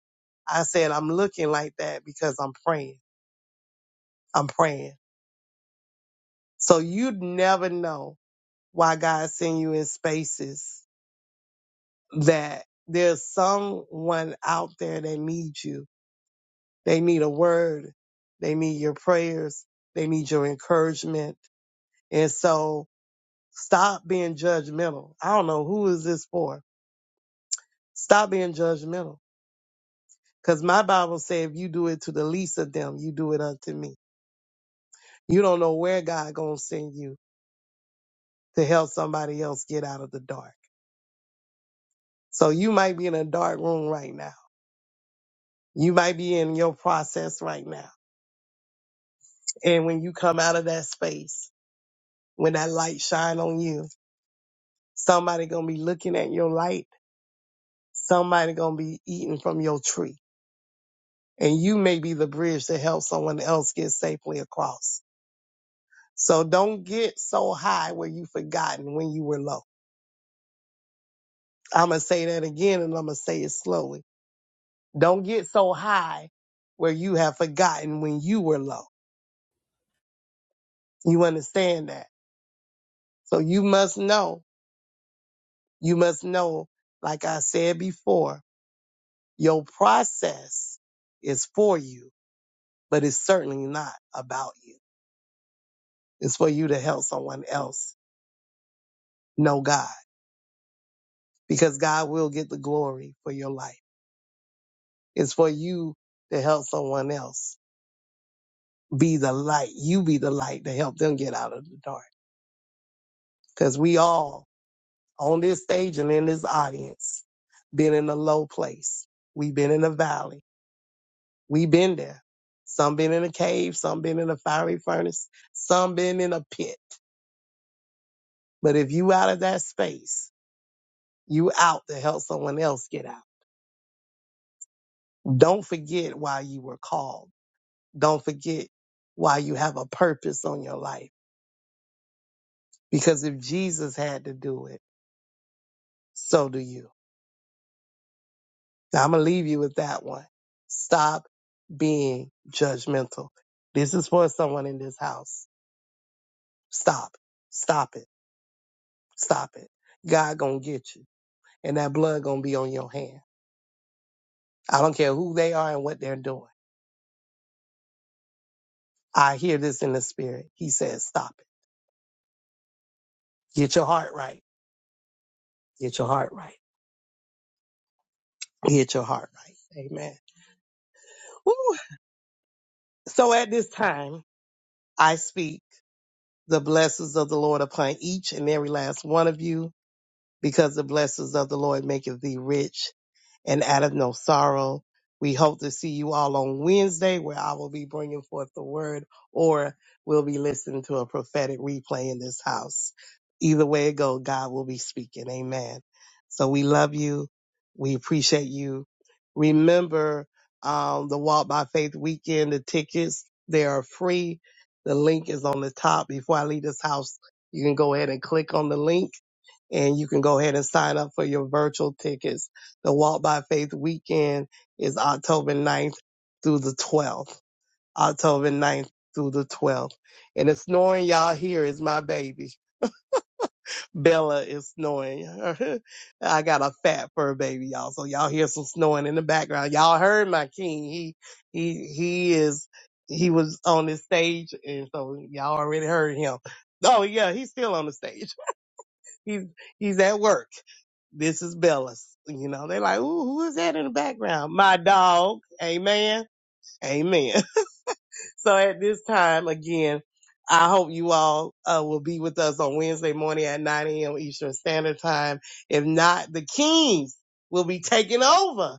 F: I said, I'm looking like that because I'm praying. I'm praying. So you'd never know why God send you in spaces that there's someone out there that needs you. They need a word. They need your prayers. They need your encouragement. And so stop being judgmental. I don't know who is this for. Stop being judgmental. Cause my Bible says if you do it to the least of them, you do it unto me. You don't know where God gonna send you to help somebody else get out of the dark. So you might be in a dark room right now. You might be in your process right now. And when you come out of that space, when that light shine on you. Somebody gonna be looking at your light. Somebody gonna be eating from your tree. And you may be the bridge to help someone else get safely across. So don't get so high where you forgotten when you were low. I'm gonna say that again and I'm gonna say it slowly. Don't get so high where you have forgotten when you were low. You understand that? So you must know, you must know, like I said before, your process is for you but it's certainly not about you. It's for you to help someone else know God because God will get the glory for your life. It's for you to help someone else be the light. You be the light to help them get out of the dark because we all on this stage and in this audience been in a low place. We've been in a valley. We've been there. Some been in a cave, some been in a fiery furnace, some been in a pit. But if you out of that space, You out to help someone else get out. Don't forget why you were called. Don't forget why you have a purpose on your life. Because if Jesus had to do it, so do you. Now I'm going to leave you with that one. Stop being judgmental. This is for someone in this house. Stop. Stop it. Stop it. God gonna get you. And that blood gonna be on your hand. I don't care who they are and what they're doing. I hear this in the spirit. He says, stop it. Get your heart right. Get your heart right. Get your heart right. Amen. Woo. So at this time, I speak the blessings of the Lord upon each and every last one of you, because the blessings of the Lord maketh thee rich and out of no sorrow. We hope to see you all on Wednesday where I will be bringing forth the word or we'll be listening to a prophetic replay in this house. Either way it goes, God will be speaking. Amen. So we love you. We appreciate you. Remember, um, the Walk by Faith weekend, the tickets, they are free. The link is on the top. Before I leave this house, you can go ahead and click on the link and you can go ahead and sign up for your virtual tickets. The Walk by Faith weekend is October ninth through the 12th. October ninth through the 12th. And the snoring y'all hear is my baby. Bella is snoring. (laughs) I got a fat fur baby, y'all. So y'all hear some snoring in the background. Y'all heard my king. He, he, he is, he was on the stage. And so y'all already heard him. Oh yeah, he's still on the stage. (laughs) He's, he's at work this is Bella's. You know, they like, ooh, who is that in the background? My dog. Amen. Amen. So at this time, again, I hope you all uh, will be with us on Wednesday morning at 9 a.m. Eastern Standard Time. If not, the Kings will be taking over.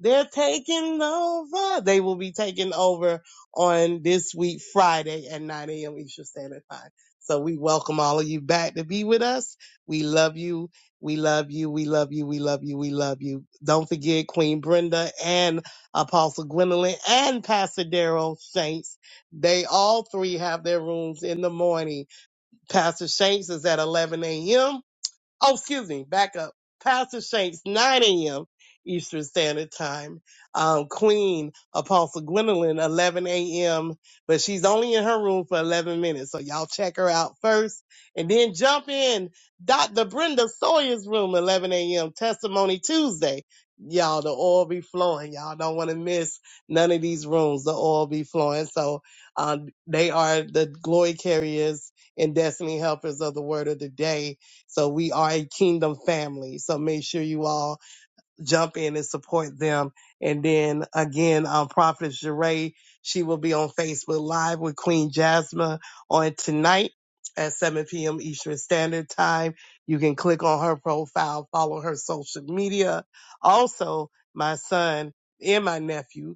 F: They're taking over. They will be taking over on this week, Friday at 9 a.m. Eastern Standard Time. So we welcome all of you back to be with us. We love you. We love you. We love you. We love you. We love you. Don't forget Queen Brenda and Apostle Gwendolyn and Pastor Daryl Saints they all three have their rooms in the morning. Pastor Shanks is at 11 a.m. Oh, excuse me, back up. Pastor Shanks, 9 a.m. Eastern Standard Time. Um, Queen Apostle Gwendolyn, 11 a.m. But she's only in her room for 11 minutes. So y'all check her out first and then jump in Dr. Brenda Sawyer's room, 11 a.m. Testimony Tuesday. Y'all, the oil be flowing. Y'all don't want to miss none of these rooms. The oil be flowing. So, um, they are the glory carriers and destiny helpers of the word of the day so we are a kingdom family. So make sure you all jump in and support them. And then again, um, Prophet Jeray, she will be on Facebook Live with Queen Jasmine on tonight at 7 p.m. Eastern Standard Time. You can click on her profile, follow her social media. Also, my son and my nephew.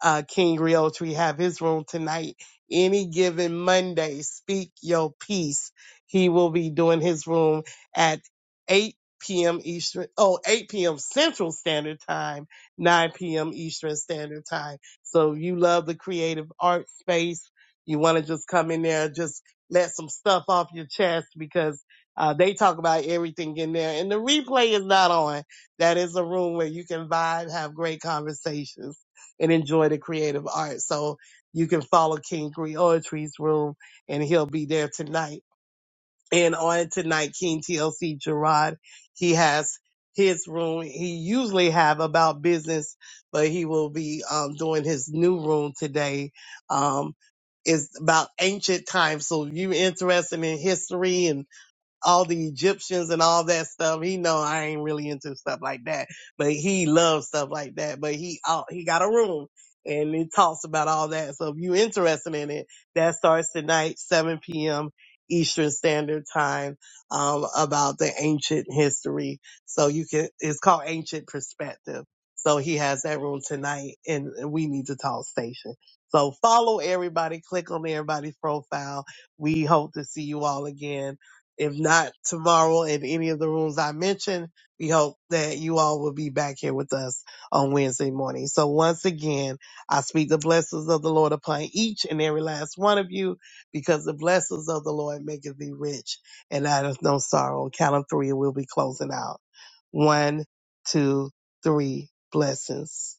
F: Uh, King Rios, we have his room tonight. Any given Monday, speak your peace. He will be doing his room at 8 p.m. Eastern, oh, 8 p.m. Central Standard Time, 9 p.m. Eastern Standard Time. So if you love the creative art space. You want to just come in there, just let some stuff off your chest because uh, they talk about everything in there. And the replay is not on. That is a room where you can vibe, have great conversations and enjoy the creative arts. So you can follow King Creole's room and he'll be there tonight. And on tonight, King TLC Gerard, he has his room. He usually have about business, but he will be um, doing his new room today. Um, is about ancient times. So if you're interested in history and? all the Egyptians and all that stuff. He know I ain't really into stuff like that, but he loves stuff like that. But he out, he got a room and it talks about all that. So if you interested in it, that starts tonight, 7 p.m. Eastern Standard Time, um, about the ancient history. So you can, it's called Ancient Perspective. So he has that room tonight and we need to talk station. So follow everybody, click on everybody's profile. We hope to see you all again if not tomorrow in any of the rooms I mentioned, we hope that you all will be back here with us on Wednesday morning. So once again, I speak the blessings of the Lord upon each and every last one of you because the blessings of the Lord maketh thee rich and that is no sorrow. On Count of three, and we'll be closing out. One, two, three blessings.